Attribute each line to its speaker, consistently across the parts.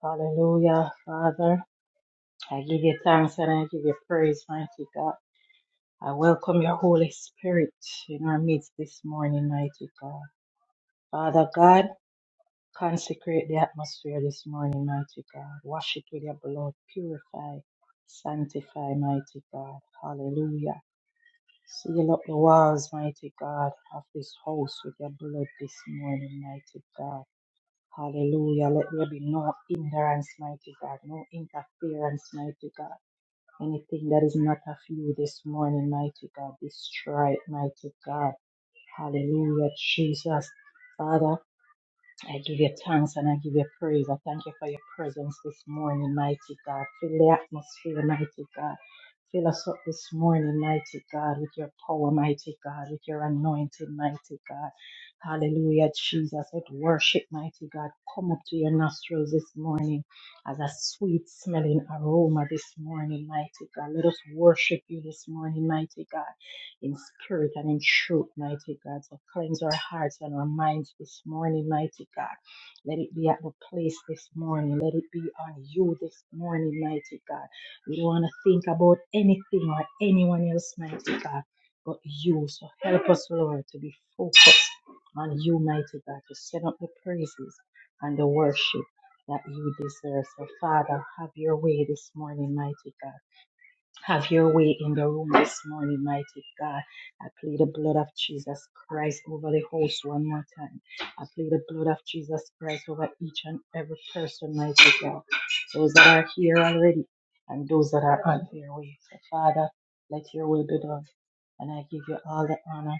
Speaker 1: Hallelujah, Father. I give you thanks and I give you praise, mighty God. I welcome your Holy Spirit in our midst this morning, mighty God. Father God, consecrate the atmosphere this morning, mighty God. Wash it with your blood. Purify, sanctify, mighty God. Hallelujah. Seal up the walls, mighty God, of this house with your blood this morning, mighty God. Hallelujah. Let there be no hindrance, mighty God, no interference, mighty God. Anything that is not of you this morning, mighty God, destroy it, mighty God. Hallelujah, Jesus. Father, I give you thanks and I give you praise. I thank you for your presence this morning, mighty God. Fill the atmosphere, mighty God. Fill us up this morning, mighty God, with your power, mighty God, with your anointing, mighty God. Hallelujah, Jesus. Let worship, mighty God. Come up to your nostrils this morning as a sweet smelling aroma this morning, mighty God. Let us worship you this morning, mighty God in spirit and in truth, mighty God. So cleanse our hearts and our minds this morning, mighty God. Let it be at the place this morning. Let it be on you this morning, mighty God. We don't want to think about anything or anyone else, mighty God, but you. So help us, Lord, to be focused on you, mighty God, to set up the praises and the worship that you deserve. So, Father, have your way this morning, mighty God. Have your way in the room this morning, mighty God. I plead the blood of Jesus Christ over the host one more time. I plead the blood of Jesus Christ over each and every person, mighty God. Those that are here already and those that are on their way. So, Father, let your will be done. And I give you all the honor,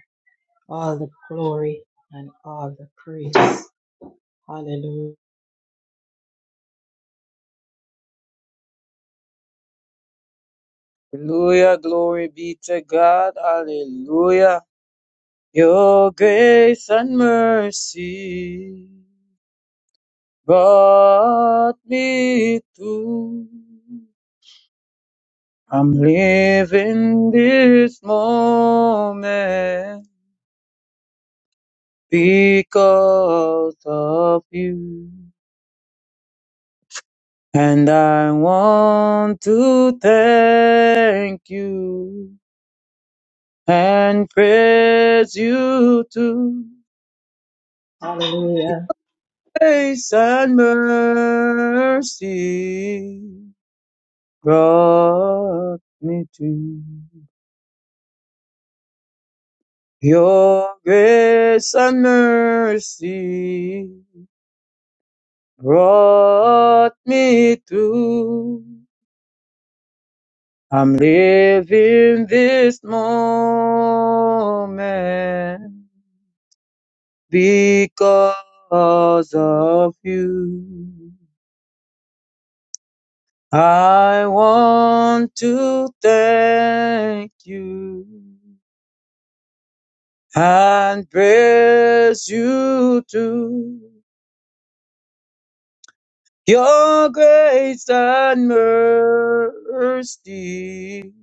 Speaker 1: all the glory, and all the praise. Hallelujah.
Speaker 2: Hallelujah, glory be to God. Hallelujah. Your grace and mercy brought me to. I'm living this moment because of you. And I want to thank you and praise you too.
Speaker 1: Hallelujah.
Speaker 2: grace and mercy brought me to your grace and mercy brought me to I'm living this moment because of you. I want to thank you and praise you to your grace and mercy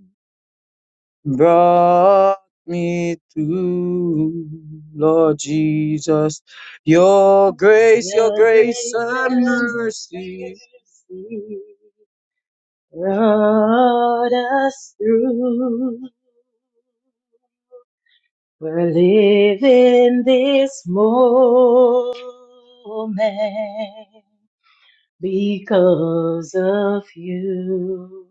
Speaker 2: brought me to Lord Jesus. Your grace, your
Speaker 1: Your
Speaker 2: grace
Speaker 1: grace
Speaker 2: and
Speaker 1: and
Speaker 2: mercy
Speaker 1: mercy. brought us through. We're living this moment because of you.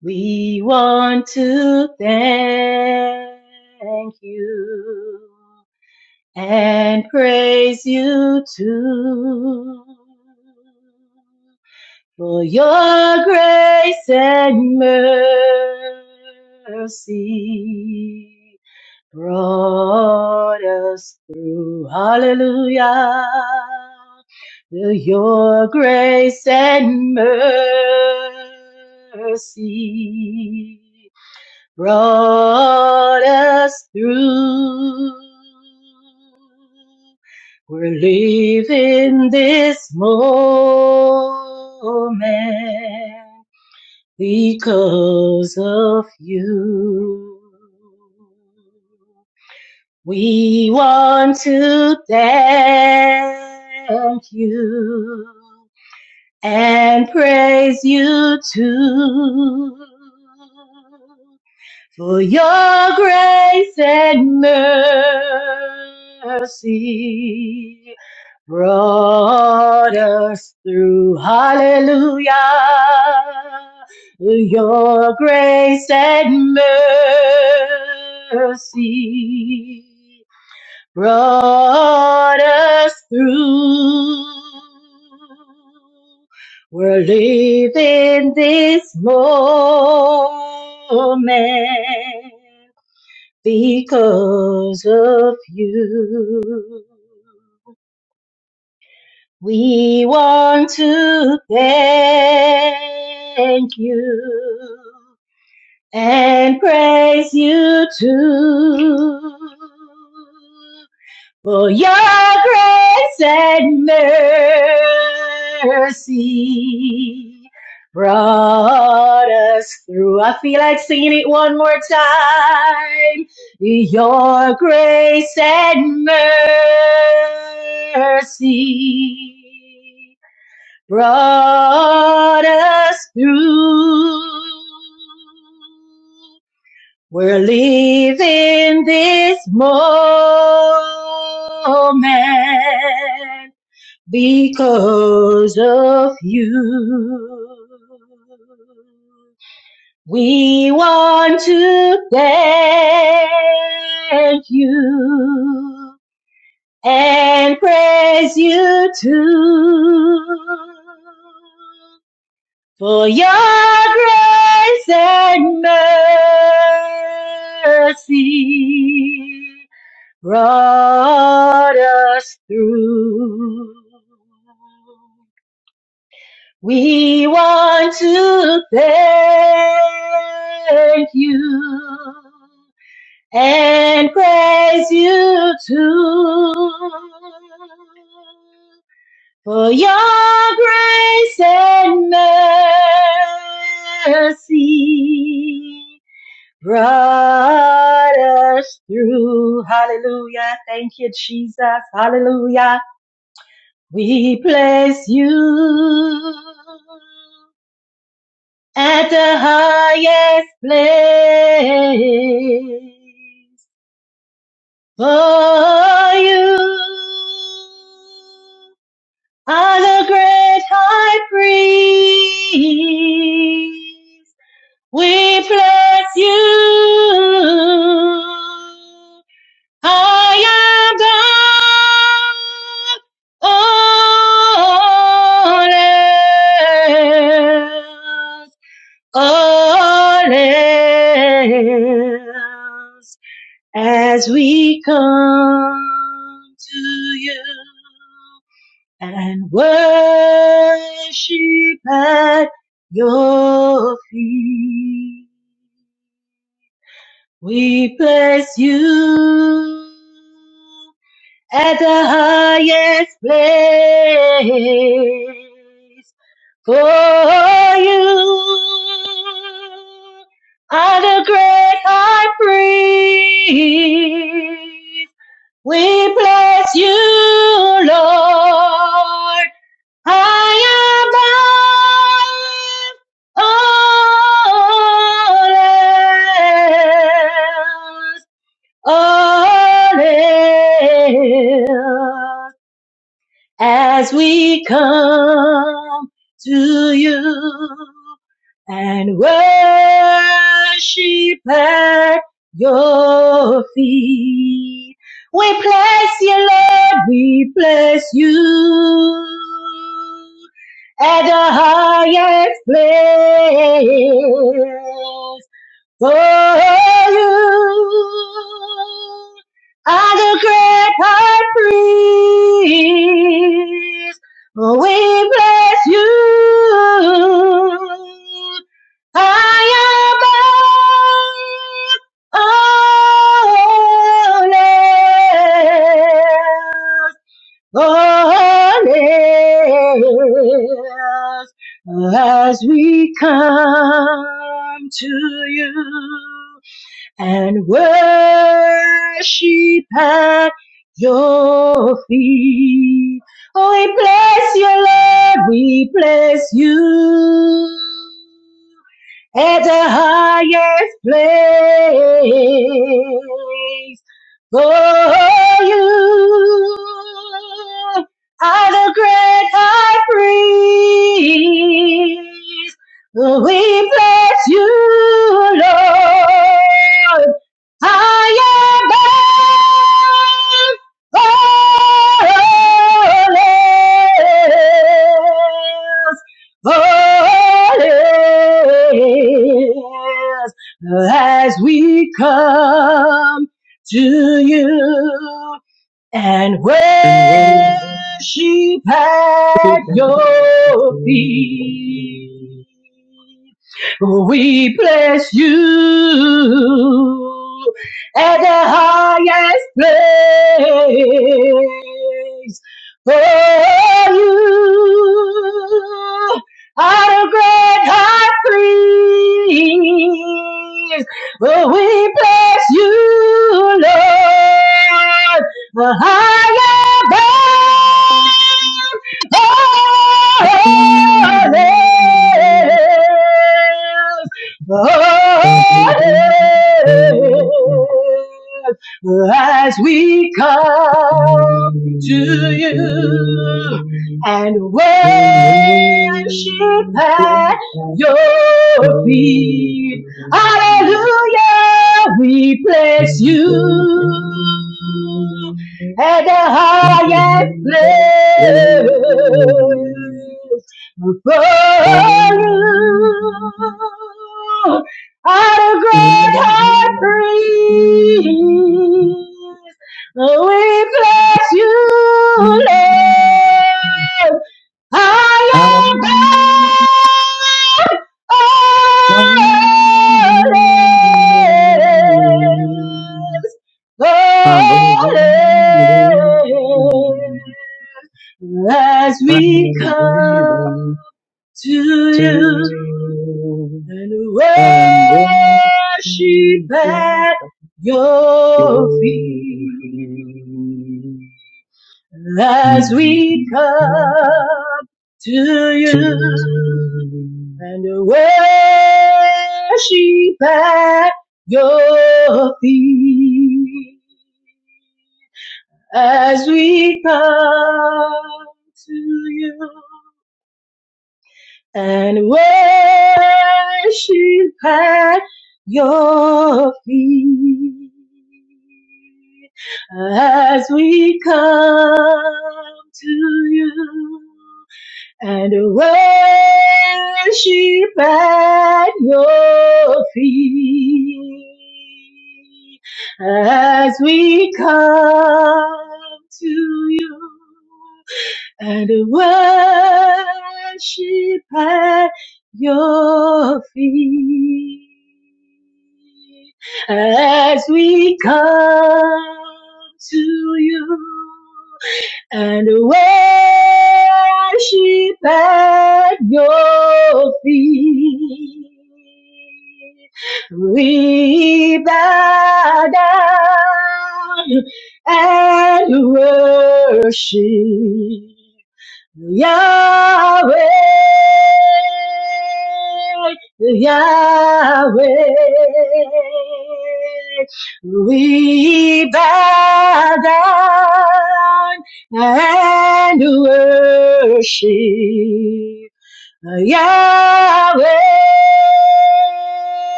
Speaker 1: We want to thank you and praise you too for your grace and mercy brought us through. Hallelujah. Your grace and mercy brought us through. We're living this moment because of you. We want to thank you and praise you too. For your grace and mercy brought us through. Hallelujah. Your grace and mercy brought us through. We're living this moment because of you. We want to thank you and praise you too. For your grace and mercy brought us through. I feel like singing it one more time. Your grace and mercy brought us through. We're leaving this moment because of you. We want to thank you and praise you too. For your grace and mercy brought us through. We want to thank you and praise you too. For your grace and mercy brought us through. Hallelujah. Thank you, Jesus. Hallelujah. We place you at the highest place for you are the great high priest. We bless you. I am God. All else, all else, as we come to you and worship at your feet. We place you at the highest place for you are the great high priest. We bless you, Lord I am all else, all else as we come to you and worship at your feet. We bless you, Lord, we bless you at the highest place. For you are the great high priest. Oh, We bless you. I am holy. Bonnets as we come to you and worship at your feet. Oh, we bless you, Lord, we bless you at the highest place. For you are the great high priest. We bless you, Lord. I am holiness, holiness, as we come to you and
Speaker 2: and worship
Speaker 1: worship at
Speaker 2: and
Speaker 1: your feet. We bless you at the highest place. For you are a great high priest. Oh, we bless you, Lord, the higher
Speaker 2: praise you.
Speaker 1: as we come to
Speaker 2: Into the
Speaker 1: you
Speaker 2: moon's
Speaker 1: and worship
Speaker 2: black
Speaker 1: at
Speaker 2: ocean,
Speaker 1: your
Speaker 2: into the
Speaker 1: feet. Hallelujah, we bless
Speaker 2: blue,
Speaker 1: you at the
Speaker 2: into the
Speaker 1: highest
Speaker 2: rain.
Speaker 1: place. For
Speaker 2: Oh,
Speaker 1: you are the great high
Speaker 2: in
Speaker 1: priest. We bless you,
Speaker 2: the
Speaker 1: Lord. I am
Speaker 2: I'm
Speaker 1: God. Oh, Lord,
Speaker 2: Avalon,
Speaker 1: as
Speaker 2: I
Speaker 1: we
Speaker 2: give
Speaker 1: come
Speaker 2: unto
Speaker 1: to you
Speaker 2: you,
Speaker 1: and worship
Speaker 2: and grateful to
Speaker 1: at your feet. As we
Speaker 2: you.
Speaker 1: come to
Speaker 2: To
Speaker 1: you and worship at your feet. as we come to you and worship at your feet. As we come to you and worship at your feet as we come to you and worship at your feet as we come to you and worship at your feet. We bow down and worship. Yahweh, Yahweh, we bow down and worship. Yahweh,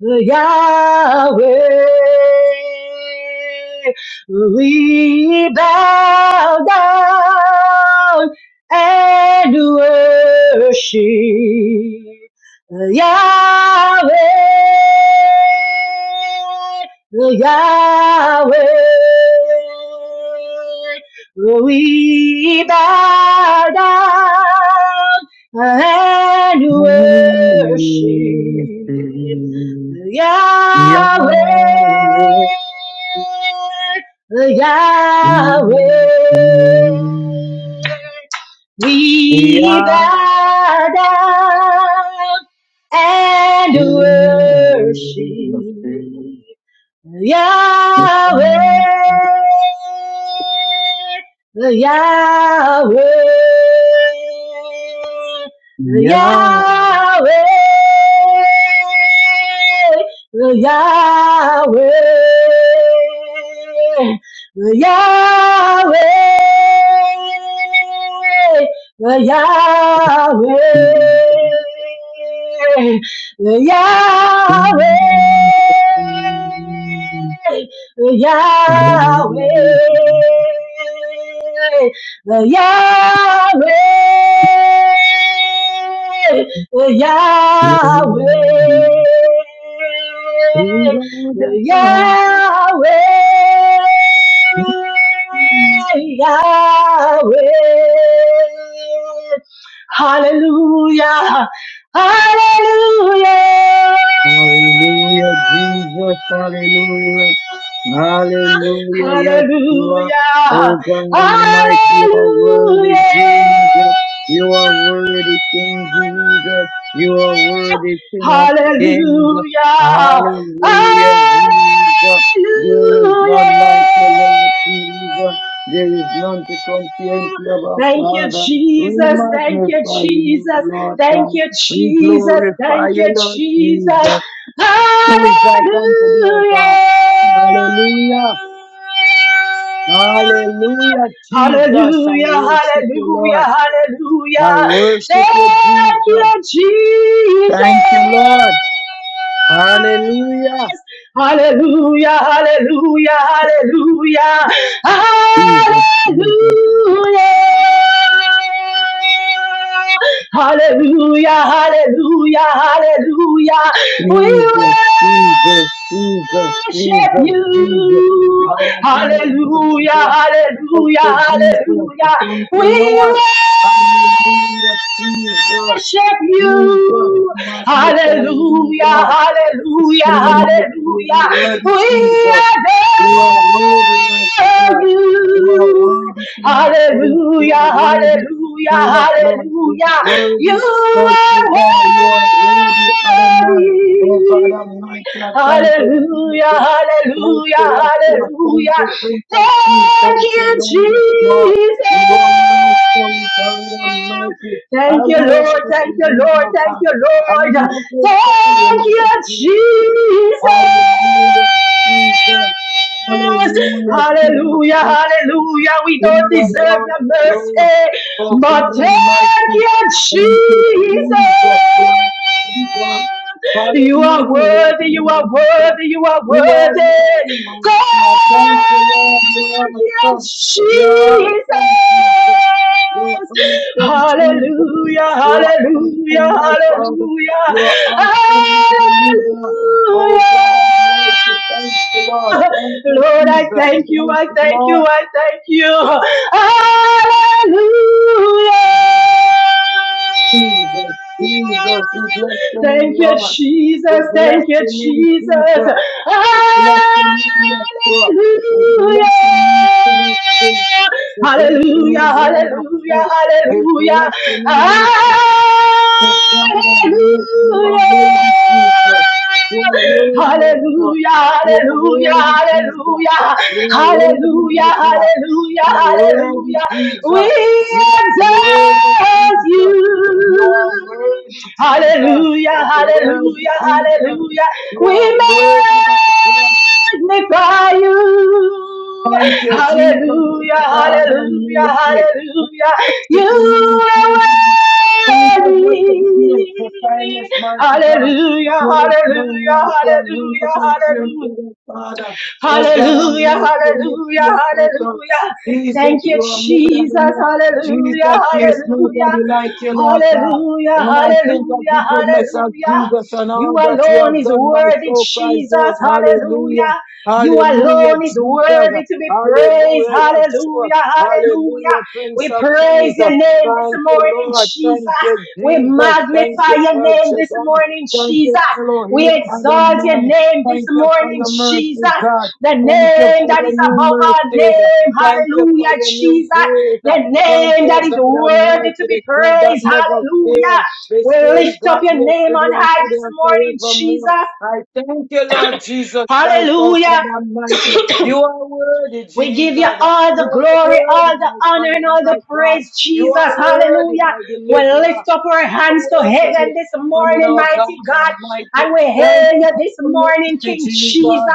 Speaker 1: Yahweh, we bow down and worship Yahweh, Yahweh, we bow down and worship
Speaker 2: everything
Speaker 1: Yahweh,
Speaker 2: Yahweh,
Speaker 1: Yahweh. We bow down and worship
Speaker 2: Yahweh. Yeah.
Speaker 1: Yahweh, Yahweh, Yahweh, Yahweh, Yahweh, the Yahweh, the Yahweh. Yahweh, Yahweh, Yahweh.
Speaker 2: We roll
Speaker 1: Yahweh,
Speaker 2: down.
Speaker 1: Yahweh. Hallelujah. Hallelujah.
Speaker 2: Hallelujah, Jesus. Hallelujah. Hallelujah. Yes, you are. Oh
Speaker 1: Hallelujah.
Speaker 2: God Almighty, you are
Speaker 1: Hallelujah.
Speaker 2: worthy, Jesus. You are worthy, King Jesus. You are worthy, King of Kings.
Speaker 1: Hallelujah. Hallelujah.
Speaker 2: Hallelujah, Jesus. There is none like the Lord Jesus. There is none to compare to our
Speaker 1: Thank you,
Speaker 2: Father. We
Speaker 1: Jesus. Thank you,
Speaker 2: magnify you,
Speaker 1: Jesus.
Speaker 2: Lord
Speaker 1: Thank
Speaker 2: God.
Speaker 1: you,
Speaker 2: We
Speaker 1: Jesus.
Speaker 2: glorify
Speaker 1: Thank you,
Speaker 2: you, Lord Jesus
Speaker 1: Jesus.
Speaker 2: who is like unto thee, O
Speaker 1: Hallelujah.
Speaker 2: God. Hallelujah. Hallelujah, Jesus. I
Speaker 1: Hallelujah,
Speaker 2: worship you, Lord.
Speaker 1: hallelujah,
Speaker 2: I
Speaker 1: hallelujah.
Speaker 2: worship you,
Speaker 1: Thank
Speaker 2: Jesus.
Speaker 1: you, Jesus.
Speaker 2: Thank you, Lord. Hallelujah.
Speaker 1: Hallelujah, hallelujah, hallelujah. Hallelujah.
Speaker 2: Jesus, Jesus,
Speaker 1: Hallelujah. Hallelujah. Hallelujah. We
Speaker 2: Jesus, Jesus, Jesus,
Speaker 1: worship
Speaker 2: Jesus, Jesus.
Speaker 1: you.
Speaker 2: Hallelujah.
Speaker 1: Hallelujah.
Speaker 2: Jesus. Thank
Speaker 1: Hallelujah.
Speaker 2: you, Jesus.
Speaker 1: Hallelujah.
Speaker 2: Thank you,
Speaker 1: We worship
Speaker 2: Lord. Hallelujah, Jesus.
Speaker 1: worship
Speaker 2: Jesus,
Speaker 1: you.
Speaker 2: magnify you,
Speaker 1: Hallelujah,
Speaker 2: Lord.
Speaker 1: hallelujah,
Speaker 2: Lord, mighty, you
Speaker 1: hallelujah.
Speaker 2: are worthy,
Speaker 1: We
Speaker 2: Jesus.
Speaker 1: adore
Speaker 2: You are worthy, mighty God.
Speaker 1: you.
Speaker 2: You are worthy, King of Kings. You
Speaker 1: Hallelujah,
Speaker 2: are worthy,
Speaker 1: hallelujah,
Speaker 2: Lord of Lords. You are
Speaker 1: hallelujah. You
Speaker 2: worthy,
Speaker 1: are
Speaker 2: Mercy
Speaker 1: worthy.
Speaker 2: God. You are worthy, Adonai. Oh God Almighty, I thank you,
Speaker 1: Hallelujah,
Speaker 2: Jesus. Thank you,
Speaker 1: hallelujah,
Speaker 2: Yeshua. Thank
Speaker 1: hallelujah.
Speaker 2: you, Prince of Peace.
Speaker 1: Thank
Speaker 2: Thank
Speaker 1: you,
Speaker 2: you, Lord of Lords. You are awesome, God
Speaker 1: Jesus.
Speaker 2: Almighty. I
Speaker 1: Thank you,
Speaker 2: worship
Speaker 1: Lord. Thank you,
Speaker 2: you,
Speaker 1: Lord.
Speaker 2: Lord
Speaker 1: Thank
Speaker 2: God.
Speaker 1: you,
Speaker 2: I
Speaker 1: Lord.
Speaker 2: magnify
Speaker 1: Thank
Speaker 2: you,
Speaker 1: you,
Speaker 2: Jesus.
Speaker 1: Jesus.
Speaker 2: Hallelujah, Jesus. Hallelujah. King of
Speaker 1: Hallelujah,
Speaker 2: kings
Speaker 1: hallelujah. We don't
Speaker 2: Hallelujah,
Speaker 1: deserve
Speaker 2: Lord,
Speaker 1: your
Speaker 2: Lord,
Speaker 1: mercy,
Speaker 2: oh God
Speaker 1: but thank
Speaker 2: Almighty,
Speaker 1: you,
Speaker 2: thank you,
Speaker 1: Jesus.
Speaker 2: Jesus, Lord, Jesus.
Speaker 1: You are
Speaker 2: Hallelujah,
Speaker 1: worthy, you are
Speaker 2: Jesus.
Speaker 1: worthy, you are
Speaker 2: You are
Speaker 1: worthy.
Speaker 2: worthy, my God. Thank you, Lord, you
Speaker 1: Thank
Speaker 2: are
Speaker 1: you,
Speaker 2: awesome. You are
Speaker 1: Jesus.
Speaker 2: awesome, Jesus. You are awesome, Jesus.
Speaker 1: Hallelujah,
Speaker 2: You are awesome,
Speaker 1: hallelujah,
Speaker 2: my Father.
Speaker 1: hallelujah,
Speaker 2: You are awesome, my believer. Oh
Speaker 1: hallelujah.
Speaker 2: God Almighty, thank you, Lord. Thank you,
Speaker 1: Lord, I
Speaker 2: Jesus.
Speaker 1: thank you,
Speaker 2: Thank
Speaker 1: I
Speaker 2: you,
Speaker 1: thank
Speaker 2: Lord.
Speaker 1: you, I thank you. Hallelujah.
Speaker 2: Jesus, Jesus, we bless your name,
Speaker 1: Thank you,
Speaker 2: Lord. We
Speaker 1: Jesus.
Speaker 2: bless
Speaker 1: Thank you,
Speaker 2: your name,
Speaker 1: Jesus.
Speaker 2: Jesus. We bless your name, yes, Lord. God. We bless your name, King of Kings. We bless your
Speaker 1: Hallelujah. Hallelujah.
Speaker 2: name, Lord of
Speaker 1: Hallelujah.
Speaker 2: Kings. We bless your
Speaker 1: Hallelujah.
Speaker 2: name, Lord. But God Almighty, you are worthy, Jesus. You are
Speaker 1: Hallelujah.
Speaker 2: worthy of God.
Speaker 1: Hallelujah.
Speaker 2: You are worthy, Jesus.
Speaker 1: Hallelujah.
Speaker 2: You are worthy,
Speaker 1: Hallelujah. Hallelujah,
Speaker 2: my God.
Speaker 1: hallelujah,
Speaker 2: You are worthy,
Speaker 1: hallelujah.
Speaker 2: Jesus.
Speaker 1: We
Speaker 2: You are worthy,
Speaker 1: exalt
Speaker 2: Jesus. You are
Speaker 1: you.
Speaker 2: worthy, Jesus.
Speaker 1: Hallelujah,
Speaker 2: You are worthy,
Speaker 1: hallelujah,
Speaker 2: Jesus.
Speaker 1: hallelujah.
Speaker 2: You
Speaker 1: We
Speaker 2: are worthy, my God.
Speaker 1: magnify you.
Speaker 2: Thank you, Jesus,
Speaker 1: Hallelujah,
Speaker 2: God
Speaker 1: hallelujah,
Speaker 2: Almighty.
Speaker 1: hallelujah.
Speaker 2: Worship your name,
Speaker 1: You
Speaker 2: Jesus. Thank you
Speaker 1: are
Speaker 2: for
Speaker 1: worthy.
Speaker 2: the goodness, the kindness, mighty God.
Speaker 1: Hallelujah, hallelujah,
Speaker 2: There is no like one room to
Speaker 1: hallelujah,
Speaker 2: confuse
Speaker 1: Hallelujah!
Speaker 2: to the Father. Oh God
Speaker 1: Hallelujah,
Speaker 2: Almighty, lift
Speaker 1: hallelujah,
Speaker 2: me up, oh God.
Speaker 1: hallelujah.
Speaker 2: Jesus,
Speaker 1: Thank you,
Speaker 2: you are more than
Speaker 1: Jesus.
Speaker 2: enough. Jesus,
Speaker 1: Hallelujah,
Speaker 2: there is nobody like you,
Speaker 1: hallelujah,
Speaker 2: Lord God.
Speaker 1: hallelujah,
Speaker 2: When I think of
Speaker 1: hallelujah,
Speaker 2: the goodness of
Speaker 1: hallelujah.
Speaker 2: Jesus and
Speaker 1: You
Speaker 2: all that you
Speaker 1: alone
Speaker 2: have
Speaker 1: is
Speaker 2: done, my
Speaker 1: worthy,
Speaker 2: soul cries
Speaker 1: Jesus.
Speaker 2: out, Hallelujah.
Speaker 1: Hallelujah. You
Speaker 2: Hallelujah,
Speaker 1: alone is
Speaker 2: Jesus.
Speaker 1: worthy to be praised.
Speaker 2: Hallelujah, Yeshua.
Speaker 1: Hallelujah, hallelujah.
Speaker 2: Hallelujah, Prince
Speaker 1: We
Speaker 2: of Peace.
Speaker 1: praise your name this
Speaker 2: Thank you,
Speaker 1: morning,
Speaker 2: Lord.
Speaker 1: Jesus.
Speaker 2: Thank you,
Speaker 1: We
Speaker 2: Jesus. Thank
Speaker 1: magnify
Speaker 2: you,
Speaker 1: your
Speaker 2: El
Speaker 1: name this
Speaker 2: Shaddai.
Speaker 1: morning,
Speaker 2: Thank you,
Speaker 1: Jesus. We
Speaker 2: Elohim
Speaker 1: exalt your
Speaker 2: Adonai.
Speaker 1: name this
Speaker 2: Thank you for
Speaker 1: morning,
Speaker 2: your mercy,
Speaker 1: Jesus
Speaker 2: God.
Speaker 1: the
Speaker 2: Thank you
Speaker 1: name
Speaker 2: for
Speaker 1: that
Speaker 2: your
Speaker 1: is
Speaker 2: new
Speaker 1: above all
Speaker 2: mercies.
Speaker 1: name.
Speaker 2: Thank you for
Speaker 1: Hallelujah,
Speaker 2: your new
Speaker 1: Jesus.
Speaker 2: grace.
Speaker 1: The
Speaker 2: Thank
Speaker 1: name that
Speaker 2: you,
Speaker 1: is
Speaker 2: God
Speaker 1: worthy
Speaker 2: Almighty,
Speaker 1: to be
Speaker 2: the God that
Speaker 1: praised.
Speaker 2: never
Speaker 1: Hallelujah.
Speaker 2: fails. The
Speaker 1: We
Speaker 2: same
Speaker 1: lift up
Speaker 2: God
Speaker 1: your name
Speaker 2: yesterday
Speaker 1: on
Speaker 2: and
Speaker 1: high
Speaker 2: today
Speaker 1: this
Speaker 2: and
Speaker 1: morning,
Speaker 2: forevermore.
Speaker 1: Jesus.
Speaker 2: I thank you, Lord Jesus Christ, oh
Speaker 1: Hallelujah.
Speaker 2: God Almighty. You are worthy,
Speaker 1: We give you
Speaker 2: Jesus.
Speaker 1: all the
Speaker 2: You are
Speaker 1: glory,
Speaker 2: worthy,
Speaker 1: all the
Speaker 2: my
Speaker 1: honor, and
Speaker 2: Father,
Speaker 1: all the
Speaker 2: my God.
Speaker 1: praise,
Speaker 2: You
Speaker 1: Jesus.
Speaker 2: are worthy,
Speaker 1: Hallelujah.
Speaker 2: my
Speaker 1: We
Speaker 2: deliverer.
Speaker 1: lift up our hands to heaven this
Speaker 2: Coming
Speaker 1: morning,
Speaker 2: of God
Speaker 1: mighty God,
Speaker 2: Almighty.
Speaker 1: and we
Speaker 2: Thank
Speaker 1: hail
Speaker 2: you
Speaker 1: you
Speaker 2: for
Speaker 1: this
Speaker 2: the
Speaker 1: morning,
Speaker 2: mercy,
Speaker 1: King
Speaker 2: Jesus.
Speaker 1: Jesus.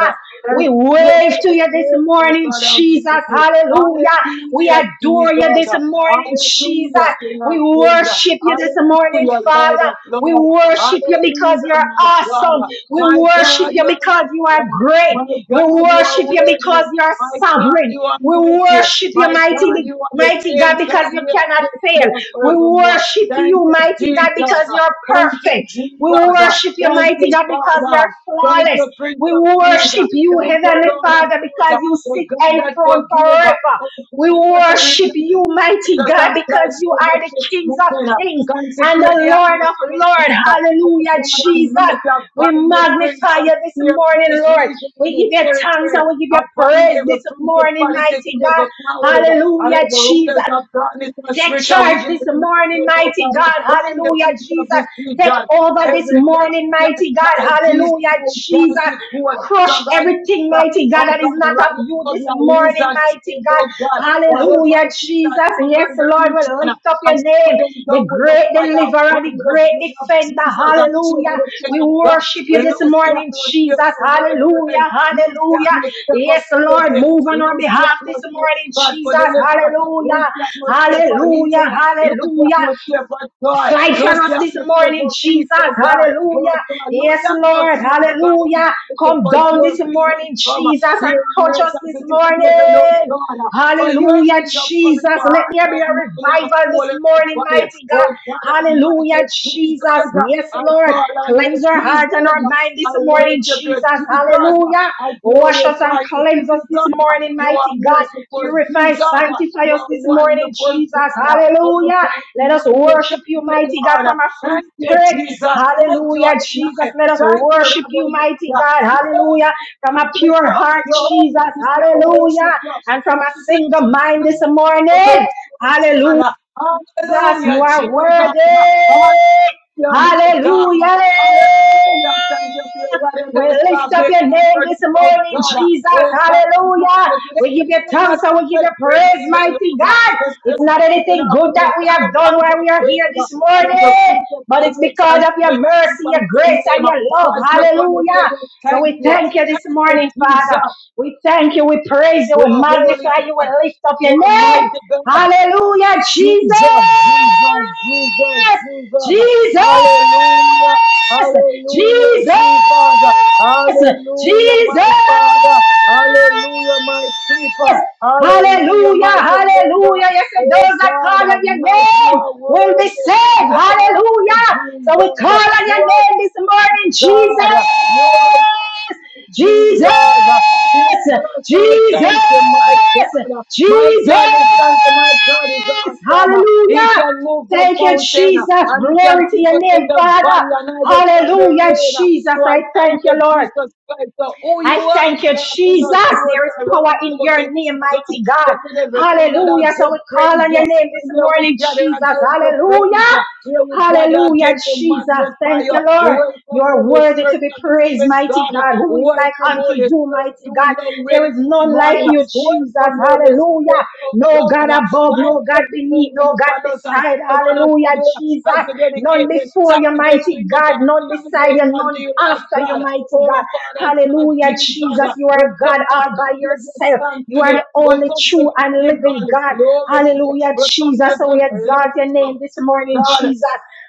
Speaker 2: Thank
Speaker 1: We
Speaker 2: you
Speaker 1: wave
Speaker 2: for
Speaker 1: to
Speaker 2: your
Speaker 1: you this
Speaker 2: grace, oh
Speaker 1: morning,
Speaker 2: God
Speaker 1: Jesus.
Speaker 2: Almighty.
Speaker 1: Hallelujah. We
Speaker 2: Hallelujah,
Speaker 1: adore you
Speaker 2: Jesus.
Speaker 1: this morning, Jesus.
Speaker 2: Hallelujah, King
Speaker 1: We
Speaker 2: of Kings.
Speaker 1: worship you this morning,
Speaker 2: Hallelujah, Lord
Speaker 1: Father.
Speaker 2: of
Speaker 1: We
Speaker 2: Lords.
Speaker 1: worship you because
Speaker 2: Hallelujah,
Speaker 1: you're
Speaker 2: my
Speaker 1: awesome.
Speaker 2: God.
Speaker 1: We
Speaker 2: My
Speaker 1: worship
Speaker 2: God,
Speaker 1: you
Speaker 2: you are
Speaker 1: because you are
Speaker 2: awesome.
Speaker 1: great.
Speaker 2: My
Speaker 1: We
Speaker 2: God, you
Speaker 1: worship
Speaker 2: are
Speaker 1: you because
Speaker 2: worthy.
Speaker 1: you are
Speaker 2: My God,
Speaker 1: sovereign.
Speaker 2: you are
Speaker 1: We
Speaker 2: mighty.
Speaker 1: worship you,
Speaker 2: My God,
Speaker 1: mighty,
Speaker 2: you are the
Speaker 1: mighty God,
Speaker 2: same God
Speaker 1: because you cannot
Speaker 2: yesterday
Speaker 1: fail.
Speaker 2: and
Speaker 1: We
Speaker 2: forevermore.
Speaker 1: worship
Speaker 2: Thank
Speaker 1: you,
Speaker 2: you,
Speaker 1: mighty
Speaker 2: Jesus.
Speaker 1: God, because you're
Speaker 2: Thank you,
Speaker 1: perfect.
Speaker 2: Jesus.
Speaker 1: We worship you,
Speaker 2: Thank
Speaker 1: mighty
Speaker 2: you,
Speaker 1: God, because you're
Speaker 2: Father. Thank
Speaker 1: flawless.
Speaker 2: you, Prince
Speaker 1: We
Speaker 2: of Peace.
Speaker 1: worship you,
Speaker 2: Thank you,
Speaker 1: Heavenly
Speaker 2: Lord of
Speaker 1: Father, because
Speaker 2: Lords.
Speaker 1: you
Speaker 2: The
Speaker 1: sit
Speaker 2: God that
Speaker 1: enthroned
Speaker 2: forgives.
Speaker 1: forever.
Speaker 2: Oh,
Speaker 1: We
Speaker 2: God, that
Speaker 1: worship
Speaker 2: redeems.
Speaker 1: you, mighty
Speaker 2: Jesus
Speaker 1: God,
Speaker 2: and blood
Speaker 1: because you are
Speaker 2: service
Speaker 1: the
Speaker 2: this
Speaker 1: kings of
Speaker 2: morning.
Speaker 1: kings and
Speaker 2: Consecrate the
Speaker 1: the Lord of
Speaker 2: atmosphere,
Speaker 1: Lords.
Speaker 2: Jesus. Oh
Speaker 1: Hallelujah,
Speaker 2: God
Speaker 1: Jesus.
Speaker 2: Almighty, I
Speaker 1: We
Speaker 2: bind the prince
Speaker 1: magnify
Speaker 2: of
Speaker 1: you this
Speaker 2: fear of
Speaker 1: morning,
Speaker 2: this
Speaker 1: Lord.
Speaker 2: region and
Speaker 1: We
Speaker 2: this
Speaker 1: give you thanks
Speaker 2: territory.
Speaker 1: and we
Speaker 2: I
Speaker 1: give you
Speaker 2: bind
Speaker 1: praise
Speaker 2: every
Speaker 1: this morning,
Speaker 2: principalities
Speaker 1: mighty
Speaker 2: and every
Speaker 1: God.
Speaker 2: powers uh, and
Speaker 1: Hallelujah,
Speaker 2: every
Speaker 1: Jesus.
Speaker 2: rulers of darkness and
Speaker 1: Take
Speaker 2: spiritual
Speaker 1: charge this
Speaker 2: wickedness in the
Speaker 1: morning,
Speaker 2: earth, oh
Speaker 1: mighty
Speaker 2: God. I
Speaker 1: God.
Speaker 2: bind the
Speaker 1: Hallelujah,
Speaker 2: prince of
Speaker 1: Jesus.
Speaker 2: this
Speaker 1: Take
Speaker 2: region.
Speaker 1: over this
Speaker 2: Every time
Speaker 1: morning,
Speaker 2: that
Speaker 1: mighty God.
Speaker 2: life is
Speaker 1: Hallelujah,
Speaker 2: so down
Speaker 1: Jesus.
Speaker 2: to God,
Speaker 1: Crush
Speaker 2: somebody,
Speaker 1: everything, mighty God,
Speaker 2: oh
Speaker 1: that is
Speaker 2: God,
Speaker 1: not of
Speaker 2: right now,
Speaker 1: you
Speaker 2: God,
Speaker 1: this
Speaker 2: now release
Speaker 1: morning,
Speaker 2: and
Speaker 1: mighty
Speaker 2: spirit,
Speaker 1: God.
Speaker 2: oh God, whatever
Speaker 1: Hallelujah,
Speaker 2: it is that
Speaker 1: Jesus. Yes,
Speaker 2: covering the
Speaker 1: Lord, we
Speaker 2: region, uh,
Speaker 1: lift up
Speaker 2: and
Speaker 1: your name,
Speaker 2: put them
Speaker 1: the
Speaker 2: down with the
Speaker 1: great
Speaker 2: fire of
Speaker 1: deliverer,
Speaker 2: God,
Speaker 1: the
Speaker 2: with the
Speaker 1: great
Speaker 2: blood of
Speaker 1: defender.
Speaker 2: Jesus, and chill
Speaker 1: Hallelujah.
Speaker 2: with the thing
Speaker 1: We
Speaker 2: of God.
Speaker 1: worship you this
Speaker 2: Loose the
Speaker 1: morning,
Speaker 2: atmosphere
Speaker 1: Jesus.
Speaker 2: for worshiping,
Speaker 1: Hallelujah,
Speaker 2: loose the
Speaker 1: hallelujah.
Speaker 2: atmosphere for
Speaker 1: Yes, Lord,
Speaker 2: praising,
Speaker 1: move on our
Speaker 2: loose the
Speaker 1: behalf this
Speaker 2: atmosphere,
Speaker 1: morning,
Speaker 2: God,
Speaker 1: Jesus.
Speaker 2: for deliverance deliverance.
Speaker 1: Hallelujah.
Speaker 2: Lose the atmosphere for healing.
Speaker 1: Hallelujah,
Speaker 2: Lose the
Speaker 1: hallelujah,
Speaker 2: atmosphere for joy.
Speaker 1: Fight for
Speaker 2: Lose
Speaker 1: us
Speaker 2: the
Speaker 1: this
Speaker 2: atmosphere
Speaker 1: morning,
Speaker 2: for
Speaker 1: Jesus.
Speaker 2: peace, oh God. Lord
Speaker 1: Hallelujah.
Speaker 2: God, lose
Speaker 1: Yes,
Speaker 2: the
Speaker 1: Lord.
Speaker 2: atmosphere, oh God. I'm
Speaker 1: Hallelujah.
Speaker 2: thanking
Speaker 1: Come
Speaker 2: for
Speaker 1: down
Speaker 2: your
Speaker 1: this
Speaker 2: kingdom
Speaker 1: morning,
Speaker 2: come
Speaker 1: Jesus, and
Speaker 2: here on
Speaker 1: touch
Speaker 2: earth
Speaker 1: us
Speaker 2: as
Speaker 1: this
Speaker 2: it is in heaven, oh
Speaker 1: morning.
Speaker 2: God. For your
Speaker 1: Hallelujah,
Speaker 2: kingdom come
Speaker 1: Jesus.
Speaker 2: in our
Speaker 1: Let
Speaker 2: heart,
Speaker 1: there be
Speaker 2: now
Speaker 1: a
Speaker 2: mind, and our
Speaker 1: revival this
Speaker 2: soul, and our
Speaker 1: morning,
Speaker 2: body.
Speaker 1: mighty God.
Speaker 2: Oh God Almighty,
Speaker 1: Hallelujah, Jesus.
Speaker 2: Jesus,
Speaker 1: Yes,
Speaker 2: I
Speaker 1: Lord.
Speaker 2: call on you,
Speaker 1: Cleanse our heart and our
Speaker 2: Jesus.
Speaker 1: mind this
Speaker 2: I
Speaker 1: morning,
Speaker 2: worship you,
Speaker 1: Jesus.
Speaker 2: Jesus.
Speaker 1: Hallelujah.
Speaker 2: I
Speaker 1: Wash us and
Speaker 2: glorify you,
Speaker 1: cleanse us
Speaker 2: Jesus.
Speaker 1: this morning,
Speaker 2: You are
Speaker 1: mighty God.
Speaker 2: merciful,
Speaker 1: Purify,
Speaker 2: Jesus.
Speaker 1: sanctify
Speaker 2: You
Speaker 1: us
Speaker 2: are
Speaker 1: this morning,
Speaker 2: wonderful,
Speaker 1: Jesus.
Speaker 2: God. Oh,
Speaker 1: Hallelujah.
Speaker 2: God
Speaker 1: Let us
Speaker 2: Almighty,
Speaker 1: worship you,
Speaker 2: thank you,
Speaker 1: mighty God,
Speaker 2: Lord.
Speaker 1: from a free
Speaker 2: Thank you,
Speaker 1: spirit.
Speaker 2: Jesus. Thank you,
Speaker 1: Hallelujah, Jesus.
Speaker 2: Adonai.
Speaker 1: Let us
Speaker 2: Thank you,
Speaker 1: worship you,
Speaker 2: Rabbi
Speaker 1: mighty
Speaker 2: Yah.
Speaker 1: God.
Speaker 2: Jehovah,
Speaker 1: Hallelujah. From
Speaker 2: I
Speaker 1: a
Speaker 2: bless
Speaker 1: pure
Speaker 2: you.
Speaker 1: heart, Jesus.
Speaker 2: Jehovah, I
Speaker 1: Hallelujah.
Speaker 2: worship you.
Speaker 1: And from
Speaker 2: Thank
Speaker 1: a
Speaker 2: you,
Speaker 1: single
Speaker 2: Jesus.
Speaker 1: mind this
Speaker 2: for your
Speaker 1: morning.
Speaker 2: mercy, oh
Speaker 1: Hallelujah.
Speaker 2: God.
Speaker 1: Jesus, you
Speaker 2: Hallelujah,
Speaker 1: are
Speaker 2: Jesus.
Speaker 1: worthy.
Speaker 2: Yeah, my God.
Speaker 1: Hallelujah.
Speaker 2: Hallelujah. Thank you for your guidance
Speaker 1: We
Speaker 2: and I
Speaker 1: lift
Speaker 2: stop
Speaker 1: up your name
Speaker 2: comfort
Speaker 1: this
Speaker 2: of oh
Speaker 1: morning,
Speaker 2: God.
Speaker 1: Jesus.
Speaker 2: Oh God, it's not
Speaker 1: Hallelujah.
Speaker 2: just
Speaker 1: We give you
Speaker 2: everything that
Speaker 1: thanks
Speaker 2: I
Speaker 1: and we give
Speaker 2: did.
Speaker 1: you
Speaker 2: Praise be
Speaker 1: praise,
Speaker 2: to the
Speaker 1: mighty
Speaker 2: Lord.
Speaker 1: God.
Speaker 2: This
Speaker 1: It's
Speaker 2: earth
Speaker 1: not
Speaker 2: is
Speaker 1: anything
Speaker 2: enough
Speaker 1: good
Speaker 2: for the
Speaker 1: that we have done
Speaker 2: sacrifice
Speaker 1: while
Speaker 2: of
Speaker 1: we are here
Speaker 2: praise.
Speaker 1: this
Speaker 2: That
Speaker 1: morning,
Speaker 2: is the fruit of
Speaker 1: but
Speaker 2: the
Speaker 1: it's
Speaker 2: lips
Speaker 1: because
Speaker 2: and
Speaker 1: of your
Speaker 2: the fruit
Speaker 1: mercy,
Speaker 2: of
Speaker 1: your
Speaker 2: your
Speaker 1: grace, and
Speaker 2: name.
Speaker 1: your
Speaker 2: So
Speaker 1: love.
Speaker 2: I just want to say
Speaker 1: Hallelujah. So
Speaker 2: thank
Speaker 1: we
Speaker 2: you.
Speaker 1: thank you this
Speaker 2: Thank you,
Speaker 1: morning,
Speaker 2: Jesus.
Speaker 1: Father. We thank you. We praise you.
Speaker 2: You
Speaker 1: We
Speaker 2: are holy
Speaker 1: magnify you. We
Speaker 2: God.
Speaker 1: lift up
Speaker 2: You
Speaker 1: your
Speaker 2: are
Speaker 1: name.
Speaker 2: mighty God.
Speaker 1: Hallelujah, Jesus!
Speaker 2: Jesus, Jesus, Jesus, Jesus.
Speaker 1: Jesus!
Speaker 2: Hallelujah, hallelujah,
Speaker 1: Jesus!
Speaker 2: Jesus. Hallelujah,
Speaker 1: Jesus!
Speaker 2: my Father. Hallelujah, my keeper. Hallelujah,
Speaker 1: Hallelujah,
Speaker 2: my deliverer.
Speaker 1: hallelujah. Yes, and
Speaker 2: Oh
Speaker 1: those that
Speaker 2: God,
Speaker 1: call on your
Speaker 2: I'm nice. You
Speaker 1: name
Speaker 2: are
Speaker 1: will be
Speaker 2: worthy. You
Speaker 1: saved.
Speaker 2: are worthy,
Speaker 1: Hallelujah. So we call
Speaker 2: Jesus.
Speaker 1: on
Speaker 2: You
Speaker 1: your
Speaker 2: are
Speaker 1: name this
Speaker 2: worthy,
Speaker 1: morning, Jesus.
Speaker 2: God. You are worthy. Jesus.
Speaker 1: Jesus,
Speaker 2: uh, Jesus, I thank you, my
Speaker 1: Jesus,
Speaker 2: God. uh, My
Speaker 1: Jesus.
Speaker 2: God, this answer, my God is awesome. uh, He
Speaker 1: Hallelujah.
Speaker 2: can move the
Speaker 1: Thank you,
Speaker 2: mountain uh,
Speaker 1: Jesus.
Speaker 2: and he can
Speaker 1: Glory to
Speaker 2: keep
Speaker 1: your
Speaker 2: us
Speaker 1: name,
Speaker 2: in the
Speaker 1: Father.
Speaker 2: valley and hide us from the
Speaker 1: Hallelujah,
Speaker 2: rain. uh,
Speaker 1: Jesus.
Speaker 2: So I
Speaker 1: I
Speaker 2: thank
Speaker 1: thank
Speaker 2: you,
Speaker 1: you, Lord.
Speaker 2: Jesus Christ, for who
Speaker 1: I
Speaker 2: you are,
Speaker 1: thank you,
Speaker 2: God, in
Speaker 1: Jesus.
Speaker 2: us, source.
Speaker 1: There is
Speaker 2: I run
Speaker 1: power in
Speaker 2: about us,
Speaker 1: your name,
Speaker 2: oh God.
Speaker 1: mighty God.
Speaker 2: Listen, everything that I've
Speaker 1: Hallelujah. So
Speaker 2: been
Speaker 1: we call
Speaker 2: praised.
Speaker 1: on
Speaker 2: you.
Speaker 1: your name
Speaker 2: So
Speaker 1: this
Speaker 2: here we
Speaker 1: morning,
Speaker 2: gather
Speaker 1: Jesus.
Speaker 2: again to praise.
Speaker 1: Hallelujah.
Speaker 2: you. Here we gather
Speaker 1: Hallelujah,
Speaker 2: again to
Speaker 1: Jesus.
Speaker 2: magnify
Speaker 1: Thank
Speaker 2: you.
Speaker 1: you, Lord. You
Speaker 2: Welcome,
Speaker 1: are
Speaker 2: Holy
Speaker 1: worthy to
Speaker 2: Spirit
Speaker 1: be
Speaker 2: of the
Speaker 1: praised,
Speaker 2: living
Speaker 1: mighty
Speaker 2: God.
Speaker 1: God. Who is like
Speaker 2: Welcome,
Speaker 1: unto
Speaker 2: Holy
Speaker 1: you,
Speaker 2: Spirit,
Speaker 1: mighty
Speaker 2: to
Speaker 1: God?
Speaker 2: your will
Speaker 1: There is
Speaker 2: this
Speaker 1: none like
Speaker 2: morning.
Speaker 1: you, Jesus.
Speaker 2: Welcome, Holy
Speaker 1: Hallelujah.
Speaker 2: Spirit of
Speaker 1: No God
Speaker 2: God.
Speaker 1: above,
Speaker 2: Thank
Speaker 1: no God
Speaker 2: you for
Speaker 1: beneath,
Speaker 2: moving
Speaker 1: no God
Speaker 2: upon us and
Speaker 1: beside.
Speaker 2: upon us
Speaker 1: Hallelujah,
Speaker 2: today
Speaker 1: Jesus.
Speaker 2: as we
Speaker 1: None
Speaker 2: dedicate this
Speaker 1: before you,
Speaker 2: Saturday to
Speaker 1: mighty
Speaker 2: you,
Speaker 1: God.
Speaker 2: God.
Speaker 1: None
Speaker 2: Every day
Speaker 1: beside
Speaker 2: is
Speaker 1: you,
Speaker 2: unto
Speaker 1: none
Speaker 2: you, Lord
Speaker 1: after you,
Speaker 2: God.
Speaker 1: mighty God.
Speaker 2: Oh, Father God,
Speaker 1: Hallelujah,
Speaker 2: Jesus,
Speaker 1: Jesus. You
Speaker 2: we
Speaker 1: are God
Speaker 2: come to
Speaker 1: all
Speaker 2: the
Speaker 1: by
Speaker 2: give
Speaker 1: yourself.
Speaker 2: thanks
Speaker 1: You are
Speaker 2: today.
Speaker 1: the
Speaker 2: We
Speaker 1: only
Speaker 2: come to
Speaker 1: true
Speaker 2: the
Speaker 1: and
Speaker 2: give
Speaker 1: living
Speaker 2: all the
Speaker 1: God.
Speaker 2: glory today.
Speaker 1: Hallelujah,
Speaker 2: We come
Speaker 1: Jesus.
Speaker 2: to
Speaker 1: So we
Speaker 2: the
Speaker 1: exalt
Speaker 2: lift
Speaker 1: your
Speaker 2: up,
Speaker 1: name this morning,
Speaker 2: God.
Speaker 1: Jesus.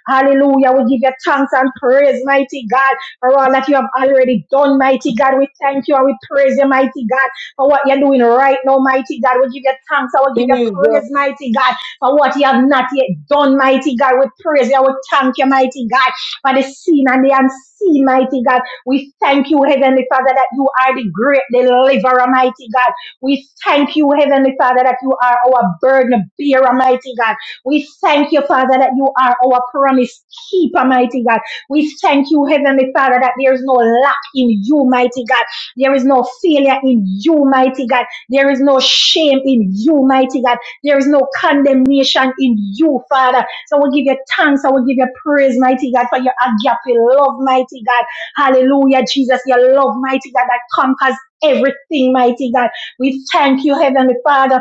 Speaker 1: Hallelujah. We give you thanks and praise, mighty God, for all that you have already done, mighty God. We thank you and we praise you, mighty God, for what you're doing right now, mighty God. We give you thanks. I will give you
Speaker 2: Jesus.
Speaker 1: praise, mighty God, for what you have not yet done, mighty God. We praise you. and We thank you, mighty God, for the seen and the unseen, mighty God. We thank you, Heavenly Father, that you are the great deliverer, mighty God. We thank you, Heavenly Father, that you are our burden bearer, mighty God. We thank you, Father, that you are our promise keeper, mighty God. We thank you, Heavenly Father, that there is no lack in you, mighty God. There is no failure in you, mighty God. There is no shame in you, mighty God. There is no condemnation in you, Father. So we give you thanks. I will give you praise, mighty God, for your agape love, mighty God. Hallelujah, Jesus, your love, mighty God, that conquers everything, mighty God. We thank you, Heavenly Father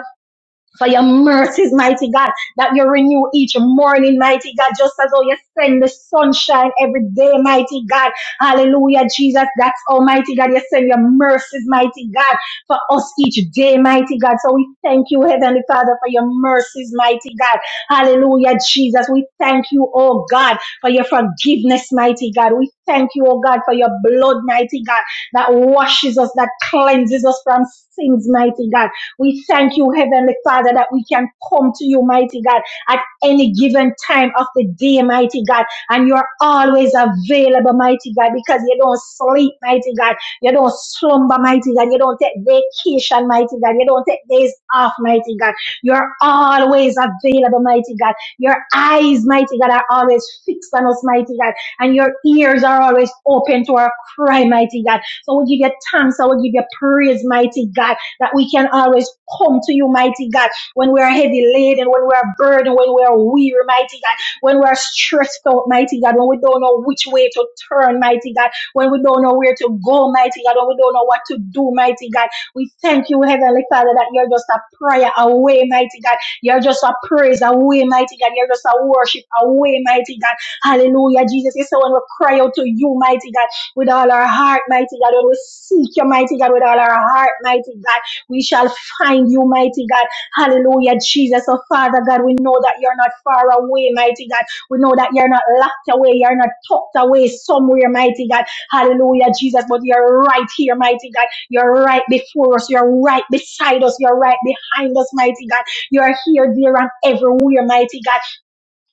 Speaker 1: for your mercies, mighty God, that you renew each morning, mighty God, just as how you send the sunshine every day, mighty God. Hallelujah, Jesus. That's almighty God. You send your mercies, mighty God, for us each day, mighty God. So we thank you, Heavenly Father, for your mercies, mighty God. Hallelujah, Jesus. We thank you, oh God, for your forgiveness, mighty God. We thank you, oh God, for your blood, mighty God, that washes us, that cleanses us from sins, mighty God. We thank you, Heavenly Father, that we can come to you, mighty God, at any given time of the day, mighty God. And you're always available, mighty God, because you don't sleep, mighty God. You don't slumber, mighty God. You don't take vacation, mighty God. You don't take days off, mighty God. You're always available, mighty God. Your eyes, mighty God, are always fixed on us, mighty God. And your ears are always open to our cry, mighty God. So we give you thanks. I will give you praise, mighty God that we can always come to you, mighty God, when we are heavy laden, when we are burdened, when we are weary, mighty God, when we are stressed out, mighty God, when we don't know which way to turn, mighty God, when we don't know where to go, mighty God, when we don't know what to do, mighty God. We thank you, Heavenly Father, that you're just a prayer away, mighty God. You're just a praise away, mighty God. You're just a worship away, mighty God. Hallelujah, Jesus. You say when we cry out to you, mighty God, with all our heart, mighty God, when we seek you, mighty God, with all our heart, mighty God. We shall find you, mighty God. Hallelujah, Jesus. Oh, Father God, we know that you're not far away, mighty God. We know that you're not locked away. You're not tucked away somewhere, mighty God. Hallelujah, Jesus. But you're right here, mighty God. You're right before us. You're right beside us. You're right behind us, mighty God. You're here, there, and everywhere, mighty God.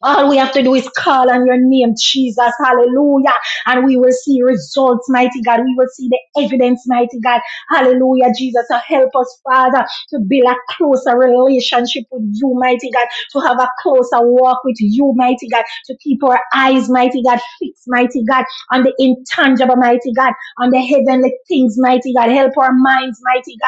Speaker 1: All we have to do is call on your name, Jesus. Hallelujah. And we will see results, mighty God. We will see the evidence, mighty God. Hallelujah, Jesus. So help us, Father, to build a closer relationship with you, mighty God. To have a closer walk with you, mighty God. To keep our eyes, mighty God, fixed, mighty God, on the intangible, mighty God, on the heavenly things, mighty God. Help our minds, mighty God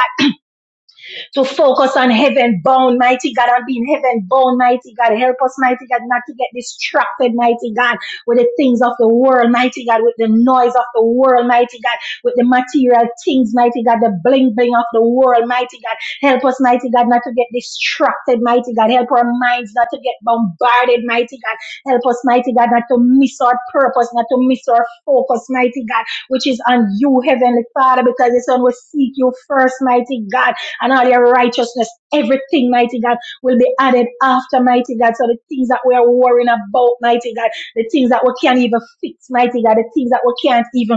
Speaker 1: to focus on heaven bound, mighty God, and being heaven bound, mighty God. Help us, mighty God, not to get distracted, mighty God, with the things of the world, mighty God, with the noise of the world, mighty God, with the material things, mighty God, the bling bling of the world, mighty God. Help us, mighty God, not to get distracted, mighty God. Help our minds not to get bombarded, mighty God. Help us, mighty God, not to miss our purpose, not to miss our focus, mighty God, which is on you, Heavenly Father, because it's on we seek you first, mighty God and all your righteousness, everything, mighty God, will be added after, mighty God. So the things that we are worrying about, mighty God, the things that we can't even fix, mighty God, the things that we can't even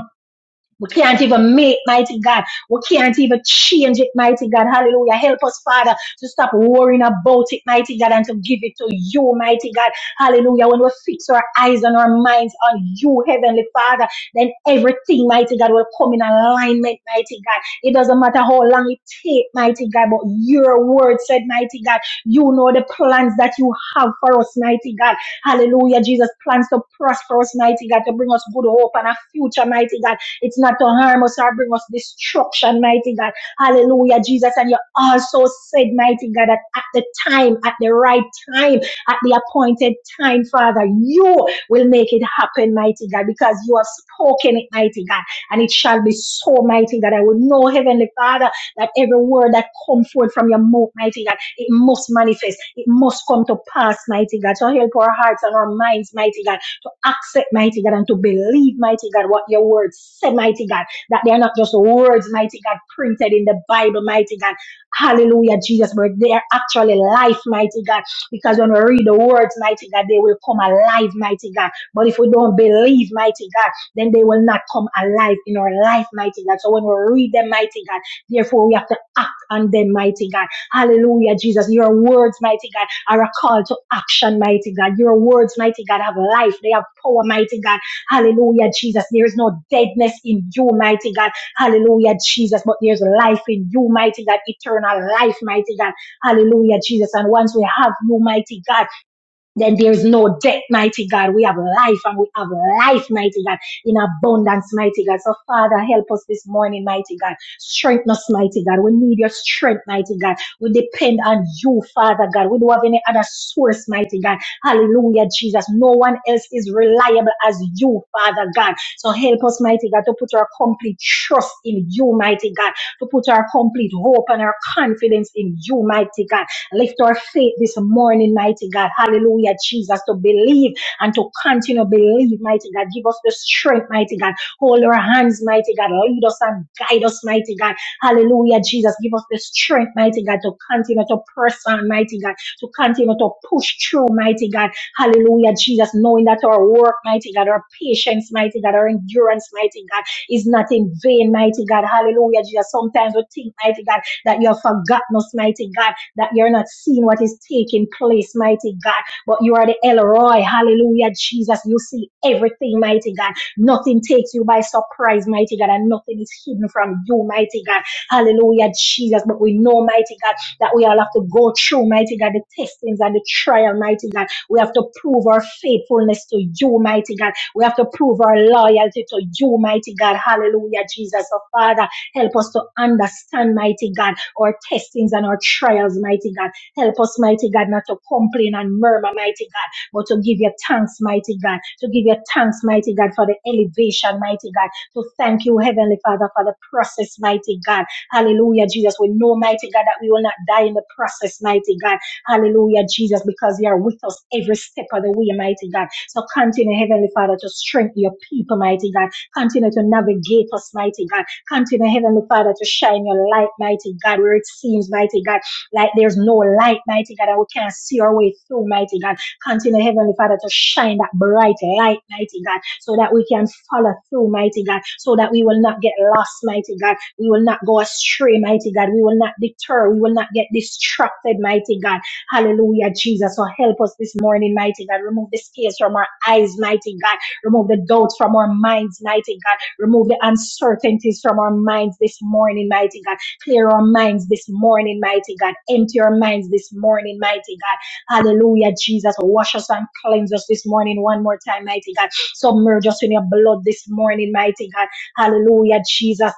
Speaker 1: we can't even make mighty God. We can't even change it, mighty God. Hallelujah. Help us, Father, to stop worrying about it, mighty God, and to give it to you, mighty God. Hallelujah. When we fix our eyes and our minds on you, Heavenly Father, then everything, mighty God, will come in alignment, mighty God. It doesn't matter how long it takes, mighty God, but your word said, mighty God, you know the plans that you have for us, mighty God. Hallelujah. Jesus plans to prosper us, mighty God, to bring us good hope and a future, mighty God. It's not to harm us or bring us destruction, mighty God. Hallelujah, Jesus. And you also said, mighty God, that at the time, at the right time, at the appointed time, Father, you will make it happen, mighty God, because you have spoken it, mighty God, and it shall be so, mighty God. I will know, Heavenly Father, that every word that comes forth from your mouth, mighty God, it must manifest. It must come to pass, mighty God. So help our hearts and our minds, mighty God to accept, mighty God, and to believe, mighty God, what your word said, mighty God, that they are not just words, mighty God, printed in the Bible, mighty God. Hallelujah, Jesus, but they are actually life, mighty God, because when we read the words, mighty God, they will come alive, mighty God. But if we don't believe, mighty God, then they will not come alive in our life, mighty God. So when we read them, mighty God, therefore we have to act on them, mighty God. Hallelujah, Jesus. Your words, mighty God are a call to action, mighty God. Your words, mighty God, have life. They have power, mighty God. Hallelujah, Jesus. There is no deadness in you, mighty God. Hallelujah, Jesus. But there's life in you, mighty God. Eternal life, mighty God. Hallelujah, Jesus. And once we have you, mighty God then there's no death, mighty God. We have life and we have life, mighty God, in abundance, mighty God. So, Father, help us this morning, mighty God. Strengthen us, mighty God. We need your strength, mighty God. We depend on you, Father God. We don't have any other source, mighty God. Hallelujah, Jesus. No one else is reliable as you, Father God. So, help us, mighty God, to put our complete trust in you, mighty God, to put our complete hope and our confidence in you, mighty God. Lift our faith this morning, mighty God. Hallelujah, Jesus, to believe and to continue to believe, mighty God. Give us the strength, mighty God. Hold our hands, mighty God. Lead us and guide us, mighty God. Hallelujah, Jesus. Give us the strength, mighty God, to continue to press on, mighty God, to continue to push through, mighty God. Hallelujah, Jesus, knowing that our work, mighty God, our patience, mighty God, our endurance, mighty God, is not in vain, mighty God. Hallelujah, Jesus. Sometimes we think, mighty God, that you have forgotten us, mighty God that you're not seeing what is taking place, mighty God. But you are the El Elroy. Hallelujah, Jesus. You see everything, mighty God. Nothing takes you by surprise, mighty God, and nothing is hidden from you, mighty God. Hallelujah, Jesus. But we know, mighty God, that we all have to go through, mighty God, the testings and the trial, mighty God. We have to prove our faithfulness to you, mighty God. We have to prove our loyalty to you, mighty God. Hallelujah, Jesus. So, Father, help us to understand, mighty God our testings and our trials, mighty God. Help us, mighty God, not to complain and murmur, mighty God, but to give you thanks, mighty God, to give you thanks, mighty God, for the elevation, mighty God, to thank you, Heavenly Father, for the process, mighty God. Hallelujah, Jesus. We know, mighty God, that we will not die in the process, mighty God. Hallelujah, Jesus, because you are with us every step of the way, mighty God. So continue, Heavenly Father, to strengthen your people, mighty God. Continue to navigate us, mighty God Continue, Heavenly Father, to shine your light, mighty God, where it seems, mighty God, like there's no light, mighty God, and we can't see our way through, mighty God. Continue, Heavenly Father, to shine that bright light, mighty God, so that we can follow through, mighty God, so that we will not get lost, mighty God. We will not go astray, mighty God. We will not deter. We will not get distracted, mighty God. Hallelujah, Jesus. So help us this morning, mighty God. Remove the scales from our eyes, mighty God. Remove the doubts from our minds, mighty God. Remove the uncertainties from our minds this morning, mighty God. Clear our minds this morning, mighty God. Empty our minds this morning, mighty God. Hallelujah, Jesus. Wash us and cleanse us this morning one more time, mighty God. Submerge us in your blood this morning, mighty God. Hallelujah, Jesus.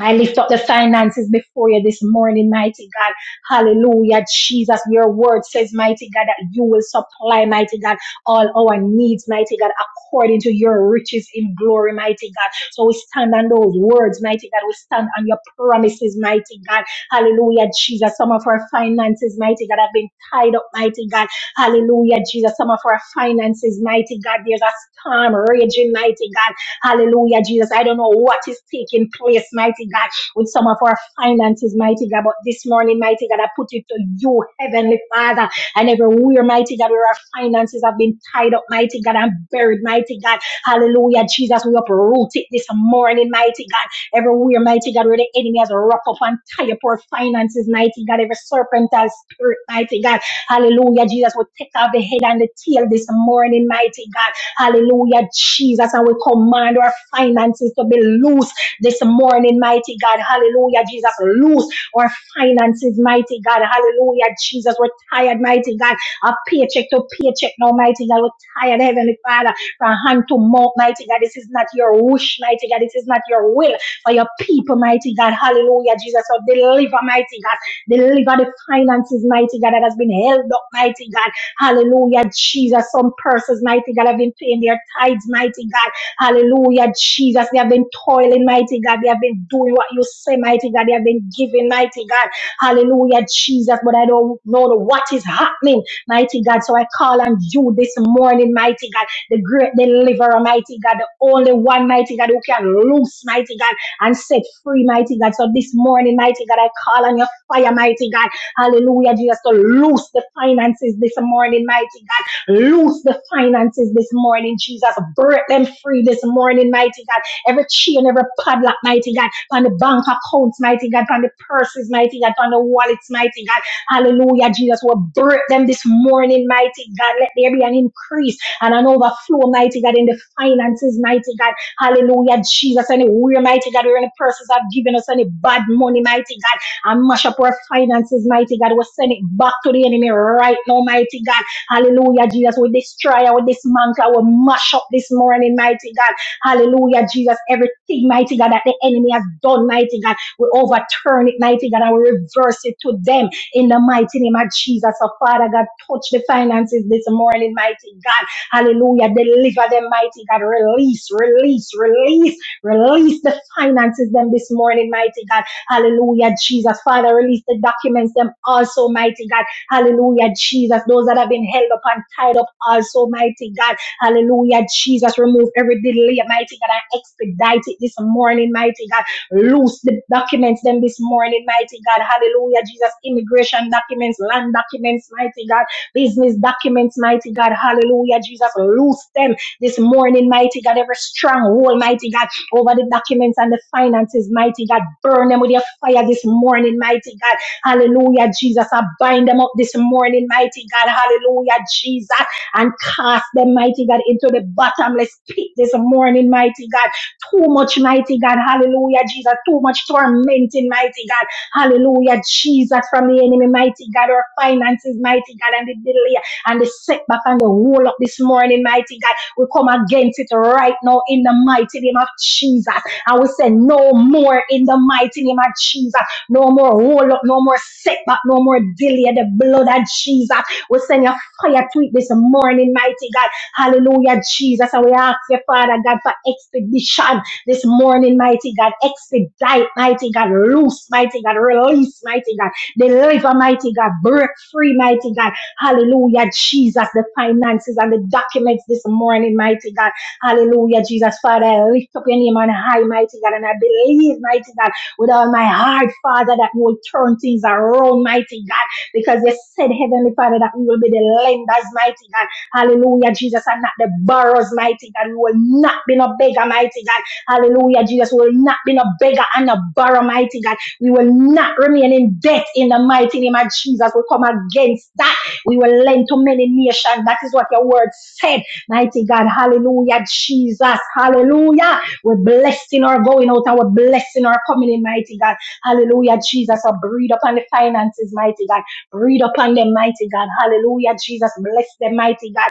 Speaker 1: I lift up the finances before you this morning, mighty God. Hallelujah, Jesus. Your word says, mighty God, that you will supply, mighty God, all our needs, mighty God, according to your riches in glory, mighty God. So we stand on those words, mighty God. We stand on your promises, mighty God. Hallelujah, Jesus. Some of our finances, mighty God, have been tied up, mighty God. Hallelujah, Jesus. Some of our finances, mighty God, there's a storm raging, mighty God. Hallelujah, Jesus. I don't know what is taking place, mighty God, with some of our finances, mighty God. But this morning, mighty God, I put it to you, Heavenly Father, and everywhere, mighty God, where our finances have been tied up, mighty God, and buried, mighty God. Hallelujah, Jesus. We uproot it this morning, mighty God. Everywhere, mighty God, where the enemy has wrapped up and tie up our finances, mighty God. Every serpentine spirit, mighty God. Hallelujah, Jesus. We take off the head and the tail this morning, mighty God. Hallelujah, Jesus. And we command our finances to be loose this morning, mighty God. Hallelujah, Jesus. Loose our finances, mighty God. Hallelujah, Jesus. We're tired, mighty God. A paycheck to paycheck now, mighty God. We're tired, Heavenly Father, from hand to mouth, mighty God. This is not your wish, mighty God. This is not your will for your people, mighty God. Hallelujah, Jesus. So deliver, mighty God. Deliver the finances, mighty God, that has been held up, mighty God. Hallelujah, Jesus. Some persons, mighty God, have been paying their tithes, mighty God. Hallelujah, Jesus. They have been toiling, mighty God. They have been doing what you say, mighty God. They have been giving, mighty God. Hallelujah, Jesus. But I don't know what is happening, mighty God. So I call on you this morning, mighty God, the great deliverer, mighty God, the only one, mighty God, who can loose, mighty God, and set free, mighty God. So this morning, mighty God, I call on your fire, mighty God. Hallelujah, Jesus. So loose the finances this morning, mighty God. Loose the finances this morning, Jesus. Break them free this morning, mighty God. Every chain, every padlock, mighty God. On the bank accounts, mighty God. On the purses, mighty God. On the wallets, mighty God. Hallelujah, Jesus. we will break them this morning, mighty God. Let there be an increase and an overflow, mighty God, in the finances, mighty God. Hallelujah, Jesus. Anywhere, mighty God, where any persons have given us any bad money, mighty God and mash up our finances, mighty God. We send it back to the enemy right now, mighty God. Hallelujah, Jesus. We destroy we dismantle, we mash up this morning, mighty God. Hallelujah, Jesus. Everything, mighty God, that the enemy has done, mighty God. We overturn it, mighty God, and we reverse it to them in the mighty name of Jesus. So, Father God, touch the finances this morning, mighty God. Hallelujah. Deliver them, mighty God. Release, release, release, release the finances them this morning, mighty God. Hallelujah, Jesus. Father, release the documents, them also, mighty God. Hallelujah, Jesus. Those that have been held up and tied up, also, mighty God. Hallelujah, Jesus. Remove every delay, mighty God. and expedite it this morning, mighty God. Loose the documents, them this morning, mighty God. Hallelujah, Jesus. Immigration documents, land documents, mighty God. Business documents, mighty God. Hallelujah, Jesus. Loose them this morning, mighty God. Every stronghold, mighty God over the documents and the finances, mighty God. Burn them with your fire this morning, mighty God. Hallelujah, Jesus. I bind them up this morning, mighty God. Hallelujah, Jesus. And cast them, mighty God, into the bottomless pit this morning, mighty God. Too much, mighty God. Hallelujah, Jesus. Too much tormenting, mighty God. Hallelujah, Jesus, from the enemy, mighty God. Our finances, mighty God, and the delay and the setback and the roll up this morning, mighty God. We come against it right now in the mighty name of Jesus. And we say, No more in the mighty name of Jesus. No more roll up, no more setback, no more delay. The blood of Jesus. We send your fire to it this morning, mighty God. Hallelujah, Jesus. And we ask your Father God for expedition this morning, mighty God. Expedite, mighty God. Loose, mighty God. Release, mighty God. Deliver, mighty God. Break free, mighty God Hallelujah, Jesus, the finances and the documents this morning, mighty God. Hallelujah, Jesus, Father, I lift up your name on high, mighty God, and I believe, mighty God, with all my heart, Father, that you will turn things around, mighty God, because you said, Heavenly Father, that we will be the lenders, mighty God. Hallelujah, Jesus, and not the borrowers, mighty God. We will not be no beggar, mighty God. Hallelujah, Jesus, we will not be no beggar and no borrower, mighty God. We will not remain in debt in the mighty name of Jesus. We come against that. We will lend to many nations. That is what your word said. Mighty God, hallelujah, Jesus, hallelujah. We're blessing our going out and we're blessing our coming in, mighty God. Hallelujah, Jesus. So breathe upon the finances, mighty God. Breathe upon them, mighty God. Hallelujah, Jesus. Bless them, mighty God.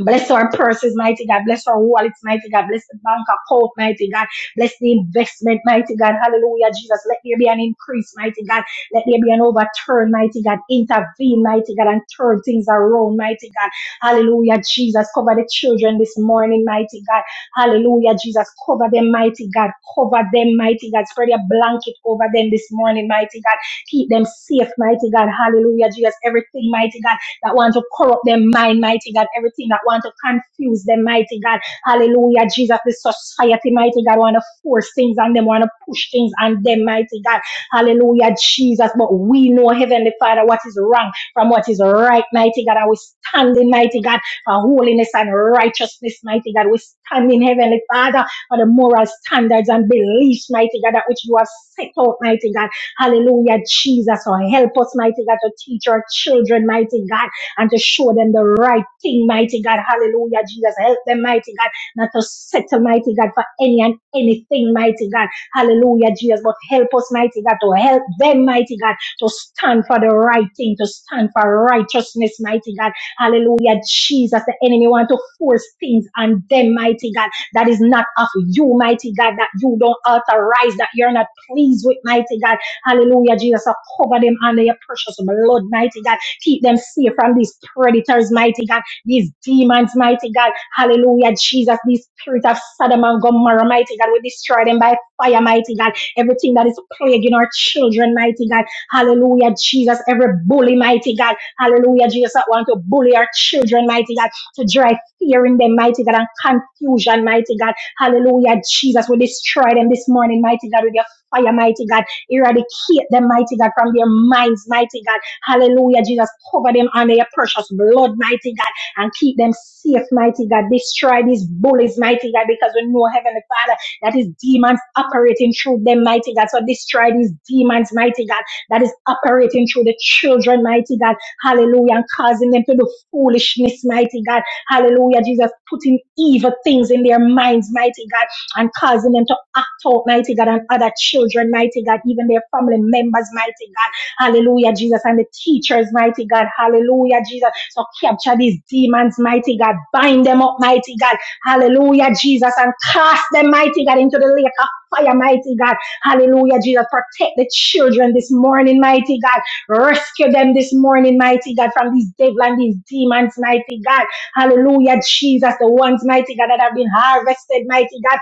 Speaker 1: Bless our purses, mighty God. Bless our wallets, mighty God. Bless the bank account, mighty God. Bless the investment, mighty God. Hallelujah, Jesus. Let there be an increase, mighty God. Let there be an overturn, mighty God. Intervene, mighty God, and turn things around, mighty God. Hallelujah, Jesus. Cover the children this morning, mighty God. Hallelujah, Jesus. Cover them, mighty God. Cover them, mighty God. Spread your blanket over them this morning, mighty God. Keep them safe, mighty God. Hallelujah, Jesus. Everything, mighty God that want to corrupt them, mind, mighty God, everything that want to confuse them, mighty God. Hallelujah, Jesus, the society, mighty God, want to force things on them, want to push things on them, mighty God. Hallelujah, Jesus. But we know, Heavenly Father, what is wrong from what is right, mighty God. And we stand in, mighty God, for holiness and righteousness, mighty God. We stand in, Heavenly Father, for the moral standards and beliefs, mighty God, that which you have set out, mighty God. Hallelujah, Jesus. So help us, mighty God, to teach our children, mighty God and to show them the right thing, mighty God. Hallelujah, Jesus. Help them, mighty God, not to settle, mighty God, for any and anything, mighty God. Hallelujah, Jesus. But help us, mighty God, to help them, mighty God, to stand for the right thing, to stand for righteousness, mighty God. Hallelujah, Jesus. The enemy want to force things on them, mighty God, that is not of you, mighty God, that you don't authorize, that you're not pleased with, mighty God. Hallelujah, Jesus. So cover them under your precious blood, mighty God. Keep them safe from these predators, mighty God, these demons, mighty God. Hallelujah, Jesus, these spirits of Sodom and Gomorrah, mighty God. We destroy them by fire, mighty God. Everything that is plaguing our children, mighty God. Hallelujah, Jesus. Every bully, mighty God. Hallelujah, Jesus. I want to bully our children, mighty God, to drive fear in them, mighty God, and confusion, mighty God. Hallelujah, Jesus. We destroy them this morning, mighty God, with your fire, mighty God. Eradicate them, mighty God, from their minds, mighty God. Hallelujah, Jesus. Cover them under your precious blood, mighty God, and keep them safe, mighty God. Destroy these bullies, mighty God, because we know, Heavenly Father, that is demons operating through them, mighty God. So destroy these demons, mighty God, that is operating through the children, mighty God. Hallelujah, and causing them to do foolishness, mighty God. Hallelujah, Jesus, putting evil things in their minds, mighty God, and causing them to act out, mighty God, on other children, mighty God, even their family members, mighty God. Hallelujah, Jesus. And the teachers, mighty God. Hallelujah, Jesus. So capture these demons, mighty God. Bind them up, mighty God. Hallelujah, Jesus. And cast them, mighty God, into the lake of fire, mighty God. Hallelujah, Jesus. Protect the children this morning, mighty God. Rescue them this morning, mighty God, from these devil and these demons, mighty God. Hallelujah, Jesus. The ones, mighty God, that have been harvested, mighty God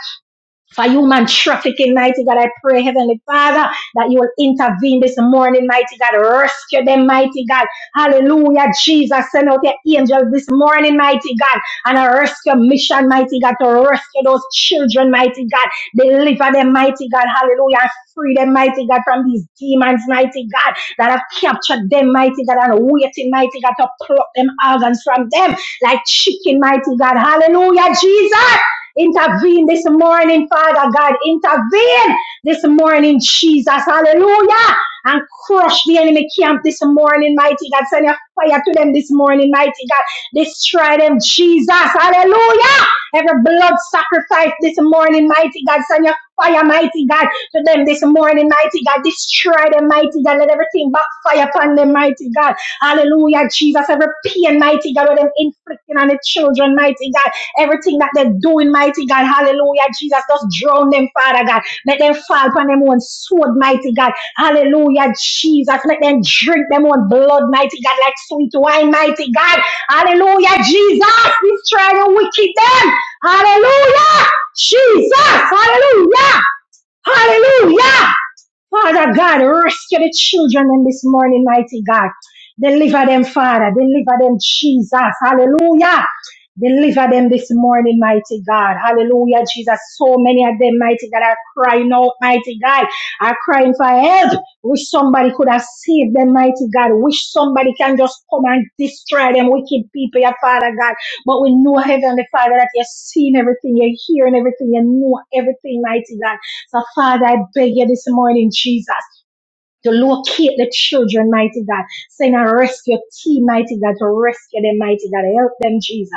Speaker 1: for human trafficking, mighty God. I pray, Heavenly Father, that you will intervene this morning, mighty God. Rescue them, mighty God. Hallelujah. Jesus, send out your angels this morning, mighty God. And a rescue mission, mighty God, to rescue those children, mighty God. Deliver them, mighty God. Hallelujah. And Free them, mighty God, from these demons, mighty God, that have captured them, mighty God, and waiting, mighty God, to pluck them organs from them like chicken, mighty God. Hallelujah, Jesus. Intervene this morning, Father God. Intervene this morning, Jesus. Hallelujah. And crush the enemy camp this morning, mighty God. Send your fire to them this morning, mighty God. Destroy them, Jesus. Hallelujah. Every blood sacrifice this morning, mighty God. Send your fire, mighty God, to them this morning, mighty God. Destroy them, mighty God. Let everything backfire upon them, mighty God. Hallelujah, Jesus. Every pain, mighty God, with them inflicting on the children, mighty God. Everything that they're doing, mighty God, hallelujah, Jesus, just drown them, Father God. Let them fall upon them own sword, mighty God, hallelujah, Jesus. Let them drink them own blood, mighty God, like sweet wine, mighty God, hallelujah, Jesus. Destroy the wicked them, hallelujah, Jesus, hallelujah, hallelujah. Father God, rescue the children in this morning, mighty God. Deliver them, Father. Deliver them, Jesus. Hallelujah. Deliver them this morning, mighty God. Hallelujah, Jesus. So many of them, mighty God, are crying out, mighty God, are crying for help. Wish somebody could have saved them, mighty God. Wish somebody can just come and destroy them wicked people, your Father God. But we know, Heavenly Father, that you're seeing everything, you're hearing everything, you know everything, mighty God. So, Father, I beg you this morning, Jesus, to locate the children, mighty God. Send a rescue team, mighty God, to rescue them, mighty God. Help them, Jesus.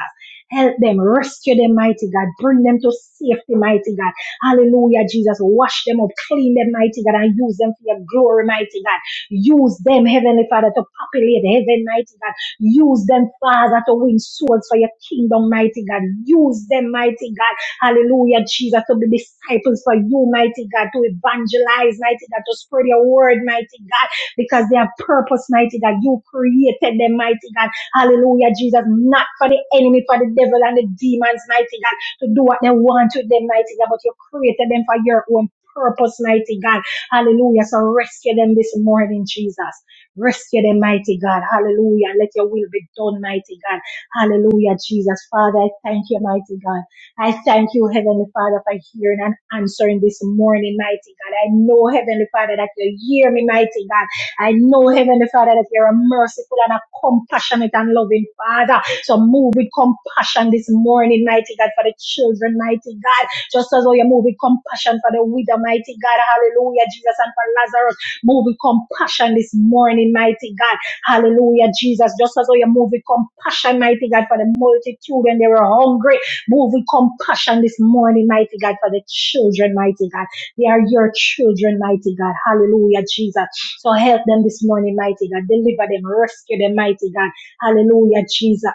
Speaker 1: Help them, rescue them, mighty God. Bring them to safety, mighty God. Hallelujah, Jesus. Wash them up, clean them, mighty God, and use them for your glory, mighty God. Use them, Heavenly Father, to populate heaven, mighty God. Use them, Father, to win souls for your kingdom, mighty God. Use them, mighty God Hallelujah, Jesus, to be disciples for you, mighty God, to evangelize, mighty God, to spread your word, mighty God, because they have purpose, mighty God. You created them, mighty God. Hallelujah, Jesus, not for the enemy, for the devil and the demons, mighty God, to do what they want with them, mighty God, but you created them for your own purpose, mighty God. Hallelujah. So rescue them this morning, Jesus. Rescue them, mighty God. Hallelujah. Let your will be done, mighty God. Hallelujah, Jesus. Father, I thank you, mighty God. I thank you, Heavenly Father, for hearing and answering this morning, mighty God. I know, Heavenly Father, that you hear me, mighty God. I know, Heavenly Father, that you're a merciful and a compassionate and loving Father. So move with compassion this morning, mighty God, for the children, mighty God. Just as how you move with compassion for the widow, mighty God. Hallelujah, Jesus, and for Lazarus. Move with compassion this morning, mighty God. Hallelujah, Jesus. Just as how you move with compassion, mighty God, for the multitude when they were hungry. Move with compassion this morning, mighty God, for the children, mighty God. They are your children, mighty God. Hallelujah, Jesus. So help them this morning, mighty God. Deliver them, rescue them, mighty God. Hallelujah, Jesus.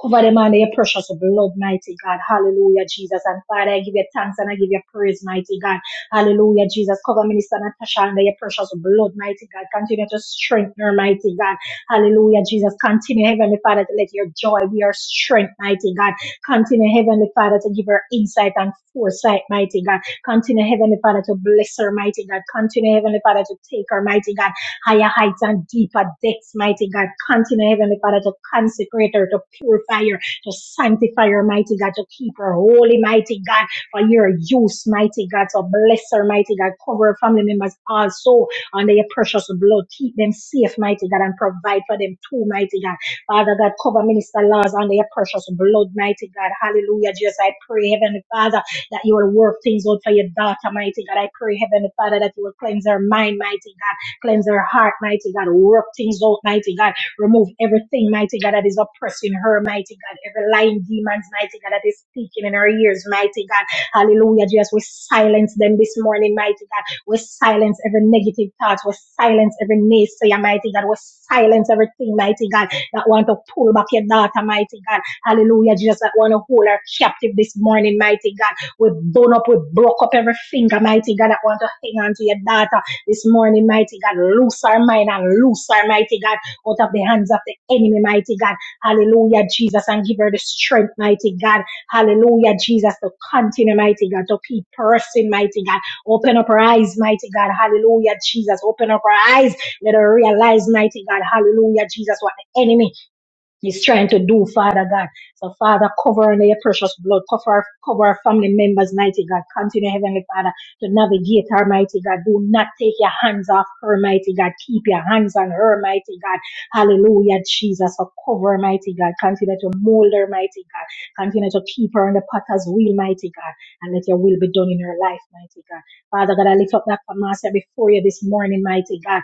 Speaker 1: Cover them under your precious blood, mighty God. Hallelujah, Jesus. And Father, I give you thanks and I give you praise, mighty God. Hallelujah, Jesus. Cover Minister Natasha under your precious blood, mighty God. Continue to strengthen her, mighty God. Hallelujah, Jesus. Continue, Heavenly Father, to let your joy be her strength, mighty God. Continue, Heavenly Father, to give her insight and foresight, mighty God. Continue, Heavenly Father, to bless her, mighty God. Continue, Heavenly Father, to take her, mighty God higher heights and deeper depths, mighty God. Continue, Heavenly Father, to consecrate her, to purify her, to sanctify her, mighty God, to keep her holy, mighty God, for your use, mighty God. So bless her, mighty God. Cover her family members also under your precious blood. Keep them safe, mighty God, and provide for them too, mighty God. Father God, cover Minister Laws under your precious blood, mighty God. Hallelujah. Jesus, I pray, Heavenly Father, that you will work things out for your daughter, mighty God. I pray, Heavenly Father, that you will cleanse her mind, mighty God Cleanse her heart, mighty God. Work things out, mighty God. Remove everything, mighty God, that is oppressing her, mighty God. Every lying demons, mighty God, that is speaking in her ears, mighty God. Hallelujah, Jesus. We silence them this morning, mighty God. We silence every negative thought. We silence every naysayer, mighty God. We silence everything, mighty God, that want to pull back your daughter, mighty God. Hallelujah, Jesus, that want to hold her captive this morning, mighty God. We bone up, we broke up every finger, mighty God, that want to hang on to your daughter. This morning, mighty God, loose our mind and loose our mighty God out of the hands of the enemy, mighty God. Hallelujah, Jesus, and give her the strength, mighty God. Hallelujah, Jesus, to continue, mighty God, to keep pressing, mighty God. Open up her eyes, mighty God. Hallelujah, Jesus. Open up her eyes. Let her realize, mighty God. Hallelujah, Jesus, what the enemy He's trying to do, Father God. So, Father, cover her in your precious blood. Cover our, cover our family members, mighty God. Continue, Heavenly Father, to navigate her, mighty God. Do not take your hands off her, mighty God. Keep your hands on her, mighty God. Hallelujah, Jesus. So, cover her, mighty God. Continue to mold her, mighty God. Continue to keep her in the potter's wheel, mighty God. And let your will be done in her life, mighty God. Father God, I lift up that master before you this morning, mighty God.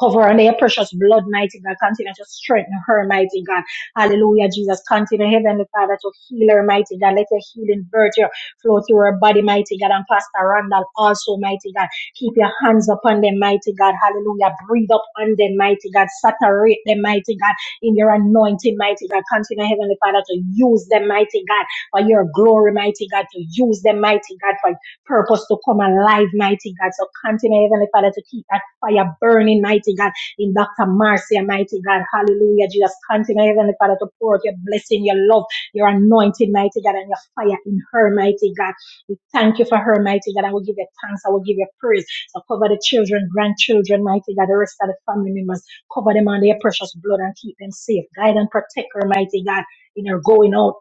Speaker 1: Cover her in your precious blood, mighty God. Continue to strengthen her, mighty God. Hallelujah, Jesus. Continue, Heavenly Father, to heal her, mighty God. Let your healing virtue flow through her body, mighty God. And Pastor Randall also, mighty God. Keep your hands upon them, mighty God. Hallelujah. Breathe up on them, mighty God. Saturate them, mighty God, in your anointing, mighty God. Continue, Heavenly Father, to use them, mighty God, for your glory, mighty God. To use them, mighty God, for purpose to come alive, mighty God. So continue, Heavenly Father, to keep fire burning, mighty God, in Dr. Marcia, mighty God. Hallelujah. Jesus, continue, Heavenly Father, to pour out your blessing, your love, your anointing, mighty God, and your fire in her, mighty God. We thank you for her, mighty God. I will give you thanks. I will give you praise. So cover the children, grandchildren, mighty God, the rest of the family members. Cover them under your precious blood and keep them safe. Guide and protect her, mighty God, in her going out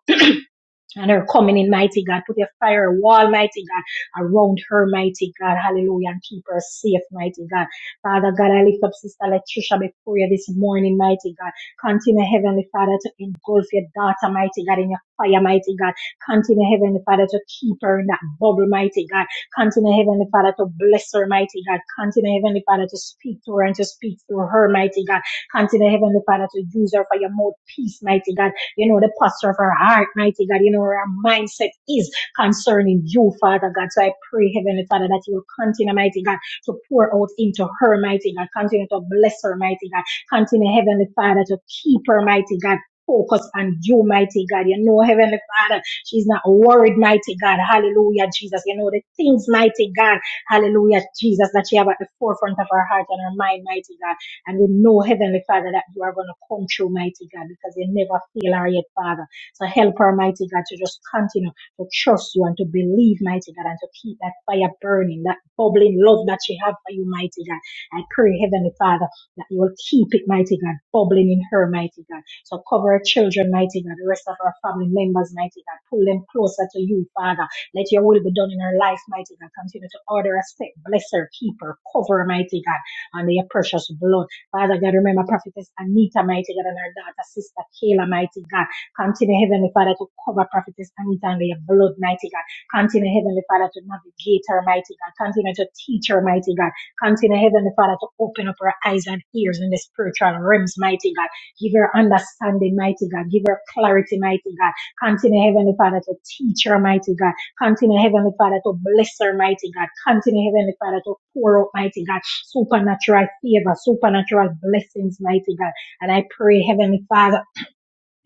Speaker 1: and her coming in, mighty God. Put a fire wall, mighty God, around her, mighty God. Hallelujah. And keep her safe, mighty God. Father God, I lift up Sister Latricia before you this morning, mighty God. Continue, Heavenly Father, to engulf your daughter, mighty God, in your fire, mighty God. Continue, Heavenly Father, to keep her in that bubble, mighty God. Continue, Heavenly Father, to bless her, mighty God. Continue, Heavenly Father, to speak to her and to speak through her, mighty God. Continue, Heavenly Father, to use her for your mouthpiece, mighty God you know, the posture of our heart, mighty God, you know, where our mindset is concerning you, Father God. So I pray, Heavenly Father, that you will continue, mighty God, to pour out into her, mighty God, continue to bless her, mighty God, continue, Heavenly Father, to keep her, mighty God. Focus on you, mighty God. You know, Heavenly Father, she's not worried, mighty God. Hallelujah, Jesus. You know, the things, mighty God, hallelujah, Jesus, that she have at the forefront of her heart and her mind, mighty God. And we know, Heavenly Father, that you are going to come through, mighty God, because you never fail her yet, Father. So help her, mighty God, to just continue to trust you and to believe, mighty God, and to keep that fire burning, that bubbling love that she have for you, mighty God. I pray, Heavenly Father, that you will keep it, mighty God, bubbling in her, mighty God. So cover her children, mighty God, the rest of her family members, mighty God. Pull them closer to you, Father. Let your will be done in her life, mighty God. Continue to order her step, bless her, keep her, cover her, mighty God, under your precious blood. Father God, remember Prophetess Anita, mighty God, and her daughter, Sister Kayla, mighty God. Continue, Heavenly Father, to cover Prophetess Anita under your blood, mighty God. Continue, Heavenly Father, to navigate her, mighty God. Continue to teach her, mighty God. Continue, Heavenly Father, to open up her eyes and ears in the spiritual realms, mighty God. Give her understanding, mighty God. Give her clarity, mighty God. Continue, Heavenly Father, to teach her, mighty God. Continue, Heavenly Father, to bless her, mighty God. Continue, Heavenly Father, to pour out, mighty God supernatural favor, supernatural blessings, mighty God. And I pray, Heavenly Father,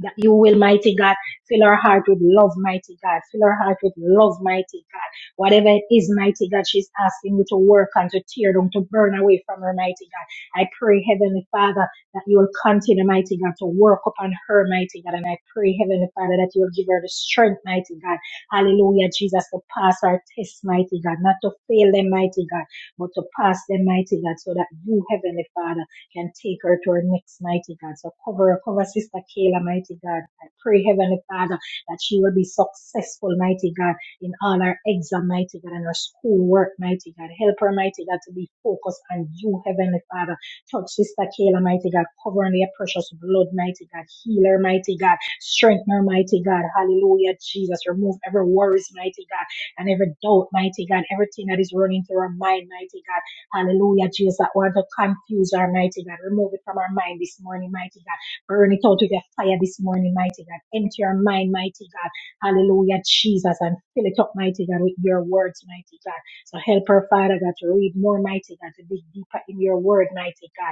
Speaker 1: that you will, mighty God, fill our heart with love, mighty God. Fill our heart with love, mighty God. Whatever it is, mighty God, she's asking you to work on, to tear down, to burn away from her, mighty God. I pray, Heavenly Father, that you will continue, mighty God, to work upon her, mighty God. And I pray, Heavenly Father, that you will give her the strength, mighty God. Hallelujah, Jesus, to pass our tests, mighty God. Not to fail them, mighty God, but to pass them, mighty God, so that you, Heavenly Father, can take her to her next mighty God. So cover her, cover Sister Kayla, mighty God. I pray, Heavenly Father, that she will be successful, mighty God, in all her exam, mighty God, and her school work, mighty God. Help her, mighty God, to be focused on you, Heavenly Father. Touch Sister Kayla, mighty God. Cover her in your precious blood, mighty God. Heal her, mighty God. Strengthen her, mighty God. Hallelujah, Jesus. Remove every worries, mighty God, and every doubt, mighty God. Everything that is running through her mind, mighty God. Hallelujah, Jesus. That word to confuse our mighty God. Remove it from our mind this morning, mighty God. Burn it out with your fire this morning, mighty God. Empty our mind, mighty God. Hallelujah, Jesus. And fill it up, mighty God, with your words, mighty God. So help her, Father God, to read more, mighty God, to dig deeper in your word, mighty God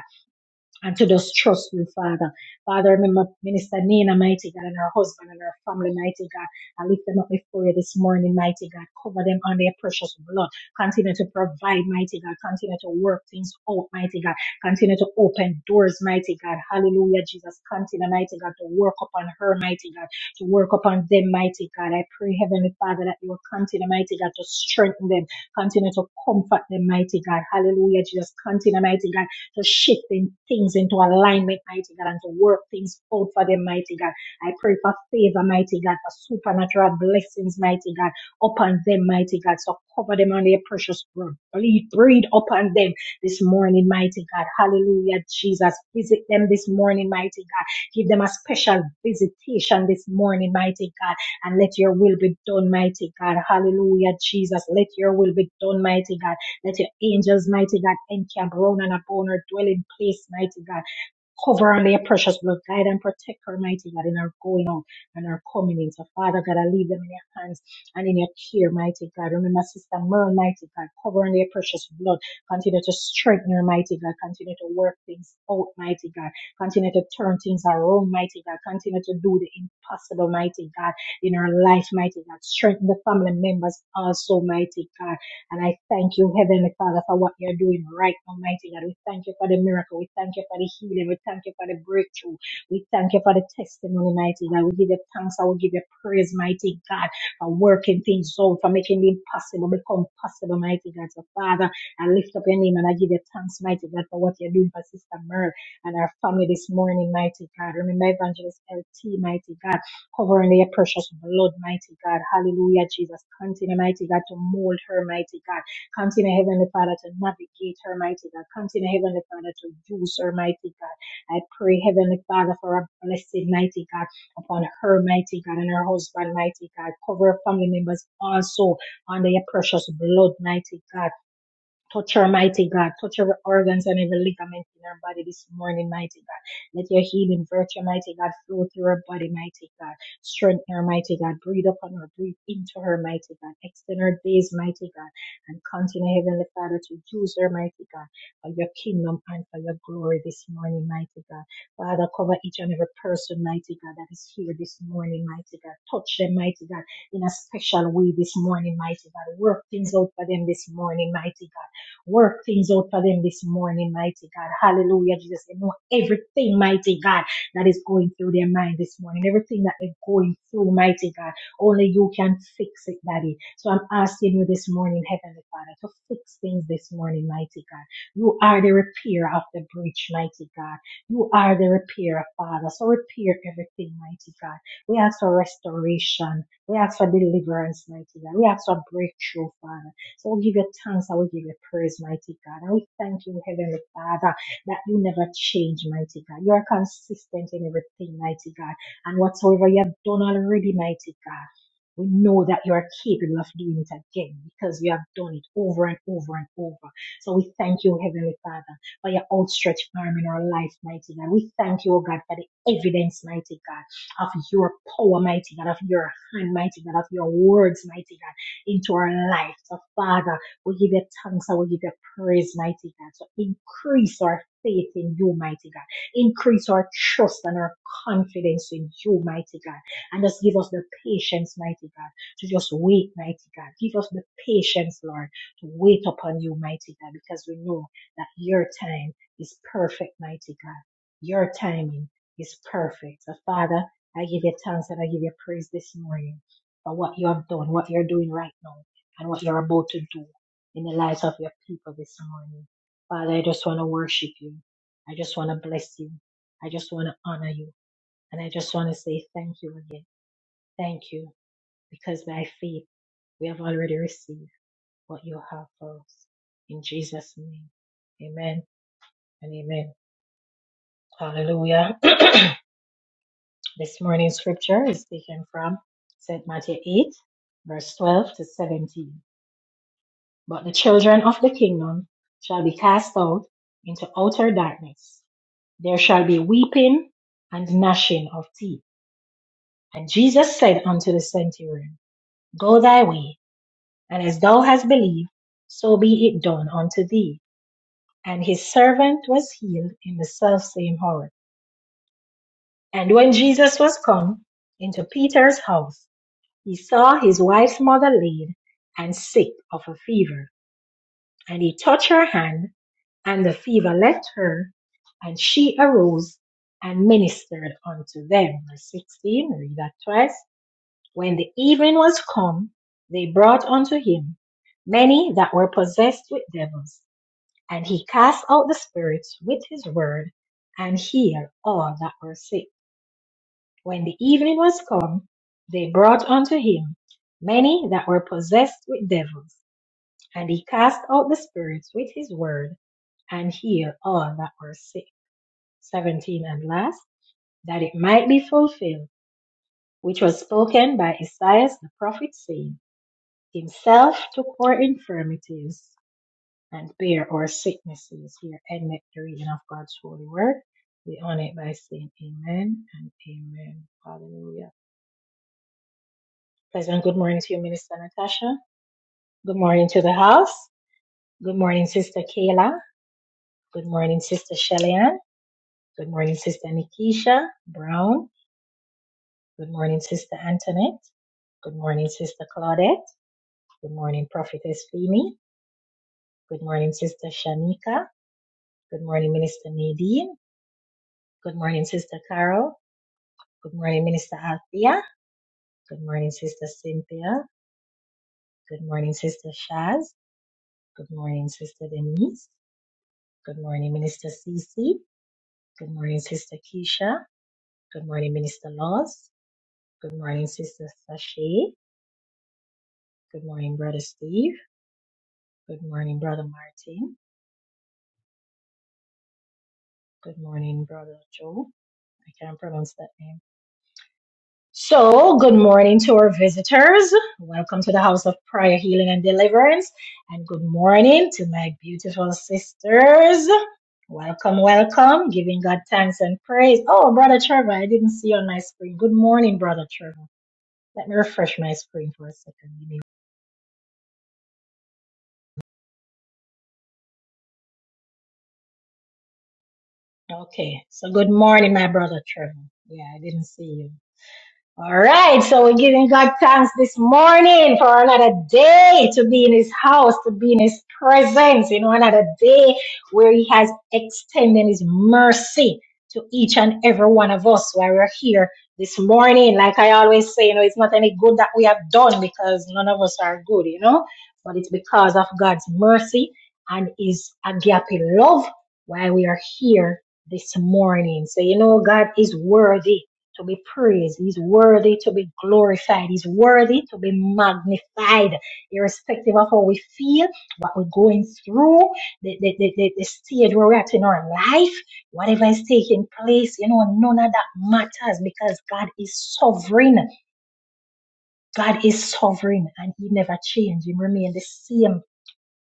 Speaker 1: and to just trust you, Father. Father, remember Minister Nina, mighty God, and her husband and her family, mighty God. I lift them up before you this morning, mighty God. Cover them under your precious blood. Continue to provide, mighty God. Continue to work things out, mighty God. Continue to open doors, mighty God. Hallelujah, Jesus. Continue, mighty God, to work upon her, mighty God. To work upon them, mighty God. I pray, Heavenly Father, that you will continue, mighty God, to strengthen them. Continue to comfort them, mighty God. Hallelujah, Jesus. Continue, mighty God to shifting things into alignment, mighty God, and to work things out for them, mighty God. I pray for favor, mighty God, for supernatural blessings, mighty God, upon them, mighty God. So cover them on their precious blood. Breathe, breathe upon them this morning, mighty God. Hallelujah, Jesus. Visit them this morning, mighty God. Give them a special visitation this morning, mighty God. And let your will be done, mighty God. Hallelujah, Jesus. Let your will be done, mighty God let your angels, mighty God, encamp round and upon her dwelling place, mighty God. Cover her under your precious blood. Guide and protect her, mighty God, in her going out and her coming in. So, Father God, I leave them in your hands and in your care, mighty God. Remember, Sister Merle, mighty God, cover her under your precious blood. Continue to strengthen her, mighty God. Continue to work things out, mighty God. Continue to turn things around, mighty God. Continue to do the impossible, mighty God, in her life, mighty God. Strengthen the family members also, mighty God and I thank you, Heavenly Father, for what you're doing right now, mighty God. We thank you for the miracle. We thank you for the healing. We thank you for the breakthrough. We thank you for the testimony, mighty God. We give you thanks. I will give you praise, mighty God, for working things out, for making the impossible become possible, mighty God. So, Father, I lift up your name and I give you thanks, mighty God, for what you're doing for Sister Merle and our family this morning, mighty God. Remember Evangelist LT, mighty God covering their precious blood, mighty God. Hallelujah, Jesus. Continue, mighty God, to mold her, mighty God. Continue, Heavenly Father, to navigate her, mighty God. Continue, Heavenly Father, to use her, mighty God. I pray, Heavenly Father, for a blessing, mighty God, upon her, mighty God, and her husband, mighty God. Cover her family members also under your precious blood, mighty God. Touch her, mighty God. Touch her organs and every ligament in her body this morning, mighty God. Let your healing virtue, mighty God, flow through her body, mighty God. Strengthen her, mighty God. Breathe upon her, breathe into her, mighty God. Extend her days, mighty God. And continue, Heavenly Father, to use her, mighty God, for your kingdom and for your glory this morning, mighty God. Father, cover each and every person, mighty God, that is here this morning, mighty God. Touch them, mighty God, in a special way this morning, mighty God. Work things out for them this morning, mighty God. Work things out for them this morning, mighty God. Hallelujah, Jesus. You know everything, mighty God, that is going through their mind this morning. Everything that they're going through, mighty God. Only you can fix it, Daddy. So I'm asking you this morning, Heavenly Father, to fix things this morning, mighty God. You are the repair of the breach, mighty God. You are the repairer, Father. So repair everything, mighty God. We ask for restoration. We ask for deliverance, mighty God. We ask for breakthrough, Father. So I'll give you thanks. I will give you praise, mighty God. I will thank you, Heavenly Father, that you never change, mighty God. You are consistent in everything, mighty God. And whatsoever you have done already, mighty God, we know that you are capable of doing it again because you have done it over and over and over. So we thank you, Heavenly Father, for your outstretched arm in our life, mighty God. We thank you, O God, for the evidence, mighty God, of your power, mighty God, of your hand, mighty God, of your words, mighty God into our life. So, Father, we give you thanks and we give you praise, mighty God. So, increase our faith in you, mighty God. Increase our trust and our confidence in you, mighty God. And just give us the patience, mighty God, to just wait, mighty God. Give us the patience, Lord, to wait upon you, mighty God, because we know that your time is perfect, mighty God. Your timing is perfect. So, Father, I give you thanks and I give you praise this morning for what you have done, what you're doing right now, and what you're about to do in the lives of your people this morning. Father, I just want to worship you. I just want to bless you. I just want to honor you. And I just want to say thank you again. Thank you, because by faith, we have already received what you have for us. In Jesus' name, amen and amen. Hallelujah. This morning's scripture is taken from St. Matthew 8, verse 12 to 17. But the children of the kingdom shall be cast out into outer darkness. There shall be weeping and gnashing of teeth. And Jesus said unto the centurion, Go thy way, and as thou hast believed, so be it done unto thee. And his servant was healed in the selfsame hour. And when Jesus was come into Peter's house, he saw his wife's mother laid and sick of a fever. And he touched her hand And the fever left her, and she arose and ministered unto them. Verse 16, read that twice. When the evening was come, they brought unto him many that were possessed with devils, and he cast out the spirits with his word, and healed all that were sick. When the evening was come, they brought unto him many that were possessed with devils, and he cast out the spirits with his word, and healed all that were sick. 17 and last, that it might be fulfilled, which was spoken by Isaiah the prophet, saying, Himself took our infirmities and bare our sicknesses. Here endeth the reading of God's holy word. We honor it by saying amen and amen. Hallelujah. Pleasant good morning to you, Minister Natasha. Good morning to the house. Good morning, Sister Kayla. Good morning, Sister Shellyanne. Good morning, Sister Nikisha Brown. Good morning, Sister Antoinette. Good morning, Sister Claudette. Good morning, Prophetess Femi. Good morning, Sister Shanika. Good morning, Minister Nadine. Good morning, Sister Carol. Good morning, Minister Althea. Good morning, Sister Cynthia. Good morning, Sister Shaz. Good morning, Sister Denise. Good morning, Minister Cece. Good morning, Sister Keisha. Good morning, Minister Laws. Good morning, Sister Sashay. Good morning, Brother Steve. Good morning, Brother Martin. Good morning, Brother Joe. I can't pronounce that name. So, good morning to our visitors. Welcome to the House of Prayer, Healing, and Deliverance. And good morning to my beautiful sisters. Welcome, welcome. Giving God thanks and praise. Oh, Brother Trevor, I didn't see you on my screen. Good morning, Brother Trevor. Let me refresh my screen for a second. Give me- Okay, so good morning, my brother Trevor. Yeah, I didn't see you. All right, so we're giving God thanks this morning for another day to be in His house, to be in His presence, you know, another day where He has extended His mercy to each and every one of us while we're here this morning. Like I always say, you know, it's not any good that we have done because none of us are good, you know, but it's because of God's mercy and His agape love why we are here this morning. So, you know, God is worthy to be praised. He's worthy to be glorified. He's worthy to be magnified, irrespective of how we feel, what we're going through, the, the, the, the, the stage where we're at in our life, whatever is taking place, you know, none of that matters because God is sovereign. God is sovereign and He never changed. He remained the same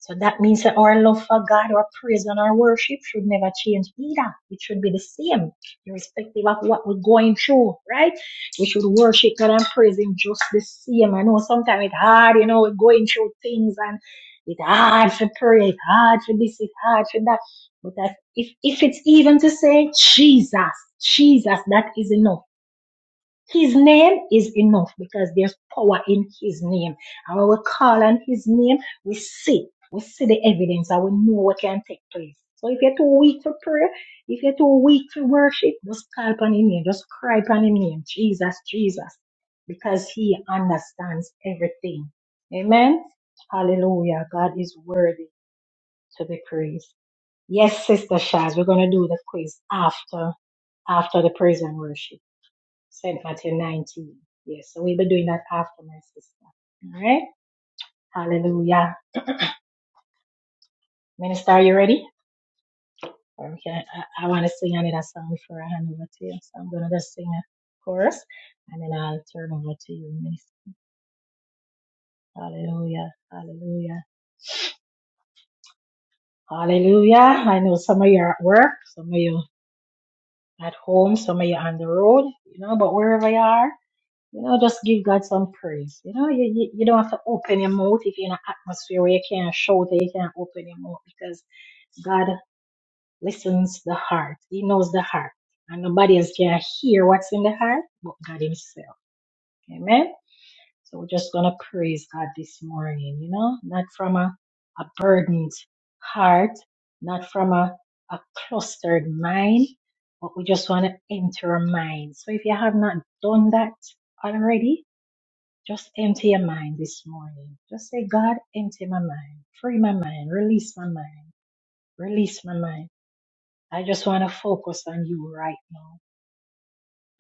Speaker 1: so that means that our love for God, our praise and our worship should never change either. It should be the same, irrespective of what we're going through, right? We should worship God and praise Him just the same. I know sometimes it's hard, you know, we're going through things and it's hard for prayer, it's hard for this, it's hard for that. But that if, if it's even to say Jesus, Jesus, that is enough his name is enough because there's power in His name. And when we call on His name, we see, we see the evidence and we know what can take place. So if you're too weak for prayer, if you're too weak for worship, just call upon His name, just cry upon His name, Jesus, Jesus, because He understands everything. Amen. Hallelujah. God is worthy to be praised. Yes, Sister Shaz, we're going to do the quiz after after the praise and worship sent until 19. Yes, so we'll be doing that after my sister. All right. Hallelujah. Minister, are you ready? Okay, I, I want to sing another song before I hand over to you. So I'm going to just sing a chorus and then I'll turn over to you, Minister. Hallelujah. Hallelujah. Hallelujah. I know some of you are at work, some of you at home, some of you on the road, you know, but wherever you are, You know, just give God some praise. You know, you, you, you don't have to open your mouth if you're in an atmosphere where you can't shout or you can't open your mouth because God listens the heart. He knows the heart. And nobody else can hear what's in the heart but God Himself. Amen. So we're just gonna praise God this morning, you know, not from a, a burdened heart, not from a, a clustered mind, but we just want to enter our mind. So if you have not done that already, just empty your mind this morning. Just say, God, empty my mind, free my mind, release my mind, release my mind. I just want to focus on you right now.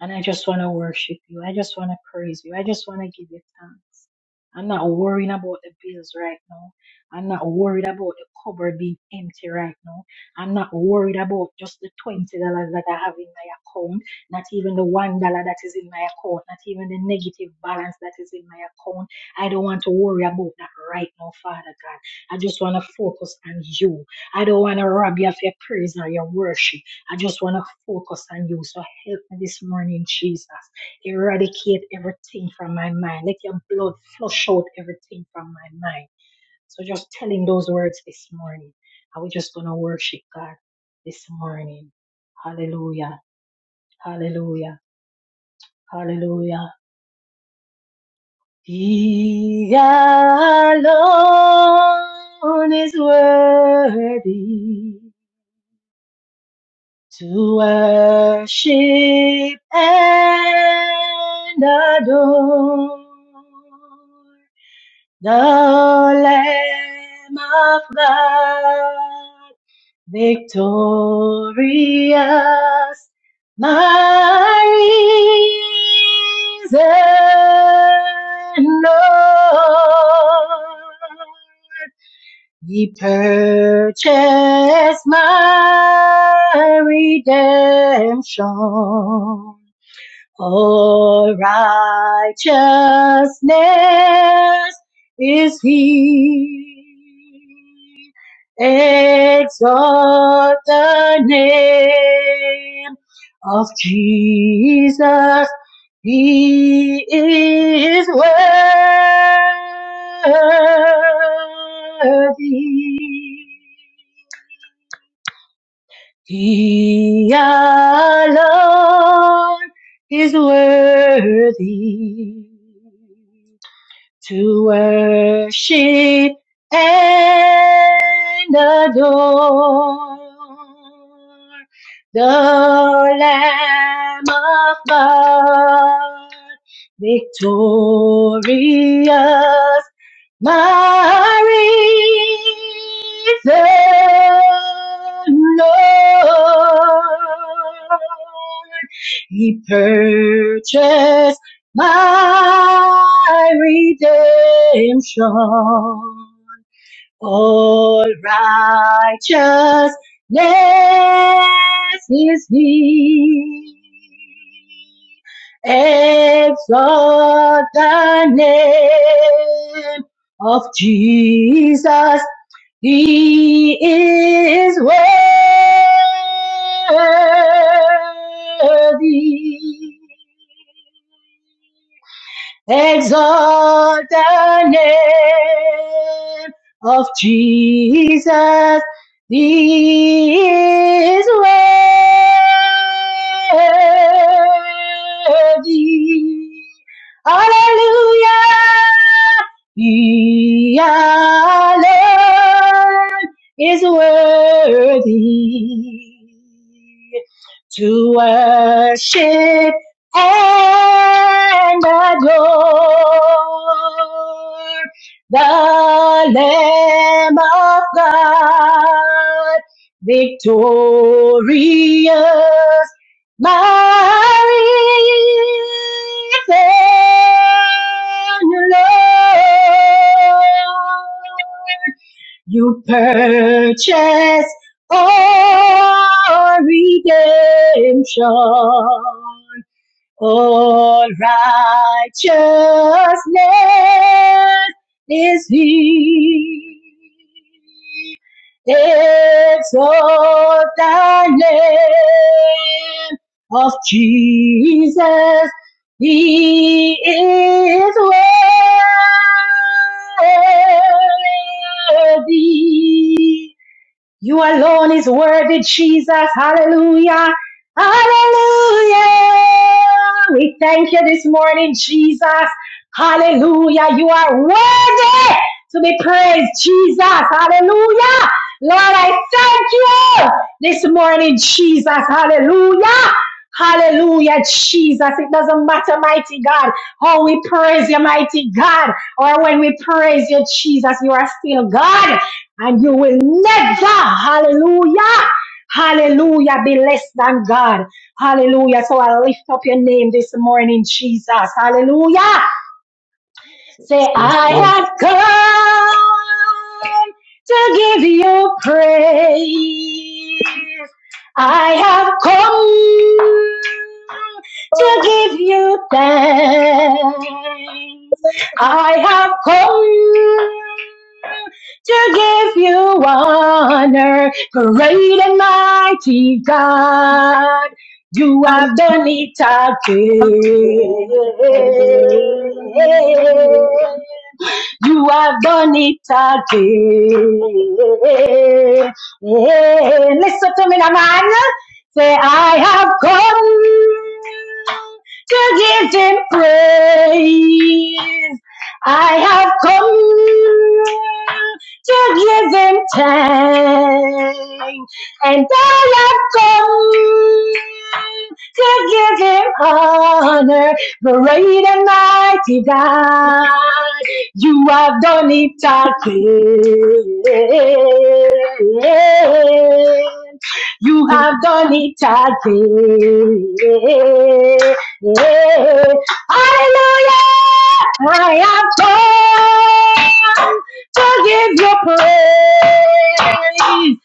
Speaker 1: And I just want to worship you. I just want to praise you. I just want to give you thanks. I'm not worrying about the bills right now. I'm not worried about the cupboard being empty right now. I'm not worried about just the $20 that I have in my account, not even the $1 that is in my account, not even the negative balance that is in my account. I don't want to worry about that right now, Father God. I just want to focus on you. I don't want to rob you of your praise or your worship. I just want to focus on you. So help me this morning, Jesus. Eradicate everything from my mind. Let your blood flush out everything from my mind. So just telling those words this morning. And we're just going to worship God this morning. Hallelujah. Hallelujah. Hallelujah. He alone is worthy. to worship and adore the Lamb of God, victorious, my reason, Lord. Ye purchased my redemption. All righteousness is he. Exalt the name of Jesus. He is worthy. He alone is worthy to worship and adore the Lamb of God, victorious, my risen Lord. He purchased my redemption. All righteousness is he. Exalt the name of Jesus. He is worthy. Exalt the name of Jesus. He is worthy. Hallelujah. He alone is worthy to worship and adore the Lamb of God, victorious, mighty Lord. You purchase our redemption all righteousness is He. Exalt the name of Jesus. He is worthy. You alone is worthy, Jesus. Hallelujah. Hallelujah. We thank you this morning, Jesus. Hallelujah. You are worthy to be praised, Jesus. Hallelujah. Lord, I thank you this morning, Jesus. Hallelujah. Hallelujah, Jesus. It doesn't matter, mighty God, how we praise you, mighty God, or when we praise you, Jesus, you are still God and you will never, hallelujah, hallelujah, be less than God. Hallelujah. So I lift up your name this morning, Jesus. Hallelujah. Say,
Speaker 2: Yes,
Speaker 1: I
Speaker 2: Lord.
Speaker 1: have come to give you praise. I have come to give you thanks. I have come to give you honor, great and mighty God. You
Speaker 2: Hallelujah.
Speaker 1: have done it again. You have done it again. Hey, Listen to me, now, man. Say, I have come to give him praise. I have come to give him thanks, and I have come to give him honor, great and mighty God. You have done it again. You have done it again. Hallelujah! I have come to give you praise.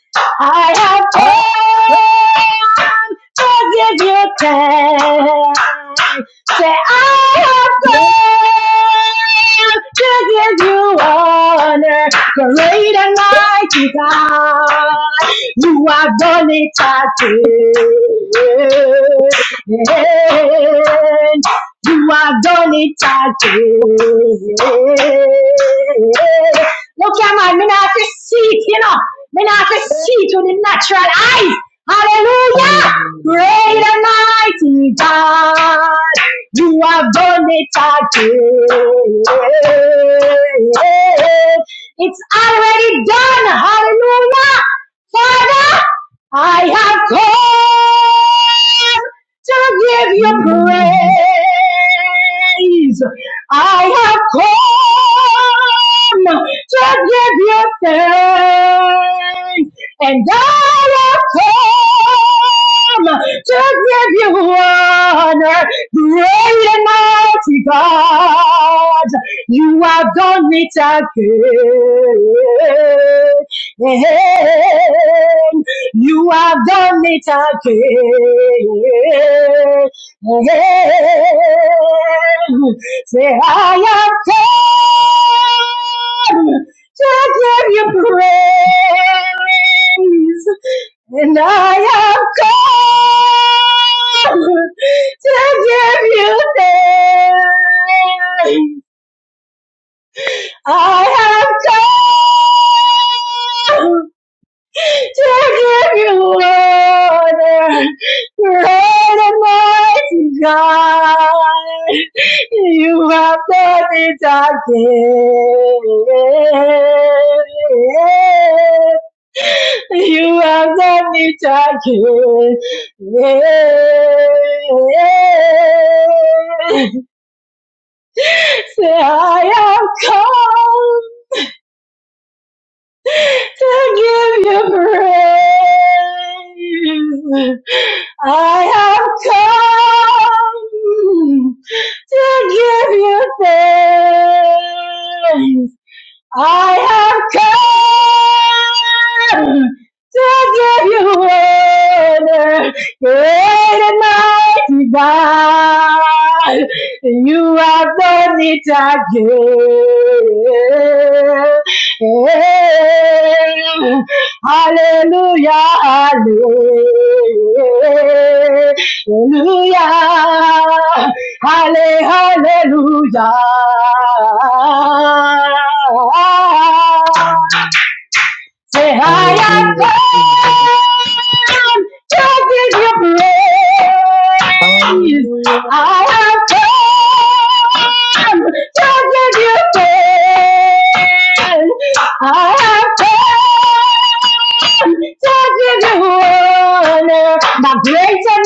Speaker 1: I have come to give you thanks. Say, I have come to give you honor, great and mighty God. You have done it again. You have done it again. Look at my me not to see it, you know. Me not to see it with the natural eyes. Hallelujah. Great and mighty God. You have done it again. It's already done. Hallelujah. Father, I have come to give you praise. I have come to give you thanks. And I have come to give you honor. Great and mighty God, you have done it again. You have done it again. Say, I have come to give you praise. And I am called to give you thanks. I am called Take every water, great and mighty God. You have done it again. You have done it again. Yeah, Say, I have come to give you praise. I have come to give you praise. I have come to give you honor, great and mighty God. You have done it again. Hallelujah, hallelujah. Halle- Hallelujah. Say, I have
Speaker 2: Hallelujah. Jesus.
Speaker 1: come to give you praise.
Speaker 2: Hallelujah.
Speaker 1: I have come to give you praise. I have come to give you honor. My great and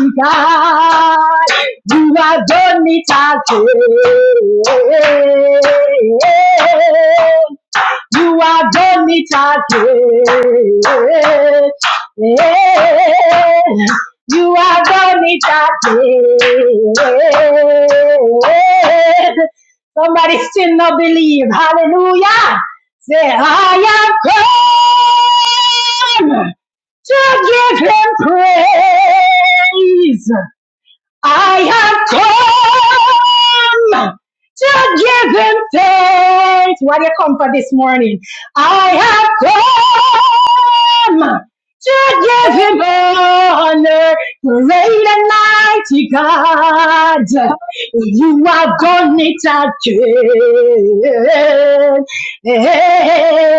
Speaker 1: mighty God, you have done it again. You are done it again. You are done it again. Somebody still not believe. Hallelujah. Say, I have come to give him praise. I have come to give him thanks. What do you come for this morning? I have come to give him honor. Great and mighty God, you have done it again.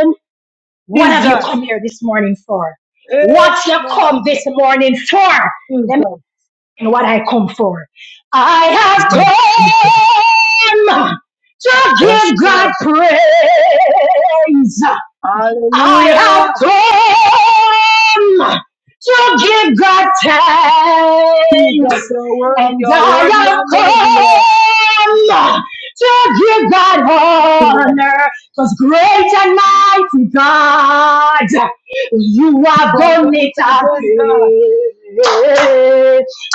Speaker 1: And
Speaker 2: Jesus. Yes, Lord. Jesus. Jesus.
Speaker 1: what have you
Speaker 2: Jesus.
Speaker 1: come here this morning for? What you come this morning for? Let and what I come for. I have come to
Speaker 2: Yes,
Speaker 1: give God
Speaker 2: Lord.
Speaker 1: praise.
Speaker 2: Hallelujah.
Speaker 1: I have come to give God
Speaker 2: Jesus,
Speaker 1: thanks,
Speaker 2: you're worthy,
Speaker 1: and
Speaker 2: you're worthy,
Speaker 1: I
Speaker 2: you're
Speaker 1: have
Speaker 2: worthy, Lord.
Speaker 1: come to give God
Speaker 2: You
Speaker 1: honor, because great and mighty God, you have
Speaker 2: have done
Speaker 1: done
Speaker 2: it
Speaker 1: it
Speaker 2: again,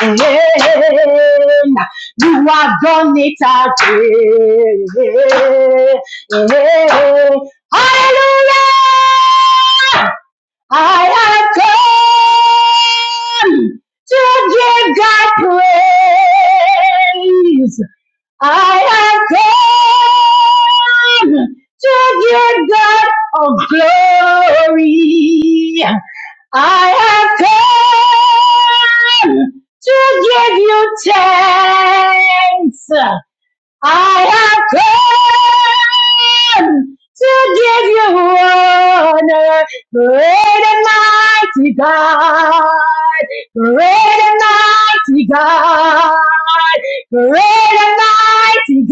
Speaker 1: again. You have done it again. Hallelujah! I have come to give God praise. I have come to give God all glory. I have come to give you thanks. I have come to give you honor, great and mighty God, great and mighty God, great and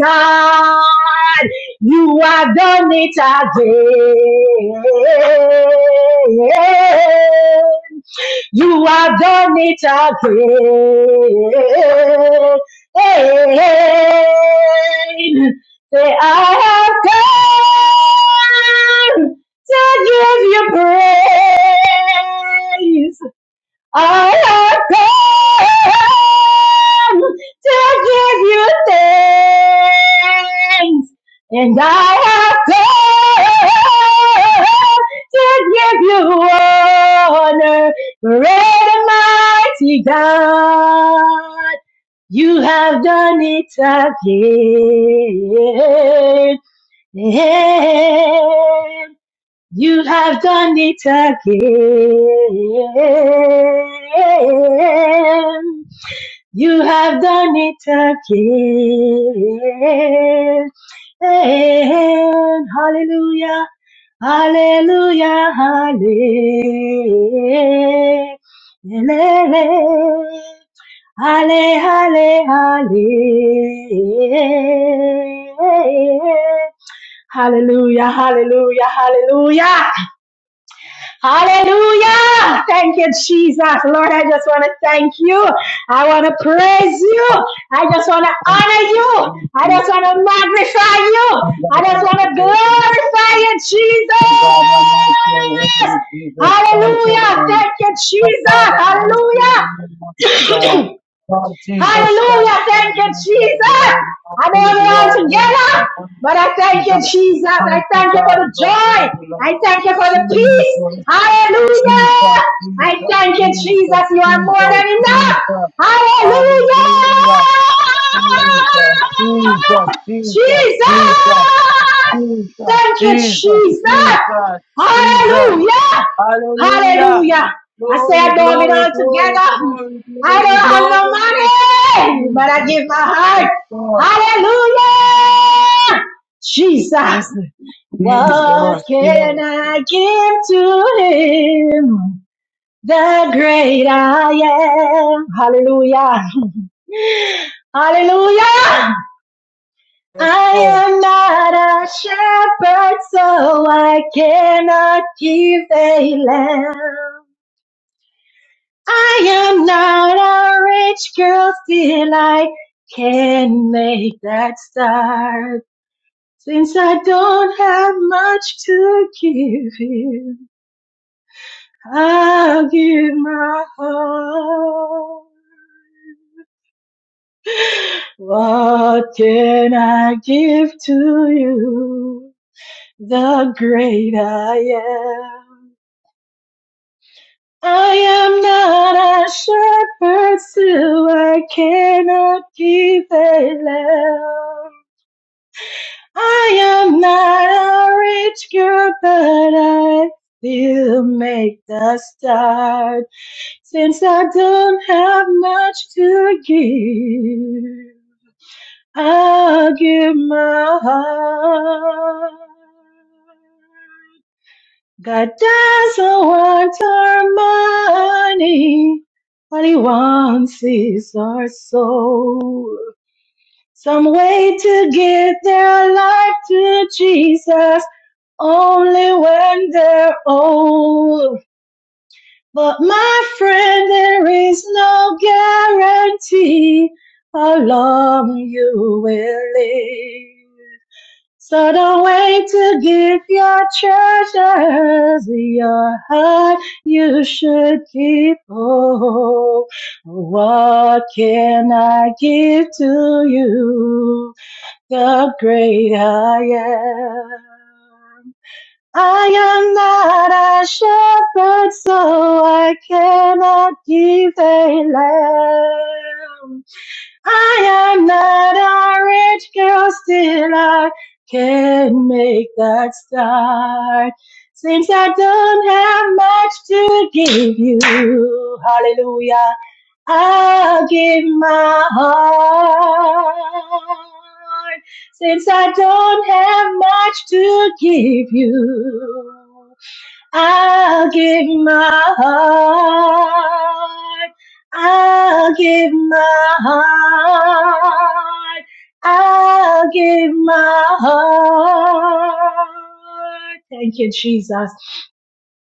Speaker 1: mighty God. You have done it again. You have done it again. Say, I have come to give you praise. I have come to give you thanks, and I have come to give you honor, great and mighty God. You have done it again. You have done it again. You have done it again. Hallelujah. Hallelujah. Hallelujah. Halle, halle, halle. Hallelujah, hallelujah, hallelujah. Hallelujah. Thank you, Jesus. Lord, I just want to thank you. I want to praise
Speaker 2: God.
Speaker 1: you. I just want to
Speaker 2: Thank you
Speaker 1: honor
Speaker 2: for
Speaker 1: you.
Speaker 2: these
Speaker 1: I
Speaker 2: things.
Speaker 1: just want to magnify you.
Speaker 2: I'm going to
Speaker 1: I just
Speaker 2: thank you
Speaker 1: want
Speaker 2: for
Speaker 1: to
Speaker 2: your
Speaker 1: glorify
Speaker 2: things.
Speaker 1: you,
Speaker 2: Oh God, I know it's your word,
Speaker 1: Jesus.
Speaker 2: Jesus. Thank you,
Speaker 1: Hallelujah.
Speaker 2: Lord.
Speaker 1: Thank you,
Speaker 2: Oh Father, I bless you in the name of
Speaker 1: Jesus. Hallelujah.
Speaker 2: God. Lord Jesus Christ,
Speaker 1: Hallelujah.
Speaker 2: your
Speaker 1: Thank you,
Speaker 2: word, your
Speaker 1: Jesus.
Speaker 2: word, your
Speaker 1: I don't
Speaker 2: word, your
Speaker 1: belong
Speaker 2: word, your
Speaker 1: together,
Speaker 2: word,
Speaker 1: but I thank you,
Speaker 2: Jesus.
Speaker 1: Jesus. I
Speaker 2: Mighty
Speaker 1: thank you for
Speaker 2: God,
Speaker 1: the
Speaker 2: your
Speaker 1: joy.
Speaker 2: word, Lord.
Speaker 1: I thank you for the
Speaker 2: Jesus,
Speaker 1: peace.
Speaker 2: Jesus,
Speaker 1: Hallelujah. I
Speaker 2: Jesus,
Speaker 1: thank you,
Speaker 2: Jesus,
Speaker 1: Jesus. You are more
Speaker 2: Jesus,
Speaker 1: than enough.
Speaker 2: Jesus.
Speaker 1: Hallelujah.
Speaker 2: Hallelujah. Jesus, Jesus, Jesus,
Speaker 1: Jesus.
Speaker 2: Jesus, Jesus,
Speaker 1: Thank you,
Speaker 2: Jesus,
Speaker 1: Jesus.
Speaker 2: Jesus, Jesus.
Speaker 1: Hallelujah.
Speaker 2: Hallelujah.
Speaker 1: Hallelujah. I say I
Speaker 2: Glory,
Speaker 1: know it
Speaker 2: glory,
Speaker 1: all
Speaker 2: glory,
Speaker 1: together.
Speaker 2: glory,
Speaker 1: I
Speaker 2: glory, glory.
Speaker 1: don't have no money, but I
Speaker 2: Jesus.
Speaker 1: give my heart. Hallelujah! Jesus,
Speaker 2: Yes, Lord.
Speaker 1: what
Speaker 2: Jesus.
Speaker 1: can
Speaker 2: Yes,
Speaker 1: I give to him? The great I am. Hallelujah. Hallelujah.
Speaker 2: yes,
Speaker 1: I
Speaker 2: Lord.
Speaker 1: am not a shepherd, so I cannot give a lamb. I am not a rich girl, still I can make that start. Since I don't have much to give you, I'll give my heart. What can I give to you? The great I am. I am not a shepherd, so I cannot give a lamb. I am not a rich girl, but I still make the start since I don't have much to give. I'll give my heart. God doesn't want our money. What he wants is our soul. Some way to give their life to Jesus only when they're old. But my friend, there is no guarantee how long you will live. So don't wait to give your treasures, your heart you should keep. Oh, what can I give to you? The great I am. I am not a shepherd, so I cannot give a lamb. I am not a rich girl, still I can make that start. Seems I don't have much to give you. Hallelujah. I'll give my heart. Since I don't have much to give you. I'll give my heart. I'll give my heart. I'll give my heart. Thank you, Jesus.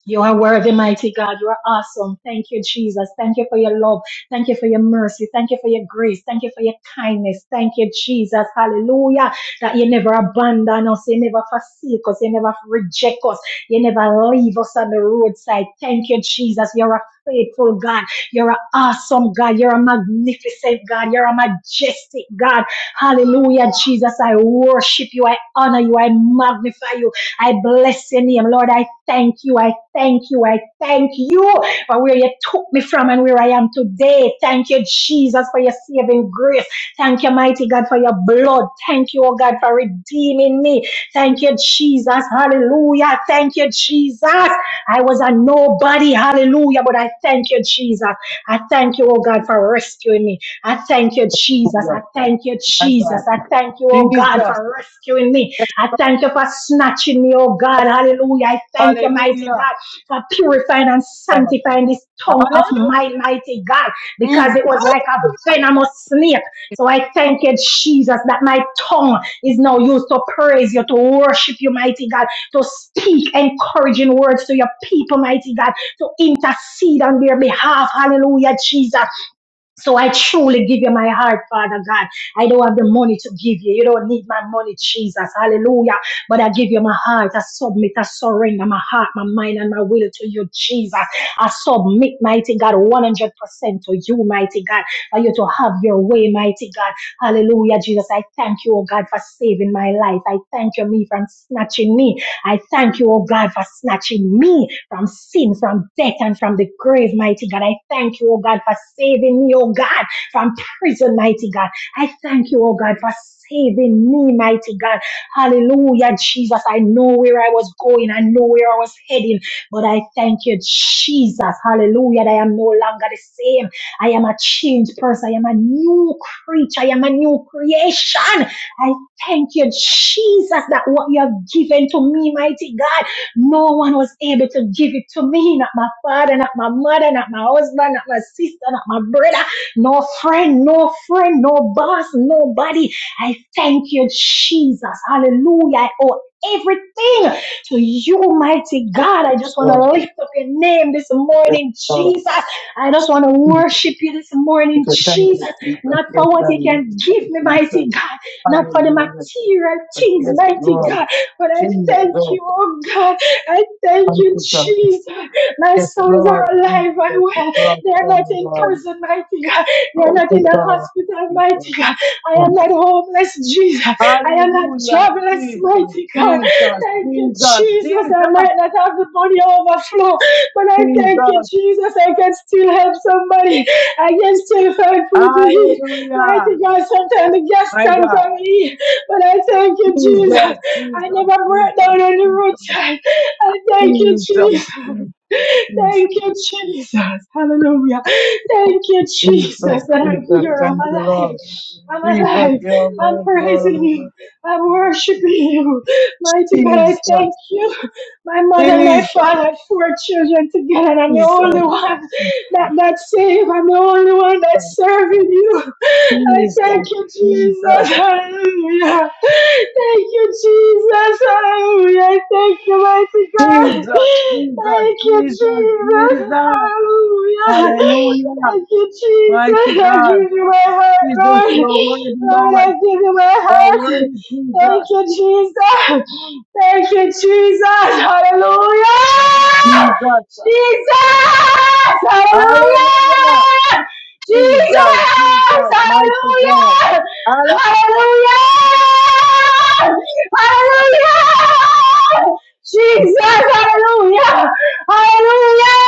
Speaker 1: You are worthy, mighty God. You are awesome. Thank you, Jesus. Thank you for your love. Thank you for your mercy. Thank you for your grace. Thank you for your kindness. Thank you, Jesus. Hallelujah. That you never abandon us. You never forsake us. You never reject us. You never leave us on the roadside. Thank you, Jesus. You're a faithful God. You're an awesome God. You're a magnificent God. You're a majestic God. Hallelujah, Jesus. I worship you. I honor you. I magnify you. I bless your name, Lord. I thank you. I thank you. I thank you for where you took me from and where I am today. Thank you, Jesus, for your saving grace. Thank you, mighty God, for your blood. Thank you, oh God, for redeeming me. Thank you, Jesus. Hallelujah. Thank you, Jesus. I was a nobody. Hallelujah. But I thank you, Jesus. I thank you, oh God, for rescuing me. I thank you, Jesus.
Speaker 2: Hallelujah.
Speaker 1: I thank you,
Speaker 2: My
Speaker 1: Jesus.
Speaker 2: God.
Speaker 1: I thank you, oh God,
Speaker 2: Jesus.
Speaker 1: for rescuing me.
Speaker 2: Yes.
Speaker 1: I thank you for snatching me, oh God. Hallelujah. I thank you, mighty
Speaker 2: Hallelujah.
Speaker 1: God, for purifying and
Speaker 2: Father.
Speaker 1: sanctifying this tongue of
Speaker 2: Hallelujah.
Speaker 1: mine, mighty God, because
Speaker 2: Mm.
Speaker 1: it was like
Speaker 2: Hallelujah.
Speaker 1: a venomous snake. So I thank you, Jesus, that my tongue is now used to praise you, to worship you, mighty God, to speak encouraging words to your people, mighty God, to intercede on their behalf. Hallelujah, Jesus. So I truly give you my heart, Father God. I don't have the money to give you. You don't need my money, Jesus. Hallelujah. But I give you my heart. I submit, I surrender my heart, my mind, and my will to you, Jesus. I submit, mighty God, 100% to you, mighty God, for you to have your way, mighty God. Hallelujah, Jesus. I thank you, oh God, for saving my life. I thank you, me, for snatching me. I thank you, oh God, for snatching me from sin, from death, and from the grave, mighty God. I thank you, oh God, for saving me, oh God, from prison, mighty God. I thank you, oh God, for saving me, mighty God. Hallelujah, Jesus. I know where I was going, I know where I was heading, but I thank you, Jesus. Hallelujah, that I am no longer the same. I am a changed person. I am a new creature. I am a new creation. I thank you, Jesus, that what you have given to me, mighty God. No one was able to give it to me, not my father, not my mother, not my husband, not my sister, not my brother, no friend, no friend, no boss, nobody. I thank you, Jesus. Hallelujah. I owe everything to you, mighty God.
Speaker 2: Yes,
Speaker 1: I just want
Speaker 2: Lord.
Speaker 1: to lift up your name this
Speaker 2: Yes,
Speaker 1: morning, Jesus.
Speaker 2: Lord.
Speaker 1: I just want to worship you this morning,
Speaker 2: So thank you,
Speaker 1: Jesus.
Speaker 2: Jesus.
Speaker 1: Not
Speaker 2: Yes,
Speaker 1: for what
Speaker 2: God,
Speaker 1: you
Speaker 2: we give
Speaker 1: can
Speaker 2: you
Speaker 1: give
Speaker 2: thanks,
Speaker 1: me, mighty
Speaker 2: Jesus.
Speaker 1: God. Not for the
Speaker 2: Hallelujah.
Speaker 1: material things,
Speaker 2: Yes,
Speaker 1: mighty
Speaker 2: Lord.
Speaker 1: God. But I thank
Speaker 2: Jesus.
Speaker 1: you, oh God. I thank you,
Speaker 2: Antica.
Speaker 1: Jesus. My
Speaker 2: Yes,
Speaker 1: sons are
Speaker 2: Lord. Jesus.
Speaker 1: alive and
Speaker 2: Yes,
Speaker 1: well.
Speaker 2: Lord.
Speaker 1: They are not
Speaker 2: Son,
Speaker 1: in
Speaker 2: Lord.
Speaker 1: prison, mighty God. They are
Speaker 2: Oh,
Speaker 1: not in
Speaker 2: thank
Speaker 1: the
Speaker 2: God.
Speaker 1: hospital, mighty
Speaker 2: Jesus.
Speaker 1: God. I am not homeless, Jesus. I am not
Speaker 2: Hallelujah.
Speaker 1: jobless,
Speaker 2: Jesus.
Speaker 1: mighty God.
Speaker 2: Jesus.
Speaker 1: Thank you,
Speaker 2: Jesus.
Speaker 1: Jesus. I
Speaker 2: Jesus.
Speaker 1: might not have the money overflow, but I thank you,
Speaker 2: Jesus.
Speaker 1: Jesus. I can still help somebody. I can still find food to eat.
Speaker 2: Hallelujah.
Speaker 1: Mighty God, sometimes the gas
Speaker 2: My
Speaker 1: tank
Speaker 2: God.
Speaker 1: can eat. But I thank you, Jesus.
Speaker 2: Jesus. Jesus.
Speaker 1: I never break
Speaker 2: Jesus.
Speaker 1: down on the
Speaker 2: Jesus.
Speaker 1: roadside. I thank you, Jesus.
Speaker 2: Jesus. Jesus.
Speaker 1: Thank you, Jesus. Hallelujah. Thank you,
Speaker 2: Jesus,
Speaker 1: Jesus, that I'm
Speaker 2: Jesus,
Speaker 1: here. I'm
Speaker 2: thank you,
Speaker 1: alive.
Speaker 2: Lord.
Speaker 1: I'm
Speaker 2: Jesus,
Speaker 1: alive.
Speaker 2: your
Speaker 1: I'm
Speaker 2: Lord,
Speaker 1: praising you. I'm
Speaker 2: Lord.
Speaker 1: worshiping you. Mighty God, I
Speaker 2: Jesus,
Speaker 1: thank you. My mother and my
Speaker 2: Jesus,
Speaker 1: father had four children together, and I'm the
Speaker 2: Jesus, Jesus,
Speaker 1: only one that, that's saved. I'm the only one that's serving you. I
Speaker 2: Jesus,
Speaker 1: thank you, Jesus. Hallelujah. Thank you, Jesus. Hallelujah. Thank you, mighty
Speaker 2: Jesus,
Speaker 1: God.
Speaker 2: Jesus,
Speaker 1: Thank you,
Speaker 2: Jesus,
Speaker 1: Jesus.
Speaker 2: Jesus.
Speaker 1: Hallelujah.
Speaker 2: Hallelujah.
Speaker 1: Thank you,
Speaker 2: Mighty
Speaker 1: Jesus. I
Speaker 2: God,
Speaker 1: give you my
Speaker 2: Jesus,
Speaker 1: heart, Lord.
Speaker 2: your word,
Speaker 1: Lord, I
Speaker 2: Lord.
Speaker 1: give you my
Speaker 2: Your word
Speaker 1: heart. Thank
Speaker 2: Jesus,
Speaker 1: you, Jesus. Thank you, Jesus. Hallelujah.
Speaker 2: Jesus.
Speaker 1: Jesus.
Speaker 2: Hallelujah.
Speaker 1: Hallelujah. Jesus!
Speaker 2: Jesus, Jesus, mighty God.
Speaker 1: Hallelujah! Hallelujah! Hallelujah! Jesus! Hallelujah! Hallelujah!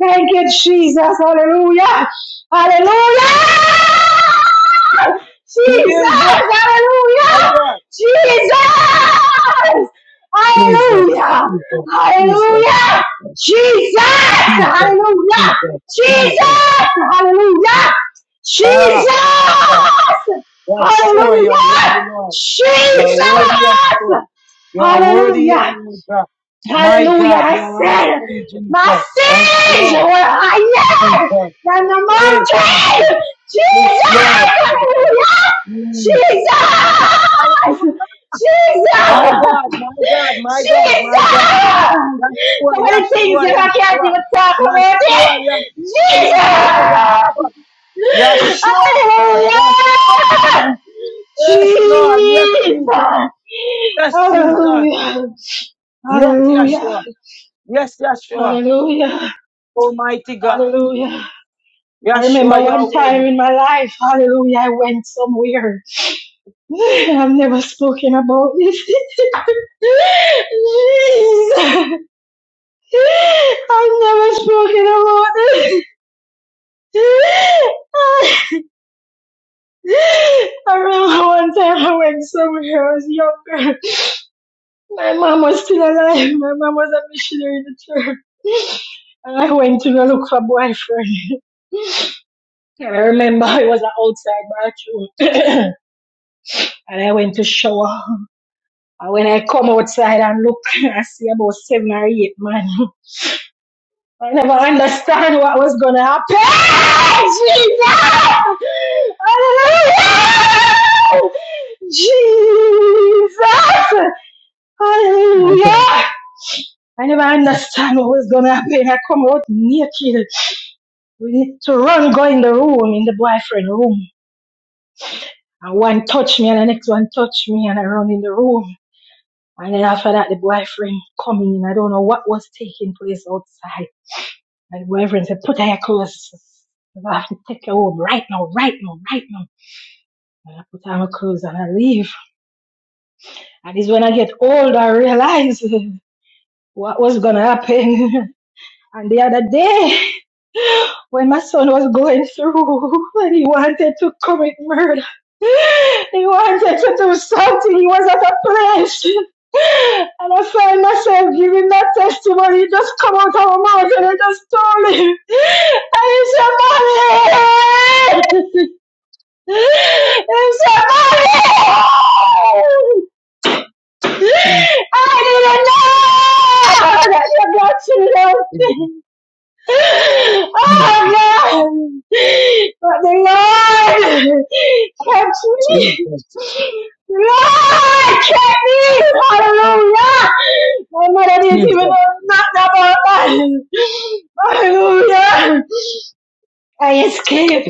Speaker 1: Thank you, Jesus! Hallelujah! Hallelujah!
Speaker 2: Hallelujah. Jesus,
Speaker 1: Jesus!
Speaker 2: my
Speaker 1: Hallelujah!
Speaker 2: God.
Speaker 1: Jesus!
Speaker 2: Jesus,
Speaker 1: Hallelujah!
Speaker 2: Jesus, Jesus,
Speaker 1: Hallelujah!
Speaker 2: Jesus,
Speaker 1: Jesus! Hallelujah!
Speaker 2: Jesus,
Speaker 1: Jesus!
Speaker 2: Jesus.
Speaker 1: Hallelujah!
Speaker 2: Ah, my God.
Speaker 1: Jesus!
Speaker 2: That's sure you're
Speaker 1: Hallelujah!
Speaker 2: worthy, Lord. You're
Speaker 1: Jesus!
Speaker 2: worthy of praise. You're worthy,
Speaker 1: Hallelujah!
Speaker 2: Lord God. My
Speaker 1: Hallelujah!
Speaker 2: God, you
Speaker 1: I
Speaker 2: are
Speaker 1: said,
Speaker 2: awesome,
Speaker 1: my
Speaker 2: Jesus. Thank you,
Speaker 1: sins
Speaker 2: Lord,
Speaker 1: were higher
Speaker 2: Jesus.
Speaker 1: than the
Speaker 2: Hey, Jesus.
Speaker 1: mountain!
Speaker 2: Yes,
Speaker 1: Jesus!
Speaker 2: Lord, Jesus. Mm.
Speaker 1: Hallelujah! Jesus!
Speaker 2: Hallelujah. My
Speaker 1: Jesus!
Speaker 2: God, my God, my God,
Speaker 1: Jesus!
Speaker 2: my God. Yeshua,
Speaker 1: So many things
Speaker 2: Yeshua,
Speaker 1: that I can't even talk about it.
Speaker 2: Yeshua, Yeshua, Yeshua,
Speaker 1: Jesus!
Speaker 2: Yeshua, Yeshua,
Speaker 1: Hallelujah!
Speaker 2: Yeshua. Yes, Lord, yes,
Speaker 1: Jesus!
Speaker 2: Jesus, yes, Jesus,
Speaker 1: Hallelujah!
Speaker 2: yes,
Speaker 1: Hallelujah!
Speaker 2: Yeshua, yes, Yeshua,
Speaker 1: Hallelujah!
Speaker 2: Almighty God,
Speaker 1: Hallelujah. I
Speaker 2: Yeshua,
Speaker 1: remember
Speaker 2: your
Speaker 1: one time
Speaker 2: word.
Speaker 1: in my life, hallelujah, I went somewhere. I've never spoken about this. Jesus. I've never spoken about it. I remember one time I went somewhere, I was younger. My mom was still alive. My mom was a missionary in the church. And I went to go look for a boyfriend. And I remember it was an outside bathroom. and I went to shower. And when I come outside and look, I see about seven or eight man I never understand what was gonna happen. Jesus! Hallelujah! Jesus!
Speaker 2: Okay.
Speaker 1: Hallelujah! I never understand what was gonna happen. I come out naked. We need to run, go in the room, in the boyfriend room. And one touch me and the next one touch me and I run in the room. And then after that the boyfriend come in. I don't know what was taking place outside. And the Reverend said, put on your clothes. I have to take you home right now, right now, right now. And I put on my clothes and I leave. And it's when I get old, I realize what was going to happen. and the other day, when my son was going through and he wanted to commit murder. He wanted to do something. He was at a place. And I find myself giving that testimony. It just come out of my mouth and I just told him. And he said, Mommy! He said, Mommy!
Speaker 2: Jesus,
Speaker 1: I didn't know that you got to know. Oh
Speaker 2: Jesus,
Speaker 1: God! But the Lord kept me. The Lord kept me. Hallelujah! My mother didn't even
Speaker 2: Jesus,
Speaker 1: know nothing about that. Hallelujah! I escaped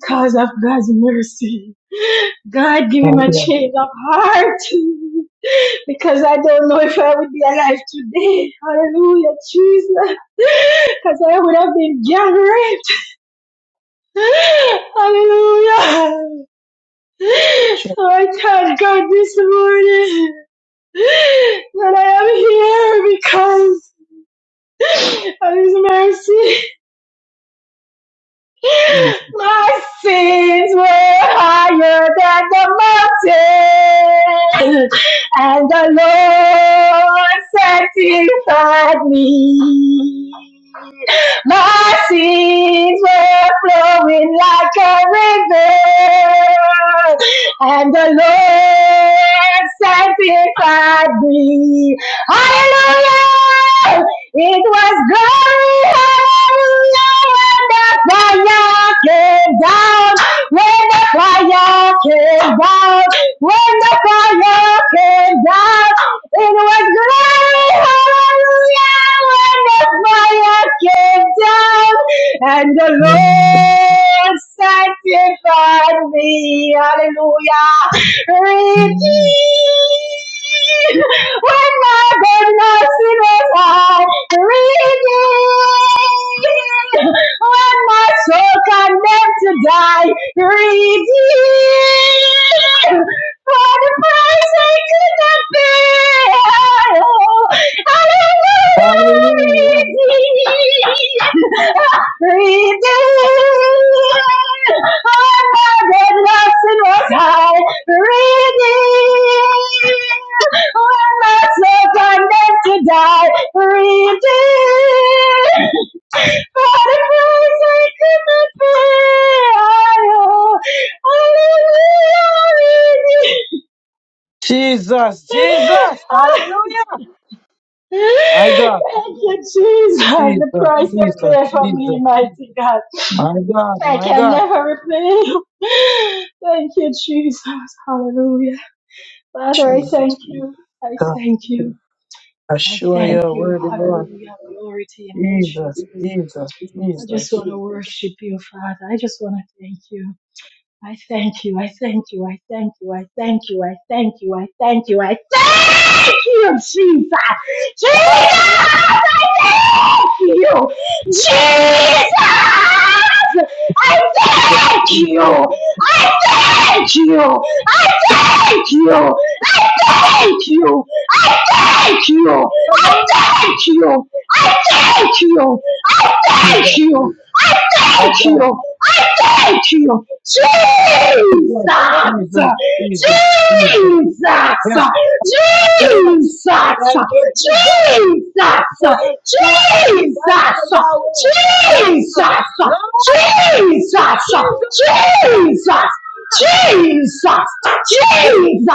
Speaker 1: because of God's mercy. God give him a
Speaker 2: okay.
Speaker 1: change of heart because I don't know if I would be alive today. Hallelujah, Jesus. Because I would have been gang raped. Hallelujah. So I thank God this morning that I am here because of his mercy.
Speaker 2: Jesus.
Speaker 1: My sins were higher than the mountain, and the Lord sanctified me. My sins were flowing like a river, and the Lord sanctified me. Hallelujah! It was glory, hallelujah! when the fire came down, when the fire came down, when the fire came down, it was glory, hallelujah, when the fire came down, and the Lord sanctified me, hallelujah, redeemed, when my goodness is redeemed, when my soul condemned to die, redeemed for the price I could not bear. Hallelujah,
Speaker 2: Hallelujah.
Speaker 1: redeemed, redeemed, when my dead lesson was high, redeemed, when my soul condemned to die, redeemed. Otherwise I could not pay. Oh,
Speaker 2: Jesus, Jesus,
Speaker 1: hallelujah.
Speaker 2: hallelujah. My God.
Speaker 1: Thank you, Jesus.
Speaker 2: Jesus,
Speaker 1: The price you
Speaker 2: Jesus,
Speaker 1: pay for me,
Speaker 2: Jesus.
Speaker 1: mighty God.
Speaker 2: My God,
Speaker 1: I
Speaker 2: my
Speaker 1: can
Speaker 2: God,
Speaker 1: never repay you. Thank you, Jesus. Hallelujah. Father, I
Speaker 2: Jesus,
Speaker 1: thank you. I
Speaker 2: God.
Speaker 1: thank you. I
Speaker 2: Assure
Speaker 1: thank
Speaker 2: your
Speaker 1: you.
Speaker 2: word, Lord.
Speaker 1: Hallelujah. Glory to your name,
Speaker 2: Jesus,
Speaker 1: Jesus.
Speaker 2: Jesus,
Speaker 1: I just
Speaker 2: Jesus.
Speaker 1: want to worship you, Father. I just want to thank you. I thank you. I thank you. I thank you. I thank you. I thank you. I thank you. I thank you, Jesus. Jesus,
Speaker 2: Hallelujah,
Speaker 1: I thank you. Jesus, I thank you.
Speaker 2: Jesus.
Speaker 1: I thank you. I thank you. I thank you. I thank you. I
Speaker 2: Hallelujah.
Speaker 1: thank you. I thank you. I thank
Speaker 2: Jesus,
Speaker 1: you.
Speaker 2: my
Speaker 1: I thank
Speaker 2: God.
Speaker 1: you. I thank you.
Speaker 2: Jesus,
Speaker 1: Jesus.
Speaker 2: Jesus,
Speaker 1: Jesus! Jesus!
Speaker 2: Jesus, Jesus. Yes, Lord.
Speaker 1: Jesus!
Speaker 2: Thank you, Jesus.
Speaker 1: Jesus!
Speaker 2: Thank you, Yeshua. Thank
Speaker 1: Jesus!
Speaker 2: you, Yahweh. Thank you,
Speaker 1: Jesus! Jesus,
Speaker 2: Lord. Thank
Speaker 1: Jesus,
Speaker 2: you, Jesus. Thank you, Jesus.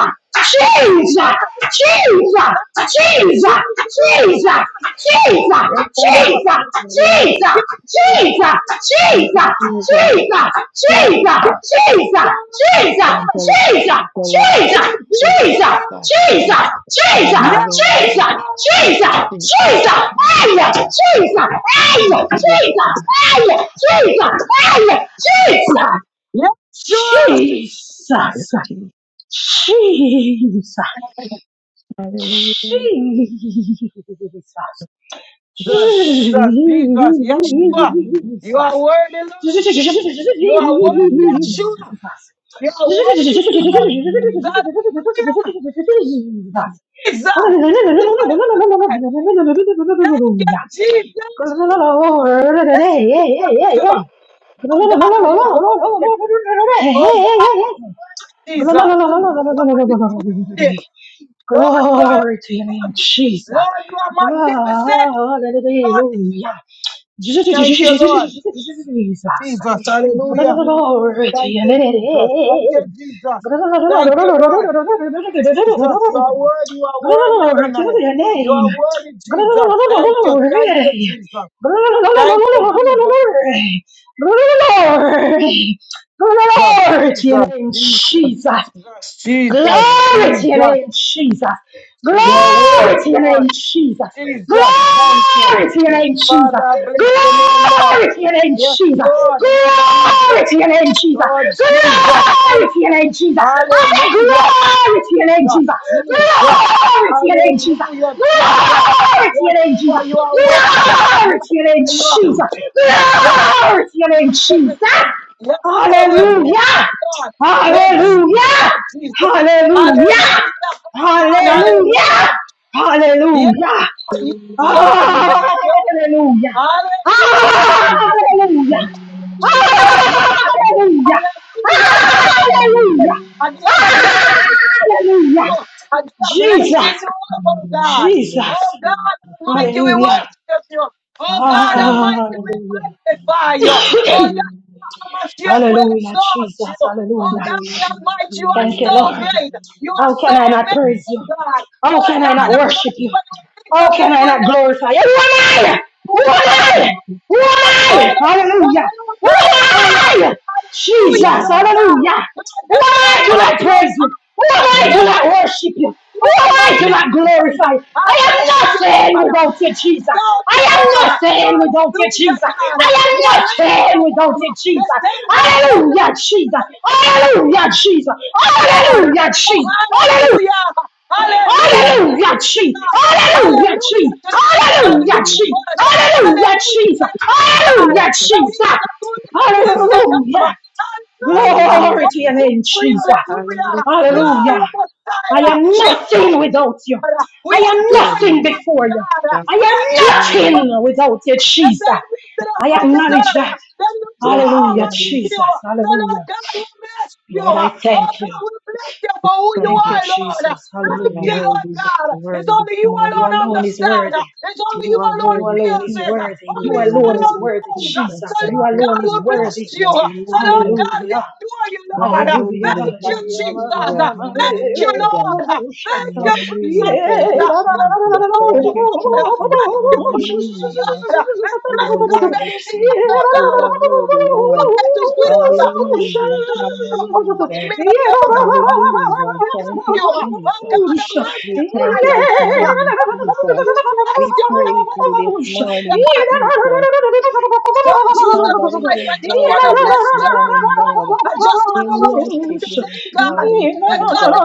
Speaker 1: Jesus, Jesus, Jesus,
Speaker 2: Jesus.
Speaker 1: Jesus,
Speaker 3: Thank
Speaker 1: Jesus. Jesus, Jesus, Jesus,
Speaker 2: Yes, Lord.
Speaker 3: you,
Speaker 2: Give Jesus.
Speaker 1: Jesus, Jesus, Jesus,
Speaker 3: Jesus. Yeah.
Speaker 1: Jesus,
Speaker 2: Give
Speaker 1: Jesus, Jesus,
Speaker 3: Thank you,
Speaker 2: Jesus.
Speaker 3: Lord.
Speaker 1: Jesus,
Speaker 3: Thank
Speaker 1: Jesus,
Speaker 3: you,
Speaker 1: Jesus,
Speaker 3: Lord.
Speaker 2: Give
Speaker 3: Thank
Speaker 1: Jesus,
Speaker 2: Jesus.
Speaker 3: God. Thank you,
Speaker 1: Jesus,
Speaker 2: Yes,
Speaker 3: Lord.
Speaker 2: sure.
Speaker 1: Jesus, Jesus,
Speaker 3: Thank
Speaker 1: Jesus, Aya, Jesus, Aya,
Speaker 3: you,
Speaker 1: Jesus, Aya, Jesus, Aya, Jesus,
Speaker 2: Yes, sure.
Speaker 1: Jesus, Jesus,
Speaker 3: Jesus.
Speaker 1: Jesus.
Speaker 3: Hallelujah.
Speaker 1: Jesus.
Speaker 2: Jesus,
Speaker 1: Jesus.
Speaker 2: Jesus, Jesus. yes, sure. You are worthy, Lord. You are worthy, Yeshua. You are worthy, King of Kings. Hallelujah. Jesus, you are Lord. Thank you, Jesus. Thank you, Yeshua. Oh God, you are worthy. Oh God, you are worthy, Jesus. Lord, you are worthy.
Speaker 1: Jesus.
Speaker 2: Lord, you are
Speaker 1: Glory to your name,
Speaker 2: good.
Speaker 1: Jesus.
Speaker 2: Lord, you are magnificent. Lord,
Speaker 1: Hallelujah. Jesus.
Speaker 2: thank you, Lord. Jesus, hallelujah.
Speaker 1: Glory to
Speaker 2: Thank
Speaker 1: your name. Glory to your
Speaker 2: you, Jesus. Thank you, Jesus. Thank you, Lord. Jesus, you are worthy. You are worthy, Adonai. You
Speaker 1: name.
Speaker 2: are worthy, Jesus. Thank you.
Speaker 1: Glory.
Speaker 2: Thank you, Jesus. Thank you, Jesus.
Speaker 1: Glory. Glory Glory to your
Speaker 2: Jesus,
Speaker 1: name,
Speaker 2: Jesus,
Speaker 1: Jesus.
Speaker 2: Jesus,
Speaker 1: Glory
Speaker 2: Jesus,
Speaker 1: to your
Speaker 2: Jesus.
Speaker 1: name, Jesus.
Speaker 2: You are
Speaker 3: Hallelujah.
Speaker 2: worthy,
Speaker 1: Glory to your name,
Speaker 2: Lord.
Speaker 1: Jesus.
Speaker 2: Jesus, thank you.
Speaker 1: Glory to your name, Jesus.
Speaker 2: Father, I bless your name, Lord.
Speaker 1: Glory to your name,
Speaker 2: Yes,
Speaker 1: Jesus.
Speaker 2: Lord. Yes,
Speaker 1: Glory
Speaker 2: Jesus.
Speaker 1: to your name, Jesus.
Speaker 2: Lord Jesus,
Speaker 1: Glory
Speaker 2: thank
Speaker 1: to your
Speaker 2: you.
Speaker 1: name, Jesus. I say
Speaker 2: Hallelujah.
Speaker 1: glory to your name,
Speaker 2: God,
Speaker 1: Jesus.
Speaker 2: Jesus.
Speaker 1: Glory to your name, Jesus.
Speaker 2: Hallelujah, Jesus.
Speaker 1: Glory to
Speaker 2: Yes,
Speaker 1: your name,
Speaker 2: for
Speaker 1: Jesus.
Speaker 2: you are worthy. Yes,
Speaker 1: Glory to your name,
Speaker 2: for you are
Speaker 3: Thank
Speaker 1: Jesus.
Speaker 2: awesome. Yes,
Speaker 1: Glory
Speaker 2: Lord,
Speaker 1: to your
Speaker 2: you
Speaker 1: name,
Speaker 2: are
Speaker 1: Jesus.
Speaker 2: magnificent. Yes,
Speaker 3: you,
Speaker 2: Lord, we bless
Speaker 3: Lord.
Speaker 1: Hallelujah.
Speaker 2: you, Lord. We
Speaker 3: Thank
Speaker 1: Hallelujah.
Speaker 2: exalt you, Jesus.
Speaker 1: Hallelujah!
Speaker 2: Hallelujah. Come on,
Speaker 1: Hallelujah!
Speaker 2: hallelujah, Yes,
Speaker 1: Hallelujah!
Speaker 3: you,
Speaker 2: Lord. Yes,
Speaker 3: Lord.
Speaker 2: Lord. Yes, Lord.
Speaker 1: Hallelujah!
Speaker 2: Hallelujah.
Speaker 1: Hallelujah!
Speaker 3: Hallelujah.
Speaker 2: Amen. Yes, Lord.
Speaker 1: Hallelujah!
Speaker 2: Hallelujah. I give glory.
Speaker 3: Hallelujah.
Speaker 1: Hallelujah!
Speaker 2: I give glory.
Speaker 1: Hallelujah!
Speaker 2: Oh, I'm just
Speaker 1: Jesus!
Speaker 2: lifting you up, oh God. Oh
Speaker 1: Jesus!
Speaker 2: God
Speaker 3: Thank
Speaker 2: Almighty, we
Speaker 3: you,
Speaker 1: Hallelujah!
Speaker 3: Jesus.
Speaker 2: worship you. Oh God
Speaker 3: Thank you,
Speaker 2: Almighty, we
Speaker 3: Jesus.
Speaker 1: Hallelujah!
Speaker 2: magnify you. Oh
Speaker 3: Hallelujah.
Speaker 2: Yahweh Hamashiach, we
Speaker 1: Hallelujah!
Speaker 2: exalt you.
Speaker 1: Jesus!
Speaker 2: Oh
Speaker 1: Hallelujah!
Speaker 2: God
Speaker 3: Hallelujah.
Speaker 2: Almighty, you are
Speaker 1: Thank you,
Speaker 2: so
Speaker 1: Lord.
Speaker 2: great.
Speaker 3: Hallelujah.
Speaker 2: You are
Speaker 1: How
Speaker 2: so
Speaker 1: can I not praise you?
Speaker 2: amazing, God.
Speaker 1: How
Speaker 2: Lord
Speaker 1: can I
Speaker 2: God
Speaker 1: not worship
Speaker 2: Almighty,
Speaker 1: you?
Speaker 2: when we think
Speaker 1: How
Speaker 2: of
Speaker 1: can
Speaker 2: your
Speaker 1: I not
Speaker 2: goodness,
Speaker 1: glorify
Speaker 2: your
Speaker 1: you? Who am
Speaker 2: goodness,
Speaker 1: I? Who
Speaker 2: who
Speaker 1: am
Speaker 2: you are,
Speaker 1: I?
Speaker 3: Thank
Speaker 2: Lord,
Speaker 3: you,
Speaker 1: Who am
Speaker 2: our soul
Speaker 1: I?
Speaker 2: of the
Speaker 1: Hallelujah.
Speaker 2: Lord.
Speaker 1: Who
Speaker 2: Hallelujah.
Speaker 1: am I? Jesus.
Speaker 2: Hallelujah, Lord
Speaker 3: Jesus.
Speaker 2: God.
Speaker 1: Hallelujah.
Speaker 2: Lord
Speaker 1: Who am
Speaker 2: God
Speaker 1: I to
Speaker 2: Almighty,
Speaker 1: not
Speaker 2: you are
Speaker 1: praise you? Who am
Speaker 2: awesome.
Speaker 1: I
Speaker 3: Thank
Speaker 1: to
Speaker 3: you.
Speaker 2: Lord
Speaker 1: not worship you?
Speaker 2: you
Speaker 1: Who
Speaker 2: are
Speaker 1: am I to
Speaker 3: Jesus.
Speaker 1: not
Speaker 2: magnificent.
Speaker 1: glorify? you?
Speaker 2: I
Speaker 1: I am
Speaker 2: bless you,
Speaker 1: nothing
Speaker 2: Lord.
Speaker 1: without you, Jesus.
Speaker 2: Exalt you, Lord.
Speaker 1: I am nothing without you,
Speaker 2: Hallelujah,
Speaker 1: Jesus.
Speaker 2: God.
Speaker 1: I
Speaker 2: The
Speaker 1: am
Speaker 2: I am that
Speaker 1: nothing
Speaker 2: I
Speaker 1: without you,
Speaker 2: am.
Speaker 1: Jesus.
Speaker 2: The same God that
Speaker 1: Hallelujah, Jesus.
Speaker 2: knows.
Speaker 1: Hallelujah, Jesus.
Speaker 2: Lord.
Speaker 1: Hallelujah,
Speaker 2: Oh,
Speaker 1: Jesus. Hallelujah!
Speaker 2: hallelujah. Hallelujah to the
Speaker 1: Hallelujah, Jesus.
Speaker 2: God.
Speaker 1: Hallelujah,
Speaker 2: Hallelujah
Speaker 1: Jesus.
Speaker 2: to the creator of the
Speaker 1: Hallelujah,
Speaker 3: Hallelujah.
Speaker 1: Jesus.
Speaker 2: universe.
Speaker 1: Hallelujah,
Speaker 2: Hallelujah to
Speaker 1: Jesus.
Speaker 2: the God.
Speaker 1: Hallelujah,
Speaker 2: That is
Speaker 1: Jesus.
Speaker 2: the doing who is to come.
Speaker 1: Hallelujah.
Speaker 3: Hallelujah.
Speaker 2: Hallelujah.
Speaker 3: Hallelujah.
Speaker 1: Glory
Speaker 2: Oh,
Speaker 1: to your name,
Speaker 2: glory,
Speaker 1: Jesus.
Speaker 2: hallelujah. Glory
Speaker 1: Hallelujah. I
Speaker 2: Messiah.
Speaker 3: Thank
Speaker 1: am
Speaker 2: We
Speaker 3: you,
Speaker 2: bless
Speaker 1: nothing without
Speaker 2: you,
Speaker 1: you.
Speaker 2: Lord! We
Speaker 1: I am
Speaker 2: adore you,
Speaker 1: nothing
Speaker 3: Hallelujah.
Speaker 2: mighty
Speaker 1: before you.
Speaker 2: God.
Speaker 1: I
Speaker 2: We adore
Speaker 1: am
Speaker 3: Hallelujah.
Speaker 2: you,
Speaker 1: nothing without you,
Speaker 2: and
Speaker 1: Jesus.
Speaker 2: that he lifted us
Speaker 1: I
Speaker 3: We
Speaker 2: from this
Speaker 1: acknowledge
Speaker 2: earth.
Speaker 1: that.
Speaker 2: Then you
Speaker 3: Bless
Speaker 2: draw all
Speaker 3: your
Speaker 1: Hallelujah,
Speaker 2: my
Speaker 3: name.
Speaker 2: you.
Speaker 1: Jesus.
Speaker 2: So Lord
Speaker 1: Hallelujah.
Speaker 2: God, we bless you.
Speaker 1: Lord,
Speaker 2: Oh
Speaker 1: I thank you.
Speaker 2: God, we bless you
Speaker 3: We
Speaker 2: for who you
Speaker 3: Thank
Speaker 1: Thank
Speaker 3: you.
Speaker 1: you,
Speaker 2: are, Lord.
Speaker 1: Jesus.
Speaker 2: Thank
Speaker 3: You are
Speaker 2: you,
Speaker 1: Hallelujah.
Speaker 3: worthy.
Speaker 2: Lord
Speaker 3: You
Speaker 2: God.
Speaker 3: The
Speaker 2: It's
Speaker 3: worthy this
Speaker 2: only you
Speaker 1: You
Speaker 3: morning,
Speaker 2: alone
Speaker 1: alone
Speaker 3: Jesus.
Speaker 1: is
Speaker 2: understand.
Speaker 1: worthy.
Speaker 2: It's only you
Speaker 3: You are
Speaker 2: alone
Speaker 1: You
Speaker 3: worthy,
Speaker 1: alone
Speaker 2: feels
Speaker 1: is
Speaker 3: Jesus.
Speaker 2: it.
Speaker 1: worthy.
Speaker 3: You
Speaker 2: Only
Speaker 1: You
Speaker 3: are
Speaker 2: you
Speaker 1: alone is
Speaker 2: alone
Speaker 3: worthy,
Speaker 1: worthy,
Speaker 2: knows.
Speaker 3: Jesus.
Speaker 2: So
Speaker 1: Jesus. You
Speaker 3: Thank
Speaker 2: Lord
Speaker 3: you,
Speaker 2: God,
Speaker 1: alone
Speaker 2: we
Speaker 1: is
Speaker 3: Jesus.
Speaker 2: bless
Speaker 1: worthy.
Speaker 2: you. So Lord
Speaker 3: Hallelujah.
Speaker 2: God, we
Speaker 1: Hallelujah.
Speaker 2: adore you, Lord.
Speaker 3: Hallelujah.
Speaker 2: Thank
Speaker 1: Hallelujah.
Speaker 2: you, Jesus.
Speaker 3: Hallelujah.
Speaker 2: Thank you,
Speaker 3: Hallelujah.
Speaker 2: Lord. Thank you, Prince of
Speaker 3: Hallelujah.
Speaker 2: Peace.
Speaker 3: Thank you,
Speaker 2: Thank you,
Speaker 3: Jesus.
Speaker 2: Lord
Speaker 3: Thank
Speaker 2: of
Speaker 3: you,
Speaker 2: Lord.
Speaker 3: Jesus.
Speaker 2: Thank you,
Speaker 3: Hallelujah.
Speaker 2: God. And
Speaker 3: You
Speaker 2: thank
Speaker 3: are
Speaker 2: God that
Speaker 3: worthy,
Speaker 2: you see us,
Speaker 3: Jesus.
Speaker 2: oh
Speaker 3: You
Speaker 2: God.
Speaker 3: are worthy, Lord.
Speaker 2: God that is with us. And thank
Speaker 3: Hallelujah.
Speaker 2: God that you perform those
Speaker 3: Hallelujah.
Speaker 2: miracles. Oh God, we
Speaker 3: Hallelujah.
Speaker 2: bless
Speaker 3: Thank you,
Speaker 2: you. Oh
Speaker 3: Jesus.
Speaker 2: God, I
Speaker 1: Jesus.
Speaker 3: We
Speaker 2: magnify
Speaker 3: thank you
Speaker 2: your
Speaker 3: this
Speaker 2: name. Oh
Speaker 3: morning,
Speaker 2: God,
Speaker 3: Jesus.
Speaker 2: we bless
Speaker 3: We
Speaker 2: your
Speaker 3: praise
Speaker 2: name.
Speaker 3: you this morning,
Speaker 2: God.
Speaker 3: Jesus.
Speaker 2: Lord Jesus
Speaker 3: Father, we
Speaker 2: Christ, I just
Speaker 3: exalt
Speaker 2: want to
Speaker 3: you this
Speaker 2: bless you.
Speaker 3: morning, Lord.
Speaker 2: I just want
Speaker 3: We
Speaker 2: to worship
Speaker 3: worship
Speaker 2: your
Speaker 3: you this
Speaker 2: name, God.
Speaker 3: morning,
Speaker 2: The God
Speaker 3: Jesus.
Speaker 2: that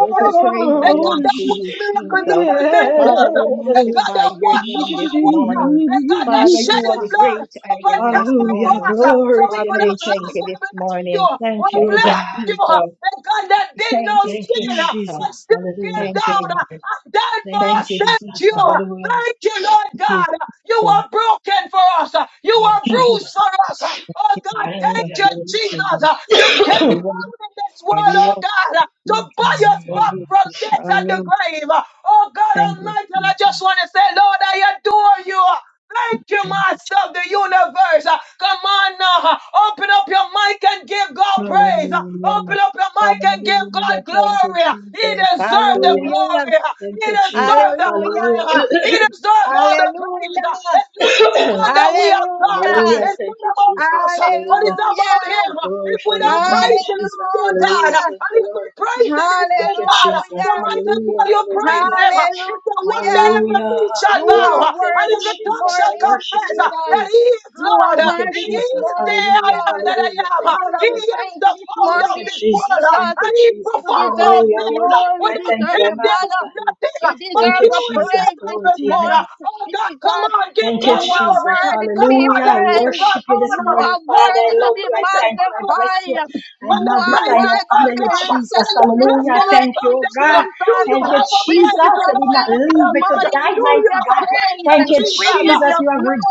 Speaker 3: Every praise
Speaker 2: The God
Speaker 3: belongs
Speaker 2: that
Speaker 3: to
Speaker 2: works
Speaker 3: you,
Speaker 2: miracles
Speaker 3: Jesus.
Speaker 2: upon
Speaker 3: Father,
Speaker 2: miracles.
Speaker 3: we
Speaker 2: The God
Speaker 3: magnify
Speaker 2: that
Speaker 3: your
Speaker 2: walks
Speaker 3: name this
Speaker 2: upon water.
Speaker 3: morning.
Speaker 2: The God that
Speaker 3: Father,
Speaker 2: shed
Speaker 3: you are
Speaker 2: his
Speaker 3: the
Speaker 2: blood
Speaker 3: great I
Speaker 2: upon
Speaker 3: am this
Speaker 2: Calvary
Speaker 1: Hallelujah.
Speaker 3: morning.
Speaker 2: cross. So
Speaker 1: Glory
Speaker 2: we
Speaker 1: to
Speaker 3: Father,
Speaker 1: your
Speaker 2: could
Speaker 1: name,
Speaker 3: we
Speaker 2: have
Speaker 3: thank
Speaker 2: life.
Speaker 1: Jesus.
Speaker 3: you
Speaker 2: We
Speaker 3: this
Speaker 2: bless you.
Speaker 3: morning.
Speaker 2: We
Speaker 1: Thank you,
Speaker 3: Thank you,
Speaker 2: bless
Speaker 1: God.
Speaker 2: you, uh,
Speaker 3: Jesus.
Speaker 2: and God that did no
Speaker 3: Thank you,
Speaker 1: Thank you,
Speaker 2: sin, uh,
Speaker 3: Jesus.
Speaker 2: but
Speaker 1: Jesus.
Speaker 2: still came
Speaker 1: Hallelujah.
Speaker 3: Thank
Speaker 2: down
Speaker 3: you,
Speaker 2: uh,
Speaker 3: Lord.
Speaker 2: and died for
Speaker 1: Thank you,
Speaker 3: Thank
Speaker 2: us.
Speaker 3: you,
Speaker 1: Jesus.
Speaker 2: Thank
Speaker 3: Jesus.
Speaker 2: you. uh,
Speaker 3: Thank
Speaker 1: Hallelujah.
Speaker 2: Thank you, Lord
Speaker 3: you,
Speaker 2: God. uh, You
Speaker 3: Jesus.
Speaker 2: are broken for us. uh, You
Speaker 1: Thank you,
Speaker 2: are
Speaker 3: Thank you,
Speaker 2: bruised for us. uh, Oh
Speaker 1: Jesus.
Speaker 2: God, thank
Speaker 3: Jesus.
Speaker 2: you,
Speaker 1: Hallelujah.
Speaker 3: We
Speaker 2: Jesus.
Speaker 3: worship
Speaker 2: uh, You came
Speaker 3: You
Speaker 1: Hallelujah.
Speaker 3: are
Speaker 2: down in this
Speaker 3: worthy.
Speaker 2: world,
Speaker 3: You are Lord. You
Speaker 2: oh
Speaker 3: are
Speaker 2: God, uh, to buy
Speaker 3: Jesus.
Speaker 2: us
Speaker 3: You are
Speaker 2: back from
Speaker 3: worthy.
Speaker 2: death and the
Speaker 3: Hallelujah.
Speaker 2: grave. uh, Oh God
Speaker 3: Thank you,
Speaker 2: Almighty, and I just
Speaker 3: Jesus.
Speaker 2: want to say, Lord, I adore you. uh, Thank you, Master of the universe. Uh, Come on now. uh, Open up your mic and give God praise. Uh,
Speaker 3: Hallelujah.
Speaker 2: Open up your mic and give God
Speaker 3: Hallelujah. Thank you,
Speaker 2: glory. Uh, He
Speaker 3: Jesus.
Speaker 2: deserves the
Speaker 3: Hallelujah.
Speaker 2: glory. Uh,
Speaker 1: Thank
Speaker 2: He
Speaker 1: you,
Speaker 2: deserves
Speaker 1: Jesus.
Speaker 2: the
Speaker 3: Hallelujah.
Speaker 1: Hallelujah.
Speaker 2: honor. Uh, He deserves all the praise. Uh,
Speaker 3: Hallelujah.
Speaker 2: It's nothing good that we have done. Uh,
Speaker 3: Hallelujah.
Speaker 1: Hallelujah.
Speaker 2: It's
Speaker 1: Thank
Speaker 2: not
Speaker 1: you,
Speaker 2: about
Speaker 1: Jesus.
Speaker 2: us, uh, but
Speaker 1: Hallelujah.
Speaker 2: it's
Speaker 3: Hallelujah.
Speaker 2: about Him.
Speaker 1: We
Speaker 2: Uh, If
Speaker 1: glorify
Speaker 2: we
Speaker 1: your
Speaker 2: don't
Speaker 1: name,
Speaker 2: praise Him,
Speaker 1: Jesus.
Speaker 2: instead, God.
Speaker 1: Hallelujah.
Speaker 2: And
Speaker 3: Hallelujah.
Speaker 1: Thank
Speaker 2: if
Speaker 1: you,
Speaker 2: we
Speaker 1: Lord.
Speaker 2: praise him
Speaker 1: Thank
Speaker 2: instead,
Speaker 1: you,
Speaker 2: God,
Speaker 1: Jesus.
Speaker 2: then
Speaker 3: Hallelujah.
Speaker 2: might as
Speaker 1: Hallelujah.
Speaker 2: well you praise
Speaker 1: Hallelujah.
Speaker 2: him. You say one day
Speaker 3: Hallelujah.
Speaker 2: every
Speaker 1: Hallelujah,
Speaker 2: knee shall
Speaker 3: You are
Speaker 2: bow
Speaker 1: hallelujah. Thank
Speaker 2: and
Speaker 3: worthy
Speaker 1: you,
Speaker 2: every
Speaker 3: this
Speaker 1: Jesus.
Speaker 2: tongue shall
Speaker 1: I
Speaker 3: morning,
Speaker 1: worship
Speaker 2: confess
Speaker 1: you. I
Speaker 3: Jesus.
Speaker 2: that
Speaker 1: praise
Speaker 2: he
Speaker 1: you.
Speaker 2: is
Speaker 3: You are
Speaker 2: Lord.
Speaker 1: Thank you,
Speaker 3: worthy
Speaker 2: He
Speaker 3: this
Speaker 2: is
Speaker 1: Jesus.
Speaker 2: the
Speaker 3: morning,
Speaker 2: I
Speaker 1: Hallelujah,
Speaker 2: am
Speaker 3: Lord.
Speaker 2: that I
Speaker 1: hallelujah.
Speaker 2: am.
Speaker 1: Thank you,
Speaker 2: He
Speaker 3: Father, we
Speaker 1: Jesus.
Speaker 2: is
Speaker 3: thank
Speaker 2: the
Speaker 3: you this
Speaker 2: founder
Speaker 1: Thank
Speaker 2: of
Speaker 1: you,
Speaker 3: morning,
Speaker 2: this world
Speaker 1: Jesus.
Speaker 3: Jesus.
Speaker 1: Thank
Speaker 2: and
Speaker 1: you,
Speaker 2: he
Speaker 3: You
Speaker 1: Jesus.
Speaker 2: performs
Speaker 3: deserve
Speaker 2: all
Speaker 3: the
Speaker 1: Hallelujah. I
Speaker 2: things.
Speaker 1: worship
Speaker 3: glory,
Speaker 1: you.
Speaker 3: you
Speaker 1: I
Speaker 2: Without
Speaker 1: thank
Speaker 3: deserve
Speaker 1: you. I
Speaker 2: him
Speaker 3: the
Speaker 2: there was
Speaker 3: honor,
Speaker 1: magnify you.
Speaker 2: nothing,
Speaker 3: you
Speaker 2: but
Speaker 1: Thank
Speaker 3: deserve
Speaker 1: you,
Speaker 3: the
Speaker 2: through him
Speaker 1: Jesus.
Speaker 2: there's
Speaker 3: praise this
Speaker 1: Glory to your
Speaker 2: everything.
Speaker 3: morning,
Speaker 1: name.
Speaker 2: Oh God, come
Speaker 3: Jesus.
Speaker 2: on, give
Speaker 1: Thank
Speaker 3: You
Speaker 1: you,
Speaker 2: God
Speaker 3: are
Speaker 2: glory.
Speaker 1: Jesus.
Speaker 3: worthy to
Speaker 2: Come
Speaker 3: be
Speaker 2: on,
Speaker 1: Hallelujah. I
Speaker 2: let's give
Speaker 3: praised.
Speaker 2: God
Speaker 1: worship you this
Speaker 3: You
Speaker 2: honor.
Speaker 1: morning,
Speaker 3: are
Speaker 2: Oh
Speaker 1: Father. I
Speaker 3: worthy
Speaker 2: God
Speaker 3: to
Speaker 1: love
Speaker 3: be
Speaker 1: you. I
Speaker 2: Almighty, the
Speaker 1: thank you. I bless you.
Speaker 2: Bible.
Speaker 3: magnified.
Speaker 1: I
Speaker 3: You
Speaker 2: When the
Speaker 3: are
Speaker 1: magnify you.
Speaker 2: praises
Speaker 3: worthy
Speaker 1: I honor
Speaker 3: to
Speaker 2: goes
Speaker 1: you,
Speaker 3: be
Speaker 2: up,
Speaker 3: lifted
Speaker 1: Jesus.
Speaker 2: then
Speaker 3: up
Speaker 2: the
Speaker 3: this
Speaker 1: Hallelujah. I
Speaker 2: blessing will
Speaker 1: Thank you,
Speaker 2: come
Speaker 3: morning,
Speaker 1: oh
Speaker 2: down. Do you
Speaker 3: Jesus.
Speaker 2: have a
Speaker 3: We give
Speaker 2: praise the
Speaker 3: you
Speaker 2: Lord
Speaker 3: thanks
Speaker 2: God
Speaker 3: this
Speaker 2: Almighty?
Speaker 3: morning. We
Speaker 2: Do
Speaker 3: give
Speaker 2: you
Speaker 3: you
Speaker 2: have a praise to
Speaker 3: praise. We
Speaker 2: Jesus? I
Speaker 3: give
Speaker 2: don't
Speaker 3: you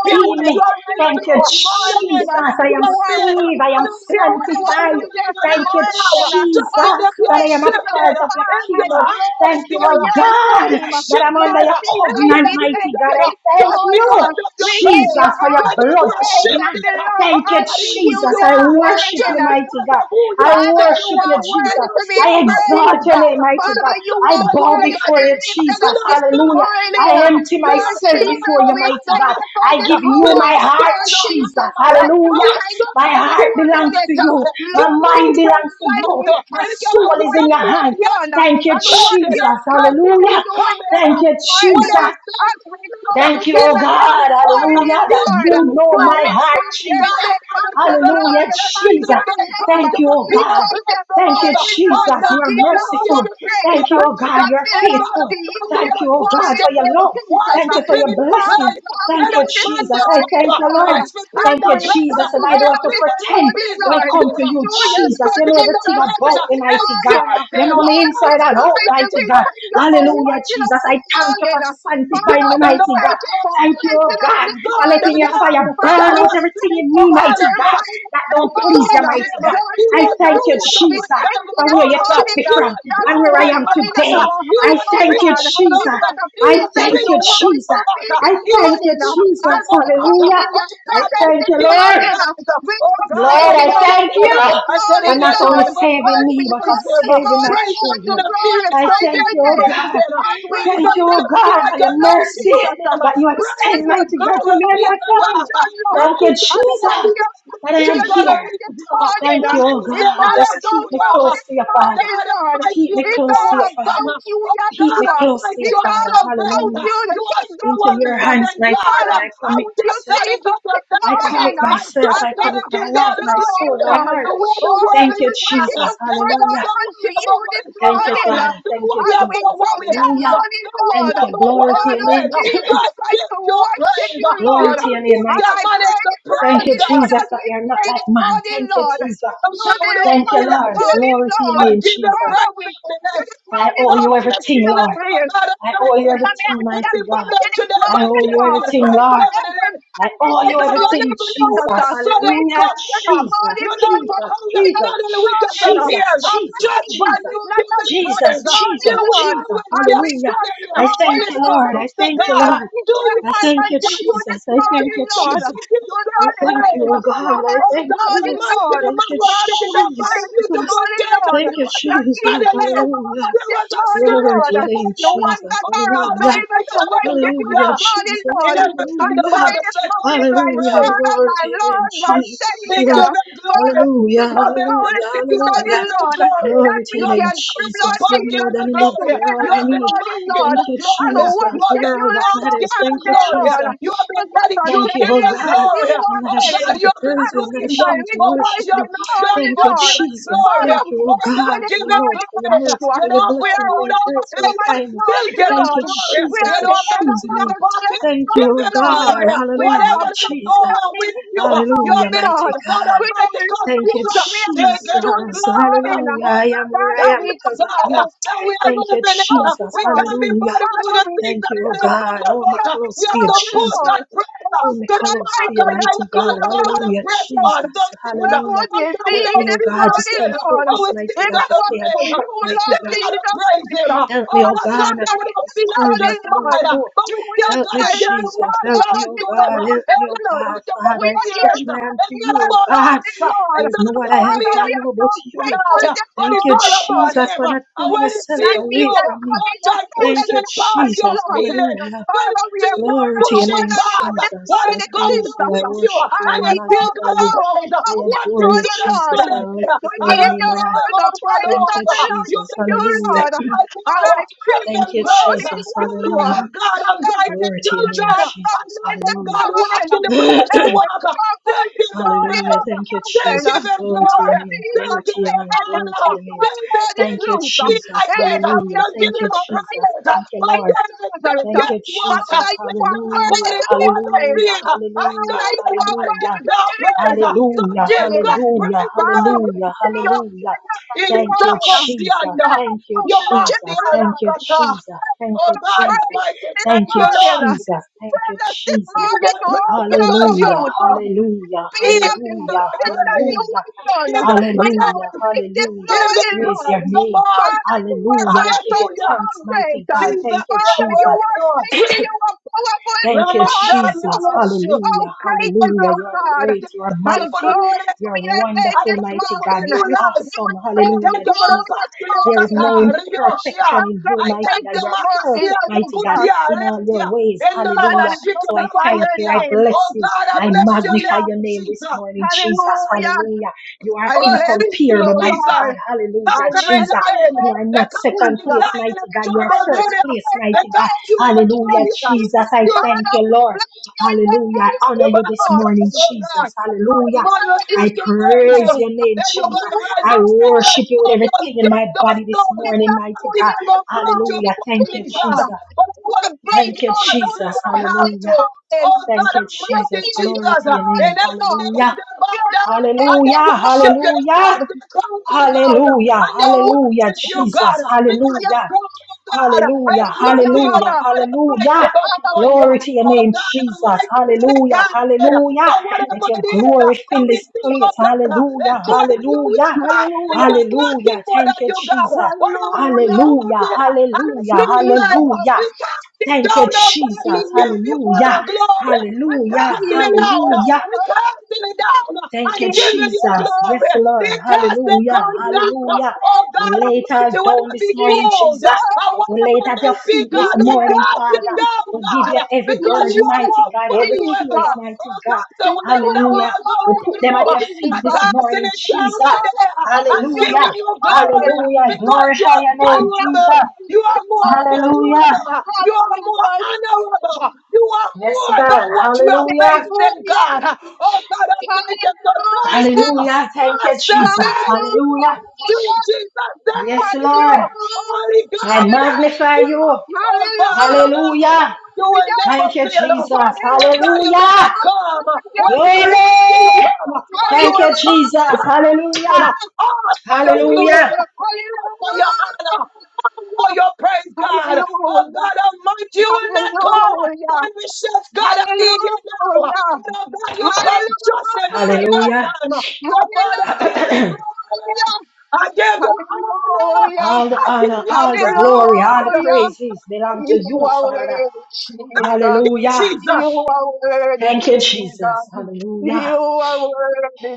Speaker 2: care what
Speaker 3: We
Speaker 2: you have
Speaker 3: honor
Speaker 2: been
Speaker 3: you this
Speaker 2: through. I don't
Speaker 3: morning.
Speaker 2: care where you
Speaker 3: You
Speaker 2: have
Speaker 3: are
Speaker 2: been.
Speaker 3: mighty.
Speaker 2: I don't
Speaker 3: You
Speaker 2: care
Speaker 3: are
Speaker 2: what is going
Speaker 3: powerful
Speaker 2: on in
Speaker 3: this
Speaker 2: your life now.
Speaker 3: morning.
Speaker 2: Just let
Speaker 3: Oh,
Speaker 2: there be a
Speaker 3: great is
Speaker 2: shift
Speaker 3: our
Speaker 2: in,
Speaker 3: God
Speaker 2: in
Speaker 3: and
Speaker 2: your
Speaker 3: glory to
Speaker 2: atmosphere.
Speaker 3: your
Speaker 2: Let there be
Speaker 3: name.
Speaker 2: a shift in,
Speaker 3: Lord
Speaker 2: in
Speaker 3: Jesus,
Speaker 2: your
Speaker 3: we thank you
Speaker 2: region.
Speaker 3: this
Speaker 2: Just because
Speaker 3: morning.
Speaker 2: of
Speaker 3: We
Speaker 2: your
Speaker 3: give
Speaker 2: praise.
Speaker 3: you all
Speaker 2: Let
Speaker 3: the
Speaker 2: there be a
Speaker 3: praise
Speaker 2: shift
Speaker 3: that
Speaker 2: in.
Speaker 3: belongs
Speaker 2: Oh God,
Speaker 3: unto
Speaker 2: in where
Speaker 3: you
Speaker 2: you
Speaker 3: this
Speaker 2: are,
Speaker 3: morning.
Speaker 2: just because of who you are
Speaker 3: Father, you
Speaker 2: serving.
Speaker 1: you,
Speaker 3: are
Speaker 2: We
Speaker 1: Jesus.
Speaker 3: worthy
Speaker 2: don't
Speaker 3: to be
Speaker 1: I
Speaker 2: stand up
Speaker 1: exalt
Speaker 2: bigger
Speaker 3: praised.
Speaker 1: your
Speaker 2: God.
Speaker 1: name,
Speaker 2: We
Speaker 1: mighty God.
Speaker 3: Father,
Speaker 2: don't
Speaker 3: you
Speaker 2: serve
Speaker 1: I
Speaker 3: are
Speaker 2: no
Speaker 1: bow
Speaker 2: bigger
Speaker 3: worthy to
Speaker 2: God.
Speaker 1: before
Speaker 3: be
Speaker 1: you,
Speaker 3: lifted
Speaker 2: We
Speaker 1: Jesus.
Speaker 3: up
Speaker 2: don't
Speaker 3: this
Speaker 2: stand
Speaker 1: Hallelujah.
Speaker 2: in the
Speaker 3: morning.
Speaker 2: middle.
Speaker 1: I empty
Speaker 2: We
Speaker 3: Lord
Speaker 2: don't
Speaker 1: myself
Speaker 2: stand
Speaker 3: Jesus,
Speaker 1: before
Speaker 2: oh
Speaker 1: you,
Speaker 3: we
Speaker 2: God, no
Speaker 1: mighty
Speaker 3: thank
Speaker 1: God.
Speaker 2: us.
Speaker 3: you for
Speaker 1: I
Speaker 3: this
Speaker 1: give
Speaker 2: We
Speaker 1: you my
Speaker 3: hour.
Speaker 2: don't
Speaker 1: heart,
Speaker 2: stand
Speaker 3: Lord
Speaker 2: no
Speaker 1: Jesus.
Speaker 3: Jesus
Speaker 2: alcohol.
Speaker 3: Christ, we
Speaker 2: But
Speaker 1: Hallelujah.
Speaker 2: we
Speaker 3: thank you
Speaker 2: serve
Speaker 1: My
Speaker 3: for
Speaker 2: the
Speaker 3: this
Speaker 1: heart
Speaker 2: true and
Speaker 1: belongs
Speaker 2: living
Speaker 1: to
Speaker 3: minute.
Speaker 2: God.
Speaker 1: you.
Speaker 2: He
Speaker 1: My
Speaker 3: Lord
Speaker 1: mind
Speaker 3: Jesus
Speaker 2: moves when
Speaker 1: belongs
Speaker 2: he
Speaker 1: to
Speaker 3: Christ,
Speaker 2: wants
Speaker 1: you.
Speaker 3: we
Speaker 2: to.
Speaker 1: My
Speaker 2: And
Speaker 3: thank you
Speaker 1: soul
Speaker 3: for
Speaker 2: stretches
Speaker 1: is
Speaker 3: what
Speaker 1: in
Speaker 2: us
Speaker 1: your
Speaker 3: you
Speaker 2: over
Speaker 3: have
Speaker 2: the
Speaker 1: hand.
Speaker 2: heaven
Speaker 3: done
Speaker 2: and
Speaker 1: Thank you,
Speaker 2: the
Speaker 3: and what
Speaker 2: curtain.
Speaker 1: Jesus.
Speaker 3: you're
Speaker 2: Oh God,
Speaker 3: continue
Speaker 1: Hallelujah.
Speaker 2: he's
Speaker 3: doing
Speaker 2: coming
Speaker 3: this
Speaker 1: Thank
Speaker 2: back.
Speaker 1: you,
Speaker 2: What
Speaker 3: morning.
Speaker 2: are
Speaker 1: Jesus.
Speaker 2: we
Speaker 3: As we
Speaker 2: serving?
Speaker 3: come
Speaker 1: Thank you,
Speaker 2: He's
Speaker 1: oh
Speaker 3: together this
Speaker 1: God.
Speaker 2: coming, Father.
Speaker 3: morning,
Speaker 1: Hallelujah. That
Speaker 2: He's
Speaker 3: Lord,
Speaker 1: you
Speaker 2: still
Speaker 1: know
Speaker 3: to
Speaker 1: my
Speaker 2: God.
Speaker 3: lift
Speaker 1: heart,
Speaker 3: up your
Speaker 1: Jesus.
Speaker 2: God, oh,
Speaker 3: name and
Speaker 2: Father,
Speaker 3: to
Speaker 2: tell us uh,
Speaker 1: Hallelujah,
Speaker 2: that
Speaker 3: glorify
Speaker 2: Jesus
Speaker 1: Jesus.
Speaker 3: your
Speaker 2: said, God
Speaker 3: name
Speaker 1: Thank
Speaker 2: to
Speaker 1: you, oh
Speaker 2: repeat our
Speaker 1: God.
Speaker 3: because
Speaker 2: place
Speaker 3: that
Speaker 2: for
Speaker 1: Thank
Speaker 2: us.
Speaker 1: you,
Speaker 2: uh,
Speaker 3: morning
Speaker 2: Oh,
Speaker 3: Lord
Speaker 1: Jesus.
Speaker 3: will
Speaker 2: God,
Speaker 1: You are
Speaker 2: the
Speaker 3: give you
Speaker 2: why is
Speaker 3: our
Speaker 1: merciful.
Speaker 2: repeating our
Speaker 1: Thank
Speaker 3: praise uh,
Speaker 1: you, oh
Speaker 2: place?
Speaker 1: God.
Speaker 2: uh,
Speaker 3: that
Speaker 1: You are
Speaker 2: Oh,
Speaker 3: belongs
Speaker 2: God,
Speaker 1: faithful.
Speaker 3: to you
Speaker 2: Almighty, let
Speaker 3: this
Speaker 1: Thank
Speaker 2: us
Speaker 1: you, oh God,
Speaker 3: morning,
Speaker 2: worship
Speaker 1: for your
Speaker 2: Him. uh,
Speaker 1: love.
Speaker 2: Why
Speaker 3: Jesus.
Speaker 2: is
Speaker 1: Thank
Speaker 3: Uh,
Speaker 1: you for your
Speaker 2: repeating
Speaker 3: It's
Speaker 2: our
Speaker 3: all
Speaker 1: blessing.
Speaker 2: place? uh,
Speaker 3: about
Speaker 1: Thank
Speaker 2: Let
Speaker 3: you
Speaker 1: you,
Speaker 2: us
Speaker 3: this
Speaker 1: Jesus. I
Speaker 2: magnify
Speaker 3: morning,
Speaker 2: Him.
Speaker 1: thank
Speaker 2: uh,
Speaker 1: you,
Speaker 2: Why
Speaker 3: Lord.
Speaker 1: Lord.
Speaker 3: Uh,
Speaker 2: is
Speaker 3: As
Speaker 2: repeating
Speaker 1: Thank you,
Speaker 2: our
Speaker 3: we
Speaker 2: place?
Speaker 3: come
Speaker 1: Jesus.
Speaker 2: uh,
Speaker 1: And I
Speaker 2: Let
Speaker 1: don't
Speaker 2: us
Speaker 1: have
Speaker 3: together
Speaker 1: to
Speaker 2: live
Speaker 3: this
Speaker 2: a life
Speaker 1: pretend
Speaker 3: morning,
Speaker 2: pleasing
Speaker 1: when it
Speaker 3: Lord,
Speaker 2: unto
Speaker 1: comes
Speaker 2: Him.
Speaker 1: to
Speaker 2: uh,
Speaker 1: you,
Speaker 3: through
Speaker 2: Why
Speaker 3: your
Speaker 2: is
Speaker 1: Jesus.
Speaker 3: Son
Speaker 1: You know
Speaker 2: repeating our
Speaker 1: everything
Speaker 3: Jesus
Speaker 2: place?
Speaker 1: about
Speaker 3: Christ
Speaker 2: uh,
Speaker 1: me,
Speaker 3: this
Speaker 1: mighty God.
Speaker 3: morning,
Speaker 2: Exhort
Speaker 3: uh,
Speaker 1: You
Speaker 2: Him.
Speaker 1: know me
Speaker 3: Lord
Speaker 2: uh,
Speaker 3: God
Speaker 1: inside and
Speaker 2: Exhort
Speaker 1: out,
Speaker 2: the
Speaker 3: Almighty,
Speaker 1: mighty
Speaker 3: we
Speaker 2: King
Speaker 1: God.
Speaker 2: of
Speaker 3: thank you for
Speaker 2: Kings.
Speaker 1: Hallelujah,
Speaker 3: watching us
Speaker 1: Jesus. I
Speaker 3: this
Speaker 1: thank you
Speaker 3: morning.
Speaker 1: for
Speaker 3: uh,
Speaker 1: sanctifying
Speaker 3: Father,
Speaker 2: Exhort
Speaker 1: me,
Speaker 3: we
Speaker 2: the
Speaker 1: mighty
Speaker 2: Lord
Speaker 3: thank
Speaker 1: God.
Speaker 2: of
Speaker 3: you for
Speaker 2: Lords.
Speaker 1: Thank you, oh
Speaker 3: cleansing us
Speaker 1: God,
Speaker 3: this
Speaker 2: Exalt
Speaker 1: for
Speaker 2: the
Speaker 1: letting
Speaker 3: morning.
Speaker 1: your
Speaker 3: uh.
Speaker 1: fire
Speaker 2: Lamb that
Speaker 1: burn
Speaker 3: Father,
Speaker 1: out
Speaker 2: was
Speaker 3: we
Speaker 1: everything
Speaker 3: thank
Speaker 2: slain
Speaker 1: in
Speaker 3: you
Speaker 2: for
Speaker 1: me,
Speaker 3: for
Speaker 2: all
Speaker 1: mighty
Speaker 2: of
Speaker 1: God.
Speaker 2: us.
Speaker 3: purifying us
Speaker 1: That
Speaker 3: this
Speaker 1: don't please you,
Speaker 3: morning.
Speaker 2: Exalt
Speaker 3: uh.
Speaker 1: mighty
Speaker 2: him.
Speaker 1: God.
Speaker 3: Lord
Speaker 2: He
Speaker 1: I
Speaker 2: was
Speaker 3: Jesus
Speaker 1: thank you,
Speaker 2: bruised
Speaker 3: Christ, we
Speaker 2: upon
Speaker 1: Jesus,
Speaker 3: thank you
Speaker 2: Calvary's
Speaker 1: for
Speaker 3: this
Speaker 1: where you
Speaker 2: Father.
Speaker 1: took
Speaker 3: morning
Speaker 1: me
Speaker 2: He
Speaker 3: uh,
Speaker 1: from
Speaker 2: was
Speaker 3: that
Speaker 1: and where I
Speaker 3: our
Speaker 2: broken
Speaker 1: am
Speaker 2: for
Speaker 3: mind
Speaker 2: us.
Speaker 3: and
Speaker 1: today.
Speaker 3: our
Speaker 2: He
Speaker 3: heart,
Speaker 1: I
Speaker 2: was
Speaker 3: oh
Speaker 1: thank you,
Speaker 3: God,
Speaker 2: bruised for
Speaker 3: is
Speaker 1: Jesus.
Speaker 3: at
Speaker 2: us.
Speaker 3: the
Speaker 2: He
Speaker 1: I
Speaker 2: was
Speaker 3: place that
Speaker 1: thank
Speaker 3: you
Speaker 1: you,
Speaker 2: beaten
Speaker 3: want
Speaker 2: upon
Speaker 3: it
Speaker 2: for
Speaker 1: Jesus.
Speaker 3: to be
Speaker 2: us.
Speaker 1: I
Speaker 3: this
Speaker 2: He
Speaker 1: thank
Speaker 2: was
Speaker 1: you,
Speaker 3: morning. uh.
Speaker 1: Jesus.
Speaker 2: slapped
Speaker 3: As
Speaker 2: for
Speaker 3: we
Speaker 2: us.
Speaker 3: come
Speaker 1: Hallelujah.
Speaker 3: in your
Speaker 2: Oh
Speaker 1: I
Speaker 2: God,
Speaker 3: presence
Speaker 2: let's
Speaker 1: thank
Speaker 3: this
Speaker 1: you,
Speaker 2: give him
Speaker 1: Lord.
Speaker 3: morning, uh,
Speaker 2: thanks.
Speaker 3: we
Speaker 2: Oh
Speaker 3: are
Speaker 2: God
Speaker 1: Lord,
Speaker 3: praising
Speaker 1: I
Speaker 3: our
Speaker 1: thank
Speaker 3: Lord
Speaker 2: Almighty.
Speaker 1: you
Speaker 3: this
Speaker 2: I said,
Speaker 1: for
Speaker 2: if
Speaker 3: morning,
Speaker 2: you
Speaker 1: not
Speaker 2: do
Speaker 1: only
Speaker 3: Lord.
Speaker 2: over
Speaker 1: saving
Speaker 3: As we
Speaker 1: me,
Speaker 2: praise,
Speaker 1: but for
Speaker 2: praise
Speaker 3: come
Speaker 2: them.
Speaker 3: this
Speaker 2: uh,
Speaker 1: saving my
Speaker 3: morning,
Speaker 2: Praise them
Speaker 3: Lord, to
Speaker 2: till
Speaker 1: children.
Speaker 2: the feel like
Speaker 1: I
Speaker 3: glorify
Speaker 1: thank
Speaker 3: your
Speaker 2: something's
Speaker 1: you, oh
Speaker 3: name.
Speaker 1: God.
Speaker 2: breaking.
Speaker 3: As we
Speaker 2: Praise
Speaker 1: Thank
Speaker 2: them
Speaker 3: come
Speaker 1: you,
Speaker 2: till the
Speaker 1: oh
Speaker 3: this
Speaker 2: feel
Speaker 1: God,
Speaker 2: like
Speaker 1: for
Speaker 3: morning,
Speaker 2: your
Speaker 1: your
Speaker 3: Lord
Speaker 2: belly's
Speaker 1: mercy
Speaker 3: Jesus, uh,
Speaker 2: burning. uh,
Speaker 1: that you
Speaker 3: to tell
Speaker 2: Praise
Speaker 1: extend,
Speaker 3: you
Speaker 2: them,
Speaker 1: mighty God,
Speaker 3: thanks
Speaker 1: to
Speaker 2: glory
Speaker 1: me
Speaker 3: for
Speaker 1: and
Speaker 2: be
Speaker 1: my
Speaker 3: what
Speaker 2: to
Speaker 3: you have
Speaker 2: God.
Speaker 1: family.
Speaker 2: uh,
Speaker 3: done, Lord,
Speaker 1: Thank you,
Speaker 2: Praise them
Speaker 3: and
Speaker 2: till the
Speaker 3: what
Speaker 1: Jesus,
Speaker 2: feel
Speaker 3: you
Speaker 2: like
Speaker 1: that I am
Speaker 2: you're
Speaker 3: continue
Speaker 2: gonna
Speaker 1: here.
Speaker 3: doing this
Speaker 2: leave you. uh,
Speaker 3: morning.
Speaker 1: Thank
Speaker 3: uh.
Speaker 1: you, oh
Speaker 2: Praise
Speaker 3: It's
Speaker 2: them,
Speaker 1: God.
Speaker 3: not
Speaker 1: Just
Speaker 3: about
Speaker 1: keep me
Speaker 2: hallelujah.
Speaker 3: us
Speaker 2: uh,
Speaker 1: close
Speaker 3: this
Speaker 1: to your
Speaker 2: Oh
Speaker 1: Father.
Speaker 3: morning,
Speaker 2: God,
Speaker 3: Lord.
Speaker 2: Almighty,
Speaker 1: Keep
Speaker 2: you
Speaker 1: me
Speaker 2: are
Speaker 3: It's
Speaker 2: so
Speaker 1: close to
Speaker 3: all
Speaker 1: your
Speaker 2: awesome.
Speaker 1: Father.
Speaker 3: about you,
Speaker 2: uh, Oh
Speaker 1: Keep
Speaker 2: God,
Speaker 1: me
Speaker 3: Yeshua.
Speaker 1: close to
Speaker 2: Almighty,
Speaker 1: your
Speaker 2: you
Speaker 3: It's
Speaker 2: are
Speaker 3: all
Speaker 1: Father.
Speaker 2: so great.
Speaker 3: about
Speaker 2: uh,
Speaker 1: Hallelujah.
Speaker 3: you, the
Speaker 2: You are
Speaker 3: King
Speaker 2: so
Speaker 3: of
Speaker 1: Into your
Speaker 3: Kings. uh.
Speaker 1: hands,
Speaker 2: amazing,
Speaker 3: It's
Speaker 1: mighty
Speaker 2: God.
Speaker 3: all
Speaker 1: God,
Speaker 2: uh,
Speaker 1: I
Speaker 2: I
Speaker 1: commit
Speaker 3: about you,
Speaker 2: just
Speaker 1: myself.
Speaker 2: gotta give
Speaker 3: Jesus,
Speaker 2: you
Speaker 3: this
Speaker 1: I
Speaker 2: thanks. uh,
Speaker 1: commit
Speaker 3: morning. uh.
Speaker 2: I
Speaker 1: myself.
Speaker 3: As
Speaker 2: just
Speaker 1: I
Speaker 3: we
Speaker 2: gotta
Speaker 1: commit
Speaker 3: come
Speaker 2: give
Speaker 1: my
Speaker 2: you
Speaker 3: this
Speaker 2: all
Speaker 1: life,
Speaker 2: the
Speaker 1: my
Speaker 3: morning,
Speaker 1: soul,
Speaker 2: glory.
Speaker 1: my
Speaker 2: uh,
Speaker 3: Lord.
Speaker 1: heart.
Speaker 2: to where the
Speaker 3: Oh
Speaker 2: world
Speaker 1: Thank
Speaker 3: God,
Speaker 2: is,
Speaker 1: you,
Speaker 3: we'd like
Speaker 2: God.
Speaker 3: you to
Speaker 1: Jesus.
Speaker 2: You
Speaker 3: pour
Speaker 2: tell us
Speaker 3: out
Speaker 1: Hallelujah.
Speaker 2: don't
Speaker 3: unto
Speaker 2: worry
Speaker 3: you
Speaker 2: about what
Speaker 3: this
Speaker 2: is going
Speaker 1: Thank you,
Speaker 2: on.
Speaker 3: morning.
Speaker 2: uh,
Speaker 3: uh,
Speaker 1: Father.
Speaker 2: Don't
Speaker 1: Thank you,
Speaker 2: worry
Speaker 3: As
Speaker 1: Jesus.
Speaker 3: we
Speaker 2: about what
Speaker 3: come
Speaker 2: we
Speaker 3: this
Speaker 2: have.
Speaker 1: Hallelujah.
Speaker 2: uh,
Speaker 3: morning,
Speaker 2: Don't
Speaker 1: Thank
Speaker 2: worry
Speaker 3: Lord.
Speaker 1: you.
Speaker 2: about what
Speaker 1: Glory
Speaker 3: Oh
Speaker 1: to your
Speaker 3: Lord
Speaker 1: name.
Speaker 2: happened. uh,
Speaker 3: Jesus
Speaker 2: Just
Speaker 3: Christ,
Speaker 2: give
Speaker 3: to
Speaker 2: your
Speaker 3: worship
Speaker 2: praise.
Speaker 3: you,
Speaker 2: The
Speaker 1: Glory
Speaker 3: Lord.
Speaker 1: to your
Speaker 2: only
Speaker 1: name,
Speaker 2: duty
Speaker 1: mighty
Speaker 3: And
Speaker 2: of
Speaker 3: I
Speaker 2: man
Speaker 1: God.
Speaker 2: is
Speaker 3: pray
Speaker 2: to
Speaker 3: this
Speaker 1: Thank
Speaker 2: praise
Speaker 1: you,
Speaker 3: morning,
Speaker 2: God.
Speaker 3: Lord,
Speaker 1: Jesus,
Speaker 3: as
Speaker 1: that
Speaker 3: we
Speaker 1: you're not
Speaker 3: pray
Speaker 1: like
Speaker 3: this
Speaker 1: man.
Speaker 3: morning,
Speaker 1: Thank you,
Speaker 3: Lord.
Speaker 1: Jesus.
Speaker 3: You
Speaker 2: Sometimes we don't
Speaker 1: Thank
Speaker 3: deliver
Speaker 1: you,
Speaker 2: feel
Speaker 3: this
Speaker 2: like
Speaker 1: Lord.
Speaker 2: it.
Speaker 3: morning,
Speaker 1: Glory to your
Speaker 3: Lord.
Speaker 2: But
Speaker 1: name,
Speaker 2: Jesus
Speaker 1: Jesus.
Speaker 3: Father,
Speaker 2: Christ
Speaker 3: we thank you
Speaker 2: nevertheless.
Speaker 3: this
Speaker 1: I
Speaker 3: morning
Speaker 1: owe
Speaker 3: for
Speaker 1: you
Speaker 2: Sometimes we
Speaker 3: blessing
Speaker 1: everything,
Speaker 2: feel
Speaker 3: us
Speaker 1: Lord.
Speaker 2: like, oh
Speaker 3: here.
Speaker 2: God, I'm
Speaker 1: I owe
Speaker 2: like,
Speaker 1: you
Speaker 3: Come
Speaker 2: I
Speaker 1: everything,
Speaker 3: every
Speaker 2: can't be
Speaker 1: mighty God.
Speaker 3: captivity
Speaker 2: bothered
Speaker 3: this
Speaker 2: today,
Speaker 1: I
Speaker 2: but
Speaker 1: owe
Speaker 3: morning,
Speaker 1: you
Speaker 3: Lord.
Speaker 2: Jesus
Speaker 1: everything,
Speaker 2: Christ
Speaker 1: Lord.
Speaker 3: From every
Speaker 2: nevertheless.
Speaker 1: I
Speaker 3: bondage
Speaker 1: owe
Speaker 2: Oh
Speaker 1: you
Speaker 3: this
Speaker 2: God, you
Speaker 3: morning,
Speaker 1: everything,
Speaker 2: never know
Speaker 1: Jesus.
Speaker 3: Jesus.
Speaker 2: where your
Speaker 3: Uh, We
Speaker 2: suddenly
Speaker 1: Hallelujah.
Speaker 3: thank
Speaker 2: comes
Speaker 3: you this
Speaker 2: from.
Speaker 1: Jesus,
Speaker 2: You
Speaker 3: morning, Lord,
Speaker 2: don't
Speaker 3: for
Speaker 2: know
Speaker 1: Jesus,
Speaker 2: how you
Speaker 3: keeping us
Speaker 1: Jesus,
Speaker 3: this
Speaker 2: suddenly we
Speaker 3: morning. uh,
Speaker 1: Jesus, Jesus,
Speaker 2: disappeared.
Speaker 3: Of the
Speaker 2: Just
Speaker 3: things
Speaker 2: by
Speaker 3: that
Speaker 1: Jesus,
Speaker 3: is
Speaker 2: you
Speaker 3: not of
Speaker 2: giving
Speaker 3: you this
Speaker 1: Jesus,
Speaker 2: praise,
Speaker 3: morning,
Speaker 2: there
Speaker 1: Jesus,
Speaker 2: will
Speaker 3: Lord.
Speaker 1: Jesus.
Speaker 2: always
Speaker 3: As
Speaker 2: be a
Speaker 3: we
Speaker 1: Hallelujah.
Speaker 3: come
Speaker 2: suddenly
Speaker 3: this
Speaker 1: I
Speaker 2: when
Speaker 1: thank
Speaker 3: morning,
Speaker 2: it
Speaker 1: you,
Speaker 3: Lord.
Speaker 1: Lord. I
Speaker 2: comes to
Speaker 1: thank
Speaker 3: We
Speaker 1: you,
Speaker 3: just
Speaker 2: God.
Speaker 1: Lord.
Speaker 3: keep
Speaker 2: Do
Speaker 3: your
Speaker 1: I
Speaker 2: you?
Speaker 3: hand
Speaker 1: thank you,
Speaker 3: unto
Speaker 2: Are you
Speaker 3: you
Speaker 1: Jesus.
Speaker 3: this
Speaker 1: I thank
Speaker 3: morning,
Speaker 1: you,
Speaker 2: expecting so that
Speaker 3: Lord.
Speaker 1: Jesus.
Speaker 2: we give
Speaker 3: You know
Speaker 1: I
Speaker 2: God
Speaker 3: the
Speaker 1: thank you,
Speaker 3: depth
Speaker 2: praise?
Speaker 1: oh
Speaker 3: of our
Speaker 1: God. I
Speaker 3: heart
Speaker 2: Oh
Speaker 3: this
Speaker 1: thank
Speaker 2: God
Speaker 1: you.
Speaker 3: morning,
Speaker 2: Almighty,
Speaker 3: Lord.
Speaker 2: the
Speaker 1: Thank
Speaker 2: man
Speaker 1: you,
Speaker 2: was
Speaker 3: Father,
Speaker 2: sitting
Speaker 3: we
Speaker 2: down by
Speaker 3: pray
Speaker 2: the
Speaker 1: Jesus.
Speaker 3: this
Speaker 2: beautiful
Speaker 3: morning,
Speaker 2: gate, and
Speaker 3: Lord.
Speaker 1: Thank
Speaker 2: there
Speaker 1: you,
Speaker 2: was a
Speaker 3: That
Speaker 1: Jesus.
Speaker 3: each and
Speaker 2: suddenly,
Speaker 3: every one of
Speaker 1: Hallelujah.
Speaker 3: us
Speaker 2: there
Speaker 3: this
Speaker 2: was a
Speaker 3: morning,
Speaker 1: Glory to
Speaker 2: suddenly
Speaker 1: your
Speaker 3: Lord
Speaker 2: for
Speaker 1: name,
Speaker 3: the
Speaker 2: him.
Speaker 3: ones
Speaker 1: Jesus.
Speaker 3: that
Speaker 2: Oh
Speaker 3: are
Speaker 2: God
Speaker 1: Hallelujah.
Speaker 3: available
Speaker 2: Almighty,
Speaker 3: to worship you
Speaker 1: Hallelujah,
Speaker 3: this
Speaker 2: hallelujah.
Speaker 3: morning,
Speaker 1: Jesus.
Speaker 2: In
Speaker 3: Lord. I
Speaker 2: everything the
Speaker 3: pray
Speaker 1: Hallelujah.
Speaker 2: Bible
Speaker 3: this
Speaker 2: says to
Speaker 3: morning,
Speaker 2: give him
Speaker 3: my
Speaker 1: Hallelujah.
Speaker 2: praise.
Speaker 3: Father,
Speaker 1: Glory
Speaker 3: my
Speaker 1: to your name,
Speaker 3: Lord, my
Speaker 2: They give
Speaker 3: Savior,
Speaker 1: Jesus.
Speaker 2: them
Speaker 3: for the
Speaker 2: glory.
Speaker 1: Hallelujah.
Speaker 3: Spirit
Speaker 2: You
Speaker 3: of
Speaker 2: have been
Speaker 3: boldness
Speaker 1: Hallelujah.
Speaker 3: this
Speaker 2: persecuted,
Speaker 3: morning,
Speaker 1: Hallelujah.
Speaker 2: give them
Speaker 3: Lord,
Speaker 2: glory.
Speaker 3: that
Speaker 1: Glory to
Speaker 3: we
Speaker 2: You
Speaker 1: your
Speaker 2: have
Speaker 1: name,
Speaker 3: can
Speaker 2: been
Speaker 3: come,
Speaker 2: spit
Speaker 3: Lord
Speaker 1: Jesus. You're
Speaker 2: upon, give
Speaker 3: Jesus
Speaker 1: more than
Speaker 2: them
Speaker 3: Christ,
Speaker 1: enough.
Speaker 2: glory.
Speaker 1: You're all
Speaker 3: together
Speaker 2: You
Speaker 1: I
Speaker 2: have
Speaker 3: this
Speaker 1: need.
Speaker 2: been
Speaker 3: morning,
Speaker 2: mocked, give
Speaker 3: Lord,
Speaker 1: Thank
Speaker 2: them
Speaker 1: you,
Speaker 3: and
Speaker 2: glory. You
Speaker 1: Jesus.
Speaker 2: have
Speaker 3: worship
Speaker 1: You're
Speaker 2: been
Speaker 3: you
Speaker 1: all that
Speaker 3: like
Speaker 2: scorned,
Speaker 3: no
Speaker 2: give
Speaker 1: matters.
Speaker 2: them
Speaker 3: other
Speaker 1: Thank you,
Speaker 3: day,
Speaker 2: glory.
Speaker 1: Jesus.
Speaker 3: Lord.
Speaker 2: You have been
Speaker 3: This is a
Speaker 2: ridiculed,
Speaker 1: Thank you,
Speaker 2: give
Speaker 1: oh
Speaker 3: day
Speaker 2: them
Speaker 3: that
Speaker 1: God.
Speaker 3: you
Speaker 2: glory.
Speaker 1: I'm
Speaker 3: are
Speaker 1: not
Speaker 2: Oh
Speaker 3: made.
Speaker 2: God,
Speaker 1: ashamed
Speaker 2: you
Speaker 1: to
Speaker 2: have been
Speaker 1: praise
Speaker 3: And
Speaker 1: you. I'm
Speaker 3: we
Speaker 1: not
Speaker 2: blamed
Speaker 3: shall
Speaker 1: ashamed to
Speaker 2: for what
Speaker 1: worship
Speaker 3: rejoice
Speaker 2: you
Speaker 1: you.
Speaker 2: have
Speaker 3: this
Speaker 2: not done,
Speaker 3: morning,
Speaker 1: Thank
Speaker 2: but
Speaker 1: you,
Speaker 2: give
Speaker 3: Lord.
Speaker 2: them
Speaker 1: Jesus.
Speaker 2: glory.
Speaker 3: Father,
Speaker 1: Thank
Speaker 3: we
Speaker 1: you, oh
Speaker 2: Oh
Speaker 3: thank you
Speaker 2: God,
Speaker 1: God, for
Speaker 3: this
Speaker 2: give
Speaker 1: your
Speaker 2: them
Speaker 1: love,
Speaker 3: morning,
Speaker 1: for your
Speaker 2: glory.
Speaker 1: mercy,
Speaker 3: Joshua.
Speaker 2: You
Speaker 1: for
Speaker 2: don't
Speaker 1: your
Speaker 2: have
Speaker 3: We
Speaker 2: no
Speaker 3: are
Speaker 1: blessing, for
Speaker 2: food
Speaker 1: your
Speaker 2: on the
Speaker 1: grace, for your
Speaker 3: overcome
Speaker 2: table,
Speaker 3: this
Speaker 1: kindness.
Speaker 2: still
Speaker 3: morning,
Speaker 2: give
Speaker 1: Thank
Speaker 2: them
Speaker 3: Lord.
Speaker 1: you,
Speaker 2: glory.
Speaker 3: We
Speaker 1: Jesus,
Speaker 2: You
Speaker 3: are
Speaker 1: for
Speaker 2: don't
Speaker 3: the
Speaker 2: have no
Speaker 3: head of
Speaker 2: money in
Speaker 1: choosing
Speaker 2: your
Speaker 1: me.
Speaker 3: the clay
Speaker 2: pocket,
Speaker 3: this
Speaker 1: Thank you,
Speaker 2: Give
Speaker 3: morning,
Speaker 1: oh
Speaker 2: him
Speaker 3: Lord.
Speaker 2: glory.
Speaker 1: God.
Speaker 3: We are
Speaker 2: Whatever
Speaker 1: Hallelujah,
Speaker 2: that is
Speaker 3: above
Speaker 1: Jesus.
Speaker 3: and
Speaker 2: going
Speaker 3: not
Speaker 2: on with
Speaker 3: beneath
Speaker 2: you,
Speaker 3: this
Speaker 2: your
Speaker 1: Hallelujah,
Speaker 3: morning,
Speaker 2: ability
Speaker 3: Lord.
Speaker 1: mighty
Speaker 2: of God
Speaker 1: God.
Speaker 3: We don't
Speaker 2: Almighty
Speaker 3: look
Speaker 1: Thank
Speaker 3: at
Speaker 1: you,
Speaker 2: confused.
Speaker 3: what we have
Speaker 2: Say,
Speaker 3: been
Speaker 1: Jesus.
Speaker 2: give
Speaker 3: through
Speaker 2: him
Speaker 3: this
Speaker 2: glory. Oh
Speaker 3: morning.
Speaker 1: Hallelujah. I
Speaker 2: God,
Speaker 1: am
Speaker 2: the
Speaker 1: where I
Speaker 3: Father,
Speaker 1: am
Speaker 3: we
Speaker 2: timing of
Speaker 1: because of
Speaker 3: thank you
Speaker 2: God
Speaker 1: you.
Speaker 3: for
Speaker 2: that we are
Speaker 3: saving
Speaker 1: Thank
Speaker 3: us
Speaker 1: you,
Speaker 2: living
Speaker 3: this
Speaker 2: in.
Speaker 3: morning,
Speaker 1: Jesus.
Speaker 2: We can't
Speaker 3: Lord.
Speaker 2: be
Speaker 1: Hallelujah.
Speaker 2: bothered with
Speaker 3: Father,
Speaker 2: the
Speaker 3: we
Speaker 2: things
Speaker 1: Thank
Speaker 2: that
Speaker 3: thank
Speaker 1: you,
Speaker 3: you
Speaker 2: is
Speaker 1: oh
Speaker 2: in
Speaker 3: for
Speaker 2: front
Speaker 1: God.
Speaker 2: of
Speaker 1: Hold
Speaker 3: coming
Speaker 1: me
Speaker 2: us.
Speaker 3: up this
Speaker 2: We
Speaker 1: close to
Speaker 2: have
Speaker 1: you,
Speaker 2: to
Speaker 3: morning,
Speaker 1: Jesus.
Speaker 2: push
Speaker 3: Lord.
Speaker 2: and press
Speaker 3: Oh,
Speaker 1: Oh, me
Speaker 2: to
Speaker 3: God
Speaker 2: the
Speaker 1: close to
Speaker 2: mark
Speaker 3: Almighty,
Speaker 2: of
Speaker 1: your
Speaker 2: the
Speaker 3: without
Speaker 1: mighty
Speaker 2: higher
Speaker 3: you,
Speaker 2: God.
Speaker 1: God.
Speaker 2: God,
Speaker 3: our
Speaker 2: God,
Speaker 1: Hallelujah,
Speaker 2: press
Speaker 3: Lord,
Speaker 2: past
Speaker 1: Jesus.
Speaker 2: some
Speaker 3: where
Speaker 2: things.
Speaker 1: Hallelujah.
Speaker 3: would we
Speaker 2: Sometimes
Speaker 3: be
Speaker 2: we
Speaker 1: Help me,
Speaker 2: don't
Speaker 1: oh
Speaker 3: this
Speaker 2: feel
Speaker 1: God, to
Speaker 2: like
Speaker 3: morning,
Speaker 2: it,
Speaker 1: stay
Speaker 3: Lord?
Speaker 2: but
Speaker 1: focused,
Speaker 2: we
Speaker 1: mighty
Speaker 2: still
Speaker 3: If
Speaker 1: God,
Speaker 3: it
Speaker 1: to
Speaker 2: gotta
Speaker 1: stay
Speaker 3: wasn't
Speaker 1: on
Speaker 3: for
Speaker 2: praise.
Speaker 3: you,
Speaker 1: track,
Speaker 2: We
Speaker 1: mighty
Speaker 3: Lord
Speaker 2: still
Speaker 1: God.
Speaker 2: gotta
Speaker 3: Jesus
Speaker 2: praise
Speaker 3: Christ,
Speaker 2: Him.
Speaker 3: I'm
Speaker 1: Help
Speaker 2: Oh
Speaker 1: me, oh
Speaker 2: God,
Speaker 3: not
Speaker 1: God, not
Speaker 2: sometimes
Speaker 1: to
Speaker 2: we
Speaker 3: gonna
Speaker 1: get
Speaker 2: don't
Speaker 3: this
Speaker 2: feel like
Speaker 1: discouraged, not
Speaker 3: morning,
Speaker 2: just
Speaker 1: to
Speaker 3: Lord.
Speaker 1: lose
Speaker 2: mine,
Speaker 1: hope.
Speaker 2: but
Speaker 3: We
Speaker 2: we
Speaker 3: would
Speaker 2: still
Speaker 3: have
Speaker 1: Help me,
Speaker 2: gotta
Speaker 3: died
Speaker 2: give Him
Speaker 3: and
Speaker 2: what
Speaker 1: Jesus.
Speaker 3: gone,
Speaker 1: Help
Speaker 3: Lord,
Speaker 1: me,
Speaker 2: belongs
Speaker 3: but
Speaker 1: oh
Speaker 2: to Him.
Speaker 3: because
Speaker 1: God.
Speaker 3: of
Speaker 1: Help
Speaker 2: It's
Speaker 1: me,
Speaker 3: your
Speaker 1: oh
Speaker 2: not
Speaker 3: blood.
Speaker 1: God.
Speaker 2: about our
Speaker 3: We
Speaker 1: Father, I
Speaker 3: are here
Speaker 1: stretch
Speaker 2: feelings.
Speaker 1: my hand to
Speaker 2: It's
Speaker 3: standing
Speaker 1: you,
Speaker 2: not
Speaker 1: oh
Speaker 3: this
Speaker 2: about
Speaker 1: God.
Speaker 2: us.
Speaker 3: morning, Lord.
Speaker 2: It's
Speaker 1: There's
Speaker 2: not
Speaker 1: no other
Speaker 2: about me.
Speaker 1: help
Speaker 3: Father,
Speaker 1: I
Speaker 3: we
Speaker 2: and
Speaker 3: are
Speaker 1: know
Speaker 3: so
Speaker 2: my
Speaker 1: but you.
Speaker 3: grateful
Speaker 2: God,
Speaker 3: this
Speaker 2: but
Speaker 1: Thank
Speaker 2: it's
Speaker 1: you,
Speaker 2: all
Speaker 3: morning,
Speaker 2: about
Speaker 3: Lord.
Speaker 1: Jesus,
Speaker 2: him.
Speaker 1: for not
Speaker 2: And
Speaker 1: pulling
Speaker 2: when he
Speaker 1: yourself
Speaker 3: That
Speaker 2: sees
Speaker 3: we
Speaker 2: you,
Speaker 1: away
Speaker 3: can
Speaker 1: from me.
Speaker 3: come
Speaker 2: oh
Speaker 3: in your
Speaker 2: God,
Speaker 1: Thank
Speaker 3: presence
Speaker 1: you,
Speaker 2: pushing
Speaker 3: this
Speaker 2: past
Speaker 3: morning,
Speaker 2: your
Speaker 1: Jesus.
Speaker 3: Lord.
Speaker 2: feeling,
Speaker 1: Hallelujah.
Speaker 2: when
Speaker 3: Father, we
Speaker 2: he
Speaker 3: are
Speaker 2: sees you
Speaker 3: born
Speaker 1: Glory
Speaker 3: of
Speaker 1: to
Speaker 3: a
Speaker 1: your
Speaker 2: pushing
Speaker 3: one
Speaker 1: name,
Speaker 3: and two
Speaker 2: past
Speaker 3: this
Speaker 1: Jesus.
Speaker 2: what
Speaker 1: I
Speaker 2: is
Speaker 3: morning,
Speaker 2: going
Speaker 1: praise
Speaker 2: on
Speaker 1: you.
Speaker 3: Jesus.
Speaker 1: I
Speaker 2: with you,
Speaker 1: worship you.
Speaker 3: As
Speaker 1: I
Speaker 2: and you
Speaker 3: we
Speaker 2: still got
Speaker 1: magnify
Speaker 3: open
Speaker 2: a
Speaker 1: you.
Speaker 3: our
Speaker 2: pride,
Speaker 1: I
Speaker 3: mouth
Speaker 2: what
Speaker 3: this
Speaker 1: adore
Speaker 2: thing
Speaker 1: you,
Speaker 2: do
Speaker 3: morning,
Speaker 2: the
Speaker 3: Lord,
Speaker 1: Jesus. I
Speaker 2: student?
Speaker 1: lift
Speaker 3: we
Speaker 1: up your
Speaker 2: I
Speaker 1: holy
Speaker 3: give
Speaker 1: name
Speaker 3: you
Speaker 1: and
Speaker 2: approve
Speaker 1: I
Speaker 3: all
Speaker 2: him
Speaker 3: the
Speaker 2: over and
Speaker 3: praise
Speaker 1: thank
Speaker 3: that
Speaker 1: you,
Speaker 2: over.
Speaker 3: belongs
Speaker 2: You
Speaker 3: to
Speaker 1: Jesus.
Speaker 2: may
Speaker 3: you,
Speaker 2: be
Speaker 1: Hallelujah.
Speaker 2: sick
Speaker 3: Lord.
Speaker 2: right
Speaker 3: And
Speaker 2: now.
Speaker 3: I pray
Speaker 2: Give
Speaker 1: Thank
Speaker 3: this
Speaker 2: them
Speaker 1: you,
Speaker 2: praise.
Speaker 3: morning,
Speaker 1: Jesus.
Speaker 2: You may
Speaker 3: Yeshua,
Speaker 1: Hallelujah.
Speaker 2: have God,
Speaker 3: that every
Speaker 2: almighty
Speaker 1: Glory to your name,
Speaker 3: God
Speaker 2: children
Speaker 3: comes
Speaker 1: Jesus.
Speaker 3: in
Speaker 2: oh
Speaker 3: this
Speaker 1: Hallelujah.
Speaker 2: God, walk in
Speaker 3: morning,
Speaker 2: the way they should
Speaker 3: every
Speaker 2: walk.
Speaker 3: struggle
Speaker 2: Then
Speaker 3: this
Speaker 2: give them
Speaker 3: morning
Speaker 1: Hallelujah.
Speaker 3: of
Speaker 2: praise.
Speaker 1: Thank you,
Speaker 2: Then
Speaker 3: mountain,
Speaker 2: give
Speaker 1: Jesus.
Speaker 2: them
Speaker 1: Glory to your
Speaker 3: Lord
Speaker 2: glory.
Speaker 1: name.
Speaker 2: Then
Speaker 1: Glory
Speaker 3: Jesus,
Speaker 2: give
Speaker 1: to your
Speaker 3: let
Speaker 2: them
Speaker 1: name.
Speaker 3: every
Speaker 1: Glory
Speaker 2: honor.
Speaker 1: to your
Speaker 3: face
Speaker 1: name.
Speaker 3: of
Speaker 2: David
Speaker 3: God is
Speaker 2: did
Speaker 1: Thank you,
Speaker 2: not
Speaker 3: loose
Speaker 2: feel
Speaker 1: Jesus.
Speaker 2: like it.
Speaker 1: Hallelujah.
Speaker 2: to give
Speaker 1: Thank
Speaker 3: name
Speaker 1: you,
Speaker 2: them
Speaker 3: of
Speaker 1: Jesus.
Speaker 2: praise.
Speaker 3: Jesus
Speaker 1: Thank you,
Speaker 2: But
Speaker 1: Lord.
Speaker 3: Christ of
Speaker 2: David said,
Speaker 3: Nazareth.
Speaker 1: Thank
Speaker 3: uh,
Speaker 2: guess
Speaker 1: you,
Speaker 2: what?
Speaker 3: Father,
Speaker 1: Jesus.
Speaker 3: you
Speaker 2: It's
Speaker 3: are
Speaker 2: not
Speaker 3: worthy
Speaker 1: Hallelujah.
Speaker 2: according
Speaker 3: to
Speaker 2: to
Speaker 3: be
Speaker 2: what I
Speaker 3: praised.
Speaker 1: Hallelujah.
Speaker 3: uh,
Speaker 2: feel. I know
Speaker 1: Hallelujah.
Speaker 3: Father,
Speaker 2: that
Speaker 3: you
Speaker 2: I
Speaker 3: are
Speaker 2: gotta give
Speaker 3: worthy
Speaker 1: Hallelujah.
Speaker 3: to
Speaker 2: God
Speaker 3: be lifted
Speaker 2: praise.
Speaker 3: up
Speaker 2: So
Speaker 3: this
Speaker 1: Hallelujah.
Speaker 2: give
Speaker 3: morning.
Speaker 2: God
Speaker 3: uh,
Speaker 1: Hallelujah.
Speaker 2: praise because
Speaker 3: Father, we
Speaker 1: Hallelujah.
Speaker 2: you
Speaker 3: pray
Speaker 2: know
Speaker 3: your
Speaker 1: Hallelujah.
Speaker 3: strength
Speaker 2: it
Speaker 3: this
Speaker 2: is
Speaker 1: Thank
Speaker 2: the
Speaker 1: you,
Speaker 3: morning. uh, Worship
Speaker 1: Jesus.
Speaker 2: Koshianda.
Speaker 1: Thank you,
Speaker 2: Your man,
Speaker 3: you,
Speaker 2: the
Speaker 1: Jesus. Thank you,
Speaker 3: Lord.
Speaker 2: Alakata.
Speaker 1: Jesus. Thank
Speaker 2: Oh
Speaker 1: you,
Speaker 2: God
Speaker 1: Jesus.
Speaker 3: Praise you
Speaker 2: Almighty,
Speaker 3: this
Speaker 1: Thank
Speaker 2: thank you,
Speaker 1: you,
Speaker 3: morning.
Speaker 2: Lord.
Speaker 1: Jesus. Thank you,
Speaker 3: Send us this
Speaker 2: Give
Speaker 1: Jesus.
Speaker 2: them
Speaker 3: morning to
Speaker 2: praise
Speaker 3: open our
Speaker 2: because you
Speaker 1: Hallelujah,
Speaker 3: mouth.
Speaker 2: know
Speaker 1: hallelujah,
Speaker 2: he
Speaker 3: Speak
Speaker 2: is
Speaker 3: of the
Speaker 1: hallelujah,
Speaker 3: good
Speaker 2: the
Speaker 3: things that you
Speaker 2: praise.
Speaker 1: hallelujah,
Speaker 3: have
Speaker 2: Give them
Speaker 3: done in our
Speaker 1: hallelujah,
Speaker 2: praise.
Speaker 3: life this
Speaker 1: hallelujah.
Speaker 2: Give
Speaker 1: I
Speaker 2: them
Speaker 3: morning,
Speaker 1: praise
Speaker 3: Lord.
Speaker 1: your
Speaker 2: praise some
Speaker 1: name.
Speaker 2: more.
Speaker 3: Father, you are
Speaker 1: Hallelujah. I give
Speaker 3: awesome,
Speaker 1: you
Speaker 3: you
Speaker 2: Hallelujah.
Speaker 3: are
Speaker 1: thanks, mighty
Speaker 3: great.
Speaker 1: God. Thank
Speaker 2: Jesus,
Speaker 1: you,
Speaker 2: your
Speaker 3: Father,
Speaker 1: Jesus.
Speaker 3: you
Speaker 2: word,
Speaker 3: are
Speaker 2: Lord.
Speaker 3: mighty, you are powerful
Speaker 1: Thank
Speaker 2: Lamb
Speaker 1: you,
Speaker 3: this
Speaker 2: of God,
Speaker 3: morning,
Speaker 2: we
Speaker 1: Jesus.
Speaker 3: Lord.
Speaker 2: bless you.
Speaker 3: Oh,
Speaker 1: Hallelujah.
Speaker 3: great
Speaker 2: Oh
Speaker 3: is
Speaker 1: Hallelujah.
Speaker 3: our
Speaker 2: God
Speaker 1: You are
Speaker 2: Almighty,
Speaker 3: God.
Speaker 1: great.
Speaker 2: thank
Speaker 1: You are
Speaker 2: you
Speaker 3: And
Speaker 2: for the
Speaker 3: glory
Speaker 1: mighty.
Speaker 2: new life.
Speaker 3: to
Speaker 1: You are
Speaker 3: your name
Speaker 2: I
Speaker 1: wonderful,
Speaker 3: this
Speaker 2: thank you
Speaker 1: mighty
Speaker 2: for the
Speaker 1: God. You
Speaker 3: morning.
Speaker 2: new
Speaker 1: are
Speaker 3: You
Speaker 2: life.
Speaker 1: awesome.
Speaker 2: I
Speaker 3: deserve the
Speaker 2: thank
Speaker 1: Hallelujah,
Speaker 2: you for the
Speaker 1: Jesus.
Speaker 3: glory this
Speaker 1: There
Speaker 2: pastilekata
Speaker 1: is
Speaker 3: morning.
Speaker 1: no
Speaker 2: kata
Speaker 3: You
Speaker 2: ribioshia.
Speaker 1: imperfection in
Speaker 3: deserve
Speaker 1: you,
Speaker 2: I
Speaker 3: the
Speaker 1: mighty
Speaker 3: praise
Speaker 2: thank
Speaker 1: God.
Speaker 2: you,
Speaker 3: this
Speaker 1: You are
Speaker 3: morning,
Speaker 2: Makasia,
Speaker 1: perfect,
Speaker 2: the
Speaker 3: Jesus.
Speaker 1: mighty God,
Speaker 2: Kutia,
Speaker 1: in all your
Speaker 2: Reatia,
Speaker 1: ways.
Speaker 2: and the
Speaker 3: Father,
Speaker 2: Lobo
Speaker 1: Hallelujah.
Speaker 3: we
Speaker 1: So I
Speaker 3: glorify
Speaker 1: thank
Speaker 3: your
Speaker 1: you. I
Speaker 2: Shikitabahandia.
Speaker 3: name.
Speaker 2: Oh
Speaker 1: bless you.
Speaker 2: God, I
Speaker 1: I
Speaker 2: bless your
Speaker 1: magnify
Speaker 3: Hallelujah.
Speaker 1: your
Speaker 2: name,
Speaker 1: name this
Speaker 2: Jesus.
Speaker 1: morning, Jesus.
Speaker 3: Hallelujah.
Speaker 1: Hallelujah. You are
Speaker 3: I
Speaker 2: Oh,
Speaker 3: bless
Speaker 2: sweet,
Speaker 3: you,
Speaker 2: sweet
Speaker 3: O
Speaker 1: incomparable, mighty
Speaker 2: Jesus.
Speaker 1: God.
Speaker 3: Lord.
Speaker 1: Hallelujah,
Speaker 3: I
Speaker 2: Conquering
Speaker 3: bless
Speaker 1: Jesus.
Speaker 3: your
Speaker 2: lion,
Speaker 1: You are
Speaker 2: the
Speaker 3: name,
Speaker 1: not second
Speaker 3: Jesus.
Speaker 2: conquering
Speaker 1: place,
Speaker 2: lion
Speaker 1: mighty
Speaker 2: of the
Speaker 1: God. You
Speaker 2: tribe
Speaker 1: are
Speaker 3: I
Speaker 2: of
Speaker 1: first
Speaker 3: bless
Speaker 2: Judah,
Speaker 1: place,
Speaker 2: the
Speaker 3: your
Speaker 1: mighty God.
Speaker 3: name,
Speaker 2: consuming
Speaker 1: Hallelujah,
Speaker 2: fire
Speaker 3: Jesus.
Speaker 2: of
Speaker 1: Jesus. I
Speaker 2: the
Speaker 1: thank
Speaker 3: Father,
Speaker 1: you,
Speaker 3: we
Speaker 1: Lord.
Speaker 3: bless your
Speaker 1: Hallelujah. I
Speaker 3: name
Speaker 1: honor
Speaker 2: The
Speaker 3: this
Speaker 1: you this
Speaker 2: Bible tells
Speaker 1: morning,
Speaker 2: us,
Speaker 3: morning.
Speaker 2: oh
Speaker 3: You
Speaker 2: God,
Speaker 1: Jesus.
Speaker 3: are
Speaker 2: when
Speaker 1: Hallelujah.
Speaker 2: man
Speaker 3: worthy
Speaker 2: refuse
Speaker 3: to
Speaker 1: I
Speaker 2: to
Speaker 3: be
Speaker 2: praise you,
Speaker 1: praise
Speaker 3: praised.
Speaker 1: your name,
Speaker 2: then you're
Speaker 1: Jesus.
Speaker 2: going to
Speaker 3: You
Speaker 2: rise
Speaker 1: I
Speaker 2: up
Speaker 3: are
Speaker 2: sticks and
Speaker 1: worship you with
Speaker 2: stone,
Speaker 3: worthy,
Speaker 2: those
Speaker 1: everything in
Speaker 2: sticks,
Speaker 3: Jesus.
Speaker 1: my
Speaker 2: those
Speaker 1: body this
Speaker 2: stones.
Speaker 3: It's
Speaker 1: morning,
Speaker 3: not
Speaker 2: I
Speaker 1: mighty
Speaker 3: what
Speaker 2: think
Speaker 1: God.
Speaker 3: you
Speaker 2: I'm going to praise
Speaker 3: are
Speaker 2: you
Speaker 1: Hallelujah.
Speaker 2: for
Speaker 1: Thank
Speaker 2: me,
Speaker 1: you,
Speaker 3: Jesus.
Speaker 2: God.
Speaker 1: Jesus.
Speaker 2: But I'm
Speaker 3: You
Speaker 2: going to
Speaker 3: have been
Speaker 2: praise you
Speaker 1: Thank you,
Speaker 3: so
Speaker 2: because I
Speaker 3: good
Speaker 2: know
Speaker 3: to
Speaker 1: Jesus.
Speaker 2: I
Speaker 3: us
Speaker 2: have
Speaker 3: this
Speaker 2: to.
Speaker 1: Hallelujah.
Speaker 2: Oh
Speaker 3: morning.
Speaker 2: God
Speaker 1: Thank you,
Speaker 3: You
Speaker 2: Almighty
Speaker 1: Jesus.
Speaker 3: have been
Speaker 1: Glory
Speaker 3: so
Speaker 2: Jesus,
Speaker 1: to
Speaker 2: uh,
Speaker 1: your
Speaker 2: in
Speaker 1: name.
Speaker 2: every
Speaker 3: good, Lord.
Speaker 2: name
Speaker 1: Hallelujah.
Speaker 2: they
Speaker 3: We
Speaker 2: bow
Speaker 3: are
Speaker 2: down and they
Speaker 1: Hallelujah.
Speaker 2: worship you. They pass
Speaker 1: Hallelujah.
Speaker 2: the crown to the ground uh,
Speaker 1: Hallelujah.
Speaker 2: and they
Speaker 3: oh,
Speaker 1: Hallelujah.
Speaker 2: worship you,
Speaker 1: Jesus.
Speaker 2: God, uh, because the
Speaker 1: Hallelujah.
Speaker 2: crown of God uh, is
Speaker 1: Hallelujah,
Speaker 2: nothing, oh
Speaker 1: hallelujah,
Speaker 2: God Almighty,
Speaker 1: hallelujah.
Speaker 2: before you.
Speaker 1: Glory to your
Speaker 2: Oh
Speaker 1: name,
Speaker 2: God
Speaker 1: Jesus.
Speaker 2: Almighty like you
Speaker 1: Hallelujah,
Speaker 2: of good. So
Speaker 1: hallelujah.
Speaker 2: whatever
Speaker 1: Let your
Speaker 2: it is
Speaker 1: glory
Speaker 2: uh, that
Speaker 1: fill
Speaker 2: we
Speaker 1: this
Speaker 2: think, oh
Speaker 1: place.
Speaker 2: God, uh, it's
Speaker 1: Hallelujah,
Speaker 2: more than you. We are
Speaker 1: hallelujah,
Speaker 2: confident
Speaker 3: Hallelujah.
Speaker 2: there's nothing
Speaker 1: hallelujah.
Speaker 2: more than
Speaker 1: Thank you,
Speaker 2: you, God.
Speaker 1: Jesus.
Speaker 2: Whatever that we are
Speaker 3: Hallelujah.
Speaker 1: Hallelujah,
Speaker 2: holding uh, and it
Speaker 1: hallelujah,
Speaker 2: seems
Speaker 3: Jesus.
Speaker 2: like uh,
Speaker 1: hallelujah.
Speaker 2: we cast it
Speaker 1: Thank you,
Speaker 2: down, oh God, to
Speaker 1: Jesus.
Speaker 3: Jesus.
Speaker 2: give you all the
Speaker 1: Hallelujah,
Speaker 2: glory. We're
Speaker 1: hallelujah,
Speaker 2: casting it down. uh,
Speaker 1: hallelujah.
Speaker 2: We're casting it down uh,
Speaker 1: Thank
Speaker 2: and
Speaker 1: you,
Speaker 2: giving you
Speaker 1: Jesus.
Speaker 3: Jesus.
Speaker 1: Yes,
Speaker 2: glory.
Speaker 1: Lord.
Speaker 2: They cast their
Speaker 1: Hallelujah.
Speaker 2: crowns down. uh,
Speaker 1: Hallelujah.
Speaker 2: Oh
Speaker 1: We
Speaker 2: God
Speaker 1: lay it all
Speaker 2: Almighty, whether
Speaker 1: down
Speaker 2: it
Speaker 1: this
Speaker 2: be
Speaker 1: morning,
Speaker 2: gold uh,
Speaker 1: Jesus.
Speaker 2: or
Speaker 1: We lay
Speaker 2: whatever
Speaker 1: it
Speaker 2: it
Speaker 1: at your
Speaker 2: may be,
Speaker 1: feet this
Speaker 2: God, they
Speaker 1: morning,
Speaker 2: cast it
Speaker 1: Father.
Speaker 2: down,
Speaker 1: We give
Speaker 2: God,
Speaker 1: you every
Speaker 2: because you
Speaker 1: burden,
Speaker 2: you are
Speaker 1: mighty
Speaker 2: more
Speaker 1: God, every
Speaker 2: valuable.
Speaker 1: cares, mighty
Speaker 2: Oh
Speaker 1: God.
Speaker 2: God, so whatever that we
Speaker 1: Hallelujah.
Speaker 2: are
Speaker 1: We
Speaker 2: going
Speaker 1: put
Speaker 2: through,
Speaker 1: them at your
Speaker 2: we
Speaker 1: feet
Speaker 2: are
Speaker 1: this
Speaker 2: casting
Speaker 1: morning,
Speaker 2: it down
Speaker 1: Jesus.
Speaker 2: today and
Speaker 1: Hallelujah.
Speaker 2: giving you glory
Speaker 1: Hallelujah.
Speaker 2: because you
Speaker 1: Glorify
Speaker 2: are
Speaker 1: your name, Jesus.
Speaker 2: valuable. You are more
Speaker 1: Hallelujah.
Speaker 2: valuable. You are more honorable. You are
Speaker 1: Yes,
Speaker 2: more than
Speaker 1: God.
Speaker 2: what you are
Speaker 1: Hallelujah.
Speaker 2: facing, God. Oh God, Almighty, so thank you,
Speaker 3: Hallelujah.
Speaker 1: Hallelujah. Thank you,
Speaker 2: Master.
Speaker 3: Hallelujah,
Speaker 1: Jesus.
Speaker 2: Thank you,
Speaker 1: Hallelujah.
Speaker 2: sweet Jesus. Thank
Speaker 1: Yes,
Speaker 2: you,
Speaker 3: Hallelujah,
Speaker 1: Lord.
Speaker 2: Holy God.
Speaker 1: I
Speaker 2: Thank
Speaker 1: magnify
Speaker 2: you,
Speaker 1: you.
Speaker 2: oh
Speaker 3: Hallelujah,
Speaker 2: Father God.
Speaker 1: Hallelujah.
Speaker 2: You will will
Speaker 3: Hallelujah,
Speaker 2: never
Speaker 1: Thank you,
Speaker 2: fail us.
Speaker 1: Jesus.
Speaker 2: Oh God, you may not
Speaker 1: Hallelujah.
Speaker 2: come when we
Speaker 1: Glory.
Speaker 2: want you to come, but you
Speaker 1: Thank you,
Speaker 2: will
Speaker 3: Hallelujah,
Speaker 2: come
Speaker 1: Jesus.
Speaker 2: just in
Speaker 1: Hallelujah.
Speaker 2: time.
Speaker 3: Hallelujah.
Speaker 2: All for your
Speaker 1: Hallelujah.
Speaker 2: glory,
Speaker 3: Hallelujah.
Speaker 2: all for your honor, all for your praise, God. Oh God Almighty,
Speaker 3: Hallelujah.
Speaker 2: you will not come
Speaker 3: Hallelujah.
Speaker 2: when we shout, God, I need you now. But oh God, you come
Speaker 3: Hallelujah.
Speaker 2: just and right on
Speaker 1: Hallelujah.
Speaker 2: time. So Father, I give you glory.
Speaker 3: Hallelujah.
Speaker 2: I give you honor.
Speaker 3: Hallelujah.
Speaker 1: all the
Speaker 2: I give
Speaker 1: honor,
Speaker 2: you
Speaker 1: all the glory, all the
Speaker 2: praise.
Speaker 3: Hallelujah.
Speaker 1: praises belong to
Speaker 3: You
Speaker 1: you,
Speaker 3: are
Speaker 1: Father.
Speaker 3: worthy, Jesus.
Speaker 1: Hallelujah.
Speaker 2: Jesus.
Speaker 3: You are worthy,
Speaker 1: Thank you, Jesus.
Speaker 3: Jesus. You
Speaker 1: Hallelujah.
Speaker 3: are worthy,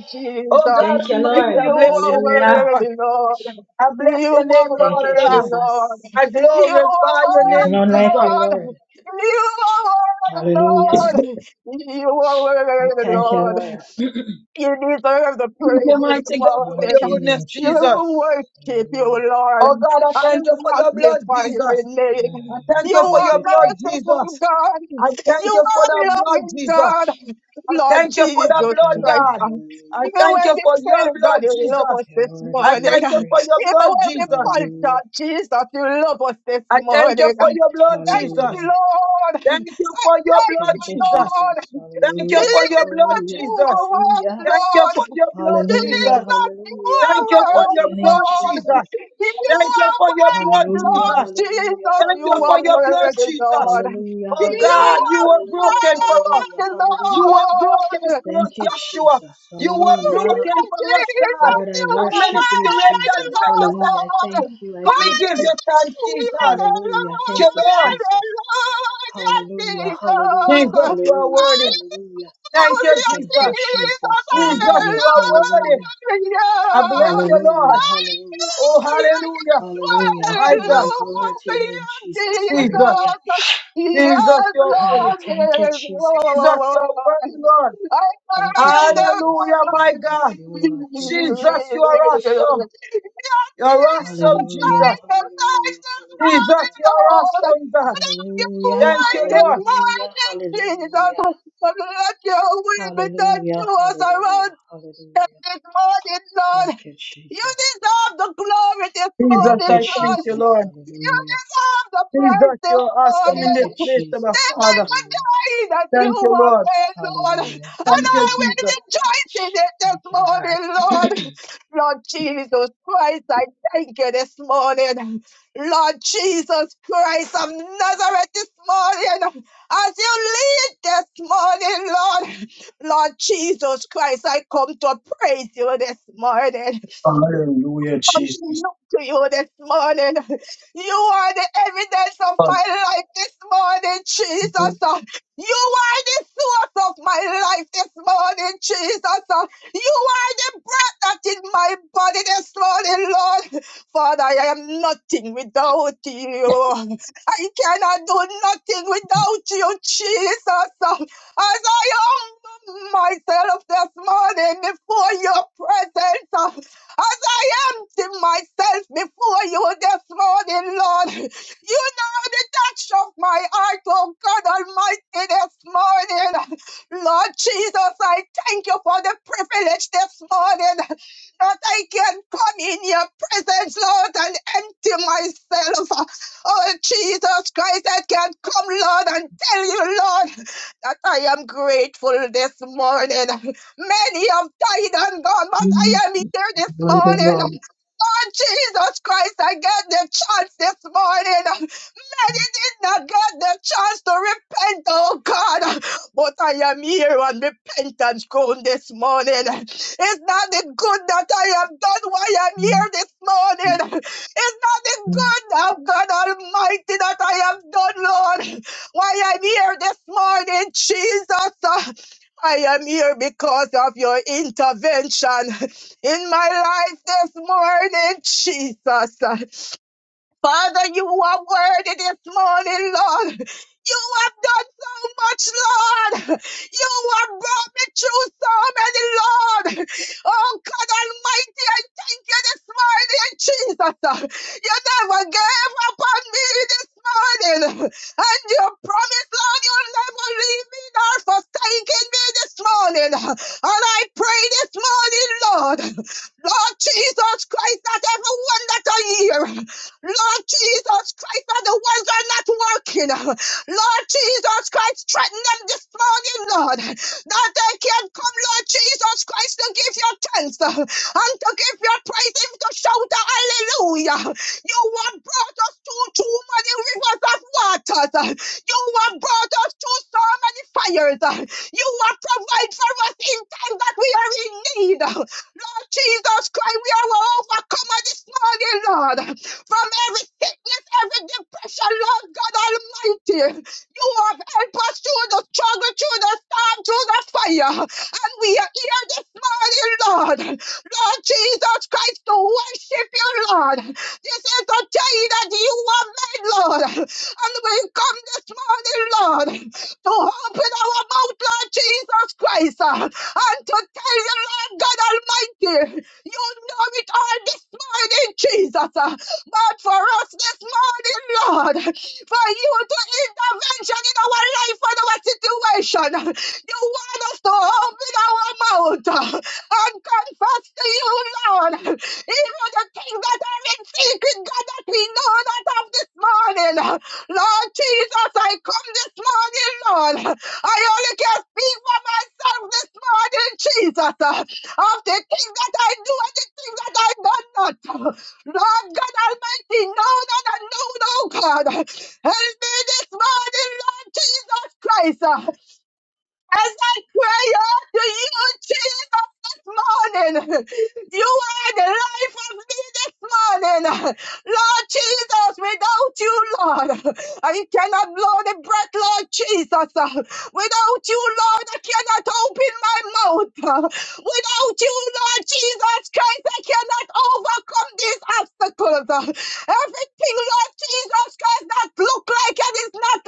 Speaker 2: Oh
Speaker 3: Jesus.
Speaker 2: God
Speaker 1: Thank you,
Speaker 2: Almighty,
Speaker 1: Lord.
Speaker 2: I
Speaker 3: You
Speaker 2: bless your
Speaker 3: are
Speaker 2: name,
Speaker 1: Hallelujah.
Speaker 2: Lord.
Speaker 3: worthy, Lord.
Speaker 2: I bless
Speaker 3: You
Speaker 2: your name,
Speaker 3: are
Speaker 1: Thank
Speaker 2: Lord
Speaker 1: you,
Speaker 3: worthy,
Speaker 2: God.
Speaker 3: Lord.
Speaker 1: Jesus.
Speaker 2: I
Speaker 3: You are
Speaker 2: glorify your
Speaker 1: There's
Speaker 2: name,
Speaker 3: worthy,
Speaker 1: none like
Speaker 2: Jesus.
Speaker 1: you,
Speaker 3: Lord.
Speaker 1: Lord.
Speaker 3: You are worthy,
Speaker 1: Hallelujah.
Speaker 3: Lord. You are
Speaker 1: We
Speaker 3: worthy,
Speaker 1: thank you,
Speaker 3: Lord.
Speaker 1: Lord.
Speaker 3: You deserve the
Speaker 2: Thank you,
Speaker 3: praise this
Speaker 2: mighty God, for
Speaker 1: Glory to your
Speaker 2: your
Speaker 3: morning.
Speaker 1: name,
Speaker 2: goodness,
Speaker 3: You
Speaker 2: Jesus.
Speaker 1: Jesus.
Speaker 3: worship
Speaker 1: Hallelujah.
Speaker 3: you, Lord,
Speaker 2: Oh
Speaker 3: and
Speaker 2: God, I thank you for your blood,
Speaker 3: magnify your
Speaker 2: Jesus.
Speaker 3: name.
Speaker 2: I
Speaker 1: Mm.
Speaker 2: thank
Speaker 3: You
Speaker 2: you for
Speaker 1: Thank
Speaker 3: are
Speaker 2: your
Speaker 1: you,
Speaker 2: blood,
Speaker 1: Jesus.
Speaker 3: merciful
Speaker 2: Jesus.
Speaker 3: God.
Speaker 2: I thank
Speaker 3: You
Speaker 2: you for the
Speaker 3: are
Speaker 2: blood,
Speaker 3: loving
Speaker 2: Jesus.
Speaker 3: God.
Speaker 2: I
Speaker 3: Lord
Speaker 2: thank you for
Speaker 3: Jesus
Speaker 2: the
Speaker 1: Thank you,
Speaker 2: blood,
Speaker 3: Christ.
Speaker 1: Lord.
Speaker 2: God.
Speaker 3: uh,
Speaker 1: Hallelujah.
Speaker 2: I
Speaker 3: Even
Speaker 2: thank
Speaker 3: when
Speaker 2: you
Speaker 3: we
Speaker 2: for your
Speaker 3: fail,
Speaker 2: blood,
Speaker 3: God, you love
Speaker 2: Jesus.
Speaker 3: us
Speaker 1: You
Speaker 3: this
Speaker 1: are worthy to
Speaker 2: I
Speaker 1: be
Speaker 3: morning.
Speaker 2: thank you
Speaker 3: Uh,
Speaker 2: for your
Speaker 1: praised.
Speaker 3: Even
Speaker 2: blood,
Speaker 3: when we
Speaker 2: Jesus.
Speaker 3: fall short,
Speaker 1: Hallelujah.
Speaker 3: Jesus, you love us this
Speaker 2: I thank you
Speaker 3: morning.
Speaker 2: for
Speaker 3: Uh,
Speaker 2: your blood,
Speaker 3: Thank
Speaker 2: Jesus.
Speaker 3: you,
Speaker 1: Hallelujah.
Speaker 3: Lord.
Speaker 2: Thank you
Speaker 3: I
Speaker 2: for your
Speaker 3: thank
Speaker 2: blood,
Speaker 3: you,
Speaker 1: Thank you,
Speaker 2: Jesus.
Speaker 1: Jesus.
Speaker 3: Lord.
Speaker 2: Thank
Speaker 3: Jesus,
Speaker 2: you
Speaker 1: Hallelujah.
Speaker 2: for your blood,
Speaker 1: Hallelujah.
Speaker 3: you are
Speaker 2: Jesus.
Speaker 3: worthy,
Speaker 1: Hallelujah.
Speaker 2: Thank you for
Speaker 3: Lord.
Speaker 2: your blood,
Speaker 3: Jesus,
Speaker 1: Hallelujah.
Speaker 2: Jesus.
Speaker 3: you
Speaker 1: Hallelujah.
Speaker 3: are
Speaker 2: Thank you for
Speaker 1: Glory to
Speaker 2: your
Speaker 3: worthy,
Speaker 1: your name,
Speaker 2: blood, Jesus.
Speaker 1: Jesus.
Speaker 3: Lord. You
Speaker 2: Thank you
Speaker 3: are
Speaker 2: for your blood,
Speaker 3: worthy,
Speaker 1: Hallelujah.
Speaker 3: Lord.
Speaker 2: Jesus.
Speaker 1: Hallelujah.
Speaker 3: Jesus,
Speaker 2: Thank
Speaker 3: you
Speaker 2: you for
Speaker 3: are
Speaker 2: your
Speaker 1: Hallelujah.
Speaker 2: blood,
Speaker 3: worthy,
Speaker 2: Jesus.
Speaker 3: Lord.
Speaker 1: Hallelujah.
Speaker 2: Oh
Speaker 3: You
Speaker 2: God,
Speaker 1: Hallelujah.
Speaker 2: you were
Speaker 1: Hallelujah.
Speaker 2: broken for us.
Speaker 1: Hallelujah.
Speaker 3: are
Speaker 2: You
Speaker 1: Hallelujah.
Speaker 2: were broken
Speaker 3: worthy,
Speaker 2: for us,
Speaker 1: Thank you,
Speaker 3: Lord.
Speaker 2: Yeshua.
Speaker 1: Jesus.
Speaker 2: You were
Speaker 1: Hallelujah.
Speaker 2: broken for us, God.
Speaker 1: Lord, I
Speaker 2: And many
Speaker 1: worship you,
Speaker 2: situations
Speaker 1: Jesus.
Speaker 2: break us as
Speaker 1: Hallelujah. I thank
Speaker 2: well.
Speaker 1: you. I
Speaker 2: So we
Speaker 1: bless
Speaker 2: give
Speaker 1: you.
Speaker 2: you thanks, Jesus.
Speaker 1: Hallelujah.
Speaker 2: Thank you,
Speaker 1: Thank you,
Speaker 2: Lord.
Speaker 1: Jesus. Hallelujah. Hallelujah.
Speaker 2: Jesus, you are
Speaker 1: Hallelujah.
Speaker 2: worthy.
Speaker 1: Hallelujah.
Speaker 2: Thank you,
Speaker 1: Thank you,
Speaker 2: Jesus.
Speaker 1: Jesus.
Speaker 2: Jesus,
Speaker 1: Hallelujah.
Speaker 2: you are worthy.
Speaker 1: Hallelujah.
Speaker 2: I bless you,
Speaker 1: Hallelujah.
Speaker 2: Lord.
Speaker 1: Hallelujah.
Speaker 2: Oh, hallelujah.
Speaker 1: Hallelujah.
Speaker 2: My
Speaker 3: Hallelujah,
Speaker 2: God.
Speaker 1: Glory, glory to your name, Jesus.
Speaker 2: Jesus.
Speaker 1: Hallelujah.
Speaker 3: Jesus.
Speaker 2: Jesus,
Speaker 3: Yes,
Speaker 2: you are worthy.
Speaker 1: Ah,
Speaker 3: Lord,
Speaker 1: thank you,
Speaker 3: yes,
Speaker 1: Jesus.
Speaker 2: Jesus, you
Speaker 3: Lord.
Speaker 2: are worthy, Lord.
Speaker 3: I
Speaker 1: Thank you,
Speaker 3: pray the Lord.
Speaker 1: Jesus.
Speaker 2: Hallelujah,
Speaker 1: I
Speaker 2: my
Speaker 1: bless
Speaker 3: Yes,
Speaker 2: God.
Speaker 1: you,
Speaker 3: Jesus,
Speaker 1: Lord.
Speaker 3: thank you, thank you,
Speaker 1: Thank you,
Speaker 2: Jesus, you
Speaker 1: Jesus.
Speaker 2: are awesome. You are awesome,
Speaker 1: Hallelujah.
Speaker 2: Jesus.
Speaker 1: Hallelujah.
Speaker 2: Jesus,
Speaker 1: Hallelujah.
Speaker 2: you are
Speaker 3: Lord. Lord.
Speaker 2: awesome, God.
Speaker 3: Thank you
Speaker 1: Hallelujah,
Speaker 2: Thank
Speaker 3: for
Speaker 2: you,
Speaker 3: this
Speaker 2: Lord.
Speaker 1: hallelujah,
Speaker 3: morning, Jesus.
Speaker 1: hallelujah,
Speaker 3: Let your will be done
Speaker 1: hallelujah,
Speaker 3: to us around
Speaker 1: hallelujah,
Speaker 3: up
Speaker 1: hallelujah.
Speaker 3: this morning,
Speaker 1: Thank
Speaker 3: Lord.
Speaker 1: you,
Speaker 3: You
Speaker 1: Jesus.
Speaker 3: deserve the glory this
Speaker 2: Jesus,
Speaker 1: Thank
Speaker 3: morning,
Speaker 1: you,
Speaker 2: I thank
Speaker 3: Lord.
Speaker 2: you,
Speaker 1: Jesus.
Speaker 2: Lord.
Speaker 3: You
Speaker 1: Hallelujah.
Speaker 3: deserve the
Speaker 2: Jesus,
Speaker 3: praise
Speaker 2: you
Speaker 3: this
Speaker 2: are awesome in
Speaker 1: Thank
Speaker 2: this
Speaker 1: you,
Speaker 3: morning.
Speaker 2: place, my
Speaker 1: Jesus.
Speaker 3: This is
Speaker 2: Father.
Speaker 3: the
Speaker 1: Hallelujah.
Speaker 3: day that
Speaker 2: Thank
Speaker 3: you
Speaker 2: you,
Speaker 3: have
Speaker 2: Lord.
Speaker 3: made, Lord.
Speaker 1: Hallelujah,
Speaker 3: And
Speaker 2: Thank
Speaker 3: I
Speaker 2: you,
Speaker 1: hallelujah.
Speaker 3: will
Speaker 2: Jesus.
Speaker 3: rejoice in it this
Speaker 1: Thank you, Lord.
Speaker 3: morning, Lord. Lord Jesus Christ, I thank you this morning. Lord Jesus Christ of Nazareth this morning. As you lead this morning, Lord. Lord Jesus Christ, I come to praise you this morning
Speaker 2: Hallelujah,
Speaker 3: come to
Speaker 2: Jesus.
Speaker 3: look to you this morning. You are the evidence of my life this morning,
Speaker 2: Hallelujah.
Speaker 3: Jesus. Uh, You are the source of my life this morning, Jesus. Uh, You are the breath that is my body this morning, Lord. Father, I am nothing without you. I cannot do nothing without you, Jesus. Uh, As I humble myself this morning before your presence, uh, as I empty myself before you this morning, Lord. You know the touch of my heart, oh God Almighty, this morning. Lord Jesus, I thank you for the privilege this morning that I can come in your presence, Lord, and empty myself. Oh, Jesus Christ, I can come, Lord, and tell you, Lord, that I am grateful this morning. Many have died and gone, but I am here this morning. Oh Jesus Christ, I got the chance this morning. I did not get the chance to repent, oh God. But I am here on repentance ground this morning. It's not the good that I have done why I'm here this morning. It's not the good of God Almighty that I have done, Lord, why I'm here this morning, Jesus. Uh, I am here because of your intervention in my life this morning, Jesus. Father, you are worthy this morning, Lord. You have done so much, Lord. You have brought me through so many, Lord. Oh, God Almighty, I thank you this morning, Jesus. You never gave up on me this morning. And you promised, Lord, you'll never leave me nor forsaken me this morning. And I pray this morning, Lord, Lord Jesus Christ, that everyone that I hear. Lord Jesus Christ, for the ones that are not working. Lord Jesus Christ, threaten them this morning, Lord, that they can come, Lord Jesus Christ, to give your thanks uh, and to give your praise and to shout a hallelujah. You have brought us through too many rivers of waters. uh, You have brought us through so many fires. uh, You have provided for us in time that we are in need. Lord Jesus Christ, we are overcomer this morning, Lord from every sickness, every depression, Lord God Almighty. You have helped us through the struggle, through the storm, through the fire. And we are here this morning, Lord. Lord Jesus Christ, to worship you, Lord. This is the day that you have made, Lord. And we come this morning, Lord, to open our mouth, Lord Jesus Christ, uh, and to tell you, Lord God Almighty, you know it all this morning, Jesus. uh, God, for us this morning, Lord, for you to intervention in our life and our situation. You want us to open our mouth and confess to you, Lord, even the things that are in secret, God, that we know not of this morning. Lord Jesus, I come this morning, Lord. I only can speak for myself this morning, Jesus, of the things that I do and the things that I do not. Lord God Almighty, known and unknown, oh God. Help me this morning, Lord Jesus Christ. As I cry out to you, Jesus, this morning, you are the life of me this morning. Lord Jesus, without you, Lord, I cannot blow the breath, Lord Jesus. Without you, Lord, I cannot open my mouth. Without you, Lord Jesus Christ, I cannot overcome these obstacles. Everything, Lord Jesus Christ, that look like it is not,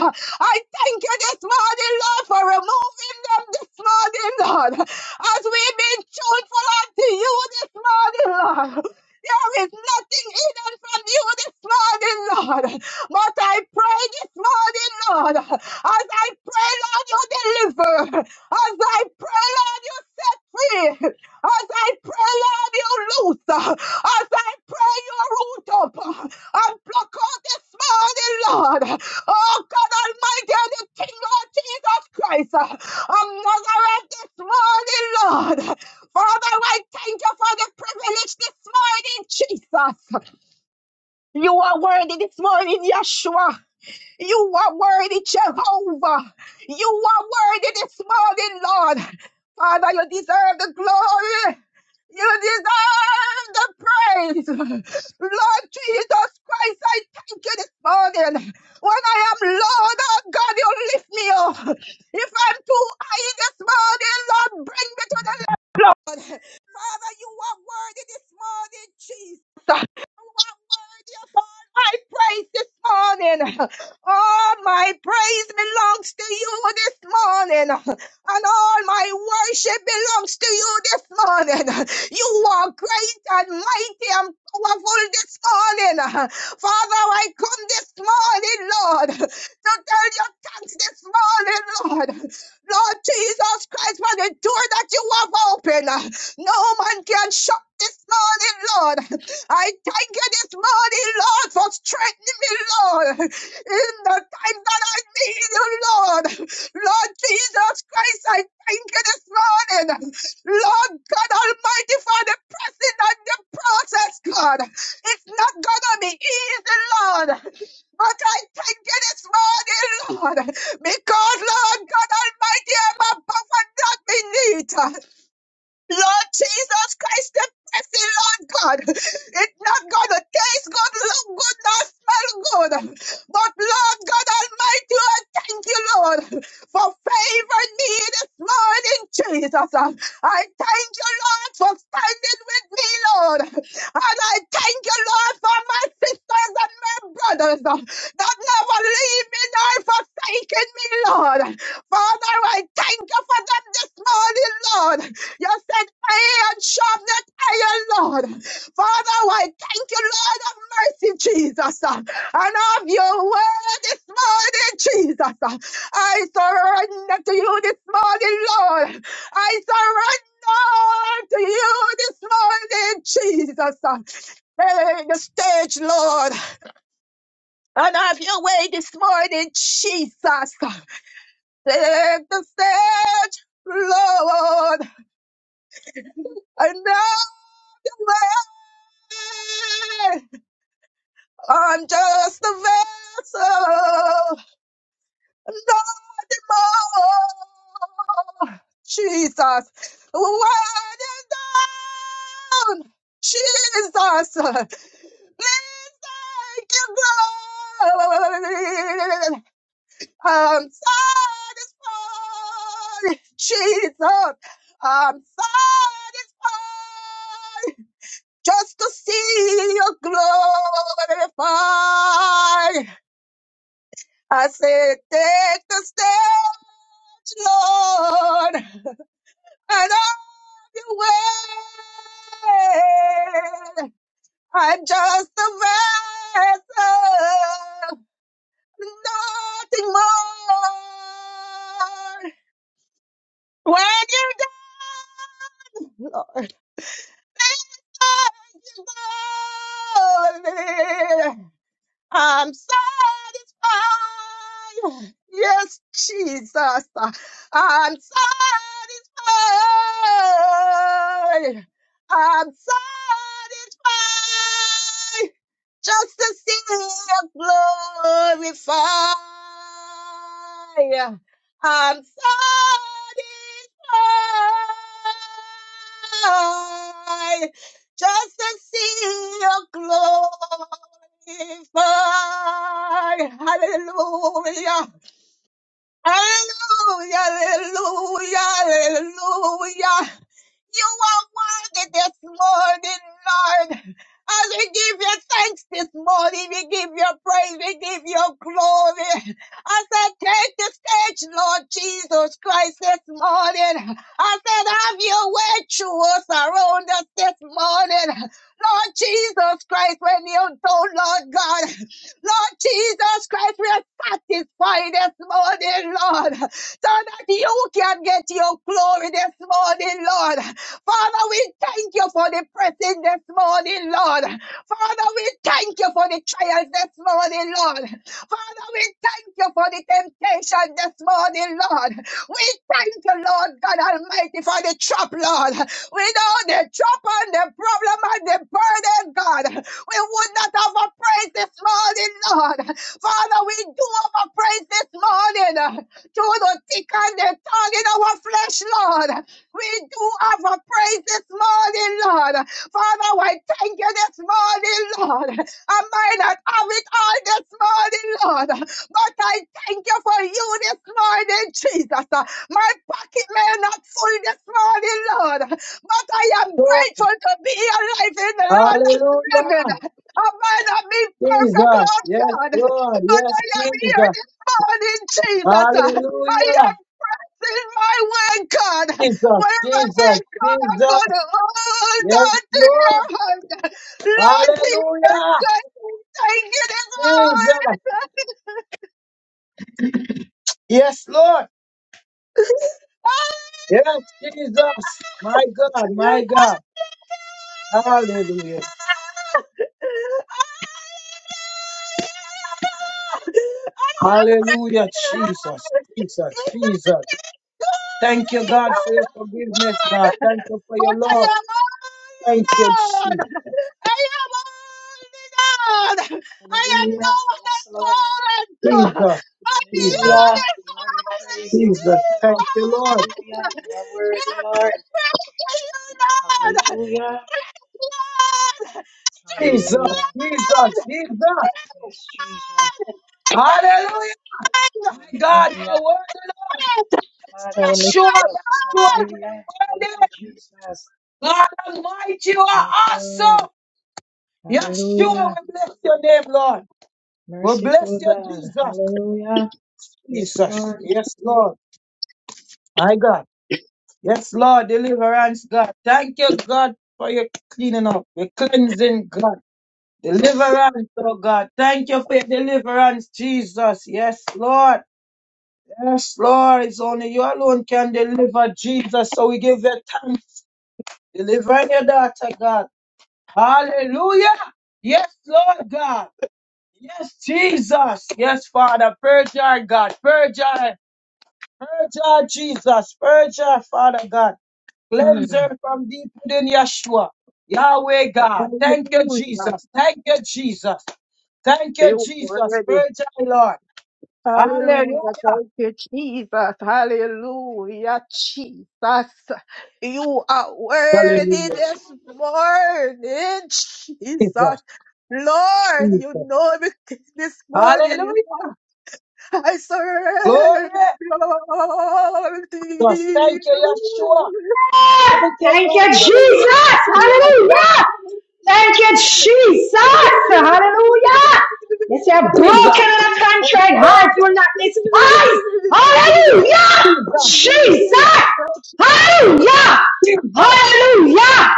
Speaker 3: Lord. I thank you this morning, Lord, for removing them this morning, Lord. As we've been tuneful unto you this morning, Lord. There is nothing hidden from you this morning, Lord. But I pray this morning, Lord, as I pray, Lord, you deliver. As I pray, Lord, you set free. As I pray, Lord, you loose. As I pray, you root up and pluck out this morning, Lord. Oh God Almighty, and the King Lord Jesus Christ uh, of Nazareth this morning, Lord. Father, I thank you for the privilege this morning, Jesus. You are worthy this morning, Yeshua. You are worthy, Jehovah. You are worthy this morning, Lord. Father, you deserve the glory. You deserve the praise. Lord Jesus Christ, I thank you this morning. When I am low, oh God, you lift me up. If I'm too high this morning, Lord, bring me to the Father, you are worthy this morning, Jesus my praise this morning. All my praise belongs to you this morning. And all my worship belongs to you this morning. You are great and mighty and powerful this morning. Father, I come this morning, Lord, to tell you thanks this morning, Lord. Lord Jesus Christ, for the door that you have opened. No man can shut this morning, Lord. I thank you this morning, Lord, for strengthening me, Lord, in the time that I need you, Lord. Lord Jesus Christ, I thank you this morning. Lord God Almighty, for the pressing and the process, God. It's not gonna be easy, Lord. But I thank you this morning, Lord, because Lord God Almighty, I'm above and not beneath. Lord Jesus Christ, the blessing, Lord God. It's not going to taste good, look good, not smell good. But Lord God Almighty, I thank you, Lord, for favoring me this morning, Jesus. I thank you, Lord, for standing with me, Lord. And I thank you, Lord, for my sisters and my brothers that never leave me nor forsaken me, Lord. Father, I thank you for them this morning, Lord. You said iron sharpened iron, Lord. Father, I thank you, Lord of mercy, Jesus, uh, and of your word this morning, Jesus. uh. I surrender to you this morning, Lord. I surrender to you this morning, Jesus. uh. Hey, the stage, Lord, and have your way this morning, Jesus. uh. Take the stage, Lord, and have your way. I'm just a vessel, nothing more. Jesus, what down, Jesus, please take your glory. I'm satisfied, Jesus. I'm satisfied. just to see you glorified. I said, take the stage, Lord, and have your way. I'm just a vessel, nothing more. When you die, Lord, I'm your glory. I'm satisfied. Yes, Jesus. I'm satisfied. I'm satisfied. Just to see you glorify. I'm satisfied just to see your glory. Hallelujah, hallelujah, hallelujah, hallelujah, hallelujah. You are worthy this morning, Lord. As we give you thanks this morning, we give you praise, we give you glory. I said, take the stage, Lord Jesus Christ, this morning. I said, have your way through us, around us this morning. Lord Jesus Christ, when you do, Lord God. Lord Jesus Christ, we are satisfied this morning, Lord, so that you can get your glory this morning, Lord. Father, we thank you for the pressing this morning, Lord. Father, we thank you for the trials this morning, Lord. Father, we thank you for the temptation this morning, Lord. We thank you, Lord God Almighty, for the trap, Lord. We know the trap and the problem and the burden, God. We would not have praised this morning, Lord. Father, we do have praise this morning. to the thick and the tongue in our flesh, Lord. We do have a praise this morning, Lord. Father, I thank you this morning, Lord. I might not have it all this morning, Lord, but I thank you for you this morning, Jesus. My pocket may not full this morning, Lord, but I am grateful to be alive in the land of driven.
Speaker 2: hallelujah,
Speaker 3: I might not be perfect,
Speaker 2: Jesus,
Speaker 3: Lord
Speaker 2: yes,
Speaker 3: God,
Speaker 2: Lord,
Speaker 3: but
Speaker 2: yes,
Speaker 3: I am here
Speaker 2: Jesus,
Speaker 3: this morning, Jesus. I am
Speaker 2: hallelujah,
Speaker 3: in my way, God.
Speaker 2: Jesus,
Speaker 3: Wherever I
Speaker 2: Jesus,
Speaker 3: come, I'm going
Speaker 2: Jesus,
Speaker 3: to hold
Speaker 2: yes,
Speaker 3: on to your
Speaker 2: Lord,
Speaker 3: hand. Lord Jesus
Speaker 2: hallelujah,
Speaker 3: Christ, we thank you this
Speaker 2: Jesus, yes, Lord, yes, Jesus, my God, my God, hallelujah,
Speaker 3: morning. I I I am
Speaker 2: hallelujah,
Speaker 3: am
Speaker 2: Jesus, Jesus,
Speaker 3: am
Speaker 2: Jesus, thank you,
Speaker 3: God.
Speaker 2: God, for your forgiveness, God,
Speaker 3: But
Speaker 2: thank you for your
Speaker 3: But only
Speaker 2: love,
Speaker 3: only
Speaker 2: thank you,
Speaker 3: no
Speaker 2: Jesus.
Speaker 3: one
Speaker 1: Hallelujah. Yes, Lord.
Speaker 3: at all. you the
Speaker 2: Jesus, Jesus,
Speaker 1: Hallelujah.
Speaker 3: other
Speaker 1: Lord, we
Speaker 3: God
Speaker 1: praise
Speaker 3: is
Speaker 1: you. We
Speaker 3: me,
Speaker 2: Jesus.
Speaker 1: lift you
Speaker 2: Thank
Speaker 1: up.
Speaker 2: you, Lord.
Speaker 3: Lord.
Speaker 1: Hallelujah. You are
Speaker 3: Hear
Speaker 1: worthy, Lord.
Speaker 3: my prayer to you, Lord,
Speaker 1: Hallelujah.
Speaker 3: strength, Lord,
Speaker 2: Jesus,
Speaker 3: Strength,
Speaker 1: Hallelujah.
Speaker 3: Lord.
Speaker 2: Jesus, Jesus.
Speaker 3: Stand
Speaker 1: Yes, Jesus.
Speaker 3: to
Speaker 2: Hallelujah. My God,
Speaker 1: Hallelujah.
Speaker 2: you're worthy, Lord.
Speaker 3: it!
Speaker 1: Father,
Speaker 3: Stand
Speaker 1: we
Speaker 3: to
Speaker 1: lift
Speaker 3: my
Speaker 2: Yeshua,
Speaker 1: you up.
Speaker 2: Yeshua, you
Speaker 1: Hallelujah.
Speaker 2: are
Speaker 1: Thank
Speaker 2: worthy.
Speaker 1: you, Jesus.
Speaker 2: God Almighty, you are
Speaker 1: Thank you, Lord.
Speaker 2: awesome. Yeshua,
Speaker 1: Hallelujah.
Speaker 2: we bless your name, Lord. We bless
Speaker 1: Merciful
Speaker 2: you,
Speaker 1: God.
Speaker 2: Jesus.
Speaker 1: Hallelujah. Yes,
Speaker 2: Jesus.
Speaker 1: Lord.
Speaker 2: Yes, Lord. My God. Yes, Lord. Deliverance, God. Thank you, God, for your cleaning up, your cleansing, God. Deliverance, oh God. Thank you for your deliverance, Jesus. Yes, Lord. Yes, Lord. It's only you alone can deliver, Jesus. So we give you thanks. Delivering your daughter, God. Hallelujah. Yes, Lord God. Yes, Jesus. Yes, Father. Purge our God. Purge our Purge her, Jesus. Purge her, Father God.
Speaker 3: Lord!
Speaker 2: Cleanse her from deep within Yeshua. Yahweh God. Thank you,
Speaker 3: Hallelujah.
Speaker 2: Jesus. Thank you, Jesus. Thank you,
Speaker 3: You
Speaker 2: Jesus.
Speaker 3: worthy.
Speaker 2: Purge her, Lord. Hallelujah.
Speaker 3: Hallelujah. Thank you, Jesus. Hallelujah, Jesus. You are worthy
Speaker 2: Hallelujah.
Speaker 3: this morning, Jesus.
Speaker 2: Jesus.
Speaker 3: Lord, you
Speaker 2: Jesus.
Speaker 3: know me this morning.
Speaker 2: Hallelujah.
Speaker 3: Lord. I
Speaker 2: Glory.
Speaker 3: surrender all to
Speaker 2: Just thank you, Yeshua.
Speaker 3: you.
Speaker 2: Thank you,
Speaker 1: Thank
Speaker 2: God,
Speaker 1: you,
Speaker 2: for the cleansing.
Speaker 1: Jesus.
Speaker 2: God. Thank
Speaker 1: Hallelujah. Thank you, Jesus. Hallelujah. Yes, you're
Speaker 2: you, Jesus.
Speaker 1: broken in a
Speaker 2: Yes,
Speaker 1: contrite heart.
Speaker 2: Lord.
Speaker 1: You will not despise. Hallelujah.
Speaker 2: Jesus.
Speaker 1: Jesus. Hallelujah.
Speaker 2: Jesus.
Speaker 1: Hallelujah.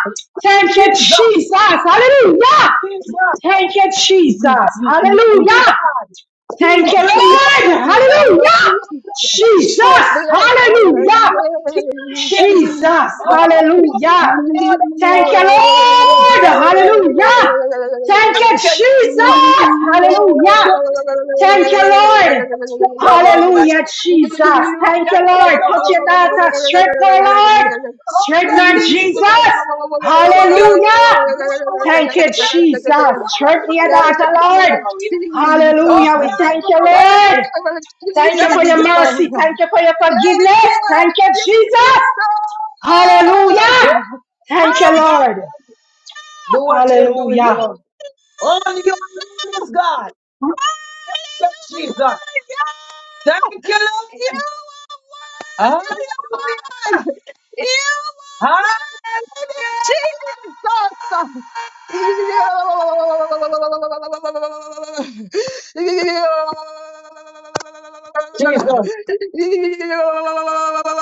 Speaker 1: Thank you,
Speaker 2: Jesus.
Speaker 1: Jesus. Hallelujah.
Speaker 2: Jesus.
Speaker 1: Thank you, Jesus.
Speaker 2: Thank you,
Speaker 1: Hallelujah.
Speaker 2: God.
Speaker 1: Thank you,
Speaker 3: Jesus,
Speaker 2: Only you
Speaker 3: of
Speaker 1: Lord.
Speaker 2: alone,
Speaker 3: your
Speaker 2: God.
Speaker 3: word,
Speaker 2: Only
Speaker 1: Hallelujah.
Speaker 2: you alone,
Speaker 1: Jesus.
Speaker 2: Yeshua.
Speaker 3: bless
Speaker 2: Only
Speaker 3: your
Speaker 2: you
Speaker 1: Hallelujah.
Speaker 2: alone, King of
Speaker 3: name,
Speaker 2: Kings.
Speaker 1: Jesus.
Speaker 3: Jesus.
Speaker 2: Only you
Speaker 1: Hallelujah.
Speaker 2: alone,
Speaker 3: Thank
Speaker 2: Lord of
Speaker 1: Thank you,
Speaker 2: Lords. We
Speaker 1: Lord.
Speaker 2: bless you,
Speaker 1: Hallelujah.
Speaker 2: Jesus.
Speaker 1: Thank you,
Speaker 2: Thank you, Yeshua.
Speaker 1: Jesus.
Speaker 2: Thank
Speaker 1: Hallelujah.
Speaker 2: you for your
Speaker 1: Thank you,
Speaker 2: peace.
Speaker 1: Lord.
Speaker 2: Thank you, Jehovah
Speaker 1: Hallelujah,
Speaker 2: Shammah.
Speaker 1: Jesus. Thank you,
Speaker 2: Thank you,
Speaker 1: Lord. Touch your
Speaker 2: Jehovah
Speaker 1: daughter.
Speaker 2: Ruah.
Speaker 1: Strengthen her, Lord. Strengthen
Speaker 2: Jehovah
Speaker 1: her,
Speaker 2: Tinktu.
Speaker 1: Jesus.
Speaker 2: Thank you,
Speaker 1: Hallelujah.
Speaker 2: God. You are
Speaker 1: Thank you,
Speaker 2: worthy.
Speaker 1: Jesus.
Speaker 2: Oh,
Speaker 1: Strengthen your daughter, Lord. Hallelujah. We
Speaker 2: God,
Speaker 1: thank
Speaker 2: you
Speaker 1: you,
Speaker 2: are
Speaker 1: Lord.
Speaker 2: worthy.
Speaker 1: Thank you for
Speaker 2: Thank
Speaker 1: your
Speaker 2: you.
Speaker 1: mercy.
Speaker 3: you.
Speaker 1: Thank you for your
Speaker 3: Thank
Speaker 1: forgiveness.
Speaker 3: you,
Speaker 1: Thank you,
Speaker 3: Jesus.
Speaker 1: Jesus. Hallelujah.
Speaker 2: Oh,
Speaker 3: Hallelujah.
Speaker 1: Thank you,
Speaker 2: Lord God,
Speaker 1: Lord.
Speaker 2: do what you're doing,
Speaker 1: Hallelujah.
Speaker 2: Lord. Only you alone is God. Thank you, Jesus.
Speaker 3: Hallelujah.
Speaker 2: Thank you,
Speaker 3: You
Speaker 2: Lord.
Speaker 3: are worthy, Lord.
Speaker 2: Hallelujah.
Speaker 3: You
Speaker 2: Hallelujah!
Speaker 3: are worthy, Jesus. You.
Speaker 2: Jesus.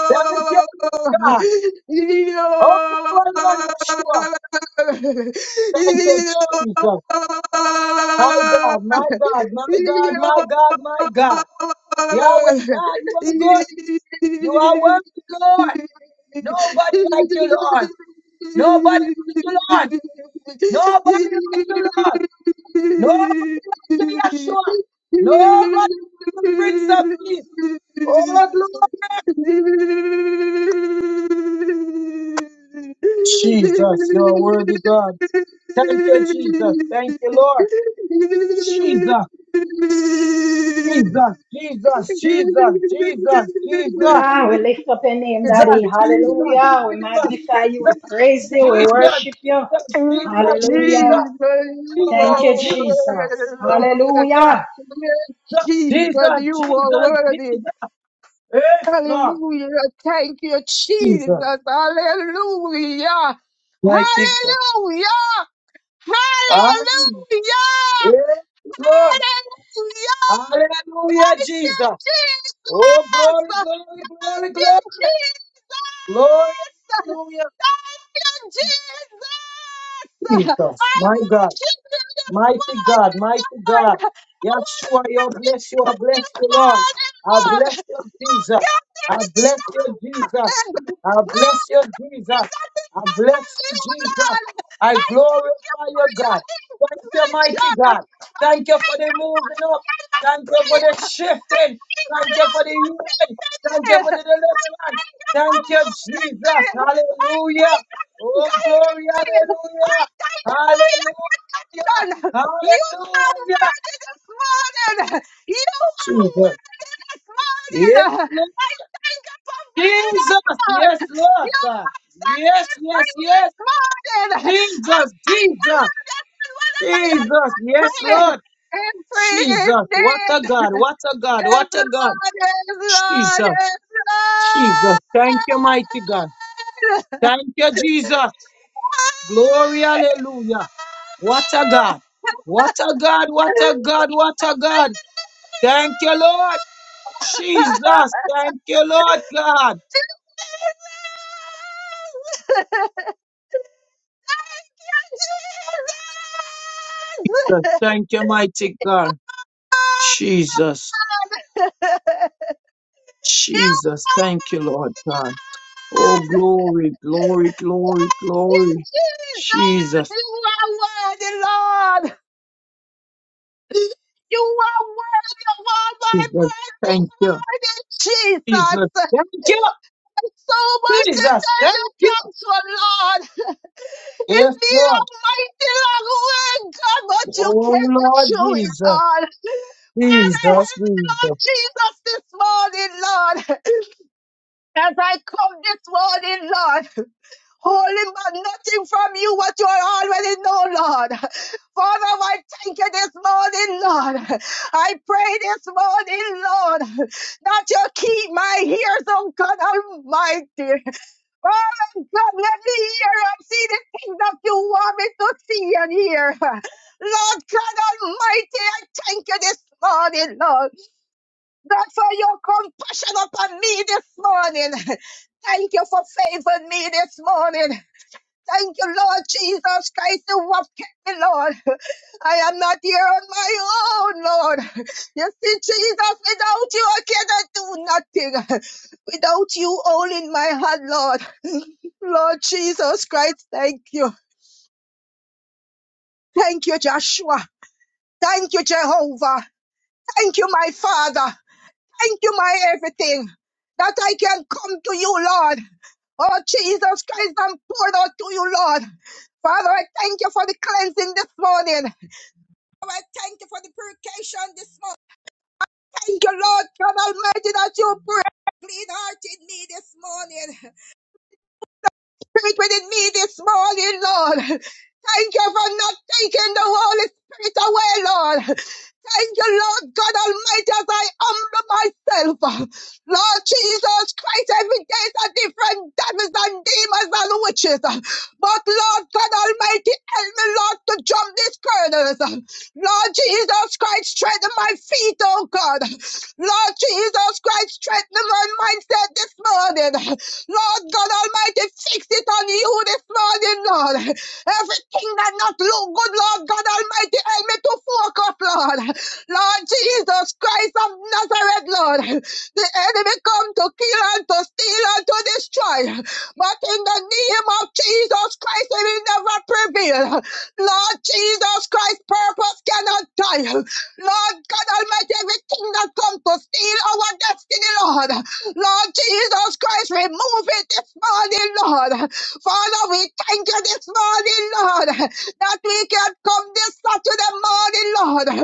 Speaker 2: Thank you,
Speaker 3: You.
Speaker 2: God. Oh, Lord, Lord, Yeshua. Thank you, Jesus. My God, my God, my God, my God, my God. Yahweh God, you are good. You are worthy, Lord. Nobody like you, Lord. Nobody like you, Lord. Nobody like you, Lord. Nobody like you, Yeshua. Nobody like you, Prince of Peace. Oh, glory.
Speaker 3: Jesus,
Speaker 2: Jesus, you're worthy, God. Thank you, Jesus. Thank you, Lord. Jesus, Jesus, Jesus, Jesus, Jesus, Jesus,
Speaker 1: Hallelujah. We lift up your name,
Speaker 2: Jesus,
Speaker 1: Daddy. Hallelujah. We magnify you. We praise
Speaker 2: Jesus, Jesus, Jesus, Jesus, Jesus, Jesus,
Speaker 1: you. We worship you. Hallelujah.
Speaker 2: Jesus,
Speaker 3: Lord,
Speaker 2: Jesus,
Speaker 1: Thank you, Jesus. Hallelujah.
Speaker 2: Jesus,
Speaker 3: Jesus, you are
Speaker 2: Jesus,
Speaker 3: worthy.
Speaker 2: Jesus, yes, Lord,
Speaker 3: Hallelujah. Thank you,
Speaker 2: Jesus,
Speaker 3: Jesus. Hallelujah.
Speaker 2: mighty God,
Speaker 3: Hallelujah.
Speaker 2: Amen.
Speaker 3: Hallelujah!
Speaker 2: yes, Lord,
Speaker 3: Hallelujah!
Speaker 2: hallelujah,
Speaker 3: Thank you,
Speaker 2: Jesus,
Speaker 3: Jesus!
Speaker 2: Oh, glory, glory,
Speaker 3: Thank
Speaker 2: glory,
Speaker 3: you,
Speaker 2: glory.
Speaker 3: Jesus!
Speaker 2: Glory, hallelujah.
Speaker 3: Thank you, Jesus!
Speaker 2: Jesus,
Speaker 3: I
Speaker 2: my God.
Speaker 3: worship you this
Speaker 2: Mighty God, mighty God.
Speaker 3: morning, Lord! I want to
Speaker 2: Yeshua, you
Speaker 3: tell you
Speaker 2: bless you. I bless
Speaker 3: thank
Speaker 2: you,
Speaker 3: you,
Speaker 2: Lord.
Speaker 3: Lord!
Speaker 2: I
Speaker 3: Lord!
Speaker 2: bless you,
Speaker 3: Look
Speaker 2: Jesus.
Speaker 3: at
Speaker 2: I
Speaker 3: the
Speaker 2: bless you, Jesus.
Speaker 3: enemy,
Speaker 2: I
Speaker 3: no
Speaker 2: bless you, Jesus.
Speaker 3: nothing
Speaker 2: I
Speaker 3: other than
Speaker 2: bless you,
Speaker 3: you,
Speaker 2: Jesus.
Speaker 3: Lord.
Speaker 2: I
Speaker 3: I thank you
Speaker 2: glorify
Speaker 3: for
Speaker 2: you,
Speaker 3: your
Speaker 2: God. Thank you, mighty
Speaker 3: intervention.
Speaker 2: God.
Speaker 3: I
Speaker 2: Thank you for
Speaker 3: thank
Speaker 2: the
Speaker 3: you for
Speaker 2: moving up.
Speaker 3: answered my
Speaker 2: Thank you for
Speaker 3: prayer.
Speaker 2: the
Speaker 3: I
Speaker 2: shifting.
Speaker 3: thank you,
Speaker 2: Thank you
Speaker 3: Lord,
Speaker 2: for the
Speaker 3: for saving
Speaker 2: healing. Thank you for
Speaker 3: I
Speaker 2: the deliverance.
Speaker 3: thank you for
Speaker 2: Thank you,
Speaker 3: moving
Speaker 2: Jesus.
Speaker 3: I
Speaker 2: Hallelujah.
Speaker 3: thank you for
Speaker 2: Oh,
Speaker 3: guiding
Speaker 2: glory.
Speaker 3: me. I
Speaker 2: Hallelujah.
Speaker 3: thank you for your
Speaker 2: Hallelujah.
Speaker 3: protection. You are
Speaker 2: Hallelujah.
Speaker 3: worthy this morning. You are
Speaker 2: Jesus.
Speaker 3: worthy this
Speaker 2: Yes,
Speaker 3: morning.
Speaker 2: Lord.
Speaker 3: I thank you for being a
Speaker 2: Jesus.
Speaker 3: Lord.
Speaker 2: Yes,
Speaker 3: You
Speaker 2: Lord. God.
Speaker 3: set
Speaker 2: Yes,
Speaker 3: me
Speaker 2: yes,
Speaker 3: free this
Speaker 2: yes.
Speaker 3: morning. I
Speaker 2: Jesus,
Speaker 3: thank the
Speaker 2: Jesus,
Speaker 3: Lord that when whatever
Speaker 2: Jesus.
Speaker 3: you
Speaker 2: Yes,
Speaker 3: praying,
Speaker 2: Lord.
Speaker 3: and free
Speaker 2: Jesus. What
Speaker 3: indeed.
Speaker 2: a God. What a God.
Speaker 3: Yes,
Speaker 2: What a God.
Speaker 3: Lord, yes, Lord,
Speaker 2: Jesus.
Speaker 3: yes,
Speaker 2: Jesus. Thank you, mighty God.
Speaker 3: Lord.
Speaker 2: Thank you, Jesus. Glory, hallelujah. What a God. What a God. What a God. What a God. Thank you, Lord. Jesus, thank you, Lord God.
Speaker 3: Thank you, Jesus.
Speaker 2: Thank you, mighty God.
Speaker 3: God.
Speaker 2: Jesus,
Speaker 3: You
Speaker 2: Jesus,
Speaker 3: are God.
Speaker 2: thank you, Lord God. Oh,
Speaker 3: Thank
Speaker 2: glory, glory, glory,
Speaker 3: you,
Speaker 2: glory.
Speaker 3: Jesus.
Speaker 2: Jesus,
Speaker 3: You are worthy, Lord. You are worthy of all my
Speaker 2: Jesus,
Speaker 3: praise this
Speaker 2: thank you.
Speaker 3: morning, Jesus.
Speaker 2: Jesus, thank you.
Speaker 3: So much to
Speaker 2: Jesus,
Speaker 3: tell you
Speaker 2: thank you.
Speaker 3: thanks for, Lord. It's
Speaker 2: Yes,
Speaker 3: been a
Speaker 2: Lord.
Speaker 3: mighty long way, God, but you
Speaker 2: Oh,
Speaker 3: kept me
Speaker 2: Lord
Speaker 3: through it
Speaker 2: Jesus,
Speaker 3: all. Father,
Speaker 2: Jesus,
Speaker 3: help me, Lord
Speaker 2: Jesus,
Speaker 3: Jesus, this morning, Lord. As I come this morning, Lord. holding back nothing from you what you already know, Lord. Father, I thank you this morning, Lord. I pray this morning, Lord, that you keep my ears, oh God Almighty. Oh God, let me hear and see the things that you want me to see and hear. Lord God Almighty, I thank you this morning, Lord, that for your compassion upon me this morning. Thank you for favoring me this morning. Thank you, Lord Jesus Christ, who have kept me, Lord. I am not here on my own, Lord. You see, Jesus, without you, I cannot do nothing. Without you holding my hand, Lord. Lord Jesus Christ, thank you. Thank you, Joshua. Thank you, Jehovah. Thank you, my Father. Thank you, my everything, that I can come to you, Lord. Oh, Jesus Christ, I'm poured out to you, Lord. Father, I thank you for the cleansing this morning. Father, I thank you for the purification this morning. Thank you, Lord God Almighty, that you put a clean heart in me this morning. Spirit within me this morning, Lord. Thank you for not taking the Holy Spirit away, Lord. Thank you, Lord God Almighty, as I humble myself. Lord Jesus Christ, every day is a different devils and demons and witches. But Lord God Almighty, help me, Lord, to jump these kernels. Lord Jesus Christ, strengthen my feet, oh God. Lord Jesus Christ, strengthen my mindset this morning. Lord God Almighty, fix it on you this morning, Lord. Everything that not look good, Lord God Almighty, help me to focus, Lord. Lord Jesus Christ of Nazareth, Lord, the enemy come to kill and to steal and to destroy. But in the name of Jesus Christ, it will never prevail. Lord Jesus Christ, purpose cannot die. Lord God Almighty, everything that come to steal our destiny, Lord. Lord Jesus Christ, remove it this morning, Lord. Father, we thank you this morning, Lord, that we can come this Saturday morning, Lord.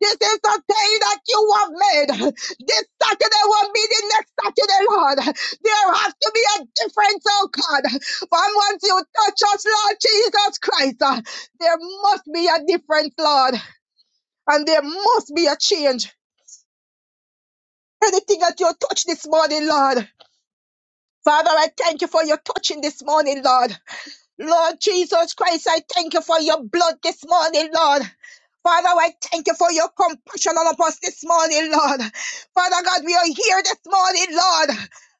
Speaker 3: This is the day that you have made. This Saturday will be the next Saturday, Lord. There has to be a difference, oh God. From once you touch us, Lord Jesus Christ, uh, there must be a difference, Lord. And there must be a change. Anything that you touch this morning, Lord. Father, I thank you for your touching this morning, Lord. Lord Jesus Christ, I thank you for your blood this morning, Lord. Father, I thank you for your compassion on us this morning, Lord. Father God, we are here this morning, Lord.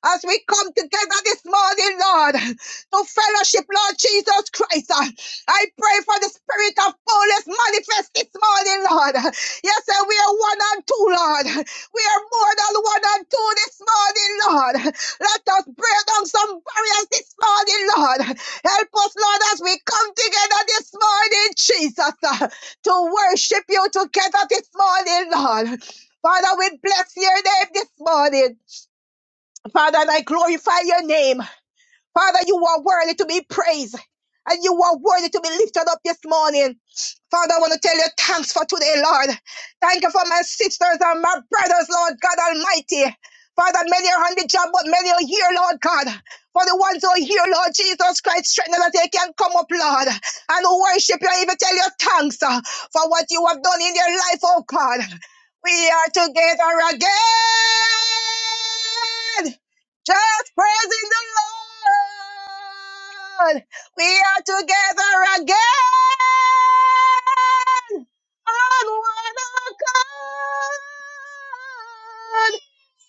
Speaker 3: As we come together this morning, Lord, to fellowship, Lord Jesus Christ, uh, I pray for the spirit of boldness manifest this morning, Lord. Yes, sir, we are one and two, Lord. We are more than one and two this morning, Lord. Let us break down some barriers this morning, Lord. Help us, Lord, as we come together this morning, Jesus, uh, to worship you together this morning, Lord. Father, we bless your name this morning. Father, and I glorify your name. Father, you are worthy to be praised and you are worthy to be lifted up this morning. Father, I want to tell you thanks for today, Lord. Thank you for my sisters and my brothers, Lord God Almighty. Father, many are on the job, but many are here, Lord God. For the ones who are here, Lord Jesus Christ, strengthen that they can come up, Lord, and worship you and even tell you thanks uh, for what you have done in their life, oh God. We are together again. Just praising the Lord. We are together again on one accord.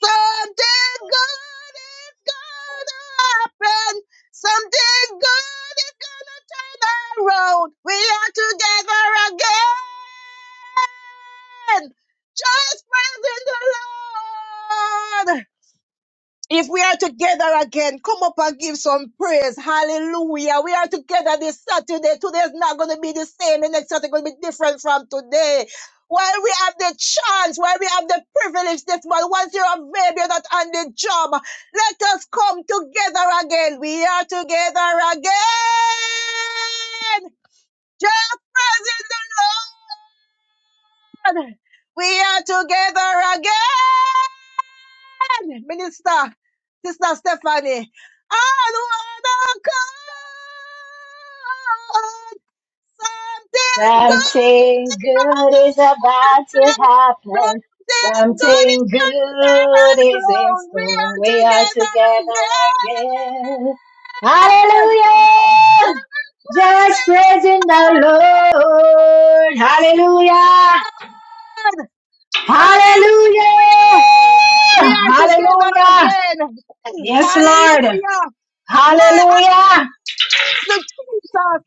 Speaker 3: Something good is gonna happen. Something good is gonna turn around. We are together again. Just praising the Lord. If we are together again, come up and give some praise. Hallelujah. We are together this Saturday. Today is not going to be the same. The next Saturday is going to be different from today. While we have the chance, while we have the privilege this month, once you're available, you're not on the job, let us come together again. We are together again. Just praising the Lord. We are together again. Minister, Sister Stephanie. And wanna come something good.
Speaker 1: Something good is about to
Speaker 3: happened. Something
Speaker 1: happen.
Speaker 3: good is
Speaker 1: Something
Speaker 3: coming.
Speaker 1: good is in
Speaker 3: Oh, we
Speaker 1: store.
Speaker 3: are
Speaker 1: We are
Speaker 3: together
Speaker 1: together again.
Speaker 3: again.
Speaker 1: Hallelujah.
Speaker 3: Just praise
Speaker 1: Just
Speaker 3: the
Speaker 1: praising the
Speaker 3: Lord.
Speaker 1: Lord. Hallelujah.
Speaker 3: Hallelujah. We
Speaker 1: Hallelujah!
Speaker 3: are together
Speaker 1: Hallelujah!
Speaker 3: again.
Speaker 1: Yes, Lord.
Speaker 3: Hallelujah. My eyes
Speaker 1: Hallelujah!
Speaker 3: to Jesus.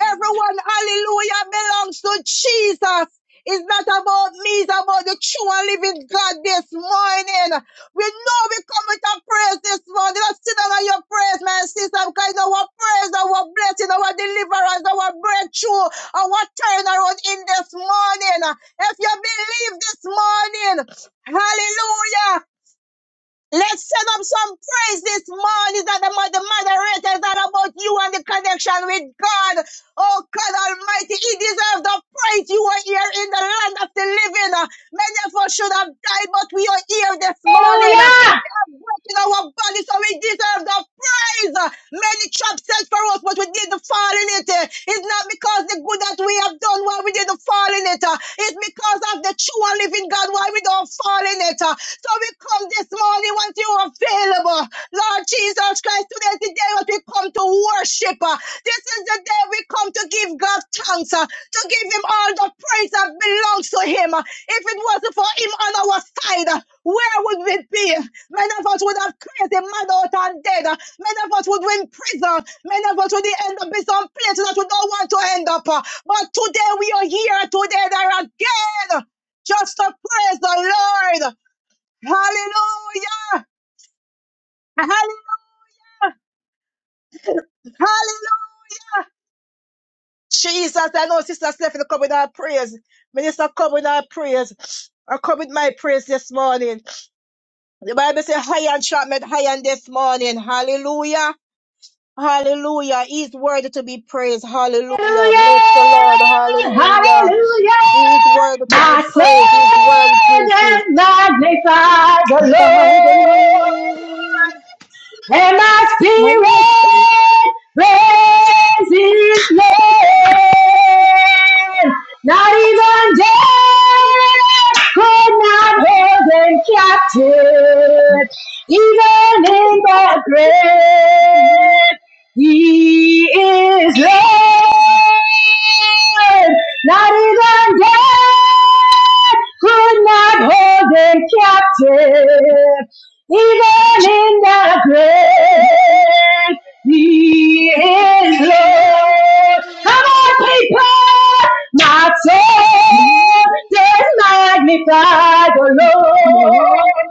Speaker 3: Everyone, hallelujah, belongs to Jesus. It's not about me, it's about the true and living God this morning. We know we come with a praise this morning. Let's sit down on your praise, my sister, because our praise, our blessing, our deliverance, our breakthrough, our turnaround in this morning. If you believe this morning, hallelujah. Let's send up some praise this morning that the, the moderators are about you and the connection with God. Oh God Almighty, He deserves the praise. You are here in the land of the living. Many of us should have died, but we are here this morning
Speaker 1: Hallelujah!
Speaker 3: breaking our body, so we deserve the praise. Many traps set for us, but we did the fall in it. It's not because the good that we have done why we did the fall in it. It's because of the true and living God why we don't fall in it. So we come this morning once you are available. Lord Jesus Christ, today is the day that we come to worship. This is the day we come to give God thanks, to give him all the praise that belongs to him. If it wasn't for him on our side, where would we be? Many of us would have crazy mad out and dead. Many of us would be in prison. Many of us would end up in some place that we don't want to end up. But today we are here together again just to praise the Lord. Hallelujah. Hallelujah. Hallelujah. Jesus, I know Sister Stephanie come with our prayers. Minister come with our prayers. I come with my praise this morning. The Bible says, high and sharp made high and this morning. Hallelujah. Hallelujah. He is worthy to be praised. Hallelujah.
Speaker 1: Hallelujah!
Speaker 3: Bless the Lord. Hallelujah.
Speaker 1: Hallelujah!
Speaker 3: He is worthy to be
Speaker 1: My
Speaker 3: praised. He is worthy to be
Speaker 1: Savior
Speaker 3: praised.
Speaker 1: magnify
Speaker 3: by the
Speaker 1: the
Speaker 3: Lord.
Speaker 1: Lord. and my
Speaker 3: I respect
Speaker 1: spirit praise his name. Not even death could not hold them captive, even in the grave. He is Lord. Not even death could not hold them captive even in the grave. He is Lord. Come on, people, my soul does magnify the
Speaker 3: you.
Speaker 1: Lord,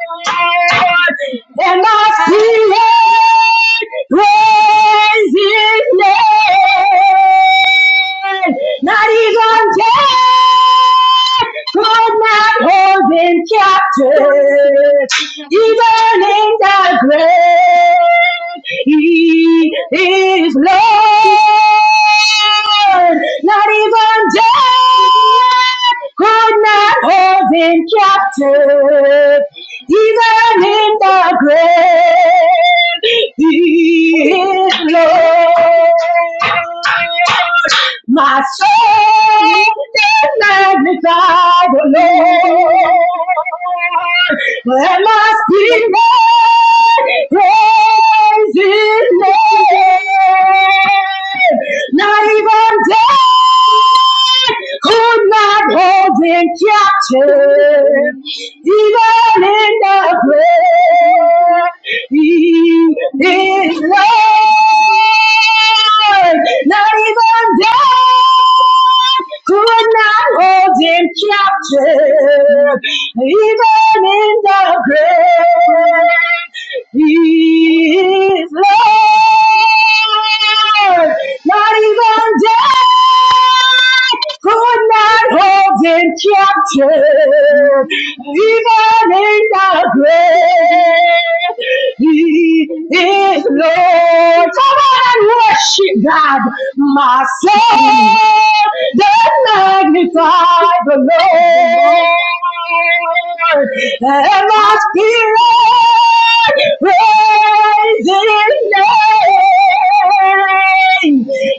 Speaker 1: and my
Speaker 3: I,
Speaker 1: spirit praise His name. Not even death could not hold him captive. Even in the grave, He is Lord. Not even death could not hold Him captive. Even in the grave, He is Lord. My soul is magnified the Lord. And my spirit praise His name. Not even death could not hold Him could not hold him captive, even in the grave. He is Lord. Come on and worship God, my soul magnify the Lord and my spirit praise His name.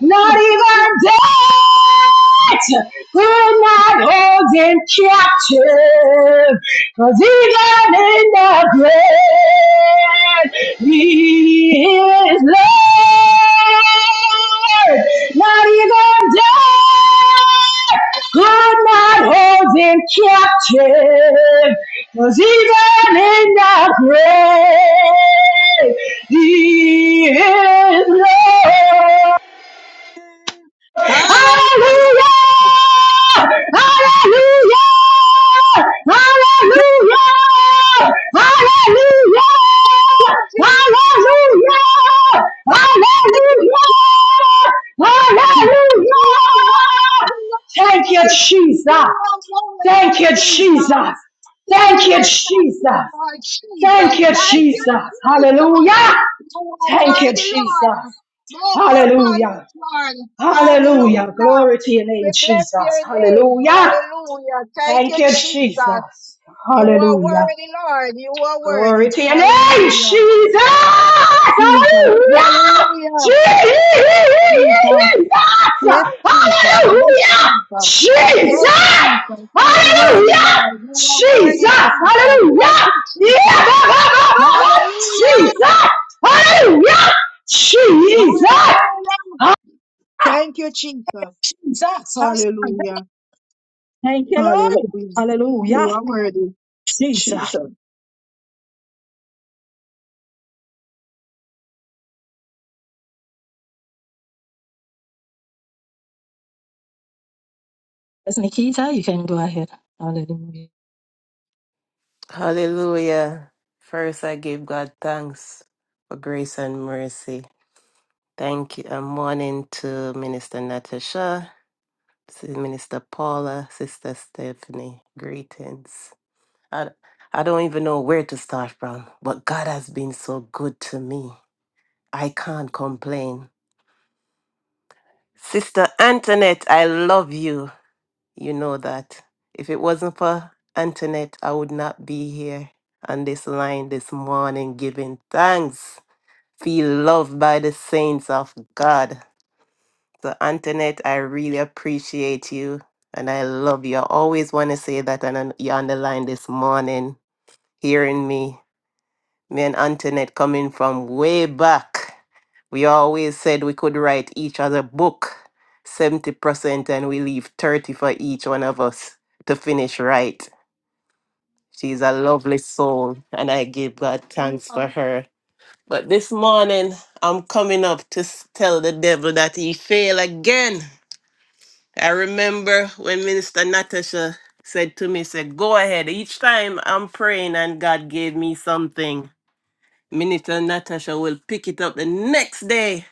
Speaker 1: Not even death could not hold Him captive, 'cause even in the grave He is Lord. What are you gonna do? i not hold him captive, 'cause even in the grave, He is Lord.
Speaker 3: hallelujah.
Speaker 1: Hallelujah! Hallelujah! Hallelujah! Hallelujah!
Speaker 3: Dear Jesus,
Speaker 1: Hallelujah! Hallelujah! Hallelujah!
Speaker 3: You are worthy,
Speaker 1: Thank you,
Speaker 3: Lord.
Speaker 1: Jesus.
Speaker 3: You are worthy,
Speaker 1: Thank you,
Speaker 3: Jesus.
Speaker 1: Jesus.
Speaker 3: No
Speaker 1: Thank you,
Speaker 3: more
Speaker 1: Jesus.
Speaker 3: captive, Lord Jesus.
Speaker 1: Thank you,
Speaker 3: Thank you,
Speaker 1: Jesus.
Speaker 3: Jesus.
Speaker 1: Hallelujah.
Speaker 3: You are
Speaker 1: Thank you,
Speaker 3: worthy,
Speaker 1: Jesus.
Speaker 3: Lord. No more
Speaker 1: Hallelujah.
Speaker 3: bondage, Lord.
Speaker 1: Hallelujah.
Speaker 3: Hallelujah.
Speaker 1: Glory to your name,
Speaker 3: We bless your
Speaker 1: Jesus.
Speaker 3: name.
Speaker 1: Hallelujah.
Speaker 3: Hallelujah. Thank
Speaker 1: Thank
Speaker 3: you,
Speaker 1: you,
Speaker 3: Jesus.
Speaker 1: Jesus.
Speaker 3: You are
Speaker 1: Hallelujah.
Speaker 3: worthy, Lord. You are
Speaker 1: Glory.
Speaker 3: worthy. Hallelujah. Jesus. Hallelujah.
Speaker 1: Jesus.
Speaker 3: Jesus. Yes, Jesus. Yes,
Speaker 1: Hallelujah.
Speaker 3: Jesus.
Speaker 1: Jesus.
Speaker 3: Yes, Jesus. You are worthy,
Speaker 1: Hallelujah.
Speaker 3: Lord. You are worthy,
Speaker 1: Jesus.
Speaker 3: Jesus. Thank
Speaker 1: Hallelujah.
Speaker 3: you, Jesus.
Speaker 1: Yeah, ba, ba, ba, ba, ba.
Speaker 3: Hallelujah.
Speaker 1: Jesus. Hallelujah. Jesus.
Speaker 3: Hallelujah. Thank you, Jesus.
Speaker 1: Jesus. Hallelujah.
Speaker 3: Hallelujah.
Speaker 1: Thank you, Lord.
Speaker 3: Hallelujah.
Speaker 1: Hallelujah.
Speaker 3: You are worthy,
Speaker 1: Jesus.
Speaker 3: Jesus.
Speaker 4: Hallelujah. First, I give God thanks for grace and mercy. Thank you. And morning to Minister Natasha, to Minister Paula, Sister Stephanie. Greetings. I, I don't even know where to start from, but God has been so good to me. I can't complain. Sister Antoinette, I love you. You know that. If it wasn't for Antoinette, I would not be here on this line this morning giving thanks. Feel loved by the saints of God. So, Antoinette, I really appreciate you and I love you. I always want to say that, and you're on the line this morning hearing me. Me and Antoinette coming from way back. We always said we could write each other book 70% and we leave 30 for each one of us to finish right. She's a lovely soul, and I give God thanks for her. But this morning, I'm coming up to s- tell the devil that he failed again. I remember when Minister Natasha said to me, said, go ahead. Each time I'm praying and God gave me something, Minister Natasha will pick it up the next day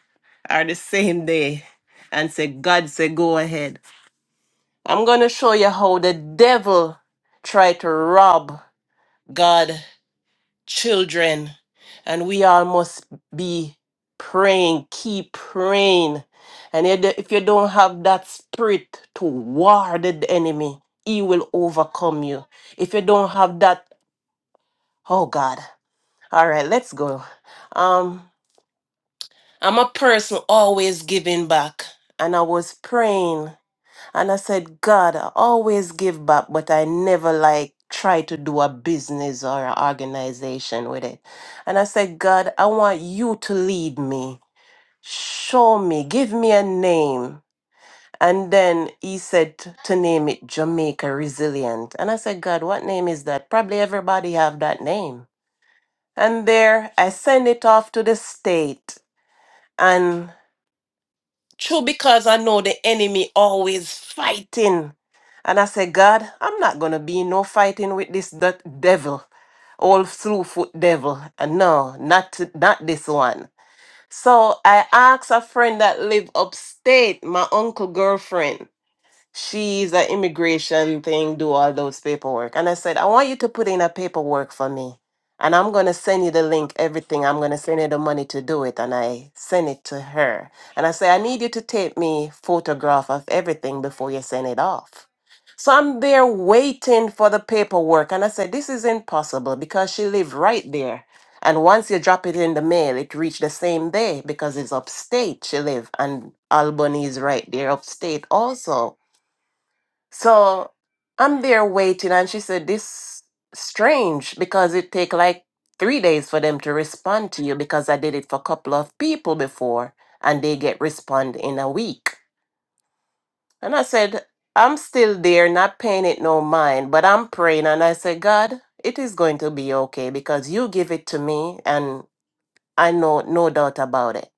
Speaker 4: or the same day and say, God said, go ahead. I'm going to show you how the devil try to rob God children. And we all must be praying, keep praying. And you d- if you don't have that spirit to war the d- enemy, he will overcome you. If you don't have that, oh God. All right, let's go. Um, I'm a person always giving back. And I was praying and I said, God, I always give back, but I never like try to do a business or an organization with it. And I said, God, I want you to lead me, show me, give me a name. And then he said t- to name it Jamaica Resilient. And I said, God, what name is that? Probably everybody have that name. And there I send it off to the state. and. True, because I know the enemy always fighting. And I say, God, I'm not gonna be in no fighting with this that devil, old slew foot devil. And no, not to- not this one. So I asked a friend that live upstate, my uncle girlfriend she's an immigration thing, do all those paperwork. And I said, I want you to put in a paperwork for me. And I'm going to send you the link, everything. I'm going to send you the money to do it. And I send it to her. And I say, I need you to take me photograph of everything before you send it off. So I'm there waiting for the paperwork. And I said, this is impossible because she lived right there. And once you drop it in the mail, it reached the same day because it's upstate she live. And Albany is right there upstate also. So I'm there waiting, and she said, "This strange because it take like three days for them to respond to you because I did it for a couple of people before, and they get respond in a week." And I said, "I'm still there, not paying it no mind, but I'm praying." And I said, "God, it is going to be okay because you give it to me, and I know no doubt about it."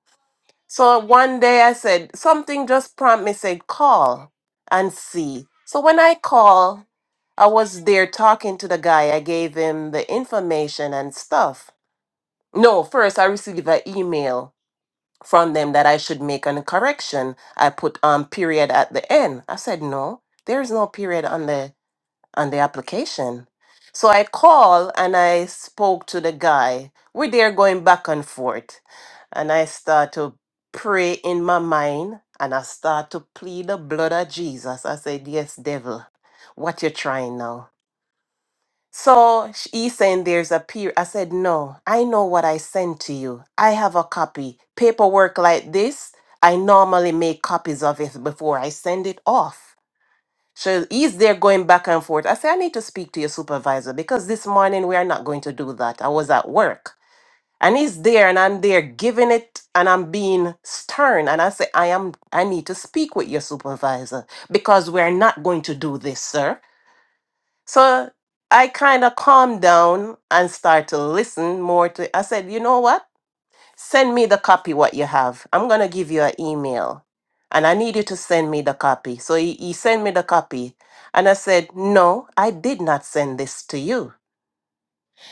Speaker 4: So one day I said something just prompted me said, "Call and see." So when I call. I was there talking to the guy. I gave him the information and stuff. No, first I received an email from them that I should make a correction. I put um period at the end. I said no, there is no period on the on the application. So I called and I spoke to the guy. We're there going back and forth. And I start to pray in my mind and I start to plead the blood of Jesus. I said, Yes, devil, what you trying now? So sh- he saying there's a peer. I said, no, I know what I sent to you. I have a copy. Paperwork like this, I normally make copies of it before I send it off. So he's there going back and forth. I said, I need to speak to your supervisor because this morning we are not going to do that. I was at work. And he's there and I'm there giving it and I'm being stern. And I say, I am I need to speak with your supervisor because we're not going to do this, sir. So I kind of calmed down and start to listen more to. I said, you know what? Send me the copy what you have. I'm gonna give you an email, and I need you to send me the copy. So he, he sent me the copy, and I said, no, I did not send this to you.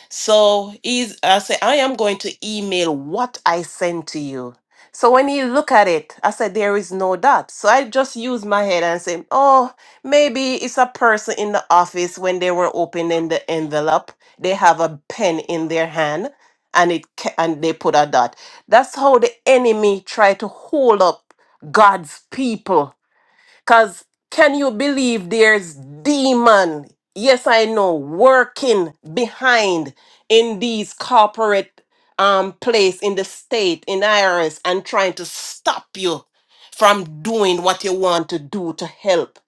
Speaker 4: So he's, I say I am going to email what I sent to you. So when he look at it, I said, there is no dot. So I just use my head and say, oh, maybe it's a person in the office when they were opening the envelope. They have a pen in their hand and it ca- and they put a dot. That's how the enemy try to hold up God's people Cause can you believe there's demon? Yes, I know, working behind in these corporate um place in the state, in IRS, and trying to stop you from doing what you want to do to help.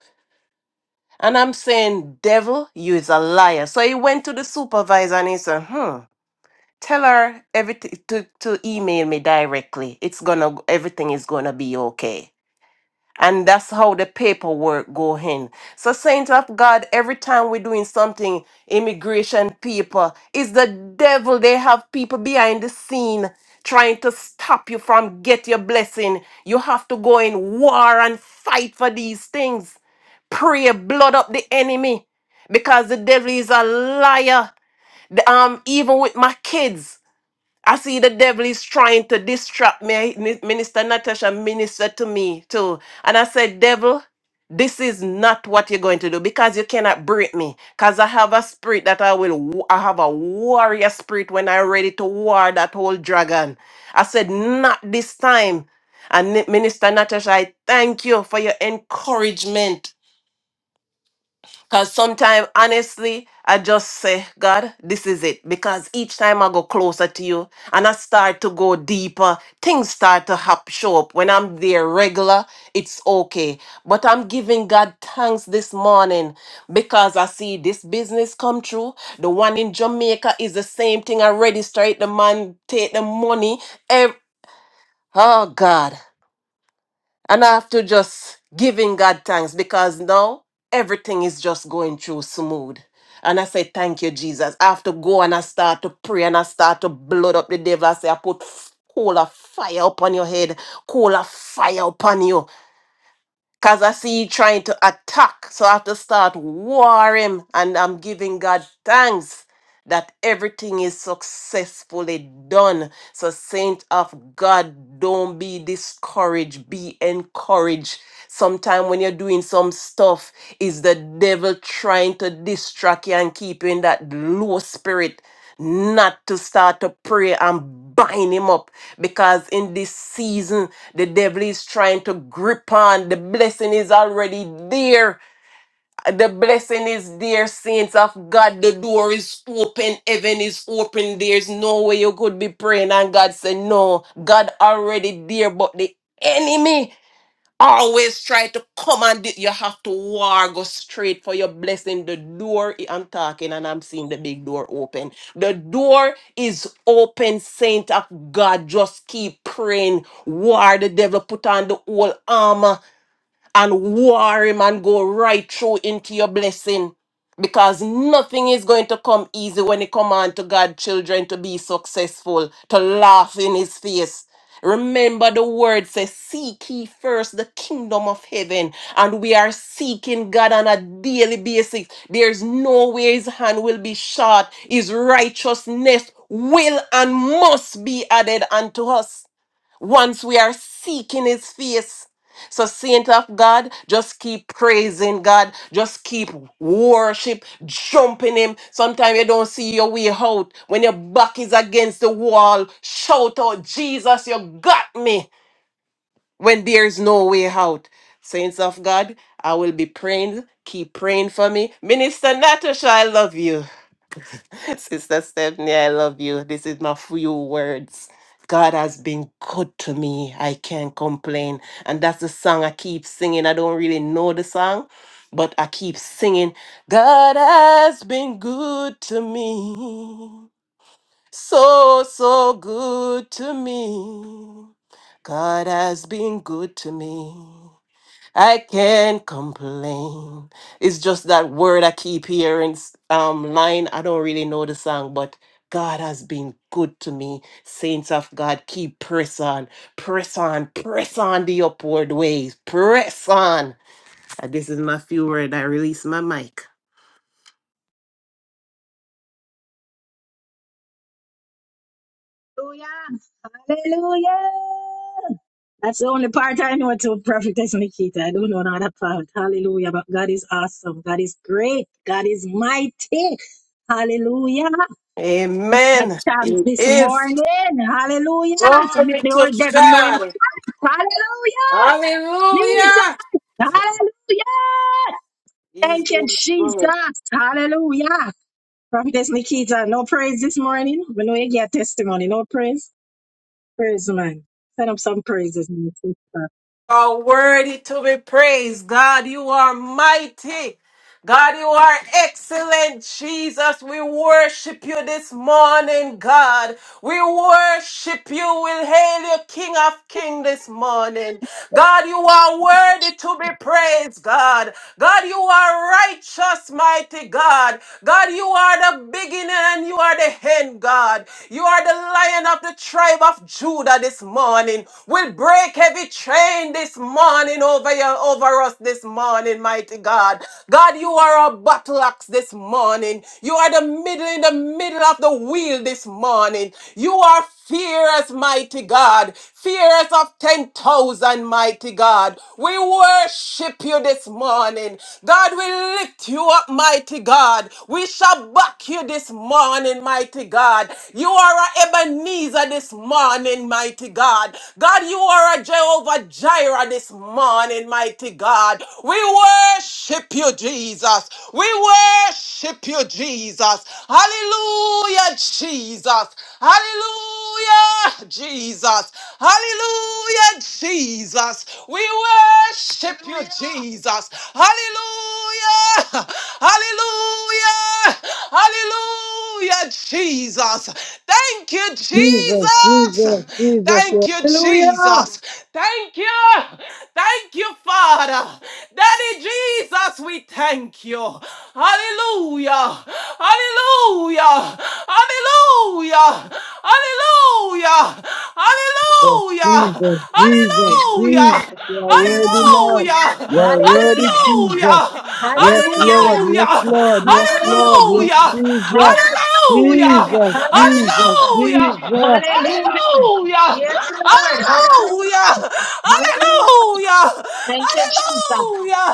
Speaker 4: And I'm saying, devil, you is a liar. So he went to the supervisor and he said, hmm, tell her everything to, to email me directly. It's gonna everything is gonna be okay. And that's how the paperwork go in. So saints of God, every time we're doing something, immigration people, it's the devil. They have people behind the scene trying to stop you from get your blessing. You have to go in war and fight for these things. Pray, blood up the enemy because the devil is a liar. The- um, even with my kids. I see the devil is trying to distract me. Minister Natasha ministered to me too. And I said, Devil, this is not what you're going to do because you cannot break me. Because I have a spirit that I will, wa- I have a warrior spirit when I'm ready to war that whole dragon. I said, Not this time. And Minister Natasha, I thank you for your encouragement Cause sometimes, honestly, I just say, God, this is it. Because each time I go closer to you and I start to go deeper, things start to hap- show up. When I'm there regular, it's okay. But I'm giving God thanks this morning because I see this business come true. The one in Jamaica is the same thing. I register it, the man take the money. Ev- oh, God. And I have to just giving God thanks because now everything is just going through smooth. And I say, Thank you, Jesus. I have to go and I start to pray and I start to blood up the devil. I say, I put f- coal of fire upon your head, coal of fire upon you. Cause I see you trying to attack. So I have to start warring. And I'm giving God thanks that everything is successfully done. So, saint of God, don't be discouraged. Be encouraged. Sometimes when you're doing some stuff, is the devil trying to distract you and keep you in that low spirit, not to start to pray and bind him up. Because in this season, the devil is trying to grip on. The blessing is already there. The blessing is there, saints of God. The door is open. Heaven is open. There's no way you could be praying. And God said, No, God already there, but the enemy always try to command it. You have to war, go straight for your blessing. The door, I'm talking and I'm seeing the big door open. The door is open, saint of God. Just keep praying. War, the devil put on the whole armor and war him and go right through into your blessing. Because nothing is going to come easy when it come on to God children to be successful, to laugh in his face. Remember the word says, seek ye first the kingdom of heaven. And we are seeking God on a daily basis. There's no way his hand will be short. His righteousness will and must be added unto us once we are seeking his face. So, saint of God, just keep praising God, just keep worship, jumping him. Sometimes you don't see your way out. When your back is against the wall, shout out, Jesus, you got me when there is no way out. Saints of God, I will be praying. Keep praying for me. Minister Natasha, I love you. Sister Stephanie, I love you. This is my few words. God has been good to me. I can't complain. And that's the song I keep singing. I don't really know the song, but I keep singing. God has been good to me. So, so good to me. God has been good to me. I can't complain. It's just that word I keep hearing. s- Um, line. I don't really know the song, but God has been good to me. Saints of God, keep press on, press on, press on the upward ways, press on. And this is my few word. I release my mic. Amen. He is glory to God. Hallelujah.
Speaker 1: Hallelujah.
Speaker 4: He's
Speaker 1: Thank you,
Speaker 4: been
Speaker 1: Jesus.
Speaker 4: good.
Speaker 1: Hallelujah. Prophetess Nikita, no praise this morning. We know you get money. No praise. Praise, man. Set up some praise.
Speaker 4: are worthy to be praised. God, you are mighty. God, you are excellent. Jesus, we worship you this morning, God. We worship you. We hail you, King of King, this morning. God, you are worthy to be praised, God. God, you are righteous, mighty God. God, you are the beginning and you are the end, God. You are the lion of the tribe of Judah this morning. We'll break every chain this morning over you, over us this morning, mighty God. God, you are a battle axe this morning. You are the middle in the middle of the wheel this morning. You are fierce, mighty God. Fierce of 10,000, mighty God. We worship you this morning. God, we lift you up, mighty God. We shall back you this morning, mighty God. You are a Ebenezer this morning, mighty God. God, you are a Jehovah. Jehovah Jireh this morning, mighty God. We worship you, Jesus. We worship you, Jesus. Hallelujah, Jesus. Hallelujah, Jesus. Hallelujah, Jesus. We worship you, Jesus. Hallelujah. Hallelujah. Hallelujah, Jesus. Thank you,
Speaker 2: Jesus,
Speaker 4: Jesus.
Speaker 2: Jesus, Jesus.
Speaker 4: Thank you,
Speaker 2: Hallelujah.
Speaker 4: Jesus. Thank you. Thank you, Father. Daddy Jesus, we thank you. Hallelujah. Hallelujah. Hallelujah. Hallelujah. Hallelujah.
Speaker 2: Jesus, Jesus, Jesus,
Speaker 4: Hallelujah.
Speaker 2: you are worthy, Lord.
Speaker 4: Hallelujah.
Speaker 2: You are
Speaker 1: Hallelujah.
Speaker 2: worthy, Jesus.
Speaker 4: Hallelujah.
Speaker 2: Yes,
Speaker 1: Hallelujah.
Speaker 2: Lord, yes,
Speaker 4: Hallelujah!
Speaker 2: Lord, yes,
Speaker 1: Hallelujah.
Speaker 2: Lord, yes,
Speaker 4: Hallelujah!
Speaker 2: Jesus,
Speaker 4: Hallelujah!
Speaker 2: Jesus,
Speaker 1: Hallelujah.
Speaker 2: Jesus,
Speaker 4: Hallelujah!
Speaker 2: Jesus.
Speaker 1: Hallelujah. Hallelujah.
Speaker 4: Hallelujah!
Speaker 1: Yes, Lord.
Speaker 4: Hallelujah!
Speaker 1: Hallelujah. Hallelujah.
Speaker 4: Hallelujah! Hallelujah!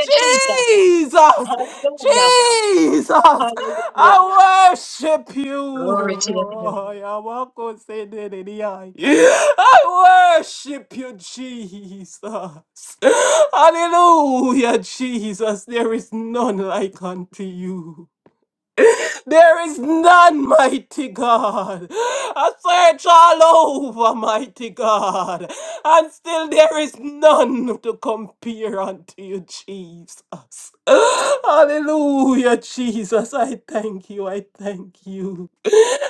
Speaker 4: Jesus! Jesus! I worship you. I worship you, Jesus. Hallelujah, Jesus. There is none like unto you. There is none, mighty God. I search all over, mighty God, and still there is none to compare unto you, Jesus. Hallelujah, Jesus. I thank you. I thank you.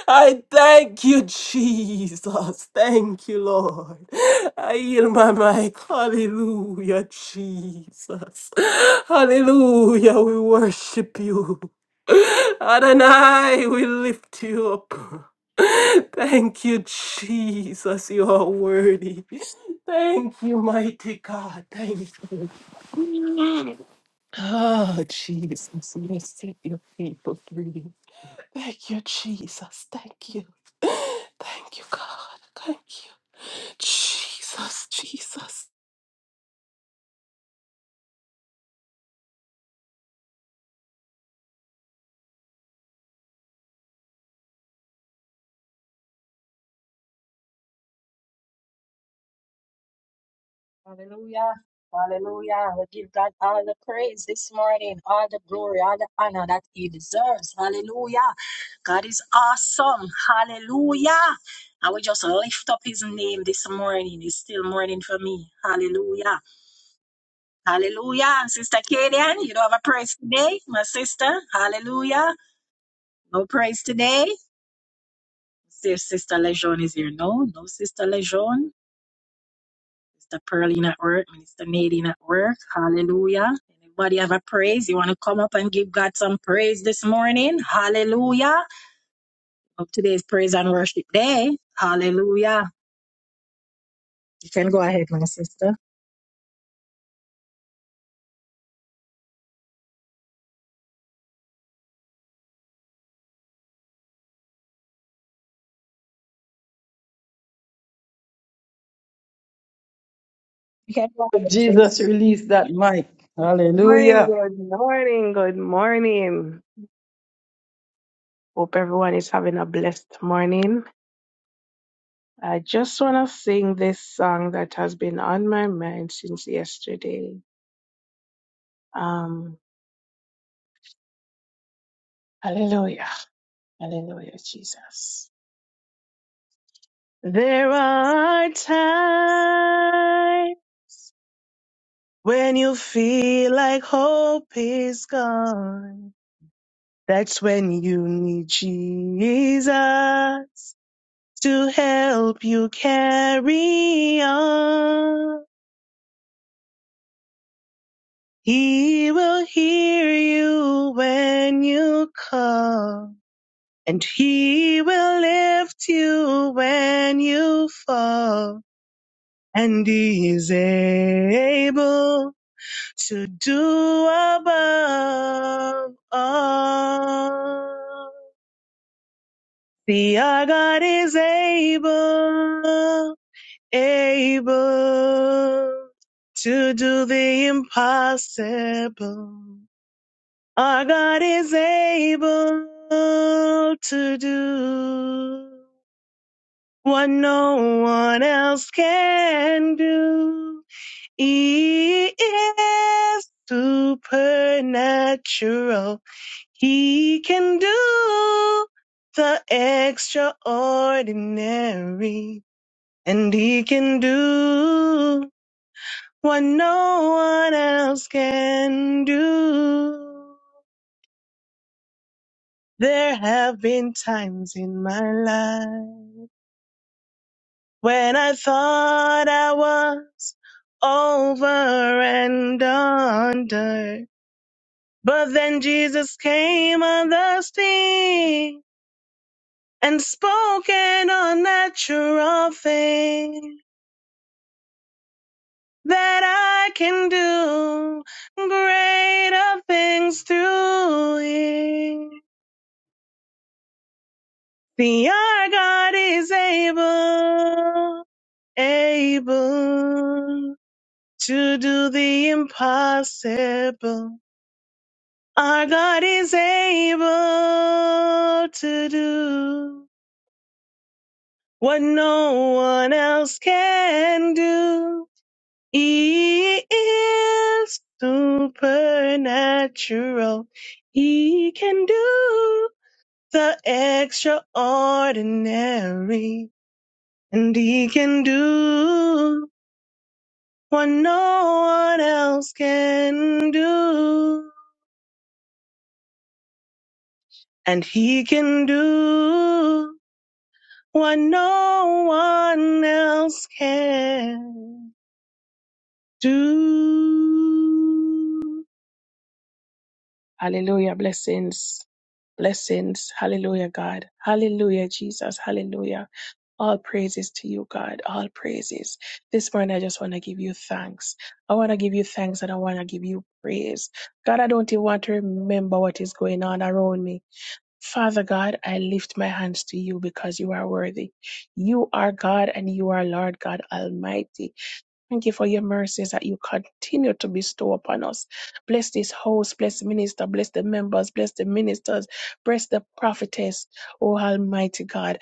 Speaker 4: I thank you, Jesus. Thank you, Lord. I yield my mic. Hallelujah, Jesus. Hallelujah. We worship you. Adonai, we lift you up. Thank you, Jesus. You are worthy. Thank you, mighty God. Thank you. Oh, Jesus. You set your people free. Thank you, Jesus. Thank you. Thank you, God. Thank you. Jesus, Jesus.
Speaker 1: Hallelujah. Hallelujah. We give God all the praise this morning, all the glory, all the honor that He deserves. Hallelujah. God is awesome. Hallelujah. And we just lift up his name this morning. It's still morning for me. Hallelujah. Hallelujah. And Sister Kadian, you don't have a praise today.
Speaker 2: Jesus, release that mic.
Speaker 5: Morning,
Speaker 2: Hallelujah.
Speaker 5: good morning, good morning. Hope everyone is having a blessed morning. I just want to sing this song that has been on my mind since yesterday. Um, hallelujah, hallelujah, Jesus. There are times when you feel like hope is gone. That's when you need Jesus. to help you carry on. He will hear you when you call, and he will lift you when you fall. And he is able to do above all. The our God is able. able to do the impossible. Our God is able to do what no one else can do. He is supernatural. He can do the extraordinary, and he can do what no one else can do. There have been times in my life when I thought I was over and under. But then Jesus came on the scene and spoke an unnatural thing that I can do greater things through him. See, our God is able, able to do the impossible. Our God is able to do what no one else can do. He is supernatural. He can do the extraordinary. And he can do what no one else can do. And he can do what no one else can do. Hallelujah. Blessings. Blessings. Hallelujah, God. Hallelujah, Jesus. Hallelujah. All praises to you, God. All praises. This morning, I just want to give you thanks. I want to give you thanks and I want to give you praise. God, I don't even want to remember what is going on around me. Father God, I lift my hands to you because you are worthy. You are God and you are Lord God Almighty. Thank you for your mercies that you continue to bestow upon us. Bless this host. bless the minister, bless the members, bless the ministers, bless the prophetess, oh Almighty God.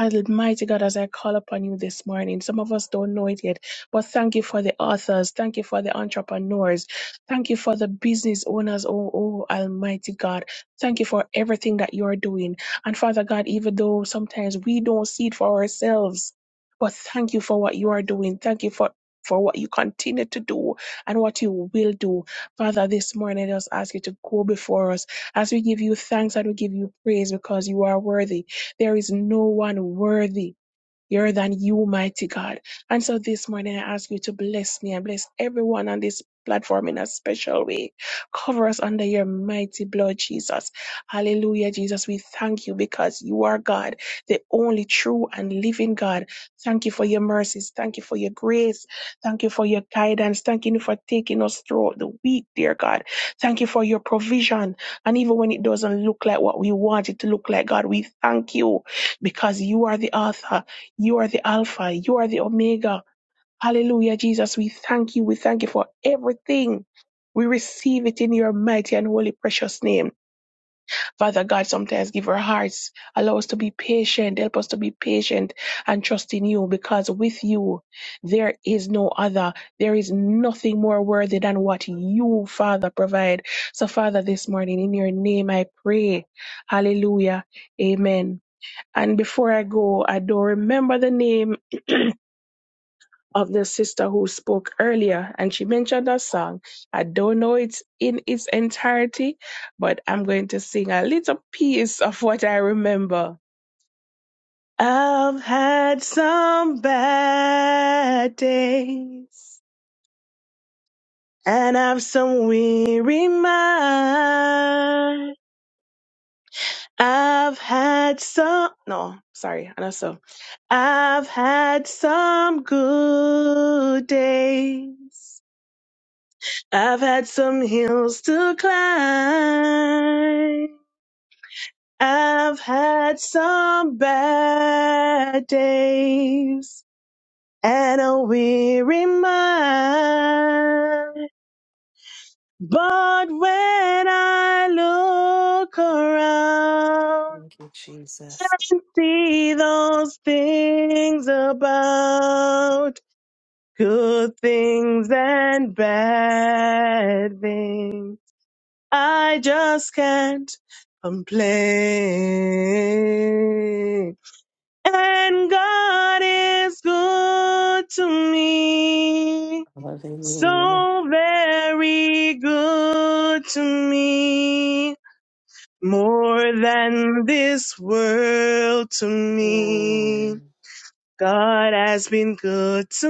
Speaker 5: Almighty God, as I call upon you this morning, some of us don't know it yet, but thank you for the authors, thank you for the entrepreneurs, thank you for the business owners, oh, oh Almighty God. Thank you for everything that you're doing. And Father God, even though sometimes we don't see it for ourselves, but thank you for what you are doing. Thank you for for what you continue to do and what you will do. Father, this morning I just ask you to go before us as we give you thanks and we give you praise because you are worthy. There is no one worthy you're than you, mighty God. And so this morning, I ask you to bless me and bless everyone on this platform in a special way. Cover us under your mighty blood, Jesus. Hallelujah, Jesus. We thank you because you are God, the only true and living God. Thank you for your mercies. Thank you for your grace. Thank you for your guidance. Thank you for taking us through the week, dear God. Thank you for your provision. And even when it doesn't look like what we want it to look like, God, we thank you because you are the author. You are the Alpha. You are the Omega. Hallelujah, Jesus. We thank you. We thank you for everything. We receive it in your mighty and holy precious name. Father God, sometimes give our hearts. Allow us to be patient. Help us to be patient and trust in you because with you there is no other. There is nothing more worthy than what you, Father, provide. So, Father, this morning in your name I pray. Hallelujah. Amen. And before I go, I don't remember the name of the sister who spoke earlier, and she mentioned a song. I don't know it in its entirety, but I'm going to sing a little piece of what I remember. I've had some bad days, and I've some weary mind. I've had some, no, sorry, I know so. I've had some good days I've had some hills to climb. I've had some bad days and a weary mind. But when I look around
Speaker 4: Jesus.
Speaker 5: and see those things about good things and bad things. I just can't complain. And God is good to me.
Speaker 4: Hallelujah.
Speaker 5: So very good to me. More than this world to me.
Speaker 4: Mm,
Speaker 5: God has been good to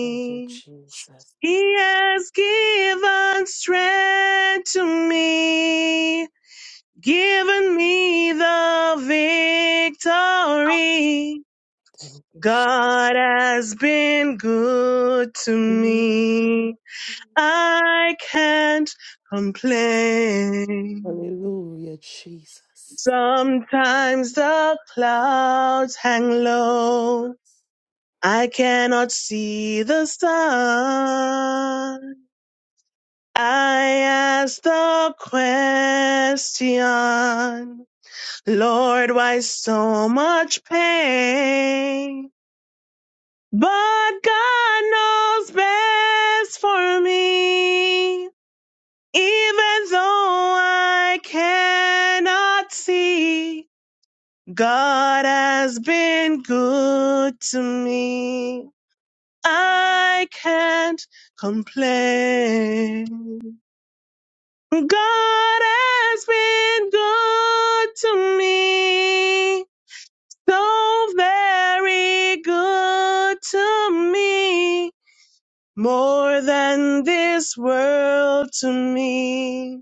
Speaker 4: Thank you, Jesus.
Speaker 5: He has given strength to me. given me the victory.
Speaker 4: Thank
Speaker 5: God has been good to
Speaker 4: you.
Speaker 5: me. I can't complain.
Speaker 4: Hallelujah, Jesus.
Speaker 5: Sometimes the clouds hang low. I cannot see the sun. I ask the question. Lord, why so much pain? But God knows best for me. Even though I cannot see, God has been good to me. I can't complain. God has been good to me. so very good to me, more than this world to me.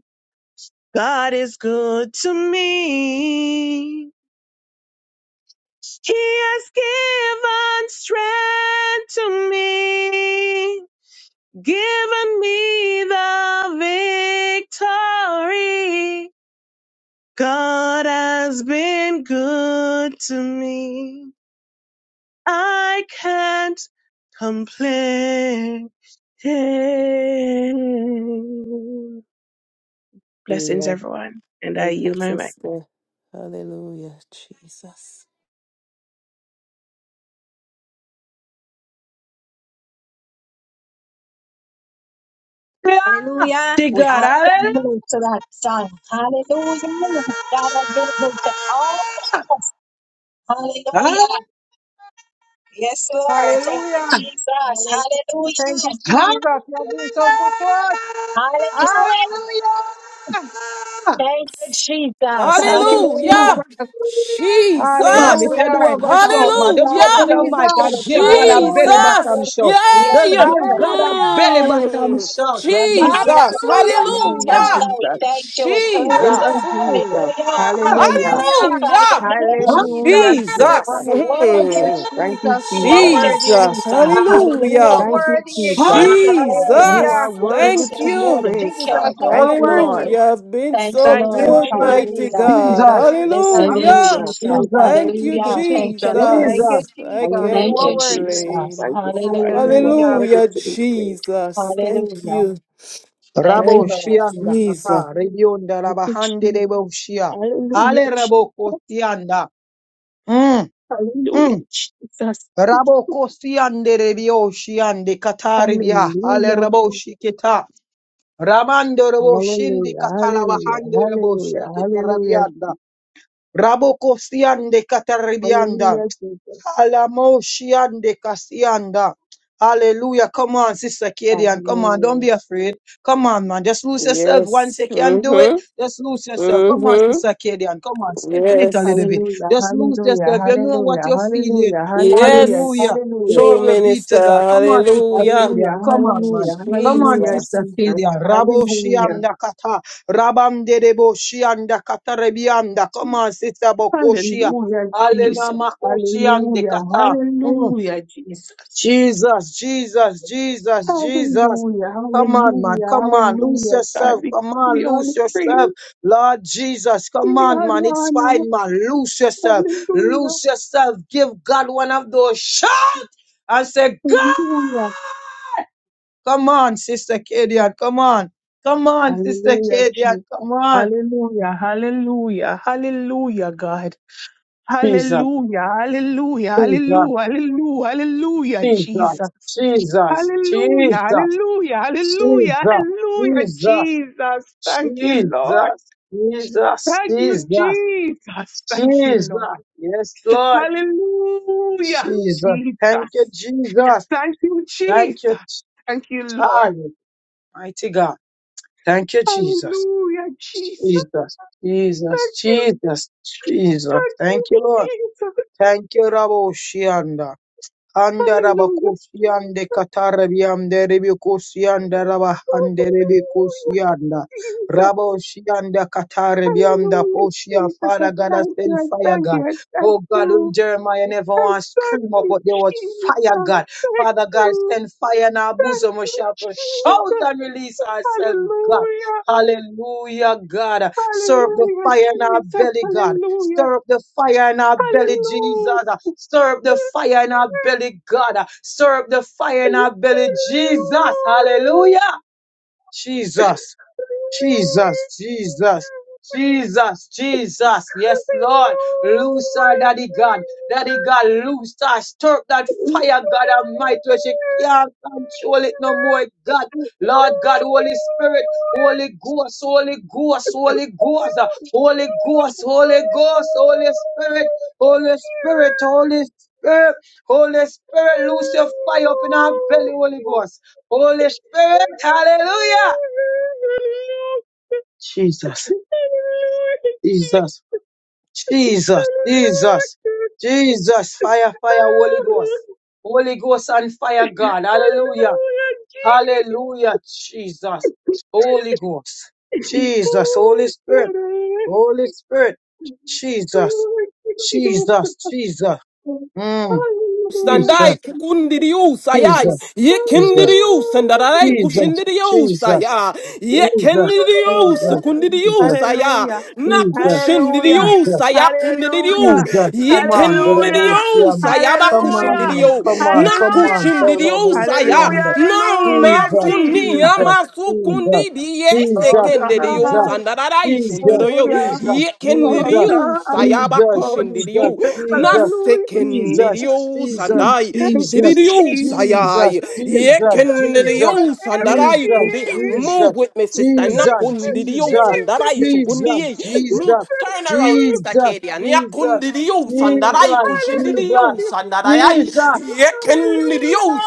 Speaker 5: God is good to me. He has given strength to me, given me the victory. God has been good to me. I can't complain. Blessings, everyone. And I yield my mic.
Speaker 4: Sister, Jesus.
Speaker 2: Yeah,
Speaker 1: Hallelujah.
Speaker 2: to God, hallelujah. Hallelujah.
Speaker 3: Hallelujah. Hallelujah. Thank you, Jesus. You
Speaker 2: Hallelujah.
Speaker 3: have been so good to us. Hallelujah. Thank you,
Speaker 2: Now,
Speaker 4: Hallelujah,
Speaker 3: Jesus.
Speaker 2: Come
Speaker 4: Jesus.
Speaker 2: on, if you
Speaker 3: Hallelujah.
Speaker 2: do have a shout, man, just open
Speaker 4: Hallelujah,
Speaker 2: your mic
Speaker 3: Jesus.
Speaker 2: and give God a
Speaker 3: Hallelujah.
Speaker 2: belly
Speaker 4: Jesus.
Speaker 2: button shout. Just
Speaker 4: Yay.
Speaker 2: give God a
Speaker 3: Hallelujah.
Speaker 2: belly button
Speaker 4: Mm.
Speaker 2: shout. Ah!
Speaker 4: Jesus.
Speaker 5: Hallelujah,
Speaker 3: Hallelujah.
Speaker 4: Hallelujah,
Speaker 5: Jesus. Thank
Speaker 4: Jesus.
Speaker 3: Jesus.
Speaker 5: you,
Speaker 4: Mm.
Speaker 5: Jesus.
Speaker 2: Ah!
Speaker 5: Hallelujah.
Speaker 3: Hallelujah.
Speaker 4: Hallelujah,
Speaker 3: Thank you, Jesus.
Speaker 5: Hallelujah,
Speaker 4: Jesus.
Speaker 5: Jesus.
Speaker 3: Thank you,
Speaker 4: Mm.
Speaker 3: Jesus.
Speaker 5: Thank you,
Speaker 3: You are
Speaker 5: Jesus.
Speaker 3: worthy.
Speaker 4: Jesus.
Speaker 3: You are
Speaker 4: Hallelujah,
Speaker 5: Thank you,
Speaker 3: worthy.
Speaker 2: Ah!
Speaker 5: Jesus. You
Speaker 4: Jesus.
Speaker 3: Hallelujah.
Speaker 5: are worthy
Speaker 4: Thank
Speaker 5: to be
Speaker 3: Yes,
Speaker 4: you.
Speaker 5: praised, God.
Speaker 3: Jesus, you
Speaker 5: Thank
Speaker 3: are
Speaker 5: you, Lord.
Speaker 3: worthy.
Speaker 4: Hallelujah. You've been so
Speaker 5: Thank
Speaker 3: You
Speaker 5: you,
Speaker 4: good,
Speaker 3: are
Speaker 5: Jesus.
Speaker 4: mighty
Speaker 3: worthy.
Speaker 4: God.
Speaker 2: Jesus,
Speaker 3: Hallelujah.
Speaker 4: Hallelujah.
Speaker 5: Hallelujah. Thank you,
Speaker 2: Jesus,
Speaker 4: Thank
Speaker 5: Jesus.
Speaker 4: you,
Speaker 3: Thank you, Jesus. Thank you,
Speaker 4: Jesus.
Speaker 2: Jesus.
Speaker 4: I
Speaker 3: Jesus.
Speaker 4: can't
Speaker 3: You
Speaker 5: Hallelujah,
Speaker 3: are
Speaker 5: Jesus.
Speaker 3: worthy.
Speaker 5: Thank
Speaker 4: complain.
Speaker 5: you, God. You are
Speaker 3: Hallelujah.
Speaker 5: worthy
Speaker 4: Hallelujah,
Speaker 5: to be praised.
Speaker 4: Jesus. Thank you.
Speaker 2: Rabo
Speaker 4: Thank you,
Speaker 2: shianda
Speaker 4: Jesus.
Speaker 2: kata, rebionda
Speaker 5: Thank you,
Speaker 2: rabahande rebo
Speaker 5: Jesus.
Speaker 2: shia.
Speaker 5: Hallelujah,
Speaker 2: Ale rabo
Speaker 5: Jesus.
Speaker 2: kosianda. Mm,
Speaker 5: Hallelujah,
Speaker 2: mm.
Speaker 5: Jesus.
Speaker 2: Rabo kosiande rebio shiande kata rebia. Ale
Speaker 5: Hallelujah,
Speaker 2: rabo
Speaker 5: Jesus.
Speaker 2: shiketa. Ramando Rabo Shindi
Speaker 5: Hallelujah, hallelujah,
Speaker 2: Katalabahande Rabo
Speaker 5: hallelujah,
Speaker 2: Shiki
Speaker 5: hallelujah,
Speaker 2: Tarabianda. Rabo Kosiande Kataribianda.
Speaker 5: hallelujah, Jesus.
Speaker 2: Alamoshiande Kasianda. Hallelujah. Come on, Sister Kadian. Come on, don't
Speaker 5: Hallelujah.
Speaker 2: be afraid. Come on, man. Just lose yourself once
Speaker 4: Yes.
Speaker 2: you can do it.
Speaker 4: Mm-hmm.
Speaker 2: Just lose yourself. Come on,
Speaker 4: Mm-hmm.
Speaker 2: Sister Kadian. Come on, step in it a
Speaker 4: Yes.
Speaker 2: little bit.
Speaker 5: Hallelujah,
Speaker 2: Just lose
Speaker 5: hallelujah,
Speaker 2: yourself. You know what
Speaker 5: hallelujah,
Speaker 2: you're feeling.
Speaker 5: hallelujah, hallelujah,
Speaker 4: Yes.
Speaker 2: Hallelujah.
Speaker 5: hallelujah,
Speaker 4: True
Speaker 2: Glory be
Speaker 4: minister.
Speaker 2: to God. Come on, Sister
Speaker 4: Hallelujah.
Speaker 5: hallelujah,
Speaker 2: Kadian. Come on, man.
Speaker 5: hallelujah,
Speaker 2: Come on,
Speaker 5: hallelujah,
Speaker 4: Jesus.
Speaker 2: Sister
Speaker 5: Jesus.
Speaker 2: Kadian. Rabo
Speaker 5: Hallelujah,
Speaker 2: Shianda Kata. Rabam Dedebo Shianda Kata Rebianda. Come on, Sister Bokoshia.
Speaker 5: hallelujah,
Speaker 2: Hallelujah.
Speaker 5: Jesus.
Speaker 2: Makuchi and the
Speaker 5: Hallelujah,
Speaker 2: kata. Mm.
Speaker 5: hallelujah, Jesus.
Speaker 2: Jesus, Jesus, Jesus, Jesus.
Speaker 5: Hallelujah,
Speaker 2: Come on, man.
Speaker 5: hallelujah,
Speaker 2: Come on. Lose
Speaker 5: hallelujah. God,
Speaker 2: yourself.
Speaker 5: we
Speaker 2: Come
Speaker 5: give
Speaker 2: on.
Speaker 5: you all the
Speaker 2: Lose yourself.
Speaker 5: praise,
Speaker 2: Lord Jesus. Come
Speaker 5: give you
Speaker 2: on,
Speaker 5: all
Speaker 2: man.
Speaker 5: the
Speaker 2: It's
Speaker 5: honor.
Speaker 2: fine, man. Lose yourself.
Speaker 5: Hallelujah,
Speaker 2: Lose yourself. Give God one of those shots and say, God. Come on, Sister Kadian. Come on. Come
Speaker 5: hallelujah,
Speaker 2: on, Sister
Speaker 5: hallelujah,
Speaker 2: Kadian.
Speaker 5: Jesus.
Speaker 2: Come on.
Speaker 5: Hallelujah, hallelujah, hallelujah, God.
Speaker 2: Jesus.
Speaker 5: Hallelujah, hallelujah,
Speaker 2: Jesus.
Speaker 5: hallelujah, hallelujah, hallelujah,
Speaker 2: Jesus.
Speaker 5: Jesus.
Speaker 2: Jesus.
Speaker 5: Hallelujah,
Speaker 2: Jesus.
Speaker 5: hallelujah,
Speaker 2: Jesus,
Speaker 5: hallelujah, hallelujah,
Speaker 2: Jesus,
Speaker 5: Jesus. Thank you, Lord.
Speaker 2: Jesus, Jesus,
Speaker 5: Thank you,
Speaker 2: Jesus,
Speaker 5: Jesus. Thank you, Lord.
Speaker 2: Jesus. Yes, Lord.
Speaker 5: Hallelujah.
Speaker 2: Jesus. Thank
Speaker 5: Jesus.
Speaker 2: you, Jesus.
Speaker 5: Thank you,
Speaker 2: Thank you.
Speaker 5: Jesus. Thank you, Lord.
Speaker 2: Hallelujah. Mighty God. Thank you, Jesus.
Speaker 5: Hallelujah, Jesus.
Speaker 2: Jesus, Jesus,
Speaker 5: Thank you.
Speaker 2: Jesus, Jesus.
Speaker 5: Thank
Speaker 2: Thank
Speaker 5: you,
Speaker 2: you, Lord.
Speaker 5: Jesus.
Speaker 2: Thank you, Rabbi
Speaker 5: Hallelujah.
Speaker 2: Andarabakusian de
Speaker 5: Jesus.
Speaker 2: Catarabian de Ribicusian de Rabahan de
Speaker 5: Hallelujah,
Speaker 2: Ribicusian
Speaker 5: Jesus.
Speaker 2: Rabosian de Catarabian da
Speaker 5: Hallelujah,
Speaker 2: Posia
Speaker 5: Jesus. I
Speaker 2: Father God I
Speaker 5: thank you.
Speaker 2: send
Speaker 5: I
Speaker 2: fire
Speaker 5: thank you.
Speaker 2: God.
Speaker 5: I thank
Speaker 2: Oh God when
Speaker 5: you.
Speaker 2: Jeremiah
Speaker 5: I
Speaker 2: never
Speaker 5: thank
Speaker 2: once scream up
Speaker 5: you,
Speaker 2: but there was
Speaker 5: Jesus.
Speaker 2: fire
Speaker 5: Thank
Speaker 2: God. Father God
Speaker 5: you.
Speaker 2: send fire in our
Speaker 5: Thank
Speaker 2: bosom we
Speaker 5: you,
Speaker 2: shall shout
Speaker 5: Jesus.
Speaker 2: and release ourselves God.
Speaker 5: Hallelujah.
Speaker 2: Hallelujah God. Stir up the
Speaker 5: Hallelujah,
Speaker 2: fire in our
Speaker 5: Jesus.
Speaker 2: belly, God.
Speaker 5: Hallelujah.
Speaker 2: Stir up the fire in our belly, Jesus.
Speaker 5: Hallelujah.
Speaker 2: Stir up the fire in our belly, God. Stir up the fire in our belly, Jesus.
Speaker 5: Hallelujah.
Speaker 2: Hallelujah. Jesus. Jesus, Jesus, Jesus, Jesus. Yes, Lord. Loose her, Daddy God. Daddy God, loose her. Stir up that fire, God Almighty, where she can't control it no more, God. Lord God, Holy Spirit, Holy Ghost, Holy Ghost, Holy Ghost, uh, Holy Ghost, Holy Ghost, Holy Spirit, Holy Spirit, Holy Spirit, Holy Spirit, loose your fire up in our belly, Holy Ghost. Holy Spirit, hallelujah. Jesus. Jesus, Jesus, Jesus, Jesus, fire, fire, Holy
Speaker 5: Hallelujah,
Speaker 2: Ghost, Holy Ghost and fire, God, hallelujah,
Speaker 5: Hallelujah, Jesus.
Speaker 2: hallelujah, Jesus, Holy Ghost, Jesus, Holy
Speaker 5: Oh,
Speaker 2: Spirit,
Speaker 5: God, I thank
Speaker 2: Holy
Speaker 5: you.
Speaker 2: Spirit,
Speaker 5: We
Speaker 2: Jesus,
Speaker 5: give you all the
Speaker 2: Jesus, Jesus, mm,
Speaker 5: Hallelujah,
Speaker 4: Standai
Speaker 2: Jesus,
Speaker 5: Jesus.
Speaker 4: kukundirius ayai
Speaker 2: Jesus,
Speaker 4: ye
Speaker 2: Jesus, Jesus,
Speaker 4: kindirius and arai
Speaker 2: Jesus,
Speaker 4: kushindirius
Speaker 2: Jesus,
Speaker 4: aya ye kindirius
Speaker 2: Jesus, Jesus,
Speaker 4: kundirius aya
Speaker 5: Hallelujah.
Speaker 4: na
Speaker 2: Jesus,
Speaker 5: Hallelujah.
Speaker 2: Jesus,
Speaker 4: kushindirius
Speaker 5: Hallelujah.
Speaker 4: aya kundiriu
Speaker 5: Hallelujah.
Speaker 4: ye kindirius aya ba
Speaker 5: Hallelujah.
Speaker 4: kushindiriu
Speaker 5: Hallelujah.
Speaker 4: na
Speaker 5: Hallelujah.
Speaker 4: kushindirius aya na ma
Speaker 5: Hallelujah,
Speaker 4: funi
Speaker 5: Jesus.
Speaker 4: ama sukundi die
Speaker 5: Oh God.
Speaker 4: sekendirius kushindoroyo
Speaker 5: Hallelujah. Oh
Speaker 4: yekendiriu
Speaker 5: God.
Speaker 4: sayaba
Speaker 5: Oh
Speaker 4: kushindiriu
Speaker 5: Jesus. Hallelujah, Jesus.
Speaker 4: nasekendiriu sandai
Speaker 5: Thank you,
Speaker 4: sidiriu
Speaker 5: Jesus.
Speaker 4: sayai
Speaker 5: Thank you for
Speaker 4: yekendiriu sandarai kundi
Speaker 5: everything.
Speaker 4: move with me sister
Speaker 5: Thank you,
Speaker 4: nakundiriu sandarai
Speaker 5: Jesus.
Speaker 4: sugundi
Speaker 5: Thank
Speaker 4: move turn around
Speaker 5: you.
Speaker 4: sister
Speaker 2: Jesus,
Speaker 4: Kadia
Speaker 2: Jesus,
Speaker 4: nyakundiriu sandarai
Speaker 2: Jesus, Jesus,
Speaker 4: kushindiriu
Speaker 5: Hallelujah.
Speaker 4: sandarai
Speaker 2: Jesus,
Speaker 5: Hallelujah.
Speaker 4: yekendiriu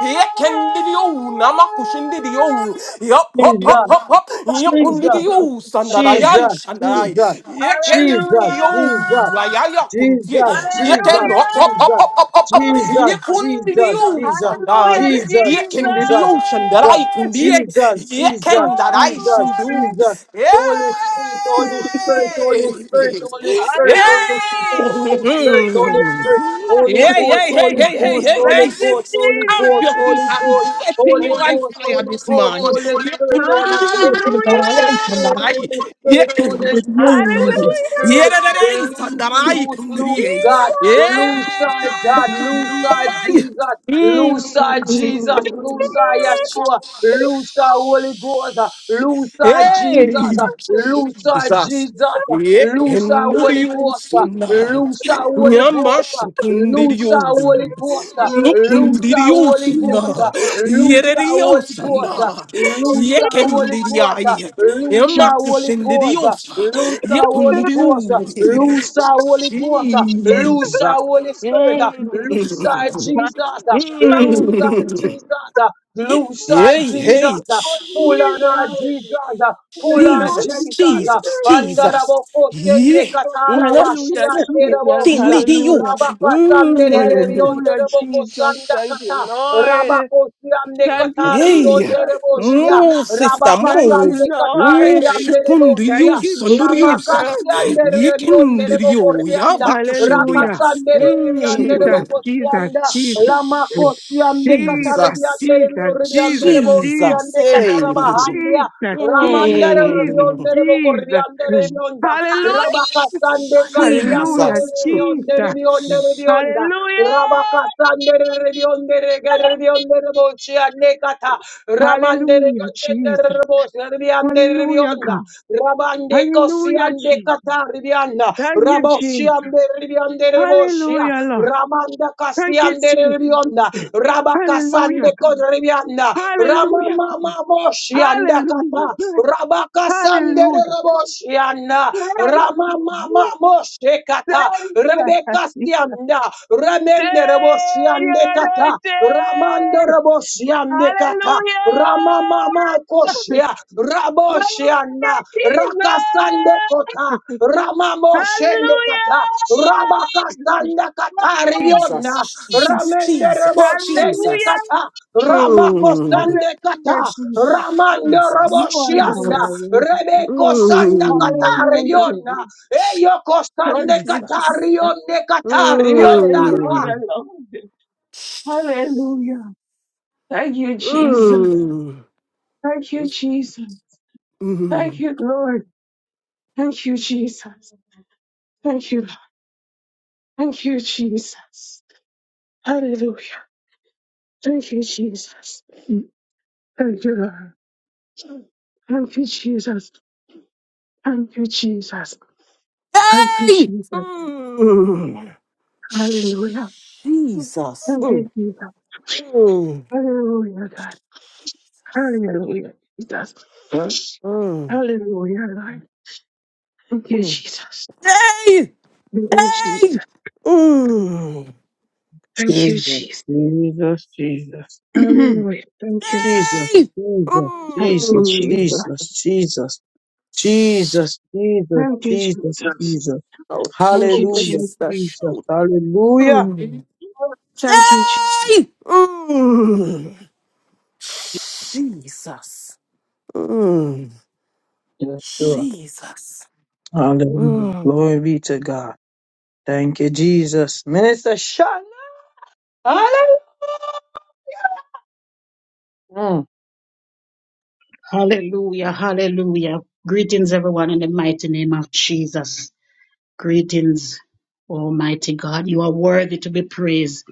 Speaker 4: Yekendidio, namakushindidio. Yup, hop,
Speaker 2: Jesus,
Speaker 4: hop, hop, hop.
Speaker 5: Thank
Speaker 2: Jesus,
Speaker 5: you.
Speaker 4: Yekundidio, sandadayai,
Speaker 2: Jesus,
Speaker 4: shandai.
Speaker 2: Jesus, Jesus,
Speaker 5: Hallelujah.
Speaker 4: Yekendidio,
Speaker 2: Jesus,
Speaker 4: ayaya
Speaker 2: Jesus,
Speaker 4: kuntie.
Speaker 2: Jesus,
Speaker 5: Hallelujah.
Speaker 4: Yeken, hop, hop, hop,
Speaker 2: Jesus, Jesus,
Speaker 4: hop, hop, hop, hop.
Speaker 2: Jesus, Jesus,
Speaker 4: Yekundidio,
Speaker 2: Jesus,
Speaker 5: Hallelujah,
Speaker 2: Jesus,
Speaker 4: sandai.
Speaker 5: Jesus.
Speaker 2: Jesus,
Speaker 4: Yekendidio, shandarai, kundie.
Speaker 2: Jesus,
Speaker 5: Oh,
Speaker 2: Jesus,
Speaker 4: Yekendarai,
Speaker 5: great.
Speaker 2: Jesus,
Speaker 4: shundu.
Speaker 2: Jesus,
Speaker 4: Yay!
Speaker 2: Holy Spirit, Holy Spirit, Holy Spirit, Holy Spirit,
Speaker 5: Hallelujah,
Speaker 2: Holy Spirit, Holy Spirit,
Speaker 5: Jesus.
Speaker 2: Holy
Speaker 4: Yay!
Speaker 2: Spirit, Holy
Speaker 4: Yeah,
Speaker 2: Ghost,
Speaker 4: yeah, yeah,
Speaker 2: Holy
Speaker 4: yeah, yeah,
Speaker 2: Ghost,
Speaker 4: yeah,
Speaker 2: Holy
Speaker 5: Thank
Speaker 4: yeah.
Speaker 2: Ghost, Holy
Speaker 4: Stamp your
Speaker 2: Ghost,
Speaker 4: feet.
Speaker 2: Holy
Speaker 4: I'm
Speaker 2: Ghost,
Speaker 4: setting you
Speaker 2: Holy
Speaker 4: on
Speaker 2: Ghost,
Speaker 4: fire
Speaker 2: Holy
Speaker 4: this
Speaker 2: Ghost,
Speaker 4: morning.
Speaker 2: Holy
Speaker 4: Yeah,
Speaker 2: Spirit, Holy Spirit, Holy
Speaker 4: kundurudurudurudarai,
Speaker 5: Hallelujah!
Speaker 2: Spirit,
Speaker 4: sandarai.
Speaker 2: Holy
Speaker 4: sandarai. Yeah,
Speaker 2: Spirit, Holy Spirit,
Speaker 4: kundurudu.
Speaker 2: Holy
Speaker 4: Yeah,
Speaker 2: Spirit.
Speaker 5: Hallelujah!
Speaker 4: dadarai,
Speaker 2: Loose,
Speaker 4: sandarai,
Speaker 2: loose, loose,
Speaker 4: kunduriyai.
Speaker 2: God. Loose side, God. Loose side,
Speaker 4: Yeah.
Speaker 2: Jesus. Loose
Speaker 4: Mm.
Speaker 2: side, Jesus. Loose side, Yeshua. Loose our Holy Ghost. uh, Loose our Jesus. uh,
Speaker 4: Hey.
Speaker 2: Loose our
Speaker 4: Jesus.
Speaker 2: Jesus. uh, Loose our Holy Ghost. uh,
Speaker 4: Yekendiriusana.
Speaker 2: Loose our Holy Ghost. uh, Loose our
Speaker 4: Yamashukundiriosu.
Speaker 2: Holy Ghost. uh, Loose our Holy
Speaker 4: Nukundiriusana.
Speaker 2: Ghost. uh, Loose our Holy
Speaker 4: Yereriosana.
Speaker 2: Ghost. uh, Loose our Holy Ghost.
Speaker 4: Yekendiriai.
Speaker 2: uh, Loose our Holy Ghost. uh,
Speaker 4: Yamakushindiriosa.
Speaker 2: Loose our Holy
Speaker 4: Yekundiriu.
Speaker 2: Ghost. uh, Loose our Holy Ghost. uh, Loose our Holy Spirit. uh,
Speaker 4: Jesus.
Speaker 2: Loose our Jesus. uh,
Speaker 4: Mm.
Speaker 2: Loose
Speaker 4: Mm.
Speaker 2: our Jesus. Loose our
Speaker 4: Hey,
Speaker 2: Jesus.
Speaker 4: hey.
Speaker 2: Pull on our Jesus. Pull on
Speaker 5: Hallelujah,
Speaker 4: Jesus,
Speaker 5: Jesus.
Speaker 2: Jesus.
Speaker 4: Jesus, Jesus.
Speaker 2: Andarabo koshende
Speaker 4: Yeah. Mm,
Speaker 2: katalaba
Speaker 5: Hallelujah,
Speaker 4: so good.
Speaker 2: shianderabo
Speaker 5: Jesus.
Speaker 4: Send
Speaker 2: shia.
Speaker 4: me to you.
Speaker 5: Hallelujah.
Speaker 2: Rabaka sanderebo
Speaker 4: Mm.
Speaker 5: Hallelujah,
Speaker 2: terebo
Speaker 5: Jesus.
Speaker 2: kosanda
Speaker 5: Thank you,
Speaker 2: kata.
Speaker 5: Lord.
Speaker 2: Rabako shiande
Speaker 5: Thank you,
Speaker 2: katari
Speaker 4: Hey.
Speaker 2: onderebo
Speaker 5: Jesus.
Speaker 2: shia.
Speaker 4: Move, sister,
Speaker 2: Rabaka
Speaker 5: Thank you,
Speaker 4: move.
Speaker 2: sande katari
Speaker 4: Move,
Speaker 5: Lord.
Speaker 2: anderebo
Speaker 4: shikundi you,
Speaker 2: shia.
Speaker 5: Thank you,
Speaker 4: sunduri you,
Speaker 2: Lamaka
Speaker 4: saka.
Speaker 5: Jesus.
Speaker 2: shianderebo
Speaker 4: Yikindiri
Speaker 2: onderebo
Speaker 4: you,
Speaker 2: kordianda.
Speaker 4: yabakushindia.
Speaker 5: Hallelujah.
Speaker 2: Rakasanderebo
Speaker 4: Mm.
Speaker 2: anderebo
Speaker 5: Jesus, Jesus,
Speaker 2: kosianda.
Speaker 5: Jesus.
Speaker 2: Lamako shiande katari
Speaker 5: Jesus,
Speaker 4: Jesus,
Speaker 5: Jesus,
Speaker 2: anderebo
Speaker 5: Jesus,
Speaker 2: anderebo
Speaker 5: Jesus,
Speaker 4: Jesus,
Speaker 2: shiande
Speaker 4: hey.
Speaker 2: katarabahandia.
Speaker 5: Jesus,
Speaker 2: Ramandere
Speaker 5: Jesus, Jesus,
Speaker 4: Mm.
Speaker 2: riondere boko riandere
Speaker 5: Jesus.
Speaker 2: rionda.
Speaker 5: Hallelujah.
Speaker 2: Rabakasandere riandere
Speaker 5: Hallelujah,
Speaker 4: Jesus.
Speaker 2: riondere
Speaker 5: Jesus.
Speaker 2: riondere rionda.
Speaker 5: Hallelujah.
Speaker 2: Rabakasandere riondere riondere boci anekata. Ramandere
Speaker 5: Hallelujah,
Speaker 2: contendere
Speaker 5: Jesus.
Speaker 2: boci riandere
Speaker 5: Hallelujah,
Speaker 2: rionda.
Speaker 5: God.
Speaker 2: Rabande cosi
Speaker 5: Hallelujah, Jesus.
Speaker 2: andekata rianda.
Speaker 5: Thank you,
Speaker 2: Raboci
Speaker 5: Jesus.
Speaker 2: andere riandere bocia.
Speaker 5: Hallelujah, Lord.
Speaker 2: Ramanda
Speaker 5: Thank
Speaker 2: casi
Speaker 5: you,
Speaker 2: andere
Speaker 5: Jesus.
Speaker 2: rionda.
Speaker 5: Hallelujah.
Speaker 2: Rabakasande
Speaker 5: God.
Speaker 2: codrianda.
Speaker 5: Hallelujah,
Speaker 2: Ramama
Speaker 5: God.
Speaker 2: moshi Rianda
Speaker 5: Hallelujah,
Speaker 2: Kata,
Speaker 5: God.
Speaker 2: Rabaka Sandere
Speaker 5: Hallelujah, God.
Speaker 2: Raboshianda,
Speaker 5: Thank
Speaker 2: Rama
Speaker 5: you,
Speaker 2: Mama Moshe Kata, Rebecca
Speaker 5: Jesus.
Speaker 2: Stianda, Remende
Speaker 5: Thank you,
Speaker 2: Raboshiande Kata, Ramando
Speaker 5: anointed.
Speaker 2: Raboshiande Kata,
Speaker 5: Hallelujah.
Speaker 2: Rama Mama Koshia,
Speaker 5: Hallelujah,
Speaker 2: Raboshianda, Rakasande
Speaker 5: Jesus.
Speaker 2: Kota, Rama Moshende
Speaker 5: Hallelujah.
Speaker 2: Kata, Rabakasanda Kata
Speaker 4: Jesus,
Speaker 2: Riona,
Speaker 4: Jesus,
Speaker 2: Ramende
Speaker 4: Jesus,
Speaker 2: Raboshiande
Speaker 5: Hallelujah.
Speaker 4: Jesus.
Speaker 2: Kata,
Speaker 4: Mm,
Speaker 2: Ramakosande
Speaker 5: Hallelujah,
Speaker 2: Kata,
Speaker 5: Jesus.
Speaker 2: Ramando
Speaker 4: Jesus,
Speaker 5: You are God,
Speaker 2: Roboshianda,
Speaker 5: I
Speaker 4: Jesus.
Speaker 5: worship you.
Speaker 2: Rebeko Sanda
Speaker 4: Mm,
Speaker 2: Katarionda,
Speaker 5: Hallelujah.
Speaker 2: Eyoko
Speaker 5: Touch
Speaker 2: Sande
Speaker 5: you,
Speaker 4: Jesus.
Speaker 5: Jesus.
Speaker 2: Katarionde Katarionda Raba.
Speaker 5: Hallelujah,
Speaker 4: Mm,
Speaker 5: Lord. Hallelujah. Thank you, Jesus.
Speaker 4: mm,
Speaker 5: Thank you, Jesus. Thank
Speaker 4: mm.
Speaker 5: you, Lord. Thank you, Jesus. Thank you, Lord. Thank you, Jesus. Hallelujah. Thank you, Jesus. Thank you, Lord. Thank you, Jesus. Thank you, Jesus. Thank you,
Speaker 4: Hey!
Speaker 5: Jesus.
Speaker 4: Mm,
Speaker 5: Hallelujah.
Speaker 4: Jesus.
Speaker 5: Thank
Speaker 4: Mm,
Speaker 5: you, Jesus.
Speaker 4: mm,
Speaker 5: Hallelujah, God. Hallelujah, Jesus.
Speaker 4: mm,
Speaker 5: Hallelujah, Lord. Thank you,
Speaker 4: mm.
Speaker 5: Jesus.
Speaker 4: Hey!
Speaker 5: Thank you, Jesus.
Speaker 4: Hey! Mm,
Speaker 5: Thank you,
Speaker 2: Jesus,
Speaker 5: Jesus.
Speaker 2: Jesus, Jesus,
Speaker 5: Hallelujah. Thank you, Lord.
Speaker 2: Jesus,
Speaker 4: hey!
Speaker 2: Jesus, Jesus,
Speaker 5: Thank
Speaker 4: Mm.
Speaker 5: you, Jesus.
Speaker 2: Jesus, Jesus, Jesus,
Speaker 5: Thank you,
Speaker 2: Jesus,
Speaker 5: Jesus.
Speaker 2: Jesus.
Speaker 4: Oh,
Speaker 5: Thank
Speaker 4: shoot,
Speaker 5: you,
Speaker 4: my
Speaker 5: Jesus.
Speaker 2: Hallelujah,
Speaker 4: sister,
Speaker 2: Jesus,
Speaker 4: shoot.
Speaker 2: hallelujah.
Speaker 5: Thank you, Jesus.
Speaker 4: Hey! Mm. Jesus. Mm.
Speaker 2: Yes, Lord.
Speaker 4: Jesus.
Speaker 2: Hallelujah.
Speaker 4: Mm.
Speaker 2: Glory be to God. Thank you, Jesus. Minister Shanda. Hallelujah. Mm.
Speaker 6: Hallelujah, hallelujah. Greetings, everyone, in the mighty name of Jesus. Greetings, Almighty God. You are worthy to be praised.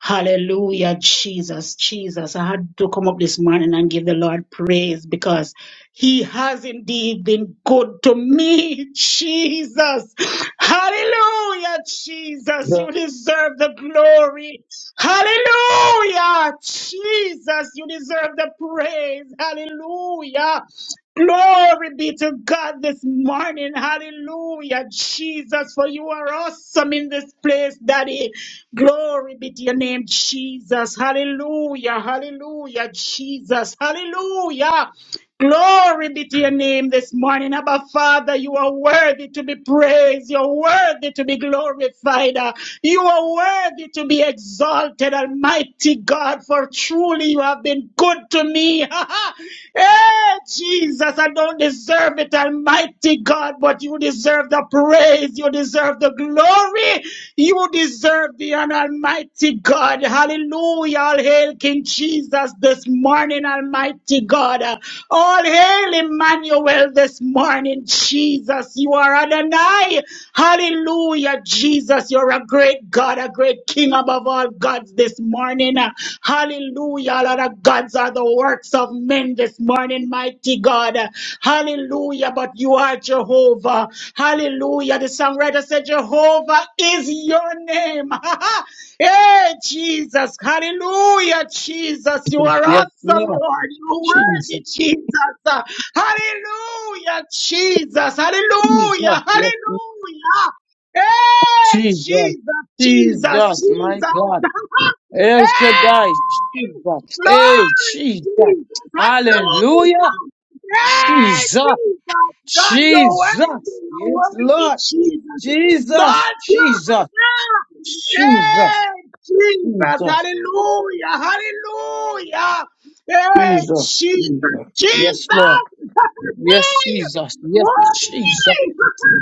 Speaker 6: Hallelujah, Jesus, Jesus. I had to come up this morning and give the Lord praise because he has indeed been good to me, Jesus. Hallelujah, Jesus.
Speaker 2: Yes,
Speaker 6: You deserve the glory. Hallelujah, Jesus. You deserve the praise. Hallelujah. Glory be to God this morning. Hallelujah, Jesus, for you are awesome in this place, Daddy. Glory be to your name, Jesus. Hallelujah, hallelujah, Jesus. Hallelujah. Glory be to your name this morning. Abba Father, you are worthy to be praised. You're worthy to be glorified. Uh, You are worthy to be exalted, Almighty God, for truly you have been good to me. hey, Jesus, I don't deserve it, Almighty God, but you deserve the praise. You deserve the glory. You deserve the honor, Almighty God. Hallelujah. All hail King Jesus this morning, Almighty God. All hail Emmanuel this morning, Jesus. You are Adonai. Hallelujah, Jesus. You're a great God, a great King above all gods this morning. Hallelujah. All other gods are the works works of men this morning, mighty God. Hallelujah. But you are Jehovah. Hallelujah. The songwriter said, Jehovah is your name. hey, Jesus. Hallelujah, Jesus. You are
Speaker 2: yes,
Speaker 6: awesome,
Speaker 2: Lord.
Speaker 6: Lord. You are
Speaker 2: Jesus.
Speaker 6: worthy, Jesus. Hallelujah, Jesus.
Speaker 2: Jesus.
Speaker 6: Hallelujah.
Speaker 2: Yes, Lord.
Speaker 6: Hallelujah. Hey,
Speaker 2: Jesus.
Speaker 6: Jesus, Jesus,
Speaker 2: Jesus, my God.
Speaker 6: Jesus.
Speaker 2: El Shaddai.
Speaker 6: hey,
Speaker 2: Jesus.
Speaker 6: Glory,
Speaker 2: Hey, Jesus.
Speaker 6: Jesus.
Speaker 2: Hallelujah.
Speaker 6: Hallelujah. Yeah,
Speaker 2: Jesus.
Speaker 6: Jesus. God, your word,
Speaker 2: Jesus.
Speaker 6: your
Speaker 2: Yes,
Speaker 6: word,
Speaker 2: Lord.
Speaker 6: Jesus.
Speaker 2: Jesus.
Speaker 6: Exalt you.
Speaker 2: Jesus.
Speaker 6: Yeah,
Speaker 2: Jesus.
Speaker 6: Jesus.
Speaker 2: Jesus.
Speaker 6: Hallelujah. Hallelujah. Hey,
Speaker 2: Jesus.
Speaker 6: Jesus.
Speaker 2: Jesus. Yes, Lord.
Speaker 6: Jesus.
Speaker 2: Yes, Jesus.
Speaker 6: Woo!
Speaker 2: Yes, Jesus.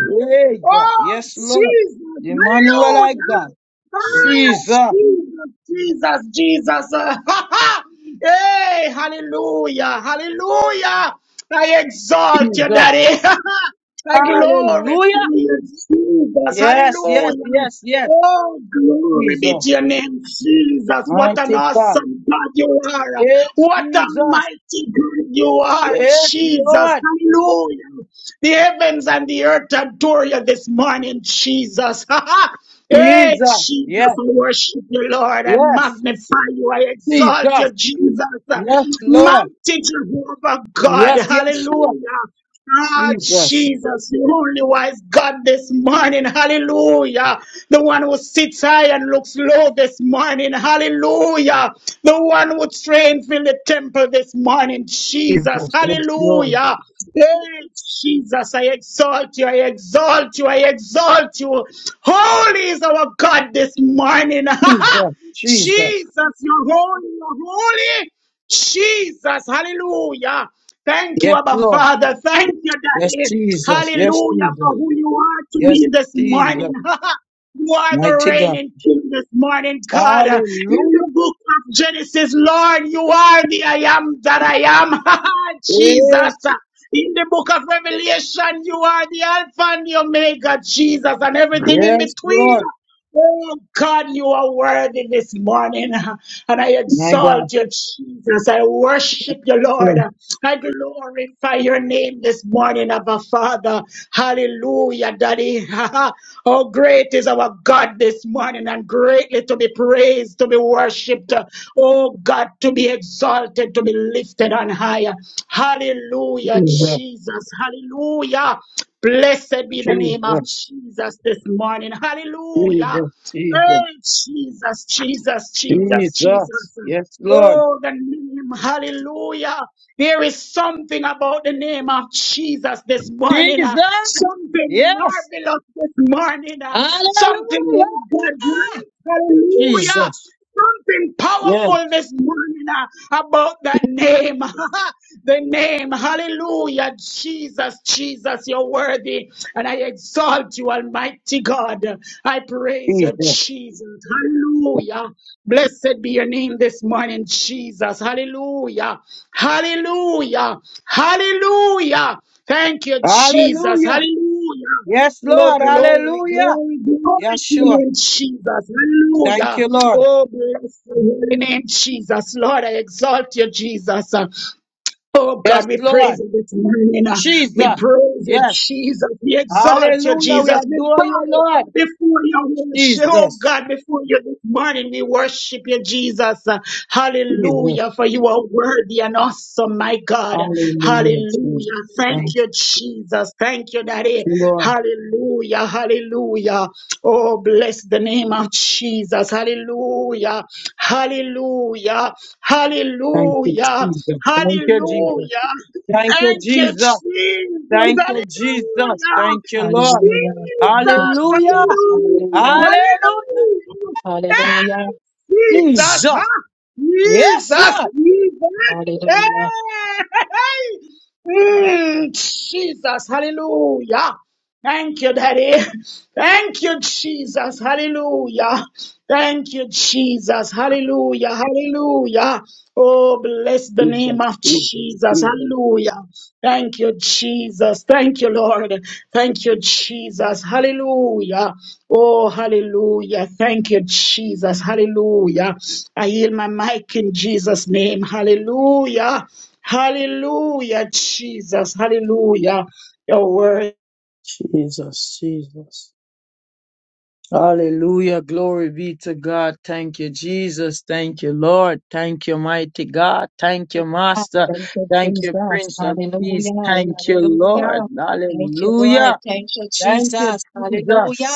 Speaker 2: Hey, God.
Speaker 6: Oh,
Speaker 2: Yes, Lord.
Speaker 6: Jesus.
Speaker 2: Emmanuel, I
Speaker 6: Hallelujah.
Speaker 2: God.
Speaker 6: Ah,
Speaker 2: Jesus.
Speaker 6: Jesus, Jesus, Jesus. Ah, hey, hallelujah, hallelujah. I exalt you,
Speaker 2: Jesus.
Speaker 6: Daddy. I glorify
Speaker 2: Hallelujah.
Speaker 6: you, Jesus.
Speaker 2: Yes, yes,
Speaker 6: Hallelujah.
Speaker 2: yes, yes.
Speaker 6: Oh, glory be
Speaker 2: Jesus.
Speaker 6: to your name, Jesus. What an
Speaker 2: Mighty God.
Speaker 6: awesome God you are.
Speaker 2: Yes,
Speaker 6: What a
Speaker 2: Jesus.
Speaker 6: mighty God you are,
Speaker 2: Yes,
Speaker 6: Jesus.
Speaker 2: Lord.
Speaker 6: Hallelujah. The heavens and the earth adore you this morning, Jesus. hey,
Speaker 2: Jesus.
Speaker 6: Jesus,
Speaker 2: Yes,
Speaker 6: I worship you, Lord. I
Speaker 2: yes.
Speaker 6: magnify you. I exalt you,
Speaker 2: Jesus.
Speaker 6: Jesus.
Speaker 2: Yes, Lord.
Speaker 6: Mighty Jehovah God.
Speaker 2: Yes, yes, sure.
Speaker 6: Hallelujah. Ah,
Speaker 2: Jesus.
Speaker 6: Jesus, the only wise God this morning. Hallelujah. The one who sits high and looks low this morning. Hallelujah. The one who trained in the temple this morning. Jesus.
Speaker 2: Jesus. Yes, Lord.
Speaker 6: Hallelujah. Hey, Jesus, I exalt you. I exalt you. I exalt you. Holy is our God this morning.
Speaker 2: Jesus. Jesus.
Speaker 6: Jesus, you're holy, you're holy. Jesus, hallelujah. Thank you,
Speaker 2: Yes,
Speaker 6: Abba
Speaker 2: Lord.
Speaker 6: Father. Thank you,
Speaker 2: Yes,
Speaker 6: Daddy.
Speaker 2: Jesus. Yes,
Speaker 6: Hallelujah
Speaker 2: Jesus.
Speaker 6: for who you are to
Speaker 2: Yes,
Speaker 6: me this
Speaker 2: Jesus.
Speaker 6: morning. You are the
Speaker 2: Mighty God.
Speaker 6: reigning king this morning, God. In the
Speaker 2: Hallelujah.
Speaker 6: book of Genesis, Lord, you are the I am that I am. Jesus.
Speaker 2: Yes.
Speaker 6: In the book of Revelation, you are the Alpha and the Omega, Jesus, and everything in
Speaker 2: Yes,
Speaker 6: between.
Speaker 2: Lord.
Speaker 6: Oh God, you are worthy this morning, and I
Speaker 2: My God.
Speaker 6: exalt you, Jesus. I worship you, Lord. I glorify your name this morning, Abba Father. Hallelujah, Daddy. Oh, great is our God God this morning and greatly to be praised, to be worshipped. Oh God, to be exalted, to be lifted on higher. Hallelujah,
Speaker 2: Jesus.
Speaker 6: Jesus. Hallelujah. Blessed be the name of
Speaker 2: Jesus.
Speaker 6: Jesus this morning. Hallelujah.
Speaker 2: Jesus.
Speaker 6: Oh,
Speaker 2: Jesus.
Speaker 6: Jesus, Jesus, Jesus,
Speaker 2: Jesus.
Speaker 6: Jesus.
Speaker 2: Yes, Lord.
Speaker 6: Oh, the name. Hallelujah. There is something about the name of Jesus this morning, uh,
Speaker 2: Jesus.
Speaker 6: something
Speaker 2: Yes.
Speaker 6: marvelous this morning, uh, something
Speaker 2: Hallelujah.
Speaker 6: oh God, hallelujah,
Speaker 2: Jesus.
Speaker 6: something
Speaker 2: Yes.
Speaker 6: powerful this morning uh, about that name, the name, hallelujah, Jesus, Jesus, you're worthy and I exalt you, Almighty God. I praise you,
Speaker 2: Jesus.
Speaker 6: Jesus. Hallelujah. Blessed be your name this morning, Jesus. Hallelujah. Hallelujah. Hallelujah. Thank you, Jesus.
Speaker 2: Hallelujah.
Speaker 6: Hallelujah.
Speaker 2: Yes,
Speaker 6: Oh,
Speaker 2: Lord.
Speaker 6: glory,
Speaker 2: Hallelujah.
Speaker 6: glory, glory
Speaker 2: Yes,
Speaker 6: to your
Speaker 2: sure.
Speaker 6: name, Jesus.
Speaker 2: Thank
Speaker 6: Hallelujah.
Speaker 2: you, Lord.
Speaker 6: Oh, bless your holy name, Jesus. Lord, I exalt you, Jesus. Oh
Speaker 2: Yes,
Speaker 6: God, we praise
Speaker 2: Lord.
Speaker 6: you this morning. uh, We
Speaker 2: Jesus.
Speaker 6: praise you,
Speaker 2: Yes.
Speaker 6: Jesus. We exalt you,
Speaker 2: Hallelujah. We
Speaker 6: Jesus. We
Speaker 2: adore you,
Speaker 6: bow
Speaker 2: Lord.
Speaker 6: before your worship. Oh
Speaker 2: Jesus.
Speaker 6: God, before you this morning, we worship you, Jesus. Uh,
Speaker 2: Jesus.
Speaker 6: Hallelujah, for you are worthy and awesome, my God.
Speaker 2: Hallelujah, Jesus.
Speaker 6: Hallelujah. Thank
Speaker 2: Thank
Speaker 6: you, Jesus. Thank you, Daddy.
Speaker 2: you, Lord.
Speaker 6: Hallelujah. Hallelujah. Oh, bless the name of Jesus. Hallelujah. Hallelujah.
Speaker 2: Thank you,
Speaker 6: Hallelujah.
Speaker 2: Jesus. Thank you, Jesus.
Speaker 6: Hallelujah.
Speaker 2: Thank you,
Speaker 6: Thank you,
Speaker 2: Jesus.
Speaker 6: Jesus.
Speaker 2: Thank you, Jesus.
Speaker 6: Hallelujah.
Speaker 2: Thank you, Lord.
Speaker 6: Jesus.
Speaker 2: Hallelujah.
Speaker 6: Hallelujah.
Speaker 2: Hallelujah.
Speaker 6: Hallelujah. Hey, Jesus.
Speaker 2: Jesus.
Speaker 6: Huh?
Speaker 2: Yes,
Speaker 6: Jesus.
Speaker 2: Lord.
Speaker 6: Jesus. Hey. hey, hey. Mm, Jesus. Hallelujah. Thank you, Daddy. Thank you, Jesus. Hallelujah. Thank you, Jesus. Hallelujah. Hallelujah. Oh, bless the name
Speaker 2: Jesus,
Speaker 6: of
Speaker 2: Jesus,
Speaker 6: Jesus.
Speaker 2: Jesus.
Speaker 6: Hallelujah. Thank you, Jesus. Thank you, Lord. Thank you, Jesus. Hallelujah. Oh, hallelujah. Thank you, Jesus. Hallelujah. I yield my mic in Jesus' name. Hallelujah. Hallelujah, Jesus. Hallelujah. Your word.
Speaker 2: Jesus, Jesus. Hallelujah. Glory be to God. Thank you, Jesus. Thank you, Lord. Thank you, mighty God. Thank you, Master. Thank you, Prince of Peace. Thank you, Lord. Hallelujah. Thank you, Jesus.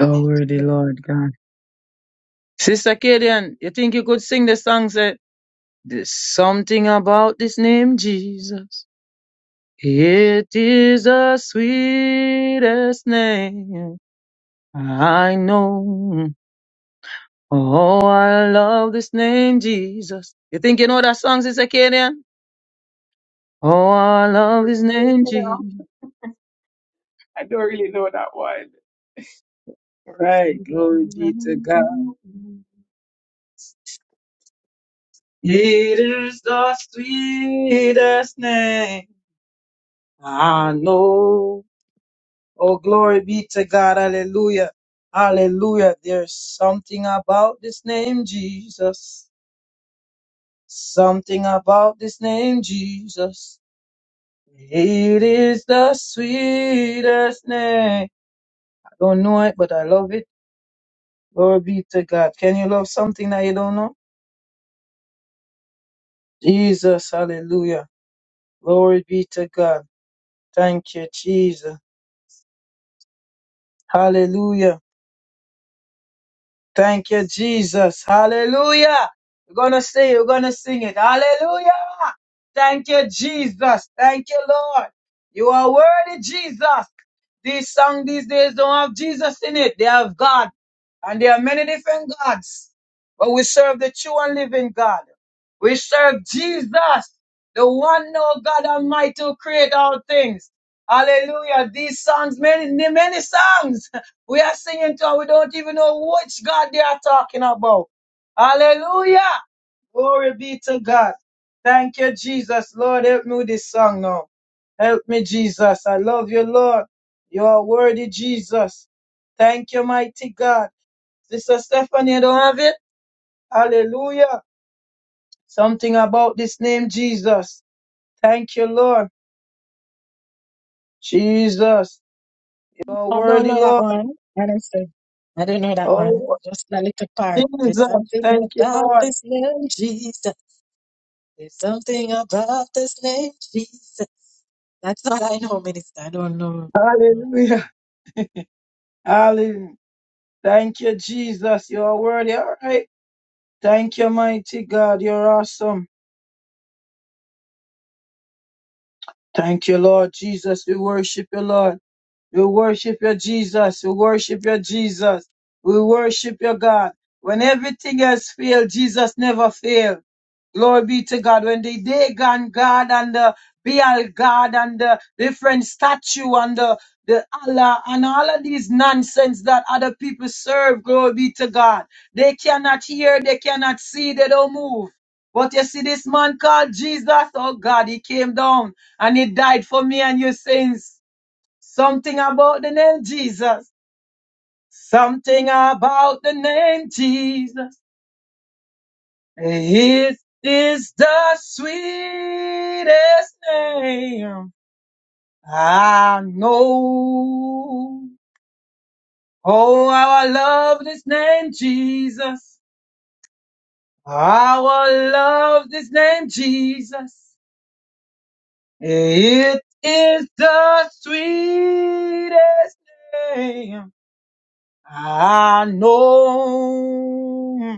Speaker 2: Oh, worthy, Lord God. Sister Kadian, you think you could sing the song? Say, there's something about this name, Jesus. It is the sweetest name I know. Oh, I love this name, Jesus. You think you know that song, Sister Kadian? Oh, I
Speaker 5: I don't
Speaker 2: love his
Speaker 5: really
Speaker 2: name,
Speaker 5: know
Speaker 2: Jesus.
Speaker 5: I don't really know that one.
Speaker 2: Right, glory be to God. It is the sweetest name I know. Oh, glory be to God. Hallelujah. Hallelujah. There's something about this name, Jesus. Something about this name, Jesus. It is the sweetest name. I don't know it, but I love it. Glory be to God. Can you love something that you don't know? Jesus, hallelujah. Glory be to God. Thank you, Jesus. Hallelujah. Thank you, Jesus. Hallelujah. We're going to sing. We're going to sing it. Hallelujah. Thank you, Jesus. Thank you, Lord. You are worthy, Jesus. These songs these days don't have Jesus in it. They have God. And there are many different gods. But we serve the true and living God. We serve Jesus, the one no God Almighty who created all things. Hallelujah. These songs, many, many songs we are singing to, and we don't even know which God they are talking about. Hallelujah. Glory be to God. Thank you, Jesus. Lord, help me with this song now. Help me, Jesus. I love you, Lord. You are worthy, Jesus. Thank you, mighty God. Sister Stephanie, you don't have it? Hallelujah. Something about this name, Jesus. Thank you, Lord. Jesus. You are worthy, Lord. Oh, Jesus. Thank you, Lord. Hallelujah. Hallelujah. Thank you, Jesus. You are worthy. All right. Thank you, mighty God. You're awesome. Thank you, Lord Jesus. We worship you, Lord. We worship you, Jesus. We worship you, Jesus. We worship you, God. When everything else failed, Jesus never failed. Glory be to God. When the Dagon God and the Baal God and the different statue and the, the Allah and all of these nonsense that other people serve, glory be to God. They cannot hear, they cannot see, they don't move. But you see this man called Jesus, oh God, he came down and he died for me and your sins. Something about the name Jesus. Something about the name Jesus. It is the sweetest name I know. Oh, how I love this name, Jesus. How I love this name, Jesus. It is the sweetest name I know.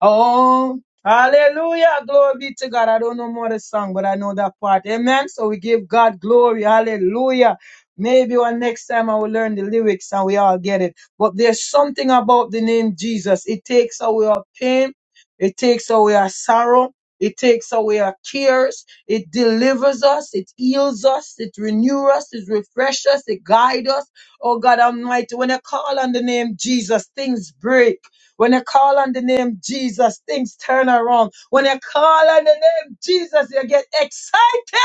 Speaker 2: Oh, hallelujah. Glory be to God. I don't know more the song, but I know that part. Amen. So we give God glory. Hallelujah. Maybe one next time I will learn the lyrics and we all get it. But there's something about the name Jesus. It takes away our pain. It takes away our sorrow. It takes away our tears. It delivers us. It heals us. It renews us. It refreshes us. It guides us. Oh God Almighty, when I call on the name Jesus, things break. When you call on the name Jesus, things turn around. When you call on the name Jesus, you get excited.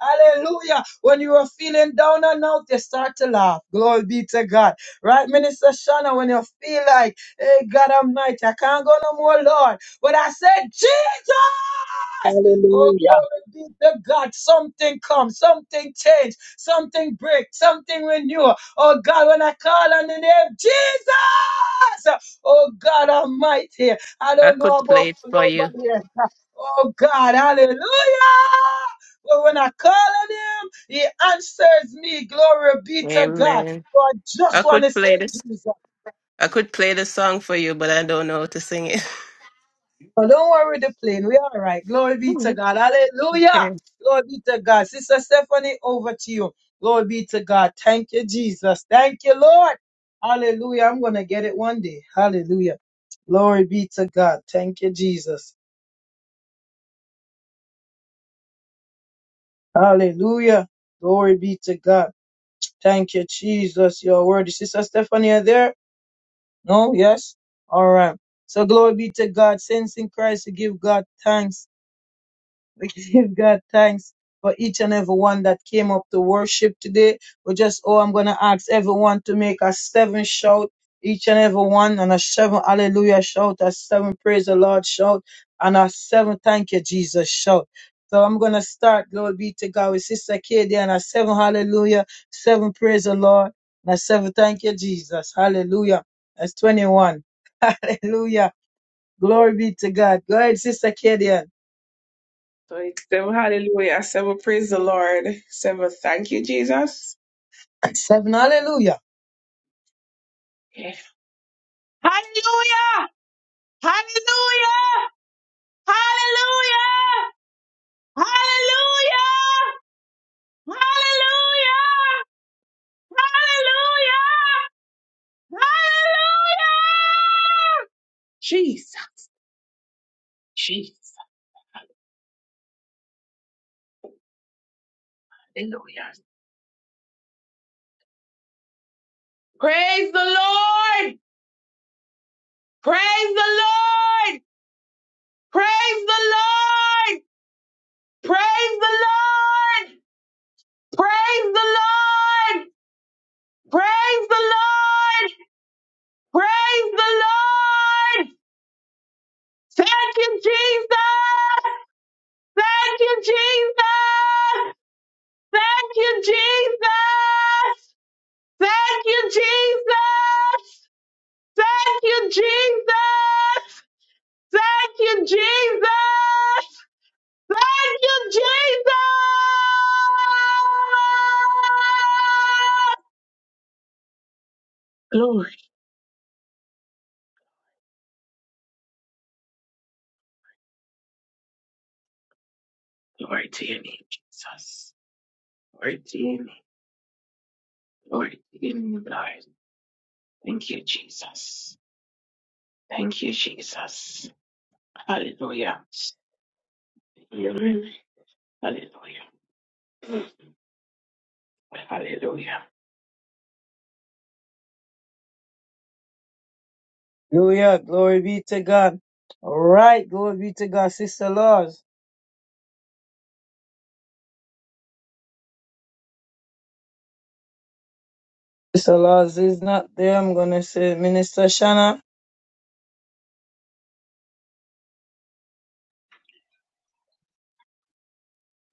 Speaker 2: Hallelujah. When you are feeling down and out, you start to laugh. Glory be to God. Right, Minister Shana, when you feel like, hey, God, I'm night, I can't go no more, Lord. But I said, Jesus! Oh,
Speaker 6: Hallelujah.
Speaker 2: glory be to God. Something comes, something change, something break, something renew. Oh, God, when I call on the name Jesus, Oh God Almighty, I don't know about for nobody else. Oh God, hallelujah. But when I call on him, he answers me. Glory be to God. So I just want to say, Jesus. But don't worry the plane. We all right. Glory be to God. Hallelujah. Glory be to God. Sister Stephanie, over to you. Glory be to God. Thank you, Jesus. Thank you, Lord. Hallelujah. I'm going to get it one day. Hallelujah. Glory be to God. Thank you, Jesus. Hallelujah. Glory be to God. Thank you, Jesus. Your word. Is Sister Stephanie are there? No? Yes? All right. So glory be to God. Saints in Christ, we give God thanks. We give God thanks for each and every one that came up to worship today. We just, oh, I'm going to ask everyone to make a seven shout, each and every one, and a seven hallelujah shout, a seven praise the Lord shout, and a seven thank you, Jesus shout. So I'm going to start, glory be to God, with Sister Katie and a seven hallelujah, seven praise the Lord, and a seven thank you, Jesus. Hallelujah. That's 21. Hallelujah. Glory be to God. Go ahead, Sister Katie.
Speaker 5: So it's seven hallelujah, seven praise the Lord, seven thank you, Jesus.
Speaker 2: Seven hallelujah.
Speaker 5: Okay. Hallelujah! Hallelujah! Hallelujah! Hallelujah! Hallelujah! Hallelujah! Jesus. Jesus. Hallelujah. Praise the Lord. Praise the Lord. Praise the Lord. Praise the Lord. Praise the Lord. Praise the Lord. Praise the Lord. Thank you, Jesus. Thank you, Jesus. Thank you, Jesus. Thank you, Jesus. Thank you, Jesus. Thank you, Jesus. Thank you, Jesus. Glory, glory to your name, Jesus. Glory to your name. Glory to your name, Lord. Thank you, Jesus. Thank you, Jesus. Hallelujah. Hallelujah. Hallelujah.
Speaker 2: Hallelujah. Glory be to God. All right. Glory be to God. Sister Laws. Sister Laws is not there. I'm going to say, Minister Shanna,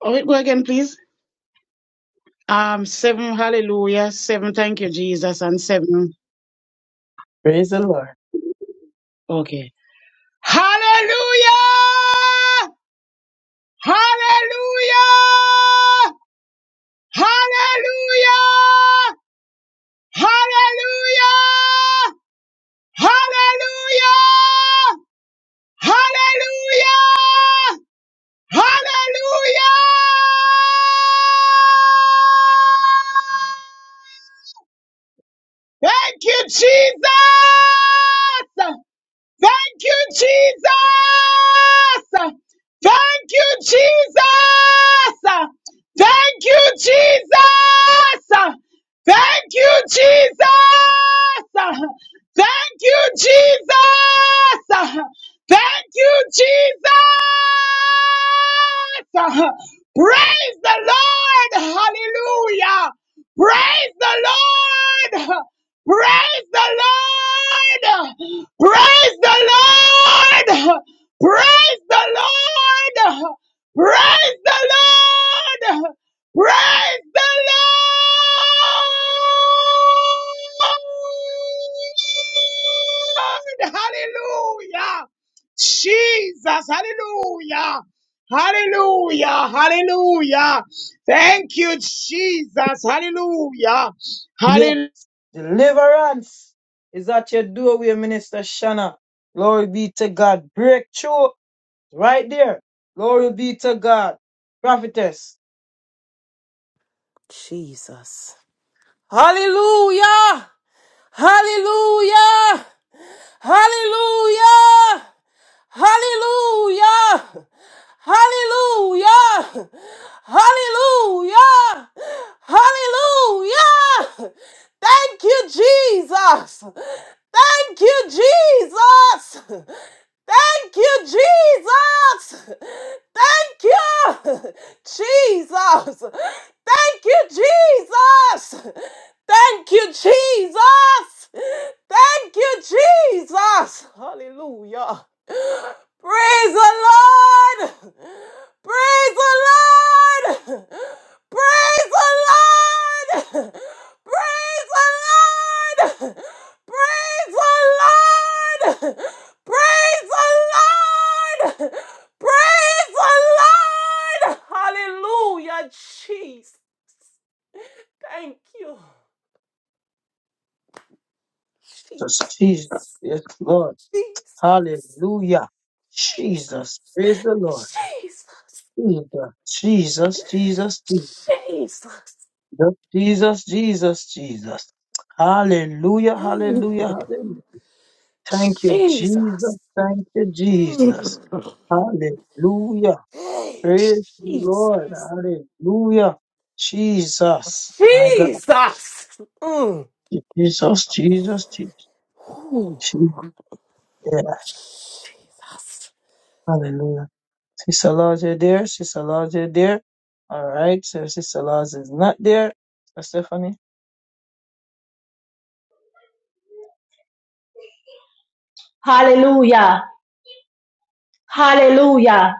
Speaker 6: Oh, wait, go again, please. Um, seven, hallelujah. Seven, thank you, Jesus. And seven,
Speaker 2: praise the Lord.
Speaker 6: okay. Hallelujah! Hallelujah! Hallelujah! Hallelujah! Hallelujah! Hallelujah! Hallelujah! Thank you, Jesus! Thank you, Jesus. Thank you, Jesus. Thank you, Jesus. Thank you, Jesus. Thank you, Jesus. Thank you, Jesus. Praise the Lord. Hallelujah. Praise the Lord. Praise the Lord. Praise the Lord. Praise the Lord. Praise the Lord. Praise the Lord. Hallelujah. Jesus. Hallelujah. Hallelujah. Hallelujah. Thank you, Jesus. Hallelujah.
Speaker 2: Yes.
Speaker 6: Hallelujah.
Speaker 2: Deliverance is at your doorway, Minister Shanna. Glory be to God. Breakthrough right there. Glory be to God. Prophetess.
Speaker 4: Jesus. Hallelujah! Hallelujah! Hallelujah! Hallelujah! Hallelujah! Hallelujah! Hallelujah! Thank you, Jesus! Thank you, Jesus! Thank you, Jesus! Thank you, Jesus! Thank you, Jesus! Thank you, Jesus. Thank you, Jesus. Hallelujah. Praise the Lord. Praise the Lord. Praise the Lord. Praise the Lord. Praise the Lord. Praise the Lord. Praise the Lord. Hallelujah, Jesus. Thank you.
Speaker 2: Jesus. Jesus. Yes, Lord.
Speaker 4: Jesus.
Speaker 2: Hallelujah. Jesus. Praise the Lord.
Speaker 4: Jesus.
Speaker 2: Jesus. Jesus. Jesus. Jesus.
Speaker 4: Jesus.
Speaker 2: Jesus, Jesus, Jesus. Hallelujah, hallelujah,
Speaker 4: Ooh,
Speaker 2: hallelujah. Thank you,
Speaker 4: Jesus.
Speaker 2: Jesus. Thank you,
Speaker 4: Mm.
Speaker 2: Jesus. Hallelujah.
Speaker 4: Hey,
Speaker 2: Praise the Lord.
Speaker 4: Jesus.
Speaker 2: Hallelujah. Jesus. My God.
Speaker 4: Jesus. Mm.
Speaker 2: Jesus, Jesus, Jesus. Yes. Hallelujah. Sister Lodge, you there? Sister Lodge, you there? All right. So Sister Lodge is not there. Sister Stephanie.
Speaker 1: Hallelujah. Hallelujah.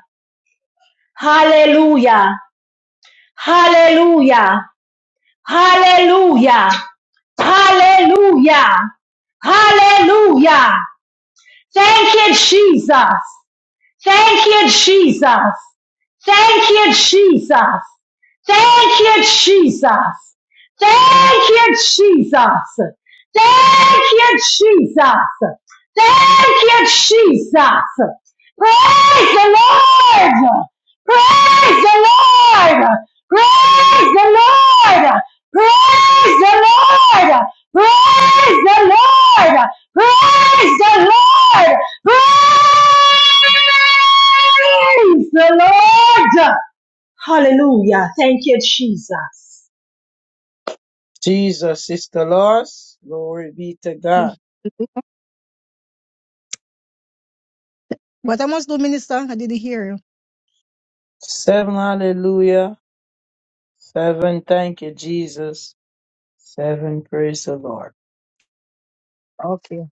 Speaker 1: Hallelujah. Hallelujah. Hallelujah. Hallelujah. Hallelujah. Thank you, Jesus. Thank you, Jesus. Thank you, Jesus. Thank you, Jesus. Thank you, Jesus. Thank you, Jesus. Thank you, Jesus. Praise the Lord. Praise the Lord. Praise the Lord. Praise the Lord. Praise the Lord. Praise the Lord. Praise the Lord. Hallelujah. Thank you, Jesus.
Speaker 2: Jesus, Sister Lodge. Glory be to God.
Speaker 3: What I must do, minister? I didn't hear you.
Speaker 2: Seven hallelujah. Seven thank you, Jesus. Seven praise the Lord.
Speaker 3: Okay.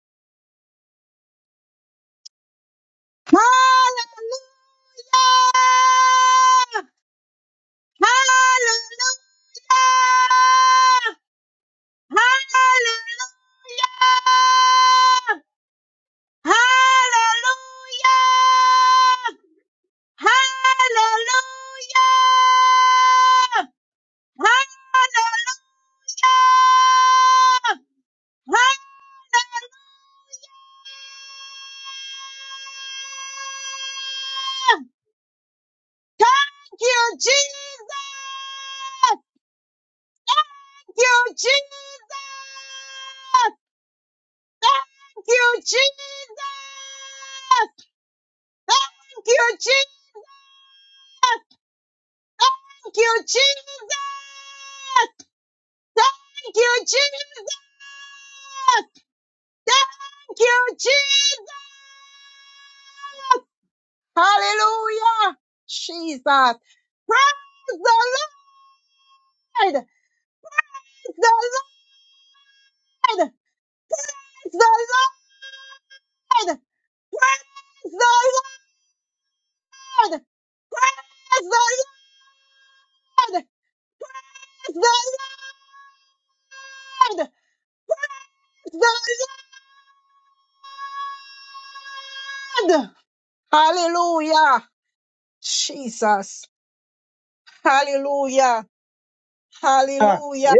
Speaker 3: Hallelujah! Hallelujah! Hallelujah! Hallelujah! Hallelujah! Hallelujah! Hallelujah! Thank you, Jesus! Thank you, Jesus! Thank you, Jesus! Thank you, Jesus! Thank you, Jesus! Thank you, Jesus. Thank you, Jesus. Hallelujah. Jesus. Praise the Lord. Praise the Lord. Praise the Lord. Praise the Lord. Praise the Lord. Praise the Lord. Hallelujah. Jesus. Hallelujah.
Speaker 2: Ah,
Speaker 3: Hallelujah.
Speaker 2: yeah.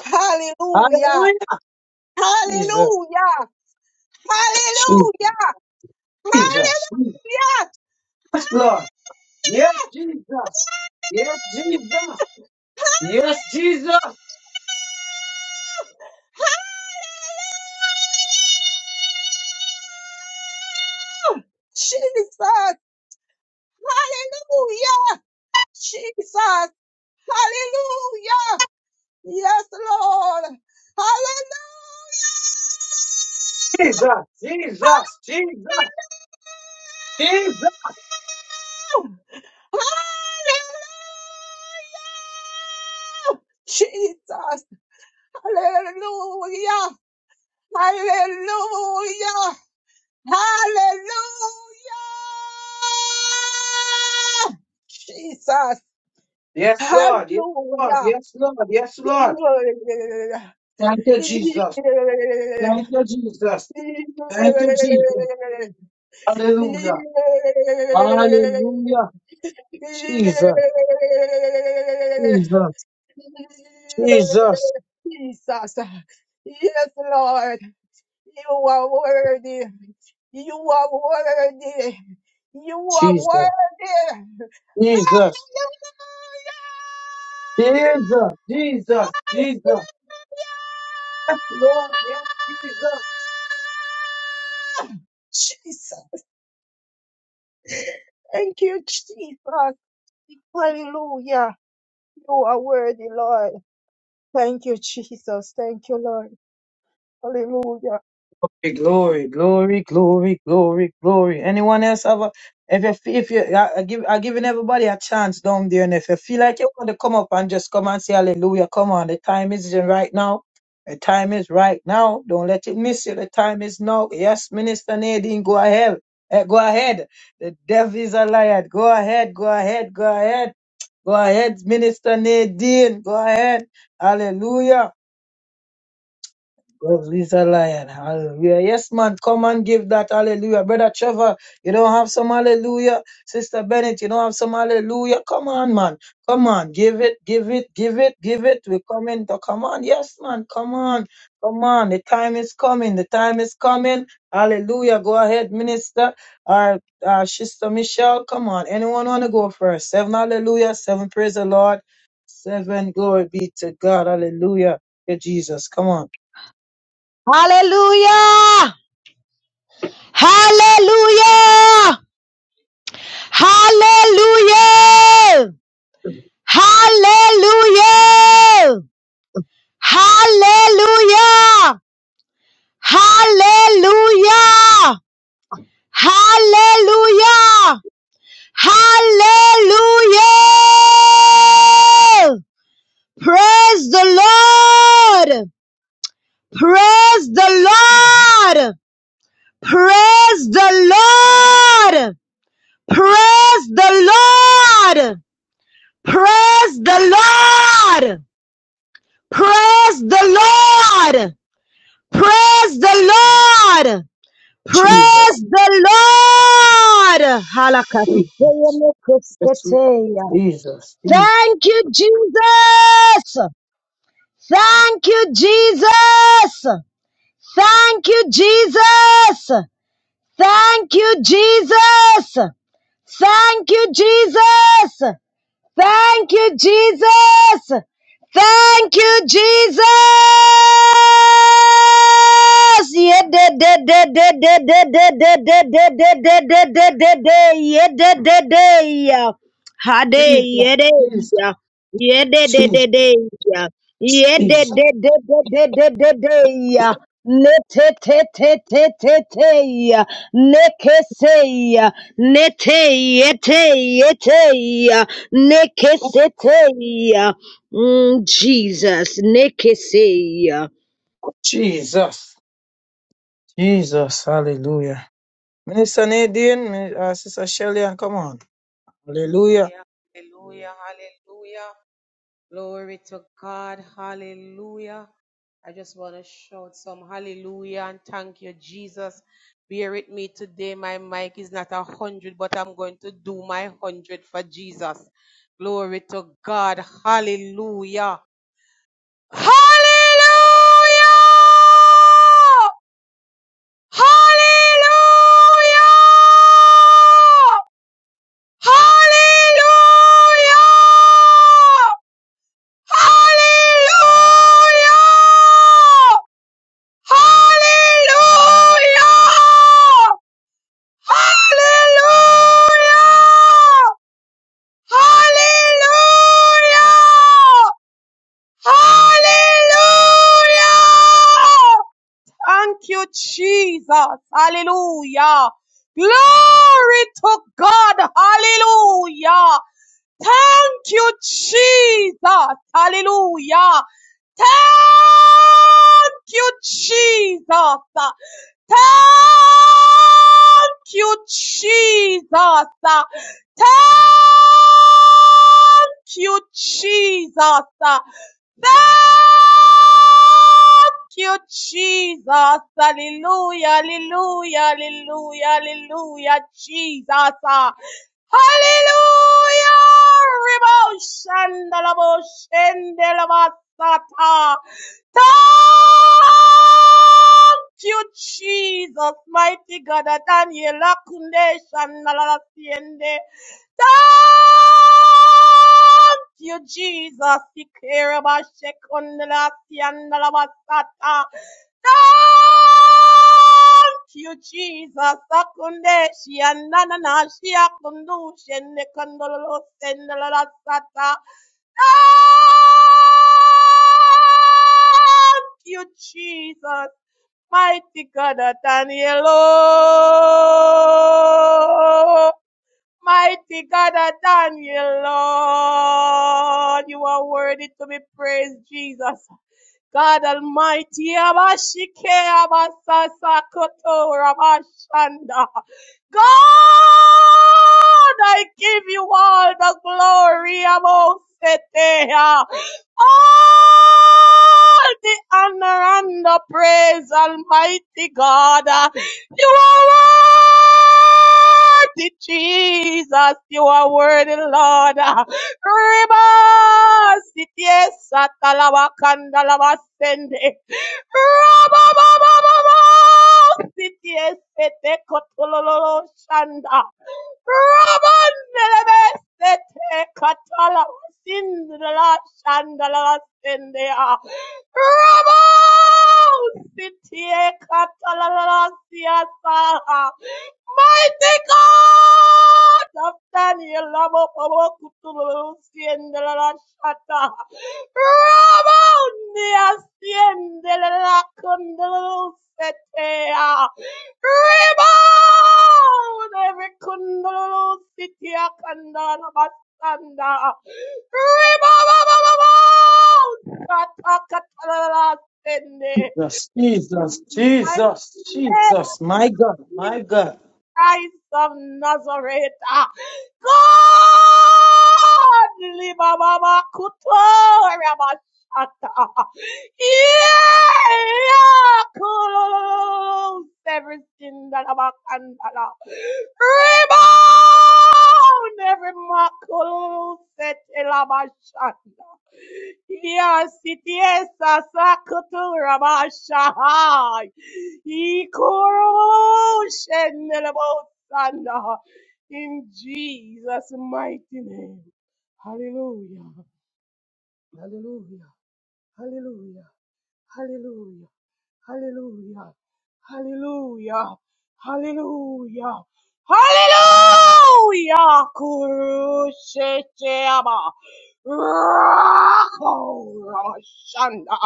Speaker 3: Hallelujah.
Speaker 2: Hallelujah. Jesus.
Speaker 3: Hallelujah. Hallelujah.
Speaker 2: Jesus.
Speaker 3: Hallelujah.
Speaker 2: Yes, Lord. Yes, Jesus. Yes, Jesus. Yes, Jesus.
Speaker 3: Jesus. Hallelujah. Jesus. Hallelujah. Yes, Lord. Hallelujah.
Speaker 2: Jesus. Jesus. Jesus. Jesus.
Speaker 3: Jesus. Hallelujah. Hallelujah. Hallelujah. Jesus.
Speaker 2: Yes, Lord. Yes, Lord.
Speaker 3: Hallelujah.
Speaker 2: Yes, Lord. Yes, Lord. Thank you, Jesus. Thank you, Jesus. Thank you, Jesus. Hallelujah. Hallelujah. Jesus. Jesus. Jesus,
Speaker 3: Jesus. Yes, Lord. You are worthy. You are worthy. You are
Speaker 2: Jesus,
Speaker 3: worthy.
Speaker 2: Jesus, Jesus, Jesus, Jesus. Yes, Lord, yes, Jesus.
Speaker 3: Jesus. Thank you, Jesus. Hallelujah. You are worthy, Lord. Thank you, Jesus. Thank you, Lord. Hallelujah.
Speaker 2: Glory, glory, glory, glory, glory. Anyone else have a? If you feel- if you, I, I give, I giving everybody a chance down there, and if you feel like you want to come up and just come and say hallelujah, come on. The time is right now. The time is right now. Don't let it miss you. The time is now. Yes, Minister Nadine, go ahead. Eh, go ahead. The devil is a liar. Go ahead. Go ahead. Go ahead. Go ahead, Minister Nadine. Go ahead. Hallelujah. God is a lion. Hallelujah. Yes, man. Come and give that hallelujah. Brother Trevor, you don't have some hallelujah. Sister Bennett, you don't have some hallelujah. Come on, man. Come on. Give it, give it, give it, give it. We're coming. To, come on. Yes, man. Come on. Come on. The time is coming. The time is coming. Hallelujah. Go ahead, minister. Our, our sister Michelle. Come on. Anyone want to go first? Seven hallelujah. Seven praise the Lord. Seven glory be to God. Hallelujah. Yeah, Jesus. Come on.
Speaker 7: Hallelujah! Hallelujah! Hallelujah! Hallelujah! Hallelujah! Hallelujah! Hallelujah! Hallelujah! Praise the Lord! Praise the Lord! Praise the Lord! Praise the Lord! Praise the Lord! Praise the Lord! Praise the Lord!
Speaker 2: Jesus,
Speaker 7: Praise the Lord!
Speaker 2: Jesus, yes, Lord.
Speaker 7: Halakaseyemekuseteya.
Speaker 2: Jesus,
Speaker 7: Thank you, Jesus! Thank you, Jesus! Thank you, Jesus! Thank you, Jesus! Thank you, Jesus! Thank you, Jesus. Thank you, Jesus. Yeah, da, da, da, da, da, da, da, da, da, da, da, da, da, da, da, da. Yeah, da, da, da, yeah. Ha, da, yeah, da,
Speaker 2: Jesus,
Speaker 7: yeah. Yeah, da, da, da,
Speaker 2: Jesus,
Speaker 7: da, yeah. Yeah, da,
Speaker 2: Jesus,
Speaker 7: da, da, da, da, da, da, da, yeah. Ne, te, te, te, te, te, te, yeah. Ne, ke, se, yeah. Ne, te, yeah, te, yeah, te, yeah. Nekeseteia. Mm, Jesus. Nekeseia.
Speaker 2: Jesus, Jesus, Jesus, hallelujah. Minister Nadine, Mi- uh, Sister Shelley, and come on, hallelujah.
Speaker 8: Hallelujah, hallelujah, hallelujah. Glory to God, hallelujah. I just want to shout some hallelujah and thank you, Jesus. Bear with me today. My mic is not a hundred, but I'm going to do my hundred for Jesus. Glory to God, hallelujah. Hallelujah! Hallelujah! Hallelujah! Hallelujah! Hallelujah! Hallelujah! Hallelujah! Hallelujah! Thank you, Jesus. Hallelujah. Glory to God. Hallelujah. Thank you, Jesus. Hallelujah. Thank you, Jesus. Thank you, Jesus. Thank you, Jesus. Thank you, Jesus. Hallelujah, hallelujah, hallelujah, hallelujah, Jesus. Ah, Hallelujah. Riboshandalabo, shendelabasata. Thank you, Jesus, mighty God, that Daniel Akunde, Shandalala, Siende. Thank you, Jesus. Ikerabashekundalasiandalabasata. Thank you, Jesus. Akunde shiananana shiakundu shenekandolo sendalasata. Thank you, Jesus. Mighty God, Daniel. oh. Mighty God of Daniel, Lord, you are worthy to be praised, Jesus. God Almighty, Abashike, Abasasa, Koto, Rabashanda. God, I give you all the glory, Abosetea. All the honor and the praise, Almighty God. You are worthy, Jesus. You are worthy, Lord. Ribas, yes, atalawakandalawasende. Rabababababa, yes, etekotololoshanda. Rabandelebesete katala sindala shandala sendea. Rabo sitie katala siasa. Mighty God of Daniel, Rabo Bobo Kutulu Siendela Shata, Rabo Nia Siendela Kundulu Setea, Rebound! Every kundaloo city akandala basanda. Rebound! Katakatala sende.
Speaker 2: Jesus, Jesus,
Speaker 8: My
Speaker 2: Jesus, Jesus, my God, my
Speaker 8: name.
Speaker 2: God.
Speaker 8: Christ of Nazareth. Ah, God, Libababa Kuto Rabashata. Yeah, close everything that about Kandala. Rebound every maculo set Elabashata. Yes, it is a Sakutura Mashahai. Ikoroshenelabosana. In Jesus' mighty name. Hallelujah. Hallelujah. Hallelujah. Hallelujah. Hallelujah. Hallelujah. Hallelujah. Hallelujah. Kurushecheaba. Rako Ramashanda.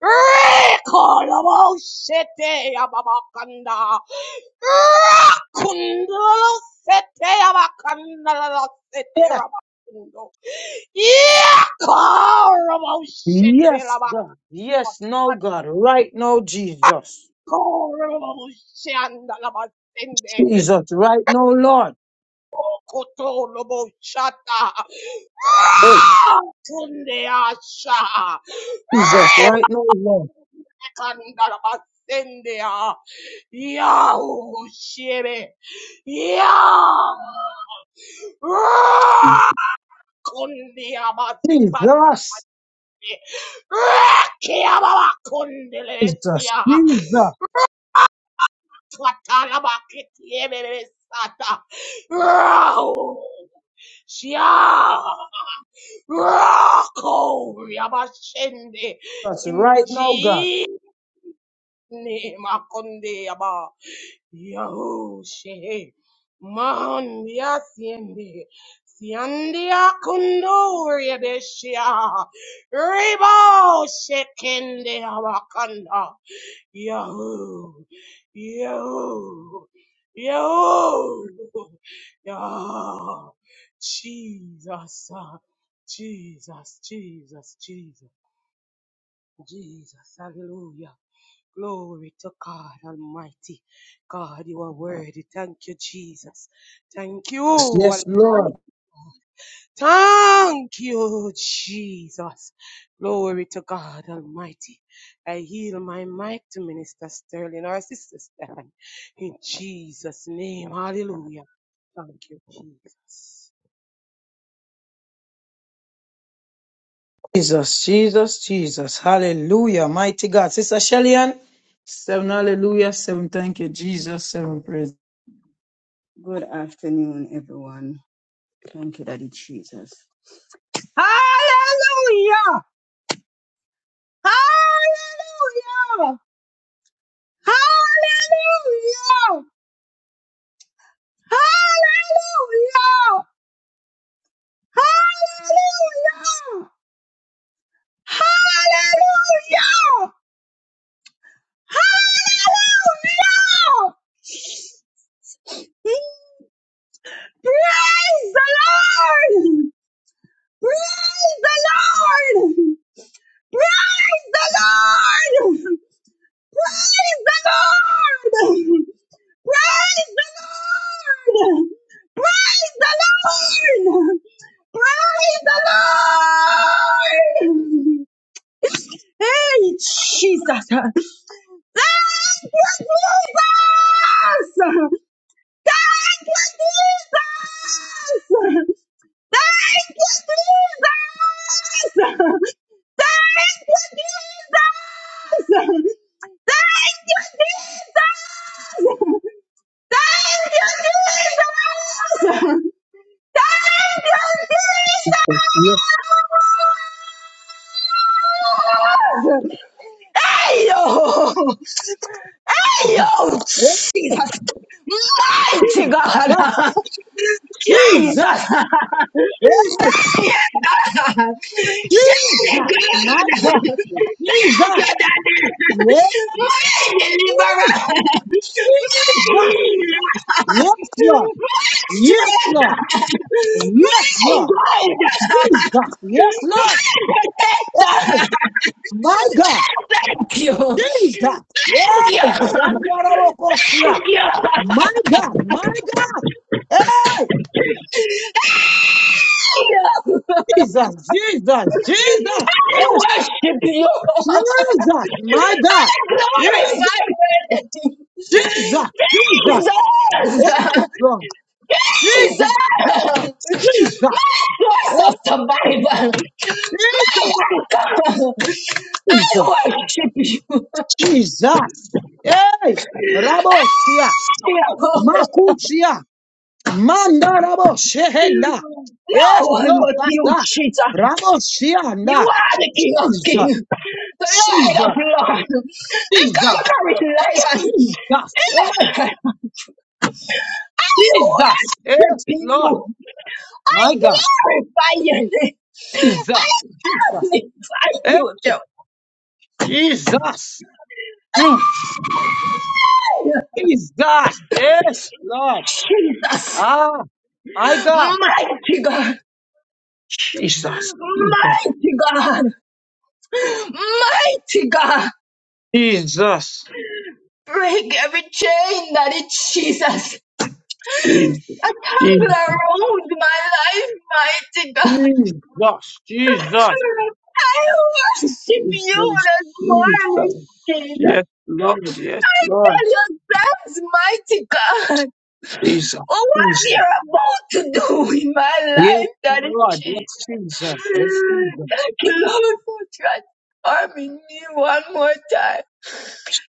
Speaker 8: Rekolobosete yababakanda. Rakundolosete yabakandalosete
Speaker 2: Yes,
Speaker 8: rabakundo. Yekorobosete
Speaker 2: yes,
Speaker 8: labakanda.
Speaker 2: God, yes, no, God, right now, Jesus,
Speaker 8: Kotolo,
Speaker 2: Jesus, right now, Lord.
Speaker 8: Kotoloboshata.
Speaker 2: Hey,
Speaker 8: Rakunde asha.
Speaker 2: Jesus, right now, Lord.
Speaker 8: Rekandalabasende Yahushua. Yah. Kundiabasate.
Speaker 2: Jesus, Jesus,
Speaker 8: Rakiabakundelesia.
Speaker 2: Jesus,
Speaker 8: Twatalabakitiebesata. Rahu. Shia. Rako. Yabashende.
Speaker 2: That's
Speaker 8: In
Speaker 2: right now, God.
Speaker 8: Jesus' name. Akundiaba. Yahushe, Mandia siendi, Siandia Kundoria Deshia, Rebo Shekende Awakanda, Yahoo, Yahoo, Yahoo, Yah, Jesus, uh, Jesus, Jesus, Jesus, Jesus, Hallelujah. Glory to God Almighty. God, you are worthy. Thank you, Jesus. Thank you,
Speaker 2: Yes,
Speaker 8: Almighty.
Speaker 2: Lord.
Speaker 8: Thank you, Jesus. Glory to God Almighty. I heal my mic to Minister Sterling, our sister Stephen. In Jesus' name, hallelujah. Thank you, Jesus.
Speaker 2: Jesus, Jesus, Jesus. Hallelujah. Mighty God. Sister Shellyan, seven hallelujah, seven thank you, Jesus, seven praise.
Speaker 9: Hallelujah! Hallelujah! Hallelujah! Hallelujah! Hallelujah! Hallelujah! Hallelujah! Praise the Lord! Praise the Lord! Praise the Lord! Praise the Lord! Praise the Lord! Praise the Lord! Praise the Lord! Hey, Jesus! Thank you, Jesus! Thank you, Jesus! Thank you, Jesus! Thank you, Jesus! Thank you, Jesus! Thank you, Jesus! Thank you, Jesus!
Speaker 2: Yes,
Speaker 9: Hey, yo,
Speaker 2: God.
Speaker 9: Jesus!
Speaker 2: Yeah, Jesus, Jesus.
Speaker 9: Mother! Thank
Speaker 2: Yeah,
Speaker 9: you, God!
Speaker 2: Jesus.
Speaker 9: Thank
Speaker 2: My God.
Speaker 9: you, God! Your
Speaker 2: Jesus.
Speaker 9: daddy,
Speaker 2: Yes,
Speaker 9: my deliverer, my strength,
Speaker 2: Jesus. Yes, Lord.
Speaker 9: my
Speaker 2: Yes, Lord. Yes, Lord.
Speaker 9: guide,
Speaker 2: Jesus.
Speaker 9: my
Speaker 2: Yes, Lord. Hey,
Speaker 9: protector.
Speaker 2: My God, Jesus. Hey, Shandarabokosia. My God, my God. Hey, Jesus, Jesus, Jesus.
Speaker 9: I
Speaker 2: Yes,
Speaker 9: worship you.
Speaker 2: Jesus, my
Speaker 9: I
Speaker 2: God. Jesus,
Speaker 9: glorify you.
Speaker 2: Jesus, Jesus.
Speaker 9: Jesus.
Speaker 2: Yes, Lord. Jesus,
Speaker 9: Jesus.
Speaker 2: Jesus.
Speaker 9: My source of
Speaker 2: Hey,
Speaker 9: survival. I I
Speaker 2: Jesus,
Speaker 9: worship you.
Speaker 2: Jesus, Jesus. Hey, Raboshia, Makuchia. Mandarabo Shehenda.
Speaker 9: No
Speaker 2: Yes,
Speaker 9: one
Speaker 2: Lord,
Speaker 9: but you,
Speaker 2: Tata.
Speaker 9: cheater.
Speaker 2: Rabo
Speaker 9: You
Speaker 2: Shianda.
Speaker 9: are the King of
Speaker 2: Jesus,
Speaker 9: Kings, the Lord of
Speaker 2: Jesus,
Speaker 9: Lords, the
Speaker 2: Jesus,
Speaker 9: conquering lion.
Speaker 2: Jesus, hey,
Speaker 9: I
Speaker 2: Jesus,
Speaker 9: worship
Speaker 2: yes, Lord,
Speaker 9: you. I
Speaker 2: my God,
Speaker 9: glorify You.
Speaker 2: Jesus,
Speaker 9: I
Speaker 2: Jesus,
Speaker 9: magnify
Speaker 2: hey,
Speaker 9: you,
Speaker 2: Jesus, mm, Jesus, yes, Lord,
Speaker 9: Jesus.
Speaker 2: ah, my God,
Speaker 9: Mighty God,
Speaker 2: Jesus, Jesus,
Speaker 9: mighty God, mighty God.
Speaker 2: Jesus,
Speaker 9: Break every chain that is Jesus. A
Speaker 2: Jesus,
Speaker 9: tangle
Speaker 2: Jesus,
Speaker 9: around my life, mighty God.
Speaker 2: Jesus,
Speaker 9: I worship you
Speaker 2: Jesus,
Speaker 9: this morning,
Speaker 2: Jesus.
Speaker 9: Jesus.
Speaker 2: Yes, Lord, yes, Lord,
Speaker 9: God, Your is mighty God.
Speaker 2: Jesus,
Speaker 9: Oh, what
Speaker 2: Jesus.
Speaker 9: you're about to do in my
Speaker 2: Yes,
Speaker 9: life, Daddy
Speaker 2: Lord,
Speaker 9: Jesus.
Speaker 2: yes, Jesus, yes, Jesus,
Speaker 9: Thank you, Lord, for transforming me one more time.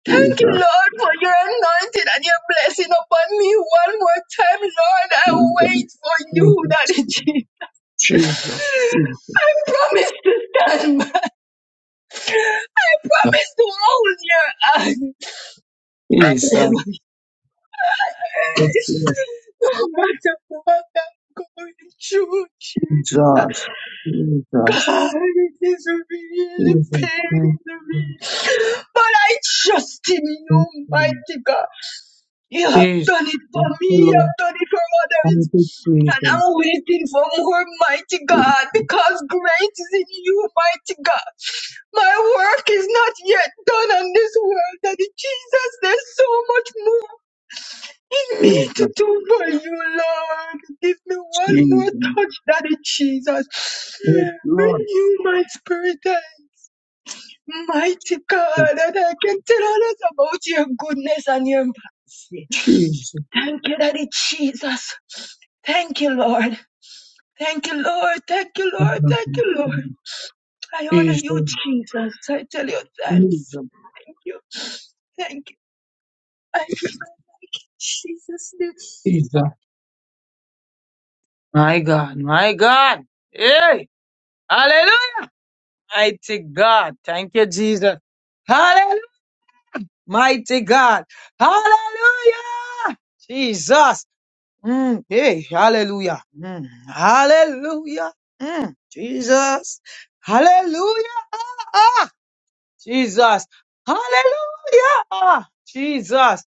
Speaker 9: Thank you,
Speaker 2: Jesus,
Speaker 9: Lord, for your anointing and your blessing upon me one more time, Lord. I wait
Speaker 2: Jesus,
Speaker 9: for you, Daddy Jesus.
Speaker 2: Jesus, Jesus, Jesus, yes,
Speaker 9: I promise to stand by. I
Speaker 2: Lord,
Speaker 9: promise to hold your hand.
Speaker 2: Jesus, Jesus, Jesus, thank
Speaker 9: No matter what I'm going through, Jesus. It is really
Speaker 2: you, thank
Speaker 9: painful me. But I trust in
Speaker 2: you,
Speaker 9: you, mighty God. You have
Speaker 2: Jesus,
Speaker 9: done it for
Speaker 2: thank
Speaker 9: me,
Speaker 2: you,
Speaker 9: you
Speaker 2: Lord,
Speaker 9: have done it for
Speaker 2: thank you,
Speaker 9: others. And
Speaker 2: Jesus,
Speaker 9: I'm waiting for more, mighty God, because great is in you, mighty God. My work is not yet done on this world, Daddy Jesus. There's so much more me to
Speaker 2: Jesus,
Speaker 9: do for you, Lord. Give me one more
Speaker 2: Jesus,
Speaker 9: touch, Daddy Jesus.
Speaker 2: yes, Lord,
Speaker 9: Renew my spirit, eh, mighty God, and I can tell others about your goodness and your mercy. Thank you, Daddy Jesus. Thank you, Lord. Thank you, Lord. Thank you, Lord. Thank you, Lord.
Speaker 2: Jesus,
Speaker 9: I honor
Speaker 2: Jesus,
Speaker 9: you, Jesus. I tell you thanks.
Speaker 2: Jesus,
Speaker 9: Thank you. Thank you. I, Jesus. name.
Speaker 2: Jesus. My God, my God. Hey, hallelujah. Mighty God. Thank you, Jesus. Hallelujah. Mighty God. Hallelujah. Jesus. Mm, hey, hallelujah. Mm, hallelujah. Mm, Jesus. Hallelujah. Ah, Jesus. Hallelujah. Ah, Jesus.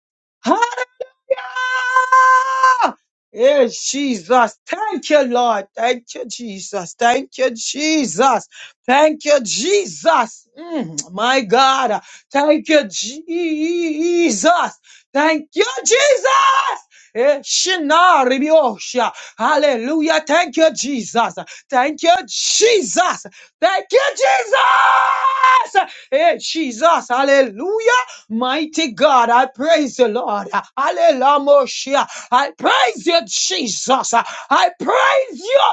Speaker 2: Yeah! Yes, Jesus. Thank you, Lord. Thank you, Jesus. Thank you, Jesus. Thank you, Jesus. Mm, my God. Thank you, Jesus. Thank you, Jesus. Eh, shina ribiosha. Hallelujah. Thank you, Jesus. Thank you, Jesus. Thank you, Jesus. Eh, Jesus. Hallelujah. Mighty God, I praise you, Lord. Hallelujah. I praise you, Jesus. I praise you,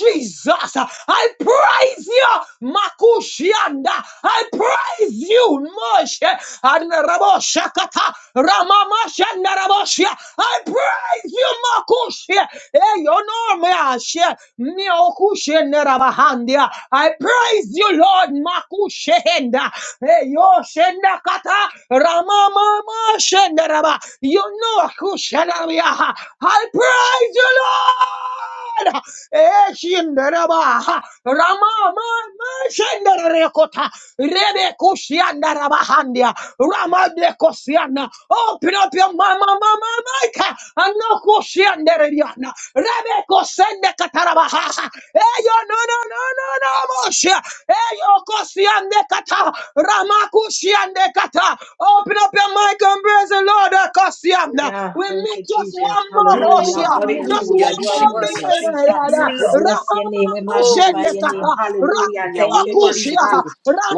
Speaker 2: Jesus. I praise you, Makushianda. I praise you, Moshe. Adnaraboshakata. Ramamashandarabosha. I praise you, Makushia. Hey, your name, Ashia. Miokushe Nerabahandia. I praise you, Lord Makushehenda. Hey, yo, Shendakata, Ramamama, Shendaraba. You know, who Kushanabia. I praise you, Lord. Hey, Shendaraba. Ramamama, Shendarekota. Rebe Kushiandaraba Handia. Ramade Kosiana. Open up your mama, mama, Mike. And no Kushiandariana. Rebe Kosende Katarabaha. Hey, yo, no, no, no, no, no, Moshe. Eyokosiandekata, Ramakushiandekata. Open up your mic and praise the Lord. Ekosianda.
Speaker 1: Yeah,
Speaker 2: We
Speaker 1: thank you,
Speaker 2: meet just
Speaker 1: Jesus.
Speaker 2: one more Kosia.
Speaker 1: Hallelujah.
Speaker 9: Hallelujah,
Speaker 2: Just
Speaker 1: Hallelujah.
Speaker 2: one
Speaker 1: You are
Speaker 9: Jesus.
Speaker 2: more
Speaker 9: We
Speaker 1: worthy, Jesus.
Speaker 9: worship
Speaker 2: minute.
Speaker 9: you, Lord.
Speaker 1: We bless your name. We magnify your name.
Speaker 2: Ramakushiandekata.
Speaker 1: Hallelujah. Thank you, Jesus.
Speaker 2: Ramakushia.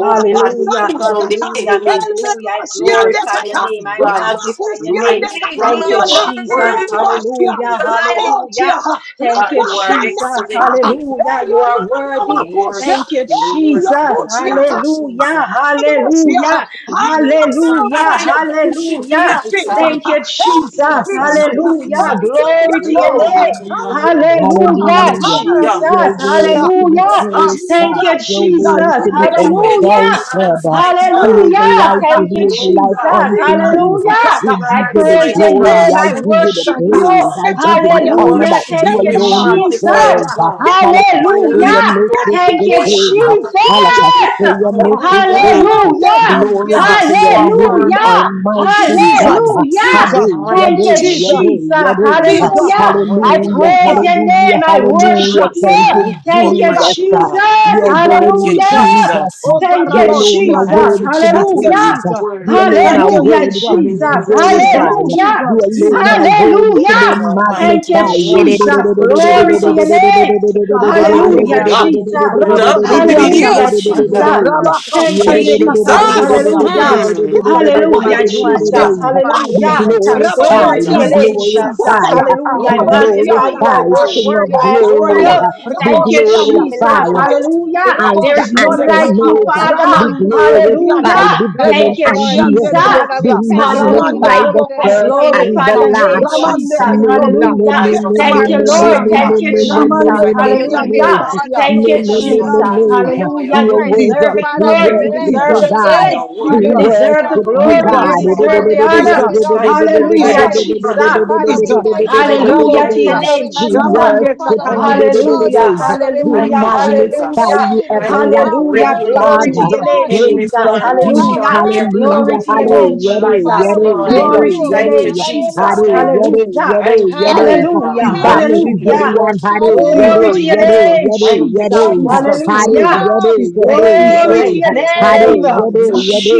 Speaker 1: Hallelujah. Hallelujah. Hallelujah. I glorify your
Speaker 2: Elelosiandekata.
Speaker 1: name. I magnify your name.
Speaker 2: Ramakushiandekata
Speaker 1: Thank you,
Speaker 2: riona.
Speaker 1: Jesus.
Speaker 2: Yomoasia.
Speaker 1: Hallelujah.
Speaker 2: Ramochia.
Speaker 1: Hallelujah. Thank you, Jesus.
Speaker 2: Rakasanekata.
Speaker 1: Hallelujah. You are worthy.
Speaker 2: Hey,
Speaker 1: Thank you, Jesus.
Speaker 2: Yakutia,
Speaker 1: Hallelujah.
Speaker 2: Hallelujah.
Speaker 1: Hallelujah. Hallelujah.
Speaker 2: Hallelujah.
Speaker 1: Hallelujah.
Speaker 2: Jesus.
Speaker 1: Thank you, Jesus.
Speaker 2: Jesus.
Speaker 1: Hallelujah. Glory
Speaker 2: Hallelujah,
Speaker 1: to your
Speaker 2: Lord.
Speaker 1: name.
Speaker 7: Hallelujah.
Speaker 2: Hallelujah.
Speaker 1: Hallelujah.
Speaker 7: Hallelujah.
Speaker 1: Jesus.
Speaker 7: Your word is
Speaker 2: Hallelujah.
Speaker 7: to be
Speaker 1: Hallelujah.
Speaker 7: praised,
Speaker 1: Thank
Speaker 7: God.
Speaker 1: you,
Speaker 2: Jesus, Jesus,
Speaker 7: Your
Speaker 2: Jesus.
Speaker 7: word is
Speaker 1: Jesus.
Speaker 7: to be
Speaker 2: Jesus,
Speaker 7: exalted.
Speaker 1: Hallelujah.
Speaker 2: Jesus, Jesus.
Speaker 7: Who is
Speaker 1: Hallelujah.
Speaker 7: like you?
Speaker 1: Thank you,
Speaker 7: Who is
Speaker 2: Jesus,
Speaker 7: like
Speaker 1: Jesus.
Speaker 2: Jesus,
Speaker 7: unto you?
Speaker 1: Hallelujah.
Speaker 7: We
Speaker 2: Jesus.
Speaker 1: I
Speaker 7: give you the
Speaker 1: praise
Speaker 2: Jesus,
Speaker 1: your
Speaker 7: glory.
Speaker 1: name.
Speaker 7: I
Speaker 1: I
Speaker 2: Jesus,
Speaker 7: give you the
Speaker 1: worship
Speaker 2: Jesus.
Speaker 1: you.
Speaker 7: praise. I
Speaker 2: Get your
Speaker 7: give you the
Speaker 2: fire.
Speaker 7: honor
Speaker 1: Hallelujah.
Speaker 7: that you
Speaker 1: Thank
Speaker 2: Get
Speaker 1: you,
Speaker 2: your
Speaker 7: alone
Speaker 1: Jesus.
Speaker 7: deserve.
Speaker 2: fire. Get your fire
Speaker 7: Hallelujah.
Speaker 1: Hallelujah.
Speaker 7: Make this
Speaker 1: Thank
Speaker 7: the
Speaker 1: you,
Speaker 2: fire. Let
Speaker 7: day.
Speaker 2: your
Speaker 1: Jesus.
Speaker 7: Hallelujah.
Speaker 2: fire.
Speaker 7: Make this day.
Speaker 2: Ramande
Speaker 1: Hallelujah!
Speaker 7: Glory
Speaker 2: Kosia.
Speaker 7: be to your name,
Speaker 1: Hallelujah!
Speaker 7: Almighty
Speaker 2: Jesus,
Speaker 7: God.
Speaker 1: Hallelujah!
Speaker 2: Jesus,
Speaker 7: Hallelujah,
Speaker 1: Thank you,
Speaker 7: yade,
Speaker 2: Jesus,
Speaker 1: Jesus.
Speaker 7: yade, yade.
Speaker 2: Jesus,
Speaker 1: Hallelujah. I
Speaker 7: Hallelujah,
Speaker 1: praise
Speaker 2: Jesus,
Speaker 1: your
Speaker 7: hallelujah,
Speaker 1: name. I
Speaker 7: hallelujah.
Speaker 1: worship
Speaker 2: Jesus,
Speaker 1: you.
Speaker 7: Thank you,
Speaker 1: Thank you,
Speaker 2: Jesus,
Speaker 7: Jesus. Uh,
Speaker 1: Jesus.
Speaker 7: You're
Speaker 2: Jesus,
Speaker 7: worthy,
Speaker 2: Jesus.
Speaker 1: Hallelujah.
Speaker 7: Jesus. Uh,
Speaker 2: Oh,
Speaker 1: Thank
Speaker 7: You
Speaker 1: you,
Speaker 7: alone are
Speaker 2: Garaboshiana.
Speaker 1: Jesus.
Speaker 7: worthy to be
Speaker 2: Thank you,
Speaker 1: Hallelujah.
Speaker 7: praised. Uh,
Speaker 2: Jesus.
Speaker 7: You alone
Speaker 2: Thank
Speaker 7: are
Speaker 2: you,
Speaker 1: Hallelujah,
Speaker 2: Jesus.
Speaker 7: worthy to be
Speaker 1: Jesus.
Speaker 2: Jesus,
Speaker 7: glorified.
Speaker 1: Hallelujah.
Speaker 7: You
Speaker 2: Jesus, Jesus.
Speaker 7: alone are worthy to be
Speaker 1: Hallelujah.
Speaker 2: Jesus,
Speaker 1: Thank you,
Speaker 7: magnified.
Speaker 1: Jesus. Glory
Speaker 2: hallelujah.
Speaker 1: to your name.
Speaker 2: The fire.
Speaker 1: Hallelujah,
Speaker 3: Hallelujah,
Speaker 1: Jesus.
Speaker 3: hallelujah. Thank you, Jesus.
Speaker 2: Rabosia
Speaker 1: Hallelujah,
Speaker 3: You
Speaker 1: Jesus.
Speaker 3: are worthy to be
Speaker 1: Thank you,
Speaker 3: praised.
Speaker 2: Rabakasande
Speaker 3: You are
Speaker 1: Jesus.
Speaker 3: worthy to be
Speaker 2: Katarionda.
Speaker 4: Mm.
Speaker 3: lifted
Speaker 1: Hallelujah.
Speaker 3: up. Father, we
Speaker 2: Fire.
Speaker 1: Hallelujah,
Speaker 3: magnify your
Speaker 2: Fire.
Speaker 1: Jesus.
Speaker 3: name. Father, we
Speaker 2: Fire.
Speaker 7: Be
Speaker 3: tell
Speaker 1: Hallelujah.
Speaker 3: you thanks for
Speaker 1: Glory
Speaker 3: today,
Speaker 7: glorified,
Speaker 1: to
Speaker 7: be
Speaker 1: your
Speaker 3: Lord
Speaker 2: Rabokotianda,
Speaker 1: name,
Speaker 3: Jesus.
Speaker 7: glorified
Speaker 1: Jesus.
Speaker 2: fire,
Speaker 3: You are
Speaker 1: Hallelujah. I
Speaker 7: be
Speaker 3: worthy,
Speaker 1: magnify
Speaker 3: Lord.
Speaker 2: Rabosianda,
Speaker 1: you. I
Speaker 3: You
Speaker 7: glorified,
Speaker 2: kata,
Speaker 3: are
Speaker 7: King
Speaker 1: worship
Speaker 7: of
Speaker 3: worthy
Speaker 1: you.
Speaker 3: to
Speaker 1: I
Speaker 3: be
Speaker 1: adore
Speaker 7: glory.
Speaker 2: fire,
Speaker 1: you.
Speaker 3: praised. You
Speaker 7: Be
Speaker 3: are
Speaker 1: Thank you,
Speaker 3: worthy
Speaker 2: Rabosianda,
Speaker 3: to be
Speaker 1: Jesus.
Speaker 7: glorified,
Speaker 3: lifted up.
Speaker 2: fire,
Speaker 1: Hallelujah. There
Speaker 7: Alpha
Speaker 1: is
Speaker 3: You are
Speaker 7: and
Speaker 3: the
Speaker 2: Rabosianda,
Speaker 1: none like
Speaker 3: great
Speaker 2: kata,
Speaker 1: you,
Speaker 7: Omega.
Speaker 3: high and you are
Speaker 1: Father.
Speaker 7: Be
Speaker 3: the
Speaker 2: Ramanda
Speaker 3: King
Speaker 2: Kotianda,
Speaker 7: glorified,
Speaker 3: of
Speaker 1: Hallelujah.
Speaker 3: gods of
Speaker 7: beginning
Speaker 1: Thank you,
Speaker 2: Rebecca
Speaker 7: and
Speaker 3: Lord.
Speaker 7: the
Speaker 2: Tianda
Speaker 7: end.
Speaker 1: Jesus.
Speaker 3: Father,
Speaker 7: Be
Speaker 3: we
Speaker 2: Rebotia,
Speaker 3: thank you for
Speaker 2: Ramanda
Speaker 3: today.
Speaker 7: magnified,
Speaker 1: Hallelujah.
Speaker 3: This
Speaker 7: the
Speaker 3: is
Speaker 1: I
Speaker 3: a
Speaker 7: first
Speaker 2: Rebocosianda,
Speaker 3: day
Speaker 7: and
Speaker 1: glorify
Speaker 2: kata,
Speaker 7: the
Speaker 1: your
Speaker 3: that
Speaker 7: last.
Speaker 3: you
Speaker 1: name,
Speaker 3: have.
Speaker 2: Ramanda
Speaker 7: We
Speaker 1: Jesus.
Speaker 7: worship,
Speaker 2: Rionda,
Speaker 1: Hallelujah.
Speaker 2: Keta
Speaker 7: we
Speaker 3: We are
Speaker 1: Thank you, Lord.
Speaker 3: rejoicing
Speaker 2: Makosianda,
Speaker 3: in
Speaker 1: Thank you,
Speaker 3: today, Lord.
Speaker 2: Ramanda
Speaker 1: Jesus.
Speaker 3: We are giving
Speaker 2: Katianda
Speaker 1: Hallelujah.
Speaker 3: you all the
Speaker 2: Kasia,
Speaker 1: Thank you,
Speaker 3: praise that
Speaker 2: Mm,
Speaker 1: Jesus.
Speaker 3: belongs to you,
Speaker 1: Hallelujah. You
Speaker 3: Lord.
Speaker 2: Jesus,
Speaker 1: deserve it,
Speaker 3: Father, we
Speaker 1: Lord. You
Speaker 3: bless
Speaker 7: worship
Speaker 1: deserve
Speaker 7: you,
Speaker 2: Jesus,
Speaker 3: your
Speaker 1: the
Speaker 7: God.
Speaker 1: praise.
Speaker 3: name.
Speaker 7: We
Speaker 1: You
Speaker 2: Jesus,
Speaker 1: deserve the
Speaker 3: Hallelujah.
Speaker 7: worship you,
Speaker 1: glory. You
Speaker 7: God.
Speaker 2: Jesus,
Speaker 3: Every
Speaker 1: deserve the
Speaker 3: hallelujah
Speaker 1: honor.
Speaker 2: Jesus,
Speaker 3: belongs
Speaker 9: Thank
Speaker 3: to you,
Speaker 1: Hallelujah,
Speaker 2: Jesus,
Speaker 3: Lord.
Speaker 1: Jesus.
Speaker 3: Father, we
Speaker 2: Jesus,
Speaker 3: thank you.
Speaker 1: Hallelujah to your
Speaker 2: Rabosia,
Speaker 3: Father,
Speaker 1: name,
Speaker 3: we
Speaker 7: We
Speaker 1: Jesus.
Speaker 3: adore you.
Speaker 2: Ramande
Speaker 7: worship
Speaker 3: Father, we
Speaker 2: Katana,
Speaker 3: exalt
Speaker 1: Hallelujah,
Speaker 3: you.
Speaker 7: you.
Speaker 3: Father, we
Speaker 7: We
Speaker 1: hallelujah,
Speaker 3: magnify your
Speaker 7: magnify
Speaker 1: hallelujah,
Speaker 7: you,
Speaker 3: name. You are
Speaker 1: hallelujah.
Speaker 7: everlasting
Speaker 3: worthy,
Speaker 1: Glory to
Speaker 7: Father.
Speaker 1: your
Speaker 2: Jesus,
Speaker 1: name,
Speaker 3: Jesus.
Speaker 7: Prince
Speaker 1: Jesus.
Speaker 7: of
Speaker 3: You
Speaker 7: peace,
Speaker 3: are
Speaker 1: Hallelujah.
Speaker 3: worthy,
Speaker 1: Glory
Speaker 7: hallelujah,
Speaker 1: to your
Speaker 3: Yeshua.
Speaker 1: name,
Speaker 7: hallelujah,
Speaker 1: Jesus.
Speaker 3: Father, we
Speaker 7: yere,
Speaker 3: thank
Speaker 1: Glory
Speaker 2: Jesus,
Speaker 7: yere,
Speaker 1: to
Speaker 3: you.
Speaker 1: your name,
Speaker 7: yere,
Speaker 9: you.
Speaker 7: Hare,
Speaker 1: Jesus.
Speaker 3: Hallelujah.
Speaker 7: yere,
Speaker 1: Hallelujah,
Speaker 7: yere, yere.
Speaker 1: hallelujah,
Speaker 2: Jesus,
Speaker 3: Hallelujah.
Speaker 7: Bamin
Speaker 2: Jesus,
Speaker 1: hallelujah.
Speaker 7: Gillian, hare, yere,
Speaker 1: Glory
Speaker 2: Jesus,
Speaker 1: to
Speaker 3: Hallelujah.
Speaker 1: your
Speaker 7: yere,
Speaker 2: Jesus,
Speaker 1: name,
Speaker 7: yere,
Speaker 1: Jesus.
Speaker 3: Thank
Speaker 7: yere.
Speaker 3: you,
Speaker 2: Jesus,
Speaker 7: Hare,
Speaker 1: Hallelujah.
Speaker 2: Jesus,
Speaker 3: Jesus.
Speaker 7: yere,
Speaker 2: Jesus,
Speaker 7: yere,
Speaker 3: We
Speaker 2: Jesus,
Speaker 1: Glory to
Speaker 7: yere.
Speaker 1: your
Speaker 7: Hare,
Speaker 2: oh
Speaker 1: name,
Speaker 2: God,
Speaker 7: yere, yere.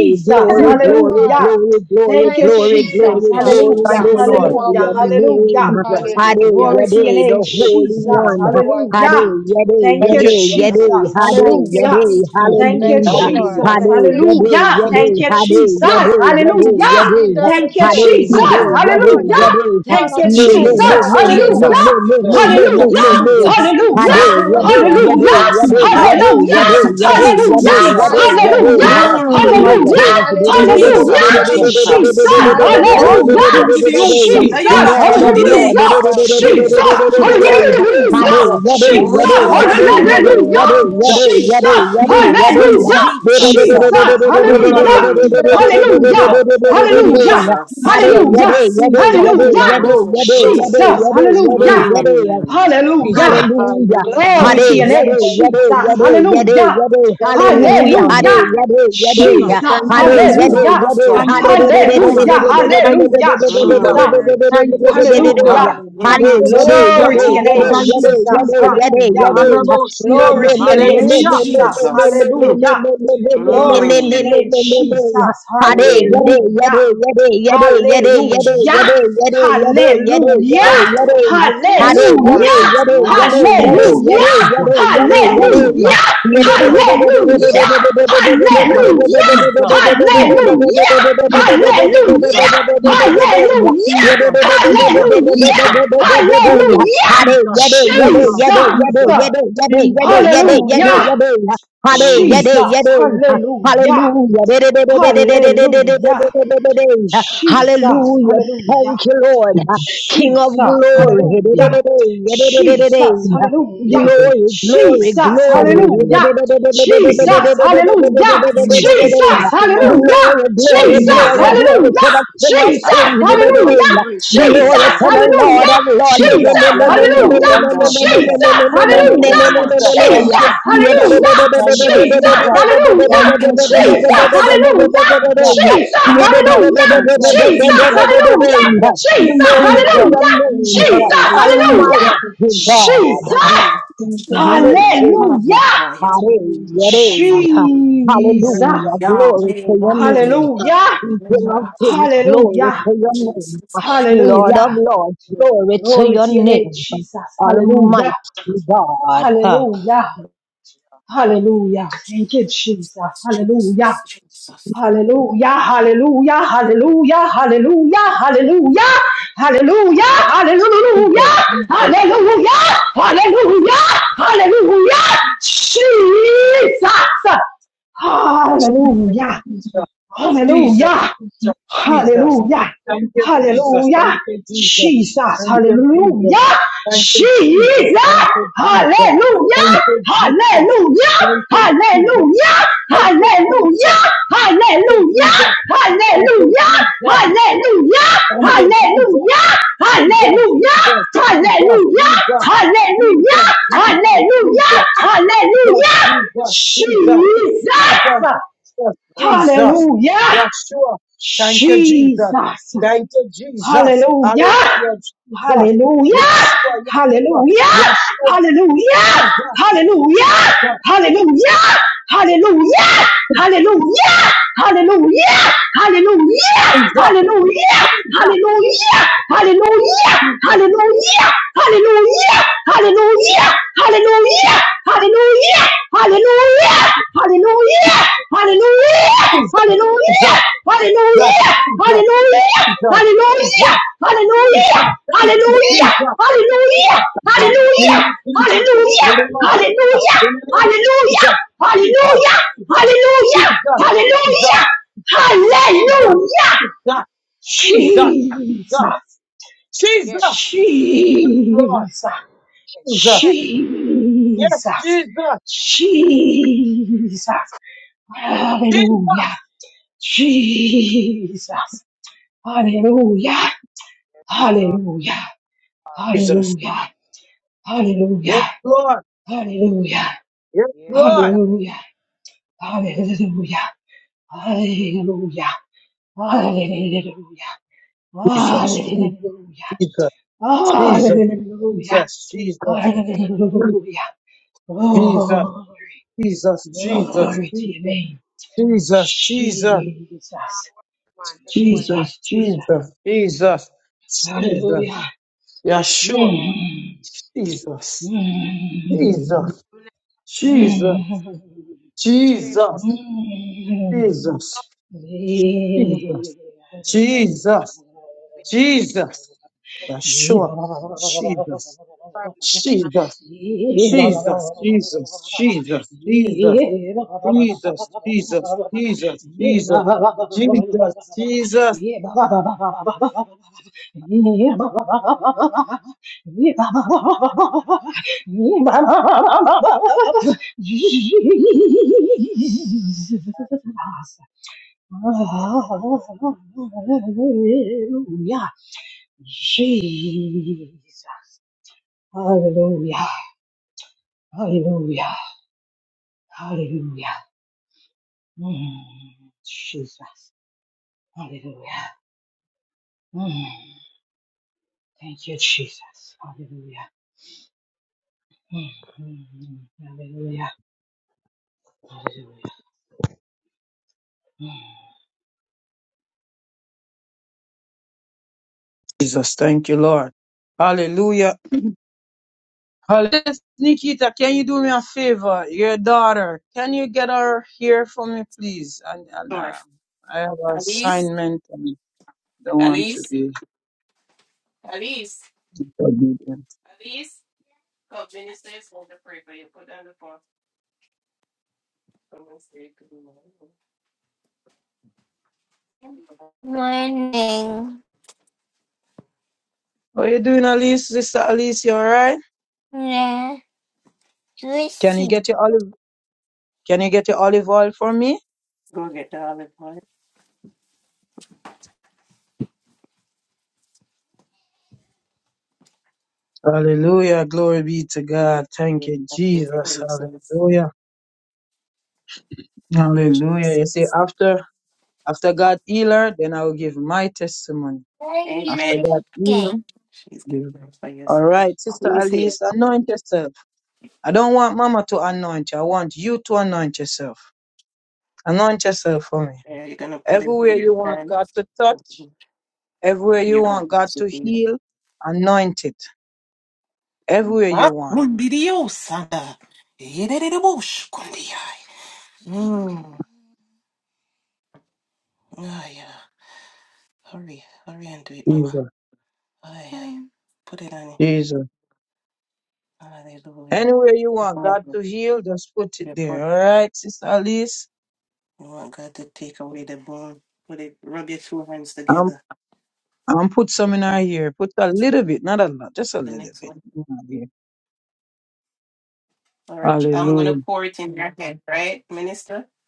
Speaker 7: Glory,
Speaker 3: thank you,
Speaker 7: glory,
Speaker 1: Hallelujah.
Speaker 3: Lord.
Speaker 7: glory, glory, glory,
Speaker 1: Thank you,
Speaker 3: Thank you,
Speaker 7: glory,
Speaker 1: Jesus.
Speaker 3: Jesus.
Speaker 7: glory,
Speaker 1: Hallelujah,
Speaker 2: thank you,
Speaker 7: glory be
Speaker 2: Lord,
Speaker 3: You
Speaker 7: to
Speaker 3: are
Speaker 1: hallelujah,
Speaker 7: your
Speaker 3: worthy.
Speaker 7: name.
Speaker 1: hallelujah.
Speaker 2: Jesus,
Speaker 7: Hare,
Speaker 3: Hallelujah.
Speaker 1: Glory to your
Speaker 7: yere, the
Speaker 1: name,
Speaker 7: Holy
Speaker 1: Jesus.
Speaker 7: One.
Speaker 3: You are
Speaker 7: Hare,
Speaker 1: Hallelujah.
Speaker 3: worthy.
Speaker 7: yere,
Speaker 1: Thank
Speaker 2: thank
Speaker 1: you,
Speaker 2: you,
Speaker 7: yere,
Speaker 2: Jesus,
Speaker 3: Hallelujah.
Speaker 7: yere.
Speaker 1: Jesus.
Speaker 7: Hare,
Speaker 3: Thank you,
Speaker 1: Hallelujah.
Speaker 7: yere,
Speaker 3: Jesus.
Speaker 2: Jesus,
Speaker 1: Thank you,
Speaker 3: Thank you,
Speaker 7: hallelujah.
Speaker 3: Lord.
Speaker 2: hallelujah,
Speaker 1: Jesus.
Speaker 7: Hare,
Speaker 3: Thank you,
Speaker 7: yere,
Speaker 3: Jesus.
Speaker 1: Hallelujah.
Speaker 3: You
Speaker 1: Thank
Speaker 7: yere,
Speaker 2: Jesus,
Speaker 1: you,
Speaker 7: hare,
Speaker 1: Jesus.
Speaker 3: deserve the,
Speaker 7: yere,
Speaker 1: Hallelujah.
Speaker 3: praise.
Speaker 7: yere,
Speaker 3: you
Speaker 7: yere.
Speaker 3: deserve the
Speaker 1: Thank you,
Speaker 7: Yade,
Speaker 3: glory.
Speaker 2: Jesus,
Speaker 7: yade,
Speaker 1: Jesus.
Speaker 3: You
Speaker 2: Jesus,
Speaker 3: deserve the
Speaker 7: yade,
Speaker 3: honor.
Speaker 1: Hallelujah.
Speaker 7: yade.
Speaker 1: Thank
Speaker 3: Father,
Speaker 1: you,
Speaker 3: we
Speaker 7: Me, me,
Speaker 2: Jesus, Jesus,
Speaker 3: thank
Speaker 2: Jesus,
Speaker 3: you
Speaker 7: me,
Speaker 1: Jesus.
Speaker 3: for
Speaker 7: me, me,
Speaker 3: today,
Speaker 7: me, me, me,
Speaker 1: Hallelujah.
Speaker 3: Lord.
Speaker 7: me,
Speaker 2: Jesus,
Speaker 7: me, me,
Speaker 1: Hallelujah.
Speaker 7: me,
Speaker 3: Hallelujah.
Speaker 7: me.
Speaker 2: Jesus,
Speaker 1: Hallelujah.
Speaker 7: Yade, yade, yade,
Speaker 3: Hallelujah.
Speaker 7: yade,
Speaker 1: Hallelujah.
Speaker 7: yade, yade,
Speaker 1: Hallelujah.
Speaker 7: yade, yade,
Speaker 1: Hallelujah.
Speaker 7: yade, yade.
Speaker 1: Hallelujah.
Speaker 3: Hallelujah.
Speaker 2: Jesus, Jesus,
Speaker 7: King of
Speaker 1: Hallelujah.
Speaker 7: kings.
Speaker 2: Jesus, Jesus,
Speaker 1: Hallelujah.
Speaker 3: Hallelujah.
Speaker 2: Jesus,
Speaker 1: Jesus.
Speaker 2: Jesus, Jesus,
Speaker 1: Hallelujah.
Speaker 3: Hallelujah.
Speaker 2: Jesus,
Speaker 1: Jesus.
Speaker 7: Lord of
Speaker 2: Jesus,
Speaker 7: lords.
Speaker 1: Hallelujah.
Speaker 7: Yade,
Speaker 3: Hallelujah.
Speaker 7: yade,
Speaker 1: Jesus.
Speaker 7: yade, yade,
Speaker 2: Jesus,
Speaker 7: yade,
Speaker 2: Jesus,
Speaker 1: Hallelujah.
Speaker 3: Hallelujah.
Speaker 2: Jesus,
Speaker 7: yade,
Speaker 1: Jesus.
Speaker 2: Jesus,
Speaker 7: yade,
Speaker 2: Jesus, Jesus,
Speaker 1: Hallelujah.
Speaker 7: yade,
Speaker 3: Hallelujah.
Speaker 1: Jesus.
Speaker 2: Jesus, Jesus, Jesus, Jesus,
Speaker 1: Hallelujah.
Speaker 2: Jesus,
Speaker 1: Jesus.
Speaker 2: Jesus,
Speaker 3: You
Speaker 1: Hallelujah.
Speaker 3: are-
Speaker 7: yade,
Speaker 1: Hallelujah.
Speaker 7: yade.
Speaker 3: Thank you,
Speaker 7: Hare
Speaker 1: Hallelujah.
Speaker 3: Jesus,
Speaker 7: Yade, yade,
Speaker 1: Hallelujah.
Speaker 7: yade, yade,
Speaker 1: Hallelujah.
Speaker 7: yade,
Speaker 3: Lord.
Speaker 7: yade, yade,
Speaker 1: Jesus.
Speaker 3: Thank you,
Speaker 7: yade,
Speaker 1: Hallelujah.
Speaker 3: Jesus.
Speaker 2: Jesus,
Speaker 7: yade, yade.
Speaker 2: Jesus, Jesus,
Speaker 1: Hallelujah.
Speaker 3: Hallelujah.
Speaker 2: Jesus.
Speaker 1: Glory to your name,
Speaker 3: Thank,
Speaker 1: Jesus. Hallelujah.
Speaker 3: thank you,
Speaker 2: Oh,
Speaker 3: Jesus.
Speaker 2: Sian,
Speaker 1: Hallelujah.
Speaker 3: Thank
Speaker 2: Jesus,
Speaker 3: you,
Speaker 1: Jesus.
Speaker 2: thank you,
Speaker 3: Jesus.
Speaker 2: Jesus.
Speaker 1: Hallelujah.
Speaker 2: Thank you, Jesus.
Speaker 1: Hallelujah.
Speaker 2: Thank you,
Speaker 1: Hallelujah.
Speaker 3: For
Speaker 2: Jesus.
Speaker 1: Jesus.
Speaker 3: our
Speaker 2: Thank you, Jesus.
Speaker 1: Hallelujah.
Speaker 2: Thank you, Jesus.
Speaker 1: Glory to your name,
Speaker 2: Thank you,
Speaker 1: Jesus.
Speaker 2: Jesus.
Speaker 1: Hallelujah.
Speaker 2: Arabo Sian.
Speaker 1: Glory to your name,
Speaker 2: Hallelujah.
Speaker 1: Jesus. Hallelujah. Glory to your name, Jesus. Hallelujah. Hallelujah. Hallelujah.
Speaker 7: Hare, yare, yare, yare, yare, yare,
Speaker 2: Jesus,
Speaker 7: yare,
Speaker 1: Hallelujah.
Speaker 7: yare,
Speaker 2: Jesus,
Speaker 7: yare. Hare, yare,
Speaker 1: Hallelujah.
Speaker 2: Jesus,
Speaker 7: yare,
Speaker 1: Hallelujah.
Speaker 2: Jesus, Jesus,
Speaker 1: Hallelujah.
Speaker 7: yare,
Speaker 2: Jesus,
Speaker 7: yare, yare, yare, yare,
Speaker 2: Jesus,
Speaker 1: Hallelujah.
Speaker 2: Jesus, Jesus,
Speaker 1: Hallelujah.
Speaker 7: yare,
Speaker 2: Jesus, Jesus, Jesus, Jesus, Jesus,
Speaker 1: Hallelujah.
Speaker 2: Jesus,
Speaker 1: Hallelujah. Hallelujah.
Speaker 2: Jesus, Jesus,
Speaker 1: Jesus.
Speaker 2: Jesus, Jesus.
Speaker 7: yare,
Speaker 2: Thank you,
Speaker 7: yare.
Speaker 2: Lord.
Speaker 1: Hallelujah.
Speaker 7: Hare, yare,
Speaker 1: Jesus.
Speaker 7: yare.
Speaker 1: Hallelujah.
Speaker 7: Hallelujah.
Speaker 1: Hallelujah. Jesus.
Speaker 7: Hallelujah.
Speaker 1: Hallelujah.
Speaker 7: Thank you, Lord.
Speaker 2: Jesus,
Speaker 7: King of
Speaker 1: Jesus,
Speaker 2: Jesus,
Speaker 7: glory. Glory, glory,
Speaker 1: hallelujah.
Speaker 2: Jesus,
Speaker 1: Jesus,
Speaker 2: Jesus,
Speaker 1: hallelujah.
Speaker 2: Jesus.
Speaker 1: Jesus,
Speaker 7: glory.
Speaker 2: Hallelujah.
Speaker 1: hallelujah.
Speaker 2: Together.
Speaker 1: Jesus, hallelujah,
Speaker 2: Jesus, thank you, Lord.
Speaker 7: Glory, glory, glory,
Speaker 2: Jesus,
Speaker 7: glory to the King of Kings. Glory to the
Speaker 2: Jesus. Yes, Lord.
Speaker 1: hallelujah.
Speaker 2: Thank you, Jesus.
Speaker 1: Jesus,
Speaker 2: Thank you,
Speaker 1: hallelujah.
Speaker 2: Jesus. Thank
Speaker 1: Jesus,
Speaker 2: you, Jesus.
Speaker 1: hallelujah.
Speaker 2: Thank you,
Speaker 1: Jesus,
Speaker 2: Jesus.
Speaker 1: hallelujah.
Speaker 2: Thank you,
Speaker 1: Jesus,
Speaker 2: Jesus. Thank you,
Speaker 1: hallelujah.
Speaker 2: Jesus.
Speaker 1: Jesus,
Speaker 2: Jesus,
Speaker 7: Lord
Speaker 1: hallelujah.
Speaker 2: Jesus,
Speaker 7: of
Speaker 1: Jesus,
Speaker 7: Lords.
Speaker 1: hallelujah.
Speaker 2: Jesus,
Speaker 1: Jesus,
Speaker 7: Glory
Speaker 2: Jesus, Jesus,
Speaker 7: to your
Speaker 1: hallelujah.
Speaker 7: name,
Speaker 1: Jesus,
Speaker 2: Jesus, Jesus,
Speaker 1: hallelujah.
Speaker 7: Almighty God.
Speaker 3: word.
Speaker 7: Mighty
Speaker 1: Hallelujah.
Speaker 7: God. Hallelujah.
Speaker 1: Jesus.
Speaker 7: Hallelujah. Glory to your name.
Speaker 1: Hallelujah.
Speaker 7: King of kings, glory
Speaker 1: Hallelujah.
Speaker 7: to your name. Lord
Speaker 1: Hallelujah.
Speaker 7: of lords, glory to your
Speaker 1: TNH.
Speaker 7: name.
Speaker 1: Hallelujah.
Speaker 7: Almighty God.
Speaker 1: Hallelujah. Hallelujah. Hallelujah. Hallelujah.
Speaker 2: Jesus, Jesus, Jesus, Jesus,
Speaker 1: Hallelujah.
Speaker 2: Jesus, Jesus,
Speaker 1: Hallelujah.
Speaker 2: thank you, Jesus, thank
Speaker 1: Hallelujah.
Speaker 2: you, Jesus,
Speaker 1: Jesus.
Speaker 2: thank you, Jesus,
Speaker 1: Hallelujah.
Speaker 2: thank you, Jesus,
Speaker 1: Jesus.
Speaker 2: thank you, Jesus, thank
Speaker 1: Hallelujah.
Speaker 2: you, Jesus, thank you, Jesus,
Speaker 1: Hallelujah.
Speaker 2: thank you, Jesus,
Speaker 1: Hallelujah. Hallelujah.
Speaker 2: thank you, Jesus,
Speaker 1: Hallelujah.
Speaker 2: thank you, Jesus,
Speaker 1: Hallelujah.
Speaker 2: thank you,
Speaker 1: Hallelujah.
Speaker 2: Jesus,
Speaker 1: Hallelujah. Hallelujah.
Speaker 2: Jesus, Jesus,
Speaker 1: Hallelujah.
Speaker 2: Jesus, Jesus, Jesus,
Speaker 1: Hallelujah.
Speaker 2: Jesus,
Speaker 1: Hallelujah.
Speaker 2: Jesus, Jesus,
Speaker 1: Hallelujah.
Speaker 2: Jesus, Jesus,
Speaker 1: Jesus.
Speaker 2: Jesus, Jesus,
Speaker 8: Glory to
Speaker 2: Jesus, Yeshua. Thank you, Jesus.
Speaker 1: Jesus.
Speaker 2: Thank you, Jesus. Hallelujah, Jesus. Yeshua, Yeshua,
Speaker 1: Hallelujah!
Speaker 2: Yeshua,
Speaker 1: Hallelujah!
Speaker 2: Jesus,
Speaker 1: Hallelujah!
Speaker 2: Jesus,
Speaker 1: Hallelujah! Hallelujah! Hallelujah!
Speaker 2: Jesus, Jesus, Jesus, Jesus, Jesus, yes, Jesus, Jesus, Jesus, Jesus. Thank you, Jesus. Uh, name of Jesus. In the name of Jesus. In the name of Jesus.
Speaker 1: Hallelujah! Hallelujah!
Speaker 2: Jesus.
Speaker 1: Hallelujah!
Speaker 8: God.
Speaker 2: Jesus.
Speaker 1: Hallelujah!
Speaker 2: Jesus. Jesus. Jesus.
Speaker 1: Jesus!
Speaker 2: Jesus.
Speaker 8: yes,
Speaker 2: Jesus. Lord.
Speaker 8: yes,
Speaker 2: Jesus. Yes,
Speaker 1: Jesus!
Speaker 2: Jesus.
Speaker 1: Jesus! Hallelujah!
Speaker 2: Jesus.
Speaker 1: Jesus! Hallelujah! Hallelujah!
Speaker 2: Jesus.
Speaker 1: Hallelujah!
Speaker 8: yes, yes, yes, yes, Lord, yes,
Speaker 2: Yes,
Speaker 1: Hallelujah!
Speaker 2: Lord.
Speaker 1: Hallelujah! Hallelujah!
Speaker 2: Yes,
Speaker 8: yes,
Speaker 2: Lord.
Speaker 1: Hallelujah! Hallelujah! Hallelujah!
Speaker 2: Jesus.
Speaker 1: Hallelujah!
Speaker 2: Jesus. Jesus. Jesus.
Speaker 1: Hallelujah.
Speaker 2: Jesus. Jesus.
Speaker 1: Hallelujah. Glory.
Speaker 2: Jesus. Jesus.
Speaker 1: Glory to your
Speaker 2: Jesus.
Speaker 1: name.
Speaker 2: Jesus. Jesus.
Speaker 1: Jesus.
Speaker 8: man, the phone now
Speaker 2: Jesus,
Speaker 1: Jesus. Jesus.
Speaker 2: Jesus, Jesus, Jesus,
Speaker 1: Hallelujah.
Speaker 2: Yeshua,
Speaker 8: on.
Speaker 1: Mm.
Speaker 2: Jesus,
Speaker 1: Mm.
Speaker 2: Jesus,
Speaker 8: Definitely,
Speaker 2: Jesus,
Speaker 1: Mm.
Speaker 8: three, four.
Speaker 2: Jesus,
Speaker 1: Mm.
Speaker 8: God
Speaker 2: Jesus,
Speaker 8: is the
Speaker 2: Jesus,
Speaker 8: only
Speaker 2: Jesus,
Speaker 8: way to do it.
Speaker 2: Jesus,
Speaker 1: Yeah.
Speaker 8: It's
Speaker 1: Jesus.
Speaker 2: Yeshua, Jesus, Jesus, Jesus, Jesus, Jesus, Jesus, Jesus, Jesus, Jesus, Jesus, Jesus, Jesus,
Speaker 1: Hallelujah. Jesus. Hallelujah. Hallelujah. Hallelujah. Mm, Jesus. Hallelujah. Mm, thank you, Jesus. Hallelujah. Mm, mm, mm. hallelujah. Hallelujah.
Speaker 2: Jesus. Thank you, Lord. Hallelujah. Uh, Miss Nikita, can you do me a favor? Your daughter, can you get her here for me, please? And, and uh, I have an assignment and don't want to be obedient.
Speaker 4: morning.
Speaker 2: What are you doing, Alice? Sister Alice, you all right?
Speaker 4: Yeah,
Speaker 2: Can you
Speaker 4: Lucy.
Speaker 2: get your olive? Can you get your olive oil for me? Hallelujah. Glory be to God. Thank you, Jesus. Hallelujah. Hallelujah. You see, after after God heal her, then I will give my testimony. After God heal
Speaker 4: Okay.
Speaker 2: her, give All right, Sister Alice, anoint yourself. I don't want Mama to anoint you. I want you to anoint yourself. Anoint yourself for me. Everywhere you want God to touch, everywhere you want God to heal, anoint it. Everyone. Jesus. Jesus. And just put it there. All right, sis. Um, I'm put some in our ear. Put a little bit, not a lot, just a little bit. in our ear. Hallelujah.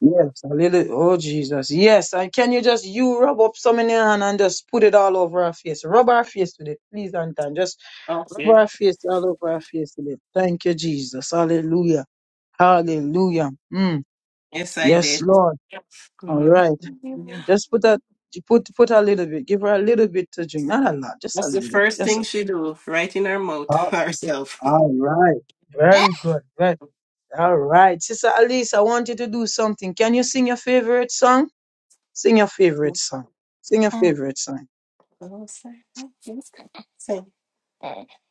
Speaker 2: Yes, a little. Oh, Jesus. Yes. And can you just, you rub up some in your hand and just put it all over our face? Rub our face with it, please, Anton. Just rub our face all over our face with it. Thank you, Jesus. Hallelujah. Hallelujah. Mm. Yes, Lord. All right. Just put that, put put a little bit. Give her a little bit to drink. Not a lot, just a little bit. Just a, all all right. Very good. Right. All right. Sister Alice, I want you to do something. Can you sing your favorite song? Sing your favorite song. Sing your favorite song.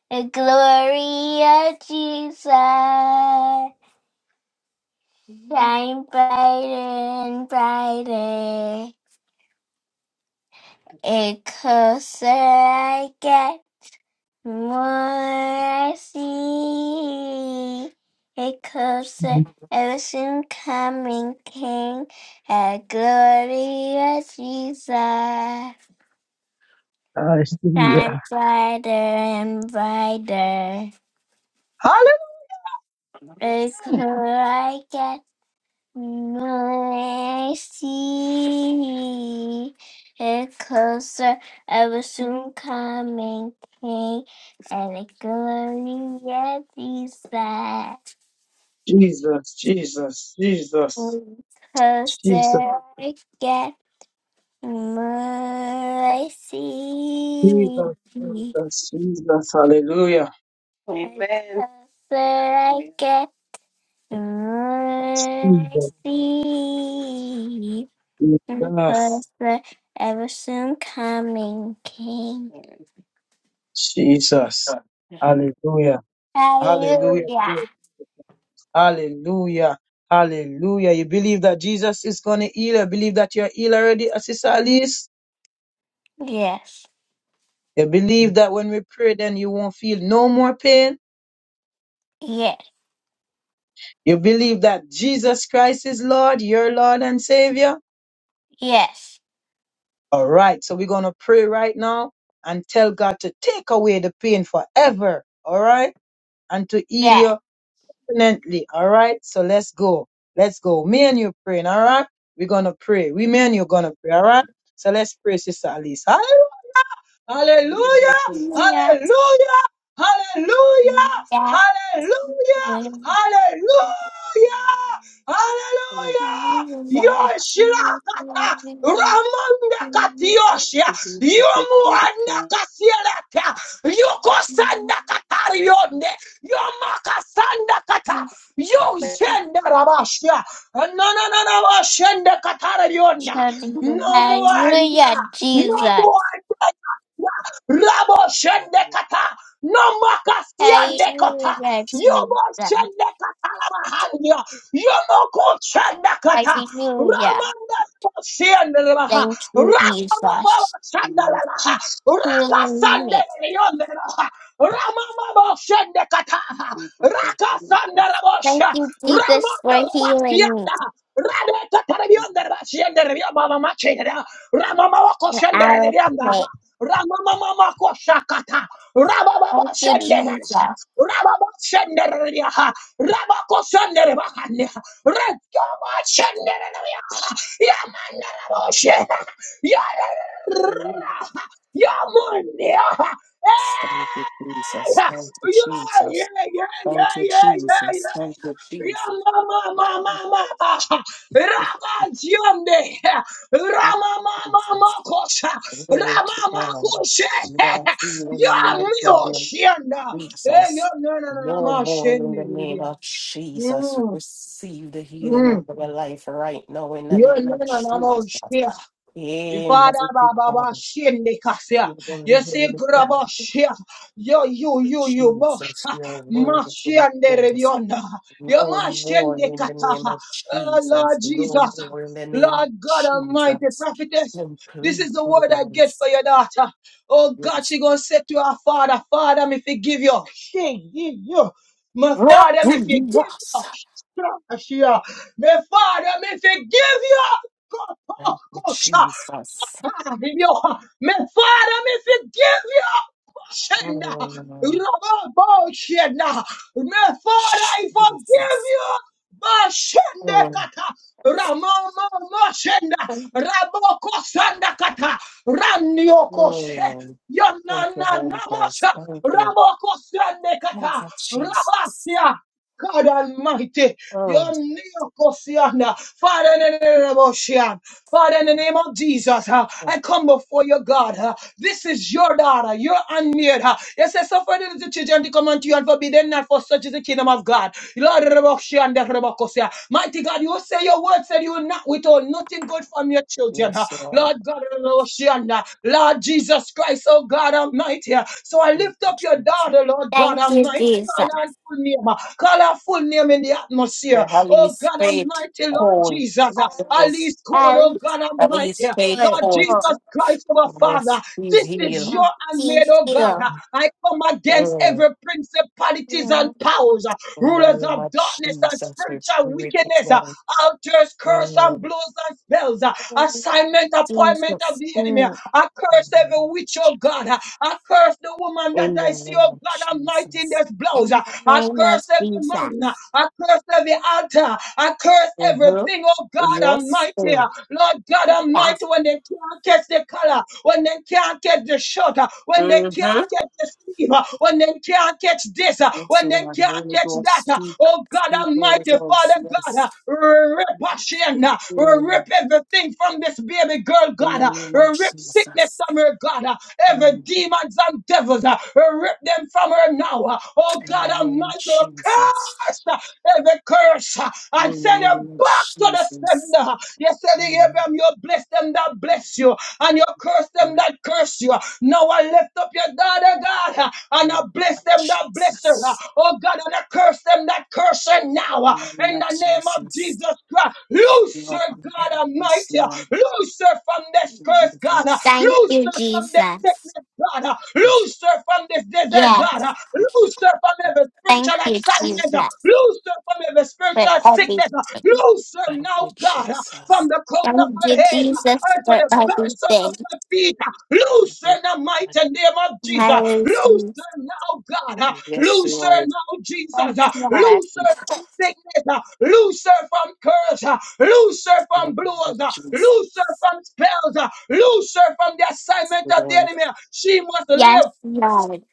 Speaker 4: The glory of Jesus shine brighter and brighter. The closer I get. Mercy, because everything coming King, a glorious Jesus, shine
Speaker 2: Hallelujah.
Speaker 4: brighter and brighter. It's like a mercy, it closer, ever soon coming King, and a glorious Jesus.
Speaker 2: Jesus, Jesus, Jesus,
Speaker 4: Because
Speaker 2: Jesus,
Speaker 4: I get mercy.
Speaker 2: Jesus,
Speaker 4: Because
Speaker 2: Jesus, Jesus, hallelujah.
Speaker 4: I get mercy.
Speaker 2: Jesus, Jesus,
Speaker 4: Because the ever soon coming King.
Speaker 2: Jesus, hallelujah, hallelujah,
Speaker 4: Hallelujah.
Speaker 2: Lord. hallelujah, hallelujah. You believe that Jesus is going to heal? You believe that you're healed already, uh, Sister Alice?
Speaker 4: Yes.
Speaker 2: You believe that when we pray, then you won't feel no more pain?
Speaker 4: Yes.
Speaker 2: You believe that Jesus Christ is Lord, your Lord and Savior?
Speaker 4: Yes.
Speaker 2: All right, so we're going to pray right now and tell God to take away the pain forever, all right? And to
Speaker 4: Yes.
Speaker 2: heal
Speaker 4: Yeah.
Speaker 2: you permanently, all right? So let's go. Let's go. Me and you praying, all right? We're going to pray. We, me and you going to pray, all right? So let's pray, Sister Alice. Hallelujah! Hallelujah! Hallelujah!
Speaker 4: Yeah.
Speaker 2: Hallelujah! Hallelujah! Hallelujah! Yoshilakata
Speaker 4: Yeah.
Speaker 2: Ramanda
Speaker 4: Hallelujah,
Speaker 2: Katioshia Yomuanda Kasieleka Yokosanda Katarionde Yomakasanda Kata Yoshenda Rabashia Nananana Shenda Katarionda No more no
Speaker 4: Jesus.
Speaker 2: more Rabo Shendekata, no
Speaker 4: Hallelujah,
Speaker 2: Makasiandekota, Yomo
Speaker 4: Jesus.
Speaker 2: Shendekata Labahandia, Yomoko Shendekata,
Speaker 4: Hallelujah.
Speaker 2: Ramanda Shendelemaha,
Speaker 4: Thank you,
Speaker 2: Ramama
Speaker 4: Jesus.
Speaker 2: Shandalaha, Raka
Speaker 4: Healing me.
Speaker 2: Sandelaha, Ramama Shendekata, Rakasanda
Speaker 4: Thank
Speaker 2: Rabosha,
Speaker 4: you, Jesus,
Speaker 2: Ramondo
Speaker 4: for healing me.
Speaker 2: Rabashianda, Radeka Tarabionda Rabashianda Rabia Baba Machida, Ramama Wako
Speaker 4: For
Speaker 2: Shanda
Speaker 4: our pain.
Speaker 2: Ramama Mako Shakata, Rababa
Speaker 4: Thank you,
Speaker 2: Shanda,
Speaker 4: Jesus.
Speaker 2: Rababa Shanda Rabia, Rabako Shanda Rabakanda, Rakama Shanda Yamanda Rabosha, Yara, Yamunia, yeah, yeah, yeah, yeah, yeah, yeah, yeah. Yeah, ma, ma, ma, ma, ma, ma. Rama Dionde. Rama, ma, ma, ma, kosha. Rama, ma, koshe. Yeah, mio, shianda. Eh, yo, no, no, no, no, ma, shende, de, de, de. Mm, mm. Yo, no, no, no, no, shia. Ifada, ba, ba, ba, shende, kasia. You see, grabo, shia. Yo, you, you, you, mo, Mashiande Revionda. Yamashende Kataha. Ah, Lord Jesus. Lord God Almighty, prophetess. This is the word I get out. Oh God, she go to her heart. if you. She, give you. My father, if you give you. Strong as she are. My father, if you give you. Go, go, go, sha. If your man, Father, me forgive you. Shen, Rabbo, Shen, my Father, I forgive you. Bashende kata, Ramama, Mashenda, Raboko, Sanda kata, Ranioko, She, Yanana, Namasha, Raboko, Sande kata, Rabatia. God Almighty, your Father, Father, in the name of Jesus, uh, I come before you, God. uh, this is your daughter, your unmarried. Uh, you say, suffer the little children to come unto you and forbid them not, for such is the kingdom of God. Lord, Reboshi and the mighty God, you say your word said you will not withhold nothing good from your children. uh, Lord God, Reboshi and, uh, Lord Jesus Christ, oh God Almighty. uh, So I lift up your daughter, Lord God
Speaker 4: Thank you,
Speaker 2: Almighty. Call
Speaker 4: Jesus.
Speaker 2: her and full name. uh, Call her full name in the atmosphere. Oh God Almighty, Lord Jesus. At least call,
Speaker 4: I
Speaker 2: oh God Almighty. Lord Jesus Christ, our Father. This is your
Speaker 4: see
Speaker 2: handmaid, oh God.
Speaker 4: you.
Speaker 2: I come against every principalities and powers, rulers of darkness and spiritual wickedness, altars, curse and blows and spells, assignment, appointment of the enemy.
Speaker 4: Mm.
Speaker 2: I curse every witch, oh God. I curse the woman that I see, oh God Almighty, in this blouse.
Speaker 4: In the
Speaker 2: I
Speaker 4: name of
Speaker 2: curse
Speaker 4: Jesus.
Speaker 2: every man. I curse every altar. I curse everything, oh God Almighty. Lord God
Speaker 4: Yeah.
Speaker 2: Almighty, when they can't catch the color, when they can't catch the shot, when they can't catch the sleeve, when they can't catch this, when they can't catch that. Oh God Almighty, Father God, rip her shin, rip everything from this baby girl, God, rip sickness from her, God, every demons and devils, rip them from her now. Oh God Almighty, curse every curse uh, and send it back to the sender. You said in Abraham, you bless them that bless you, and you curse them that curse you. Now I lift up your daughter, God, uh, and I bless them that bless her. uh, Oh God, and I curse them that curse her now. uh, In the name of Jesus Christ, loose her, God Almighty. Loose her from this curse, God.
Speaker 4: Thank
Speaker 2: Loose
Speaker 4: you,
Speaker 2: her from this
Speaker 4: Jesus.
Speaker 2: sickness, God. Loose her from this desert,
Speaker 4: Yeah.
Speaker 2: God. Loose her from every
Speaker 4: Thank
Speaker 2: spiritual
Speaker 4: you,
Speaker 2: assignment.
Speaker 4: Jesus,
Speaker 2: Loose her from every
Speaker 4: for
Speaker 2: spiritual
Speaker 4: everything.
Speaker 2: sickness. Loose her now, God, from the crown of
Speaker 4: Thank
Speaker 2: her
Speaker 4: you,
Speaker 2: head
Speaker 4: Jesus,
Speaker 2: unto
Speaker 4: for
Speaker 2: the very sole of
Speaker 4: everything.
Speaker 2: her feet. Loose her in the mighty name of Jesus. Loose
Speaker 4: Hallelujah.
Speaker 2: her now, God. Loose her now,
Speaker 4: Yes,
Speaker 2: Jesus. Uh,
Speaker 4: Lord.
Speaker 2: Loose her from sickness. Uh, Loose her from curse. Uh, Loose her from blows. Uh, Loose her from spells. Uh, Loose her from the assignment of the enemy. She must
Speaker 4: Yes,
Speaker 2: live
Speaker 4: Lord.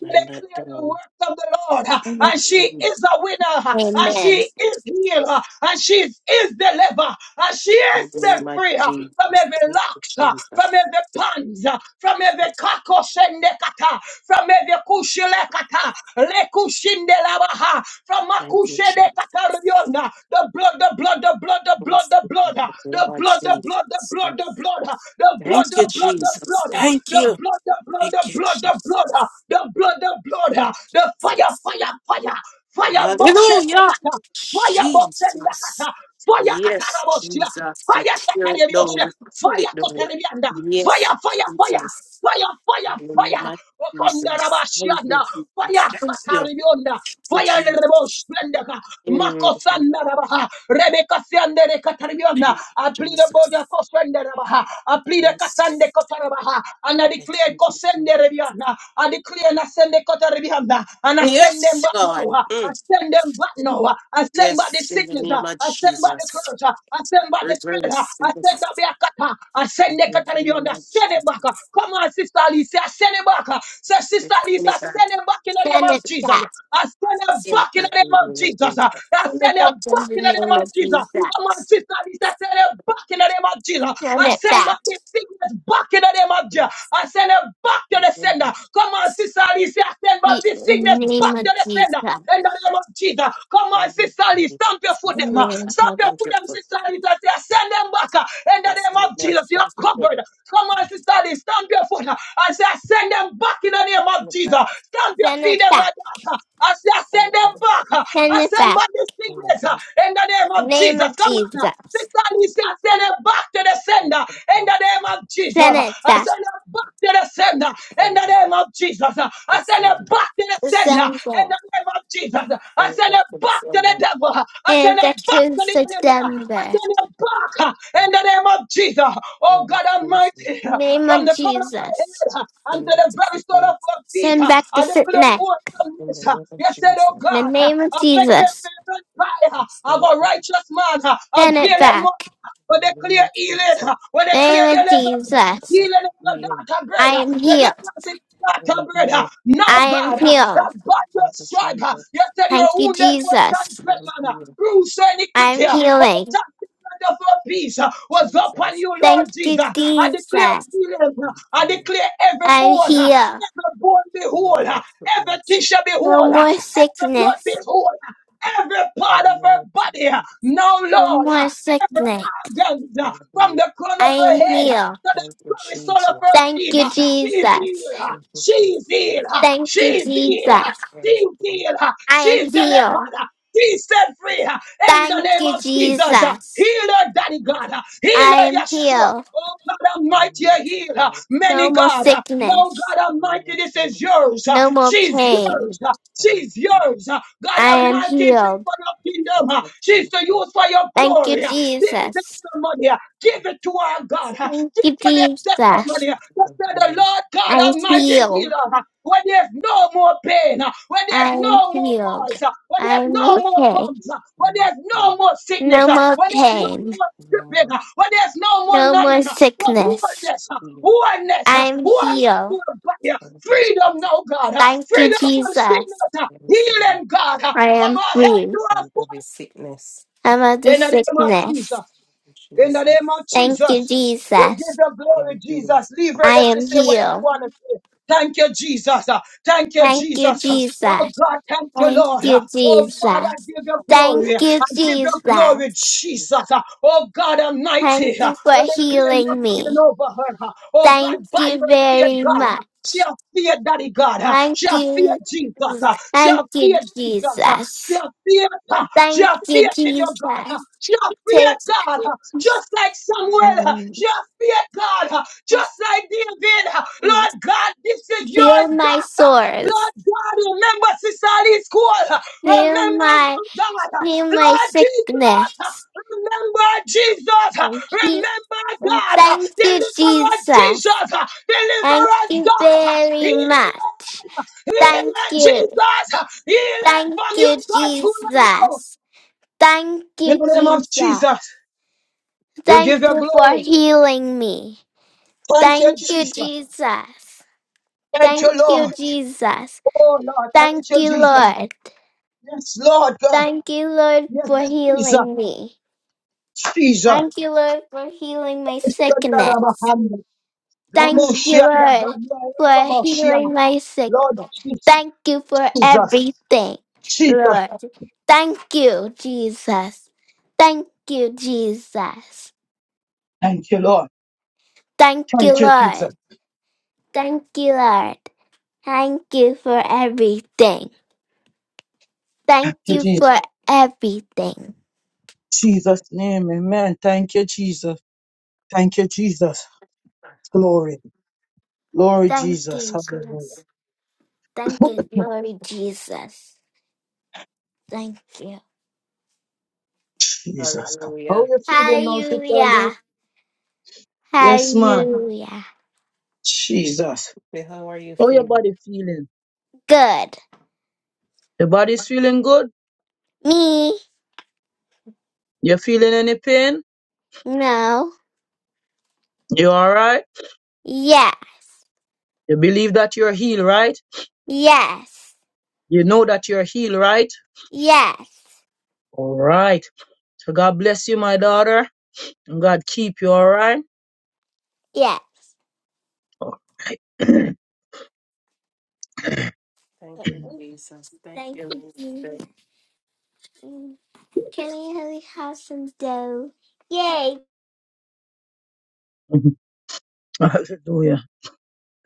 Speaker 2: declare the works of the Lord. uh, And she is a winner. uh, And
Speaker 4: Amen.
Speaker 2: she is healed. uh, And she is, is delivered. uh, And she is set free uh, from every lock, uh, from every bonds, uh, from every kakoshendekata, from every kushilekata, lekushindelabaha, from makushedekatariona. The blood, the blood, the blood, the blood, the blood, uh, the blood, the blood, the blood, the blood, uh, the blood, the blood, the blood, uh, the blood, the blood, the blood the blood, uh, the blood, the blood, uh, the fire, fire, fire, fire, motion, uh, fire, motion, uh, fire, katarabosia, fire, katarabiosia, fire, kotarabianda, fire, fire, fire. Fire, fire, fire, Wakanda Rabashianda, fire, Kataribionda, Fire the Rebo Splendaka, Mako Sanda rabaha! Rebecca Sandere Catariona, I plead the body of rabaha! I plead the Cassande Cotarabaha, and I declare Cosende Rebiana, I declare and I send the Cotarabiana, and I send them back now, I send them back now, I send back the sickness, ah, I send back the curse, ah, I send back the spirit, ah, I send up the Akata, I send the Cataribiana, send it back, ah. come on, sister Alicia, send it send him back. uh, Say, Sister Lisa, send him back in the
Speaker 4: Send
Speaker 2: name of
Speaker 4: it
Speaker 2: Jesus.
Speaker 4: back.
Speaker 2: I send him back in the name of Jesus. uh, I
Speaker 4: Send it
Speaker 2: send him
Speaker 4: back in
Speaker 2: back
Speaker 4: the
Speaker 2: in the
Speaker 4: name
Speaker 2: name
Speaker 4: of
Speaker 2: of Jesus.
Speaker 4: Jesus.
Speaker 2: Come on, Sister Lisa, send him back in the name of Jesus.
Speaker 4: Send
Speaker 2: I
Speaker 4: it
Speaker 2: send
Speaker 4: back.
Speaker 2: back the sickness back in the name of Jesus. I send him back to the sender. Come on, Sister Lisa, send back
Speaker 4: In
Speaker 2: the
Speaker 4: the
Speaker 2: sickness back
Speaker 4: name
Speaker 2: to
Speaker 4: of
Speaker 2: the sender.
Speaker 4: Jesus.
Speaker 2: In the name of Jesus. Come on, Sister Lisa, stamp your foot them. uh, Stamp your foot them, Sister Lisa. Say, send them back. uh, In the name of of Jesus, you're not covered. Come on, sister, stand stamp your foot uh, and say, I send them back in the name of Jesus. Stamp your
Speaker 4: Send
Speaker 2: feet
Speaker 4: it
Speaker 2: in my
Speaker 4: back.
Speaker 2: daughter. I say, I send them back. uh,
Speaker 4: Send
Speaker 2: I
Speaker 4: it
Speaker 2: send
Speaker 4: back.
Speaker 2: back this sickness uh, in the name of
Speaker 4: Name
Speaker 2: Jesus.
Speaker 4: of
Speaker 2: Come on. uh,
Speaker 4: Jesus.
Speaker 2: Sister Lisa, I send it back to the sender in the name of Jesus.
Speaker 4: Send it
Speaker 2: I
Speaker 4: back.
Speaker 2: send it back to the sender in the name of Jesus. I send it back to the sender in
Speaker 4: December.
Speaker 2: the name of Jesus. I send it back to the devil. I
Speaker 4: And
Speaker 2: send it
Speaker 4: back
Speaker 2: back
Speaker 4: to
Speaker 2: to the enemy. I
Speaker 4: September.
Speaker 2: send you back uh, in the name of Jesus. Oh God Almighty, uh,
Speaker 4: Name
Speaker 2: from
Speaker 4: of
Speaker 2: the corner of my
Speaker 4: Jesus.
Speaker 2: head uh, and to the very sole of my feet,
Speaker 4: Send
Speaker 2: uh,
Speaker 4: back the
Speaker 2: I declare
Speaker 4: sickness
Speaker 2: awesomeness. uh, You said, Oh
Speaker 4: in the
Speaker 2: God, uh,
Speaker 4: name of
Speaker 2: affect the
Speaker 4: Jesus.
Speaker 2: very fire of a righteous man, uh,
Speaker 4: Send it
Speaker 2: avail it
Speaker 4: back.
Speaker 2: much. When they clear healing. when they clear
Speaker 4: Name of
Speaker 2: deliverance.
Speaker 4: Jesus.
Speaker 2: Healing is the daughter bread.
Speaker 4: I am healed.
Speaker 2: Deliverance is the daughter bread. Now,
Speaker 4: I am
Speaker 2: God, that
Speaker 4: healed.
Speaker 2: by your stripe, you said you are
Speaker 4: Thank you,
Speaker 2: wounded for
Speaker 4: Jesus.
Speaker 2: transgression, bruised for
Speaker 4: I'm
Speaker 2: iniquity, for the
Speaker 4: healing.
Speaker 2: chastisement of your peace was upon you, Lord
Speaker 4: Thank you,
Speaker 2: Jesus. I declare
Speaker 4: Jesus.
Speaker 2: healing. I declare every
Speaker 4: I'm
Speaker 2: bone,
Speaker 4: healed.
Speaker 2: every bone be whole, every tissue be
Speaker 4: No
Speaker 2: whole,
Speaker 4: more
Speaker 2: every blood be
Speaker 4: sickness.
Speaker 2: whole every part of her body. uh, Now,
Speaker 4: No
Speaker 2: Lord, uh,
Speaker 4: more
Speaker 2: every
Speaker 4: sickness.
Speaker 2: organ uh, from the crown
Speaker 4: I
Speaker 2: of her
Speaker 4: am
Speaker 2: head uh,
Speaker 4: healed.
Speaker 2: to the very sole of her
Speaker 4: Thank
Speaker 2: feet.
Speaker 4: you,
Speaker 2: uh, She's
Speaker 4: Jesus.
Speaker 2: healed. uh, She's healed. uh,
Speaker 4: Thank you,
Speaker 2: She's
Speaker 4: Jesus.
Speaker 2: healed. uh, She's healed. uh,
Speaker 4: I am
Speaker 2: She's
Speaker 4: healed.
Speaker 2: delivered. uh, She's set free uh, in the
Speaker 4: Thank
Speaker 2: name
Speaker 4: you,
Speaker 2: of Jesus. uh,
Speaker 4: Jesus.
Speaker 2: Heal her, Daddy God. uh, Heal
Speaker 4: I
Speaker 2: her,
Speaker 4: am
Speaker 2: Yeshua.
Speaker 4: healed.
Speaker 2: Oh God Almighty, you're Uh,
Speaker 4: No
Speaker 2: Many
Speaker 4: more
Speaker 2: God. uh, No
Speaker 4: sickness.
Speaker 2: God Almighty, this is yours. Uh,
Speaker 4: No more
Speaker 2: She's
Speaker 4: pain.
Speaker 2: yours. Uh, She's yours. Uh, God
Speaker 4: I am
Speaker 2: Almighty, it's
Speaker 4: healed.
Speaker 2: for your kingdom. Uh, She's to use for your
Speaker 4: Thank you,
Speaker 2: glory. Uh, This
Speaker 4: Jesus.
Speaker 2: testimony, uh, give it to our God. Uh,
Speaker 4: Thank
Speaker 2: Give
Speaker 4: you,
Speaker 2: her this
Speaker 4: Jesus.
Speaker 2: testimony. uh, to say the Lord God
Speaker 4: I'm
Speaker 2: Almighty
Speaker 4: healed.
Speaker 2: healer there's no more pain, uh, when there's
Speaker 4: I am
Speaker 2: no more
Speaker 4: healed.
Speaker 2: noise, uh, when there's
Speaker 4: I'm
Speaker 2: no more
Speaker 4: okay.
Speaker 2: bumps, uh, when there's no more sickness,
Speaker 4: No
Speaker 2: uh,
Speaker 4: more
Speaker 2: when there's no
Speaker 4: pain.
Speaker 2: more tripping, uh, when there's no more
Speaker 4: No more
Speaker 2: nothing, uh, but
Speaker 4: sickness.
Speaker 2: oneness, uh, oneness, uh,
Speaker 4: I'm
Speaker 2: oneness.
Speaker 4: healed.
Speaker 2: to the body, uh, Freedom, now, God. uh,
Speaker 4: Thank you,
Speaker 2: Freedom from
Speaker 4: Jesus.
Speaker 2: sickness. uh, Healing, God. uh,
Speaker 4: I
Speaker 2: From
Speaker 4: am
Speaker 2: our health
Speaker 4: free.
Speaker 2: to our foot.
Speaker 4: I'm out of
Speaker 2: In the name of
Speaker 4: sickness.
Speaker 2: Jesus. In the name of
Speaker 4: Thank you,
Speaker 2: Jesus, we give
Speaker 4: Jesus.
Speaker 2: the glory, Jesus. Leave her,
Speaker 4: I
Speaker 2: let you
Speaker 4: am
Speaker 2: say what you
Speaker 4: healed.
Speaker 2: want to say. Thank you, Jesus. Uh, Thank you,
Speaker 4: Thank you,
Speaker 2: Jesus. Uh, Oh
Speaker 4: Jesus.
Speaker 2: God, thank you,
Speaker 4: Thank
Speaker 2: Lord.
Speaker 4: you,
Speaker 2: Uh, Oh Father,
Speaker 4: Jesus.
Speaker 2: give you
Speaker 4: Thank
Speaker 2: glory.
Speaker 4: you,
Speaker 2: I give you glory,
Speaker 4: Jesus.
Speaker 2: Jesus. Uh, Oh God
Speaker 4: Thank
Speaker 2: Almighty, uh,
Speaker 4: you for
Speaker 2: we declare your
Speaker 4: healing
Speaker 2: healing
Speaker 4: me.
Speaker 2: over her. Uh, Oh
Speaker 4: Thank
Speaker 2: God, by
Speaker 4: you
Speaker 2: your fear,
Speaker 4: very
Speaker 2: God. uh, She
Speaker 4: much.
Speaker 2: have feared Daddy God. uh,
Speaker 4: Thank
Speaker 2: She have feared
Speaker 4: you.
Speaker 2: Jesus. uh, She
Speaker 4: Thank
Speaker 2: have
Speaker 4: you,
Speaker 2: feared Jesus. uh,
Speaker 4: Jesus.
Speaker 2: Shall fear God.
Speaker 4: Thank
Speaker 2: Shall
Speaker 4: you,
Speaker 2: fear in your God. huh?
Speaker 4: Jesus.
Speaker 2: Shall fear
Speaker 4: Take
Speaker 2: God. huh? Just like Samuel. huh?
Speaker 4: and
Speaker 2: Shall fear God. huh? Just like David. huh? Lord God, this is
Speaker 4: heal
Speaker 2: yours,
Speaker 4: my
Speaker 2: God. huh? Lord
Speaker 4: sores.
Speaker 2: God, remember Sister Alice Cole. huh?
Speaker 4: Heal
Speaker 2: Remember
Speaker 4: my
Speaker 2: her, God. huh?
Speaker 4: heal my
Speaker 2: Lord Jesus. huh?
Speaker 4: sickness.
Speaker 2: Remember Jesus. huh?
Speaker 4: Thank you.
Speaker 2: Remember God. huh?
Speaker 4: Thank you,
Speaker 2: Deliver us,
Speaker 4: Jesus.
Speaker 2: Jesus. huh? Deliver
Speaker 4: Thank
Speaker 2: us,
Speaker 4: you
Speaker 2: God. huh?
Speaker 4: very
Speaker 2: Heal
Speaker 4: much.
Speaker 2: Healing,
Speaker 4: Thank you.
Speaker 2: Jesus. Healing
Speaker 4: Thank
Speaker 2: from you,
Speaker 4: you,
Speaker 2: God, to now.
Speaker 4: Jesus. Thank
Speaker 2: In
Speaker 4: you,
Speaker 2: the name of
Speaker 4: Jesus.
Speaker 2: Jesus, we
Speaker 4: Thank
Speaker 2: give you
Speaker 4: you for
Speaker 2: glory.
Speaker 4: healing me.
Speaker 2: Thank you,
Speaker 4: Thank you,
Speaker 2: Jesus.
Speaker 4: Jesus.
Speaker 2: Thank you,
Speaker 4: Thank you,
Speaker 2: Lord.
Speaker 4: Jesus.
Speaker 2: Oh, Lord, thank
Speaker 4: Thank
Speaker 2: you,
Speaker 4: you,
Speaker 2: Jesus.
Speaker 4: Lord.
Speaker 2: Yes, Lord God.
Speaker 4: Thank you, Lord,
Speaker 2: Yes,
Speaker 4: for
Speaker 2: Jesus.
Speaker 4: healing me.
Speaker 2: Jesus.
Speaker 4: Thank you, Lord, for healing my sickness. Thank you,
Speaker 2: Ramoshianda,
Speaker 4: Lord,
Speaker 2: God, you are
Speaker 4: for
Speaker 2: Ramoshianda.
Speaker 4: healing my
Speaker 2: Lord
Speaker 4: sickness.
Speaker 2: Jesus.
Speaker 4: Thank you for
Speaker 2: Jesus.
Speaker 4: everything,
Speaker 2: Jesus.
Speaker 4: Lord. Thank you, Jesus. Thank you, Jesus.
Speaker 2: Thank you, Lord.
Speaker 4: Thank you,
Speaker 2: Thank you, Jesus.
Speaker 4: Lord.
Speaker 2: Thank
Speaker 4: Thank you, Lord. Thank you for everything. Thank
Speaker 2: you,
Speaker 4: you
Speaker 2: Jesus.
Speaker 4: for everything.
Speaker 2: Jesus' name, amen. Thank you, Jesus. Thank you, Jesus. Glory. Glory
Speaker 4: Thank
Speaker 2: Jesus.
Speaker 4: you,
Speaker 2: Hallelujah.
Speaker 4: Jesus. Thank you, Lord Jesus. Thank you.
Speaker 2: Jesus. How you feeling now, Sister
Speaker 4: Hallelujah.
Speaker 2: Lee? Yes, man.
Speaker 4: Hallelujah.
Speaker 2: Jesus. How your body feeling?
Speaker 4: Good.
Speaker 2: Your body's feeling good?
Speaker 4: Me?
Speaker 2: You feeling any pain?
Speaker 4: No.
Speaker 2: You alright?
Speaker 4: Yeah.
Speaker 2: You believe that you're healed, right?
Speaker 4: Yes.
Speaker 2: You know that you're healed, right?
Speaker 4: Yes.
Speaker 2: Alright. So God bless you, my daughter. And God keep you alright.
Speaker 4: Yes. Thank you. Can we have some dough? Yay.
Speaker 2: Hallelujah.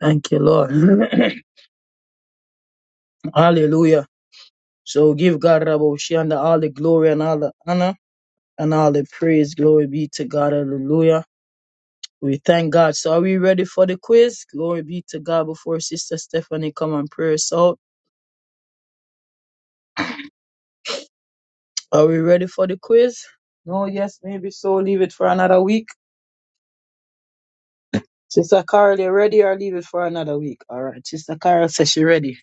Speaker 2: Thank you, Lord. Hallelujah. So give God Raboshi and all the glory and all the honor. and all the praise. Glory be to God. Hallelujah. We thank God. So are we ready for the quiz? Glory be to God before Sister Stephanie come and pray us out. Are we ready for the quiz? No, yes, maybe so. Leave it for another week. Sister Carol, you ready or leave it for another week? All right. Sister Carol says she ready.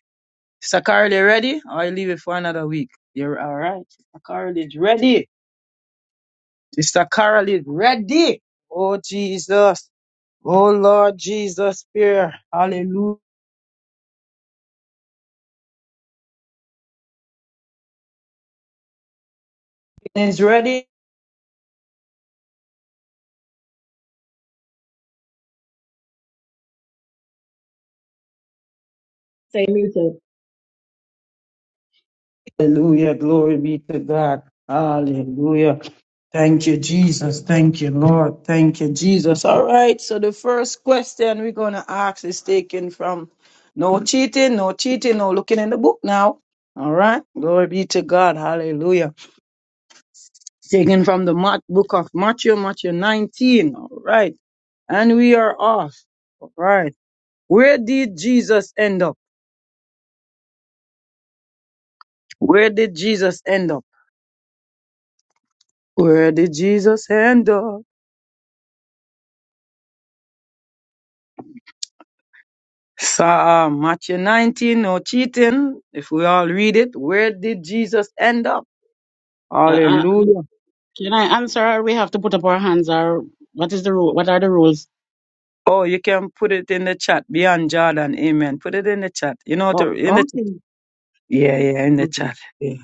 Speaker 2: Sister Carol, you ready or you leave it for another week? You're all right. Sister Carol is ready. Sister Carol is ready. Oh, Jesus. Oh, Lord Jesus, fear. Hallelujah. Is ready.
Speaker 1: Stay muted.
Speaker 2: Hallelujah. Glory be to God. Hallelujah. Thank you, Jesus. Thank you, Lord. Thank you, Jesus. All right. So the first question we're going to ask is taken from no cheating, no cheating, no looking in the book now. All right. Glory be to God. Hallelujah. It's taken from the Mat- book of Matthew, Matthew 19. All right. And we are off. All right. Where did Jesus end up? Where did Jesus end up? Where did Jesus end up? Psalm Matthew 19, no cheating. If we all read it, where did Jesus end up?
Speaker 6: Uh, uh,
Speaker 2: Hallelujah.
Speaker 6: can I, what was,
Speaker 2: Oh, you can put it in the chat. Beyond Jordan, amen. Put it in the chat. You know, to, in the ch- yeah, yeah, in the chat. Yeah.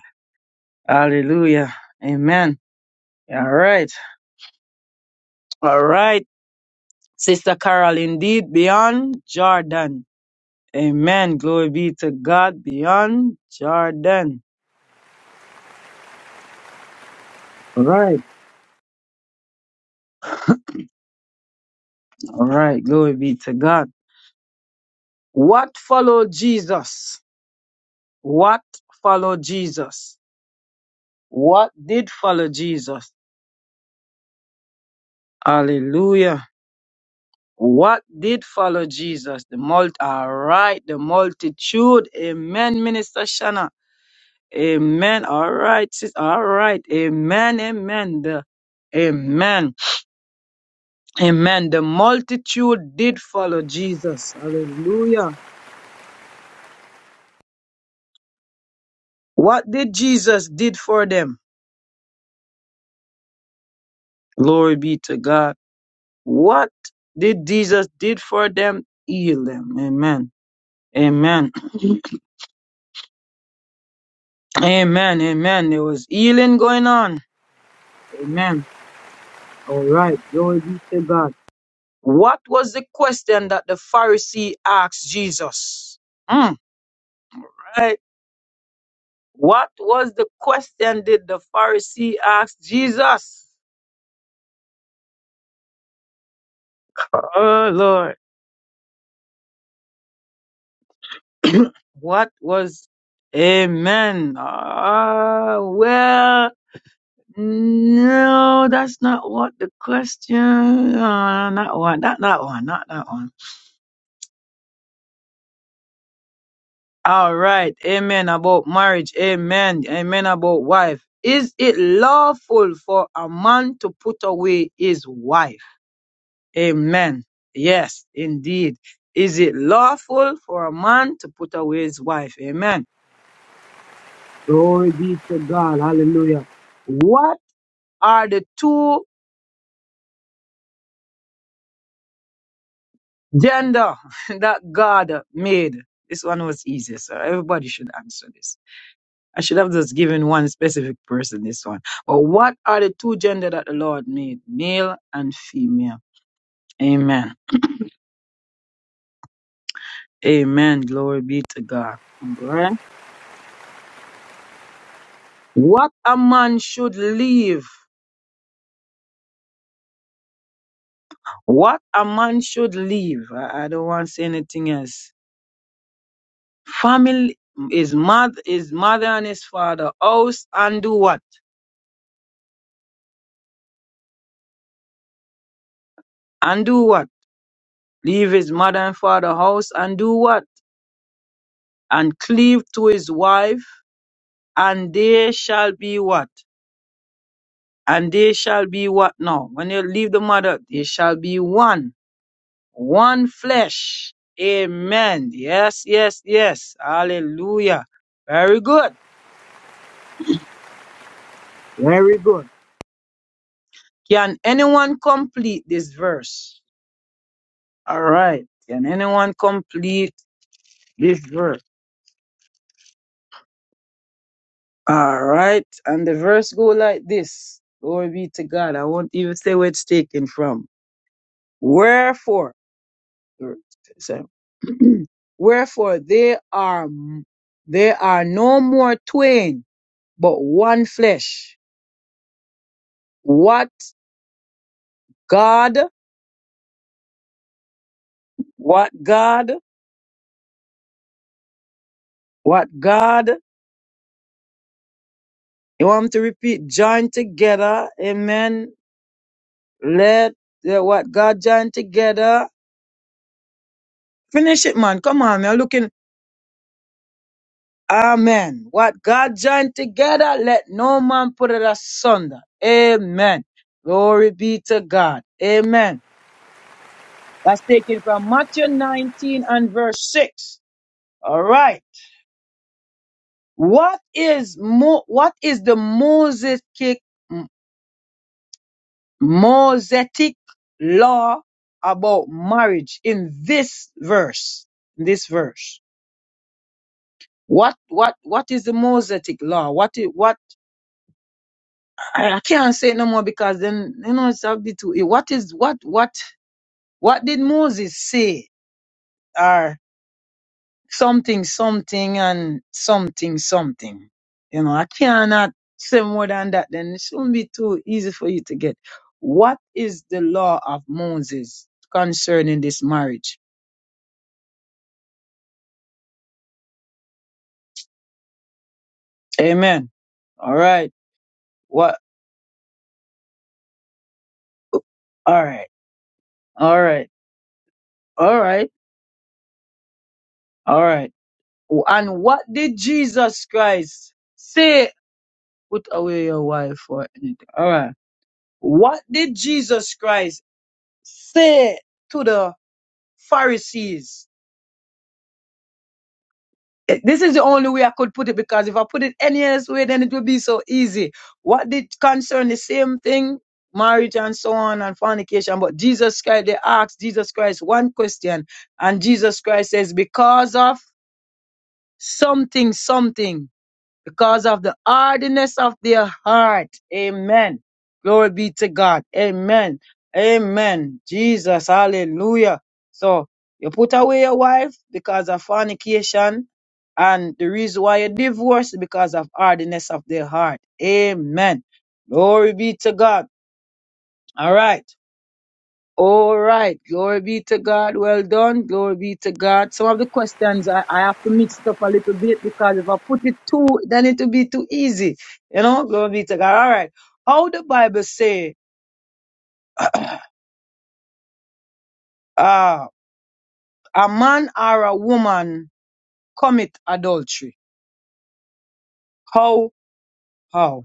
Speaker 2: Hallelujah, amen. All right, all right, Sister Carol. Indeed, beyond Jordan, amen. Glory be to God. Beyond Jordan. All right, all right. Glory be to God. What followed Jesus? What followed Jesus? What did follow Jesus? Hallelujah. What did follow Jesus? The mult all right, the multitude. Amen, Minister Shanna. Amen. All right, sis. All right. Amen. Amen. The Amen. Amen. The multitude did follow Jesus. Hallelujah. What did Jesus did for them? Glory be to God. What did Jesus did for them? Heal them. Amen. Amen. Amen. Amen. There was healing going on. Amen. All right. Glory be to God. What was the question that the Pharisee asked Jesus? Mm. Right. What was the question did the Pharisee ask Jesus? Oh Lord. What was Amen. Ah, well, no, that's not what the question. Uh, not one. Not that one. Not that one. All right. Amen about marriage. Amen. Amen about wife. Is it lawful for a man to put away his wife? Amen. Yes, indeed. Is it lawful for a man to put away his wife? Amen. Glory be to God. Hallelujah. What are the two gender that God made? This one was easy, so everybody should answer this. I should have just given one specific person this one. But what are the two gender that the Lord made? Male and female. Amen. Amen. Glory be to God. Alright. What a man should leave. What a man should leave. I, I don't want to say anything else. Family is mother his mother and his father house and do what? And do what? Leave his mother and father house and do what? And cleave to his wife, and they shall be what? and they shall be what now? When you leave the mother, they shall be one, one flesh. Amen. Yes, yes, yes. Hallelujah. Very good. Very good. Can anyone complete this verse? All right. Can anyone complete this verse? All right. And the verse go like this. Glory be to God. I won't even say where it's taken from. Wherefore, So, Wherefore they are they are no more twain, but one flesh. What God? What God? What God? You want me to repeat? Join together, Amen. Let the- what God join together. Finish it, man. Come on, man. Looking, Amen. What God joined together, let no man put it asunder. Amen. Glory be to God. Amen. That's taken from Matthew 19 and verse 6. All right. What is Mo- what is the Mosaic Mosaic law about marriage in this verse? In this verse. What what what is the Mosaic law? What i- what I I can't say no more because then you know it's a bit too what is what what what did Moses say? something, something, and something, something. You know, I cannot say more than that. Then it shouldn't be too easy for you to get. What is the law of Moses concerning this marriage? Amen. All right. What? All right. All right. All right. All right. And what did Jesus Christ say? Put away your wife or anything. All right. What did Jesus Christ say to the Pharisees Eh, This is the only way I could put it because if I put it any else way, then it would be so easy. What did concern the same thing, marriage and so on and fornication, but Jesus Christ, they asked Jesus Christ one question, and Jesus Christ says, because of something, something because of the hardness of their heart. Amen. Glory be to God. Amen. Amen. Jesus. Hallelujah. So you put away your wife because of fornication. And the reason why you divorce is because of hardness of their heart. Amen. Glory be to God. All right. All right. Glory be to God. Well done. Glory be to God. Some of the questions I, I have to mix it up a little bit because if I put it too, then it will be too easy. You know, glory be to God. All right. How the Bible say, uh, a man or a woman commit adultery? How? How?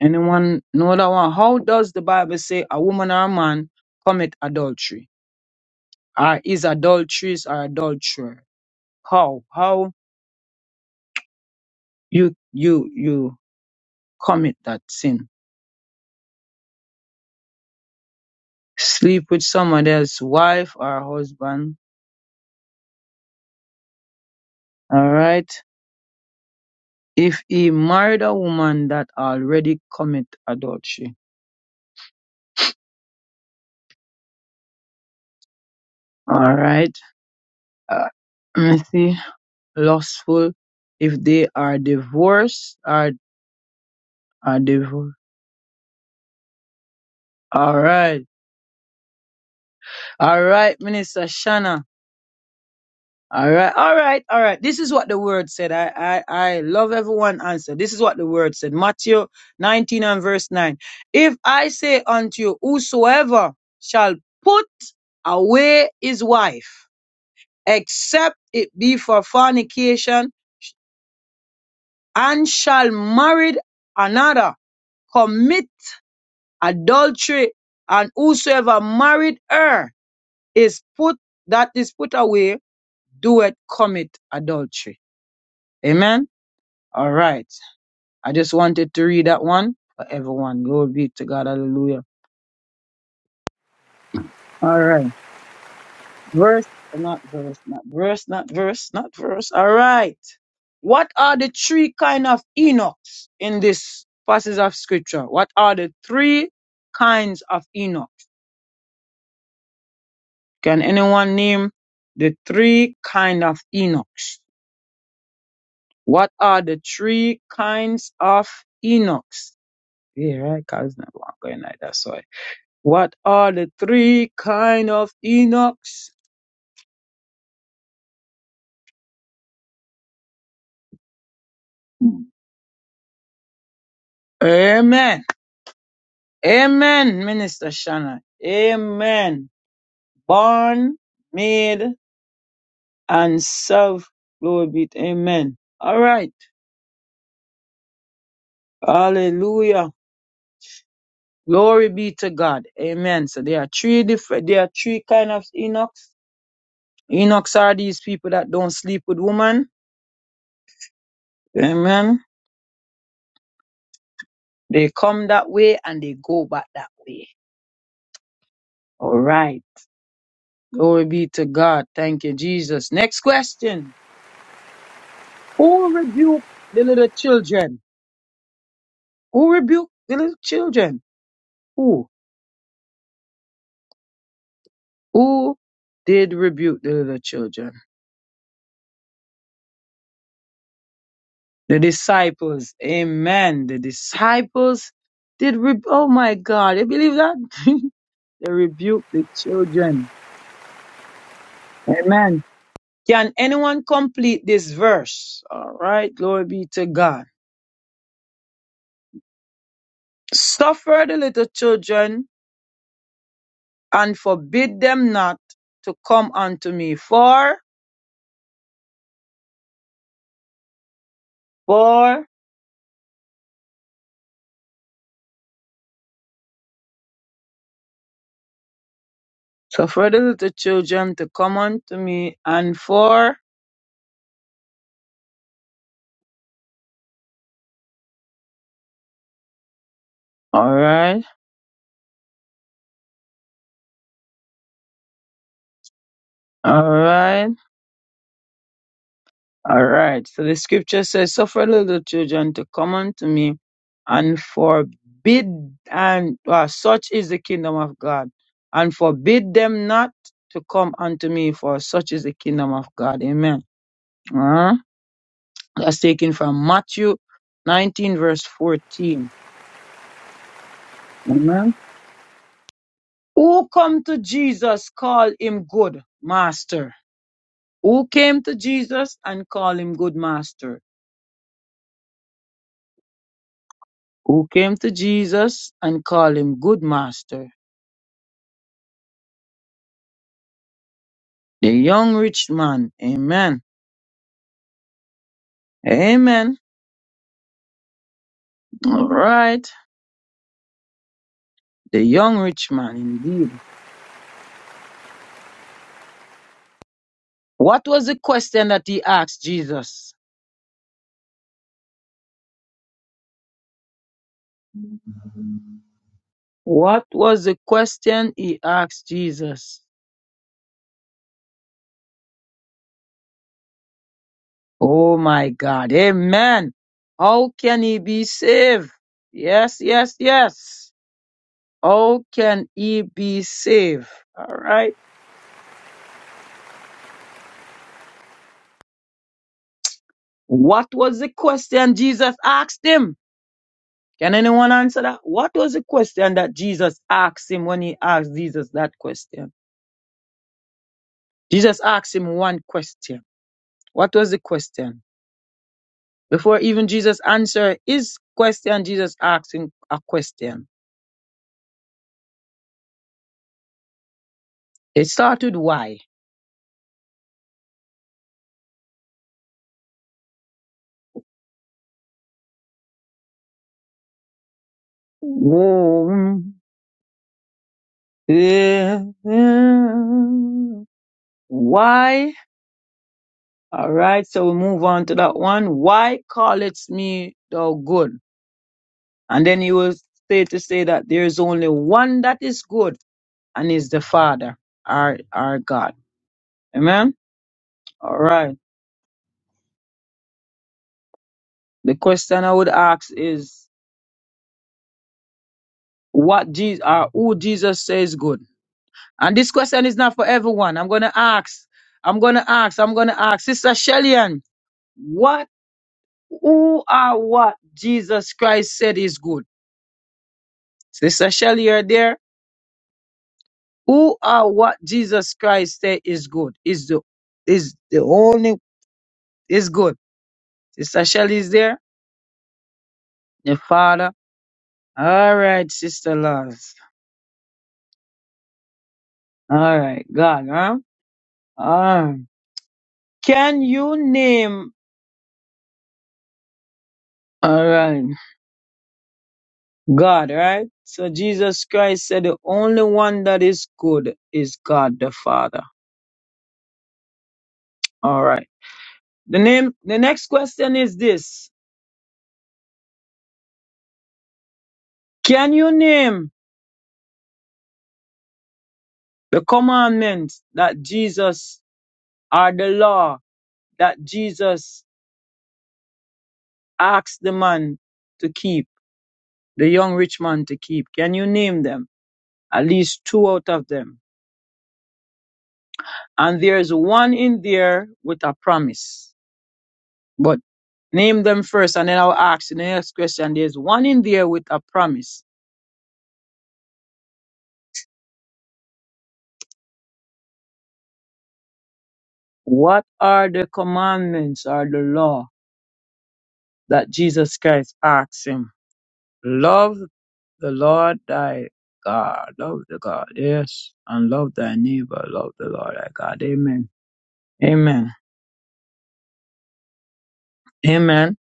Speaker 2: Anyone know that one? How does the Bible say a woman or a man commit adultery? Or is adulteress or adulterer? How? How you, you, you? commit that sin. Sleep with somebody else's wife or husband, all right? If he married a woman that already commit adultery, all right? Uh, let me see, lustful. If they are divorced, are are divorced. All right, all right, Minister Shanna. All right, all right, all right. This is what the word said. I, I, I love everyone answer. This is what the word said. Matthew 19 and verse 9. If I say unto you, whosoever shall put away his wife, except it be for fornication, and shall marry another, commit adultery, and whosoever married her is put, that is put away, doeth commit adultery. Amen. All right. I just wanted to read that one for everyone. Glory be to God. Hallelujah. All right. Verse, not verse, not verse, not verse, not verse. All right. What are the three kind of Enochs in this passage of scripture? What are the three kinds of Enoch? Can anyone name the three kind of Enochs? What are the three kinds of Enochs? Yeah, right. 'cause it's not going like that. Sorry. What are the three kind of Enochs? Amen. Amen, Minister Shannon. Amen. Born, made, and served. Glory be to Amen. All right. Hallelujah. Glory be to God. Amen. So there are three different there are three kind of Enochs. Enochs are these people that don't sleep with women. Amen. They come that way and they go back that way. All right. Glory be to God. Thank you, Jesus. Next question. Who rebuked the little children? Who rebuked the little children? Who? Who did rebuke the little children? The disciples. Amen. The disciples did rebuke. Oh my God. You believe that? they rebuked the children. Amen. Can anyone complete this verse? All right. Glory be to God. Suffer the little children and forbid them not to come unto me. For, for, suffer the little children to come unto me, and for, alright, alright, alright. So the scripture says, suffer the little children to come unto me, and forbid, and uh, such is the kingdom of God, and forbid them not to come unto me, for such is the kingdom of God. Amen. uh That's taken from Matthew 19, verse 14. Amen. Who come to Jesus call him good master. Who came to Jesus and call him good master? Who came to Jesus and call him good master? The young rich man. Amen. Amen. All right. The young rich man indeed. What was the question that he asked Jesus? What was the question he asked Jesus? Oh my God. Amen. How can he be saved? Yes, yes, yes. How can he be saved? All right. What was the question Jesus asked him? Can anyone answer that? What was the question that Jesus asked him when he asked Jesus that question? Jesus asked him one question. What was the question? Before even Jesus answered his question, Jesus asked him a question. It started why? Yeah. Why? All right, so we move on to that one. Why callest me thou good? And then he will say to say that there is only one that is good, and is the Father, our our God. Amen. All right. The question I would ask is what Jesus, or who Jesus says good. And this question is not for everyone. I'm gonna ask. I'm gonna ask. I'm gonna ask. Sister Shellyan, what? Who are what Jesus Christ said is good? Sister Shelley, you're there. Who are what Jesus Christ said is good? Is the is the only is good. Sister Shelley is there. Your father. All right, Sister Lars. All right, God, huh? All right. Can you name? All right, God, right? So Jesus Christ said the only one that is good is God the Father. All right. The name. The next question is this. Can you name the commandments that Jesus or the law that Jesus asked the man to keep, the young rich man to keep? Can you name them? At least two out of them. And there's one in there with a promise. But name them first and then I'll ask you the next question. There's one in there with a promise. What are the commandments or the law that Jesus Christ asks him? Love The Lord thy God, love the God, yes, and love thy neighbor, love the Lord thy God. Amen. Amen. Amen.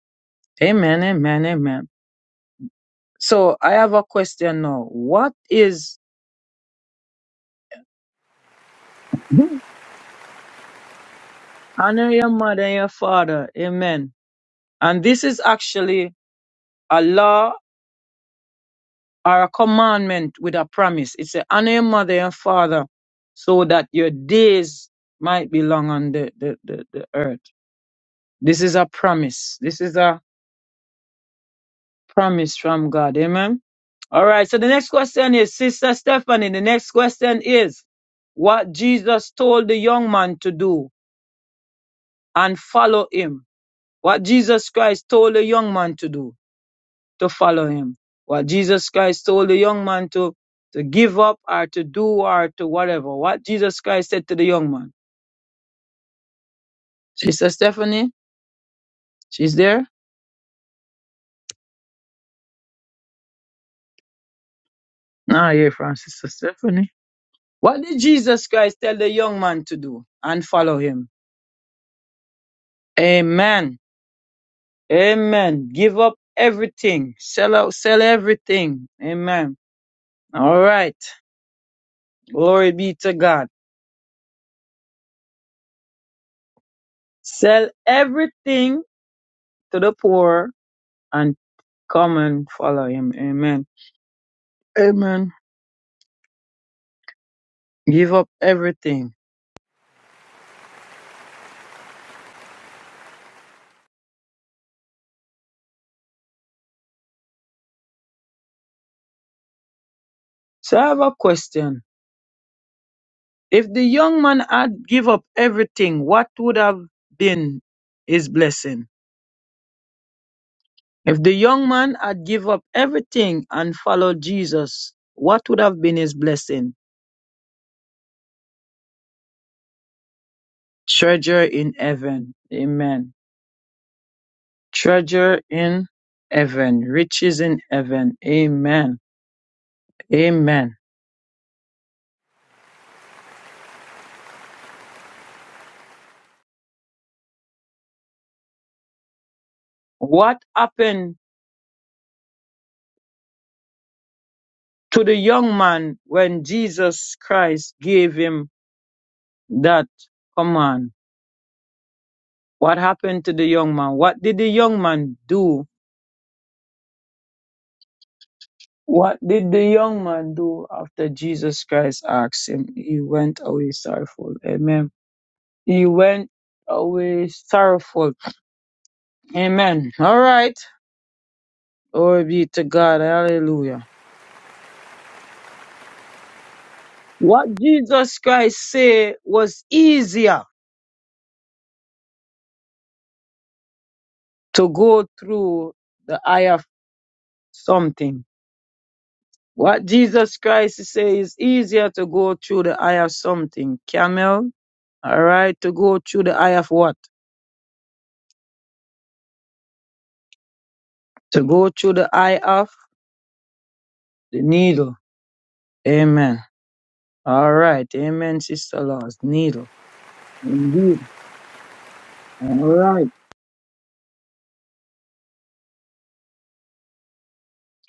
Speaker 2: Amen. Amen. Amen. So I have a question now. What is honor your mother and your father? Amen. And this is actually a law or a commandment with a promise. It's a honor your mother and father so that your days might be long on the, the, the, the earth. This is a promise. This is a promise from God. Amen. All right. So the next question is, Sister Stephanie, the next question is what Jesus told the young man to do and follow him. What Jesus Christ told the young man to do to follow him. What Jesus Christ told the young man to, to give up or to do or to whatever. What Jesus Christ said to the young man. Sister Stephanie, she's there? No, I hear from Sister Stephanie. What did Jesus Christ tell the young man to do and follow him? Amen. Amen. Give up everything. Sell out, sell everything. Amen. All right. Glory be to God. Sell everything to the poor and come and follow him. Amen. Amen. Give up everything. So I have a question. If the young man had give up everything, what would have been his blessing? If the young man had give up everything and followed Jesus, what would have been his blessing? Treasure in heaven. Amen. Treasure in heaven. Riches in heaven. Amen. Amen. What happened to the young man when Jesus Christ gave him that command? What happened to the young man? What did the young man do? What did the young man do after Jesus Christ asked him? He went away sorrowful. Amen. He went away sorrowful. Amen. All right. Glory be to God. Hallelujah. What Jesus Christ said was easier to go through the eye of something. What Jesus Christ say is easier to go through the eye of something. Camel, all right, to go through the eye of what? To go through the eye of the needle. Amen. All right. Amen, Sister Laws. Needle. Indeed. All right.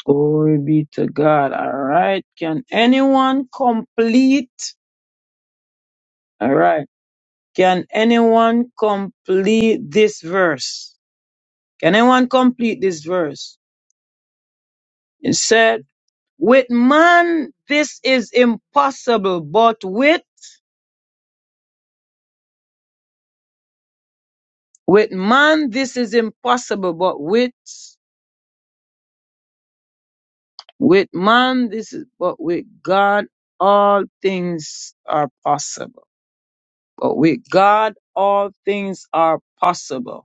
Speaker 2: Glory be to God. All right. Can anyone complete? All right. Can anyone complete this verse? Can anyone complete this verse? It said, with man this is impossible, but with, with man this is impossible, but with, with man this is, but with God all things are possible. But with God all things are possible.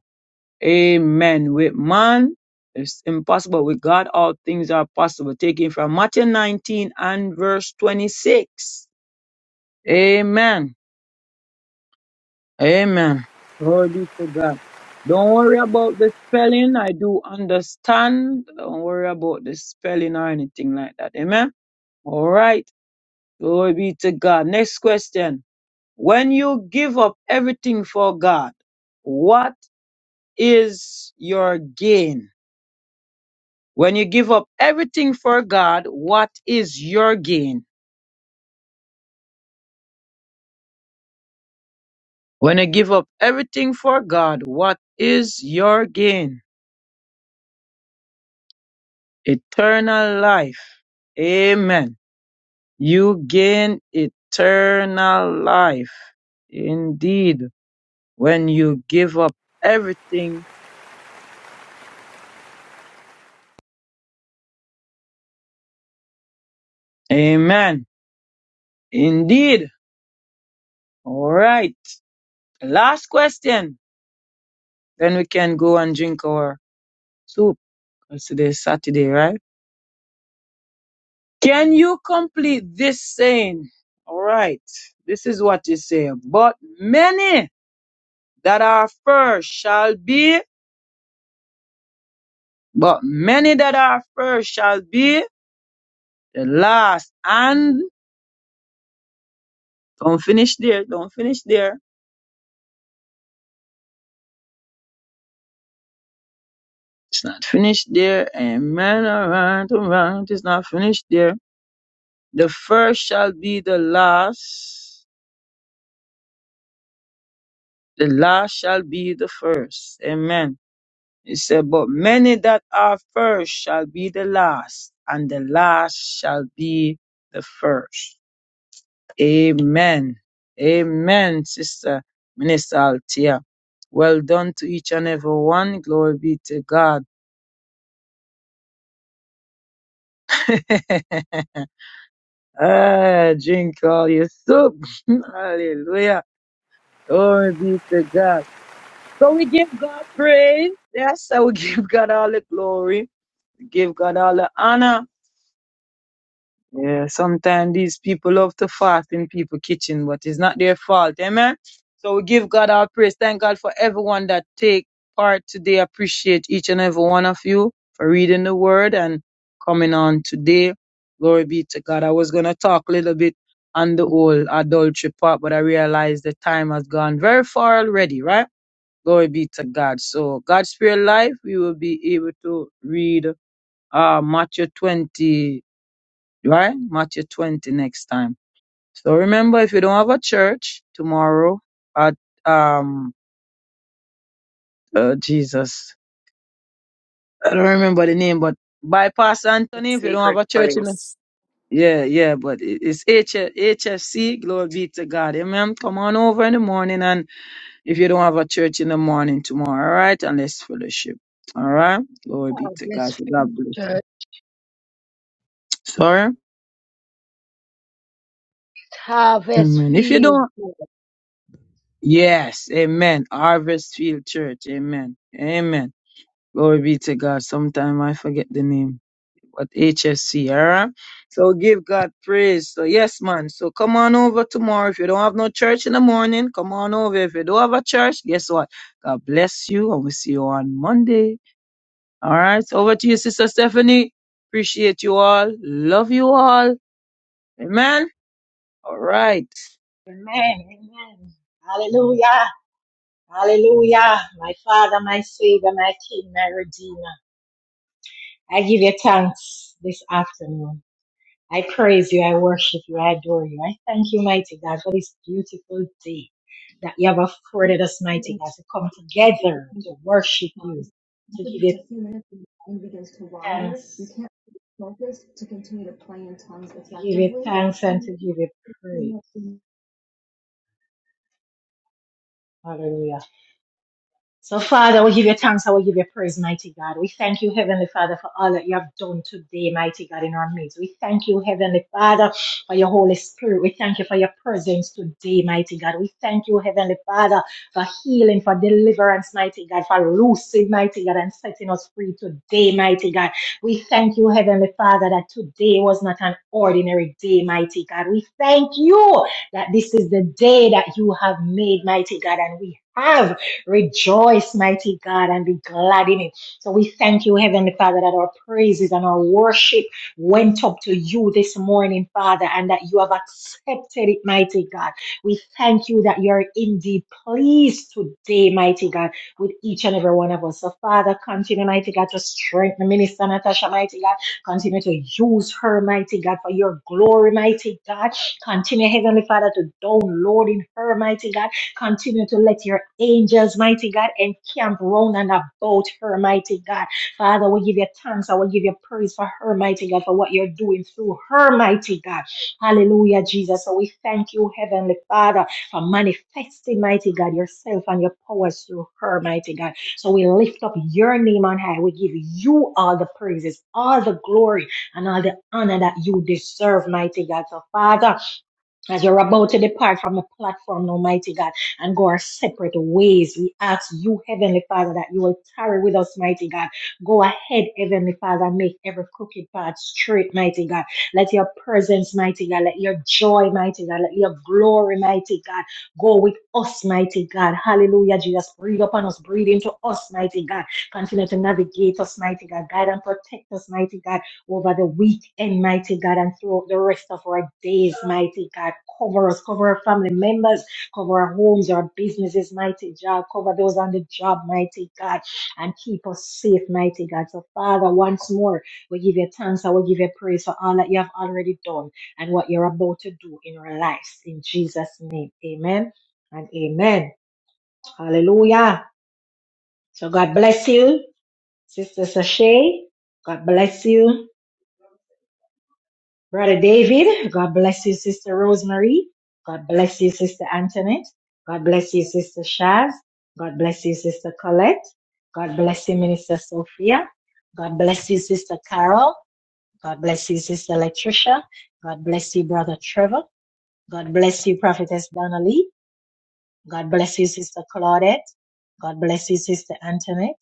Speaker 2: Amen. With man, it's impossible. With God, all things are possible. Taking from Matthew 19 and verse 26. Amen. Amen. Glory be to God. Don't worry about the spelling. I do understand. Don't worry about the spelling or anything like that. Amen. All right. Glory be to God. Next question. When you give up everything for God, what is your gain? When you give up everything for God, what is your gain? When you give up everything for God, what is your gain? Eternal life. Amen. You gain eternal life. Indeed, when you give up everything. Amen. Indeed. All right. Last question. Then we can go and drink our soup. 'Cause Today is Saturday, right? Can you complete this saying? All right. This is what you say. But many that are first shall be, but many that are first shall be the last. And don't finish there. Don't finish there. It's not finished there. Amen. All right. All right. It's not finished there. The first shall be the last. The last shall be the first. Amen. He said, But many that are first shall be the last, and the last shall be the first. Amen. Amen, Sister Minister Altia. Well done to each and every one. Glory be to God. ah, drink all your soup. Hallelujah. Glory be to God. So we give God praise. Yes, so we give God all the glory. We give God all the honor. Yeah, sometimes these people love to fast in people kitchen, but it's not their fault. Amen. So we give God our praise. Thank God for everyone that take part today. Appreciate each and every one of you for reading the word and coming on today. Glory be to God. I was gonna talk a little bit on the whole adultery part, but I realized the time has gone very far already, right? Glory be to God. So God's spirit life, we will be able to read uh Matthew 20 right? Matthew 20 next time. So remember, if you don't have a church tomorrow at, um, uh, Jesus, I don't remember the name, but by Pastor Anthony if you don't have a church in the, yeah, yeah, but it- it's H- HFC, glory be to God. Amen. Come on over in the morning. And if you don't have a church in the morning tomorrow, all right? And let's fellowship. All right. Glory be to God.
Speaker 7: Harvest
Speaker 2: So
Speaker 7: field,
Speaker 2: God bless you.
Speaker 7: church.
Speaker 2: Sorry.
Speaker 7: Harvest
Speaker 2: Amen. If you
Speaker 7: field.
Speaker 2: don't, yes. Amen. Harvest Field Church. Amen. Amen. Glory be to God. Sometime I forget the name, but HSC, all right? So give God praise. So, yes, man. So come on over tomorrow. If you don't have no church in the morning, come on over. If you don't have a church, guess what? God bless you, and we'll see you on Monday. All right. So over to you, Sister Stephanie. Appreciate you all. Love you all. Amen. All right.
Speaker 1: Amen. Amen. Hallelujah. Hallelujah. My Father, my Savior, my King, my Redeemer. I give you thanks this afternoon. I praise you, I worship you, I adore you. I thank you, mighty God, for this beautiful day that you have afforded us, mighty God, to come together to worship you, to give you thanks, to give you thanks and to give you praise. Hallelujah. So, Father, we give you thanks and we give you praise, mighty God. We thank you, Heavenly Father, for all that you have done today, mighty God, in our midst. We thank you, Heavenly Father, for your Holy Spirit. We thank you for your presence today, mighty God. We thank you, Heavenly Father, for healing, for deliverance, mighty God, for loosing, mighty God, and setting us free today, mighty God. We thank you, Heavenly Father, that today was not an ordinary day, mighty God. We thank you that this is the day that you have made, mighty God, and we have. Rejoice, mighty God, and be glad in it. So we thank you, Heavenly Father, that our praises and our worship went up to you this morning, Father, and that you have accepted it, mighty God. We thank you that you're indeed pleased today, mighty God, with each and every one of us. So, Father, continue, mighty God, to strengthen Minister Natasha, mighty God. Continue to use her, mighty God, for your glory, mighty God. Continue, Heavenly Father, to download in her, mighty God Continue to let your angels, mighty God, encamp round and about her, mighty God. Father, we give you thanks. I will give you praise for her, mighty God, for what you're doing through her, mighty God. Hallelujah, Jesus. So we thank you, Heavenly Father, for manifesting, mighty God, yourself and your powers through her, mighty God. So we lift up your name on high. We give you all the praises, all the glory, and all the honor that you deserve, mighty God. So, Father, as you're about to depart from the platform, Almighty God, and go our separate ways, we ask you, Heavenly Father, that you will tarry with us, mighty God. Go ahead, Heavenly Father, and make every crooked path straight, mighty God. Let your presence, mighty God, let your joy, mighty God, let your glory, mighty God, go with us, mighty God. Hallelujah, Jesus. Breathe upon us, breathe into us, mighty God. Continue to navigate us, mighty God. Guide and protect us, mighty God over the weekend, mighty God, and throughout the rest of our days, mighty God. Cover us, cover our family members, cover our homes, our businesses, mighty God. Cover those on the job, mighty God, and keep us safe, mighty God. So, Father, once more, we give you thanks and we give you praise for all that you have already done and what you're about to do in our lives. In Jesus' name, amen and amen. Hallelujah. So, God bless you, Sister Sashay. God bless you. Brother David, God bless you, Sister Rosemary. God bless you, Sister Antoinette. God bless you, Sister Shaz. God bless you, Sister Colette. God bless you, Minister Sophia. God bless you, Sister Carol. God bless you, Sister Latricia. God bless you, Brother Trevor. God bless you, Prophetess Donnelly. God bless you, Sister Claudette. God bless you, Sister Antoinette.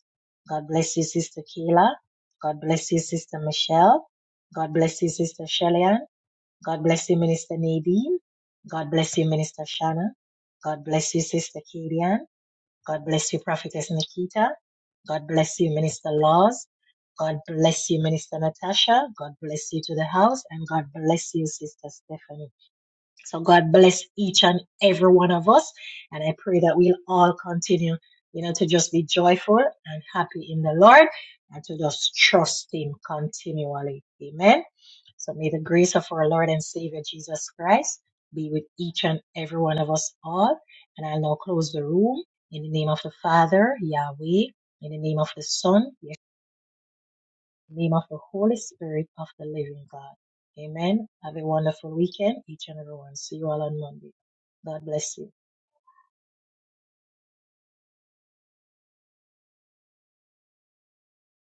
Speaker 1: God bless you, Sister Kayla, God bless you, Sister Michelle. God bless you, Sister Shelley God bless you, Minister Nadine. God bless you, Minister Shanna. God bless you, Sister Kadian. God bless you, Prophetess Nikita. God bless you, Minister Laws. God bless you, Minister Natasha. God bless you to the house. And God bless you, Sister Stephanie. So God bless each and every one of us. And I pray that we'll all continue, you know, to just be joyful and happy in the Lord and to just trust Him continually. Amen. So may the grace of our Lord and Savior Jesus Christ be with each and every one of us all. And I'll now close the room in the name of the Father, Yahweh, in the name of the Son, in the name of the Holy Spirit of the living God. Amen. Have a wonderful weekend, each and everyone. See you all on Monday. God bless you.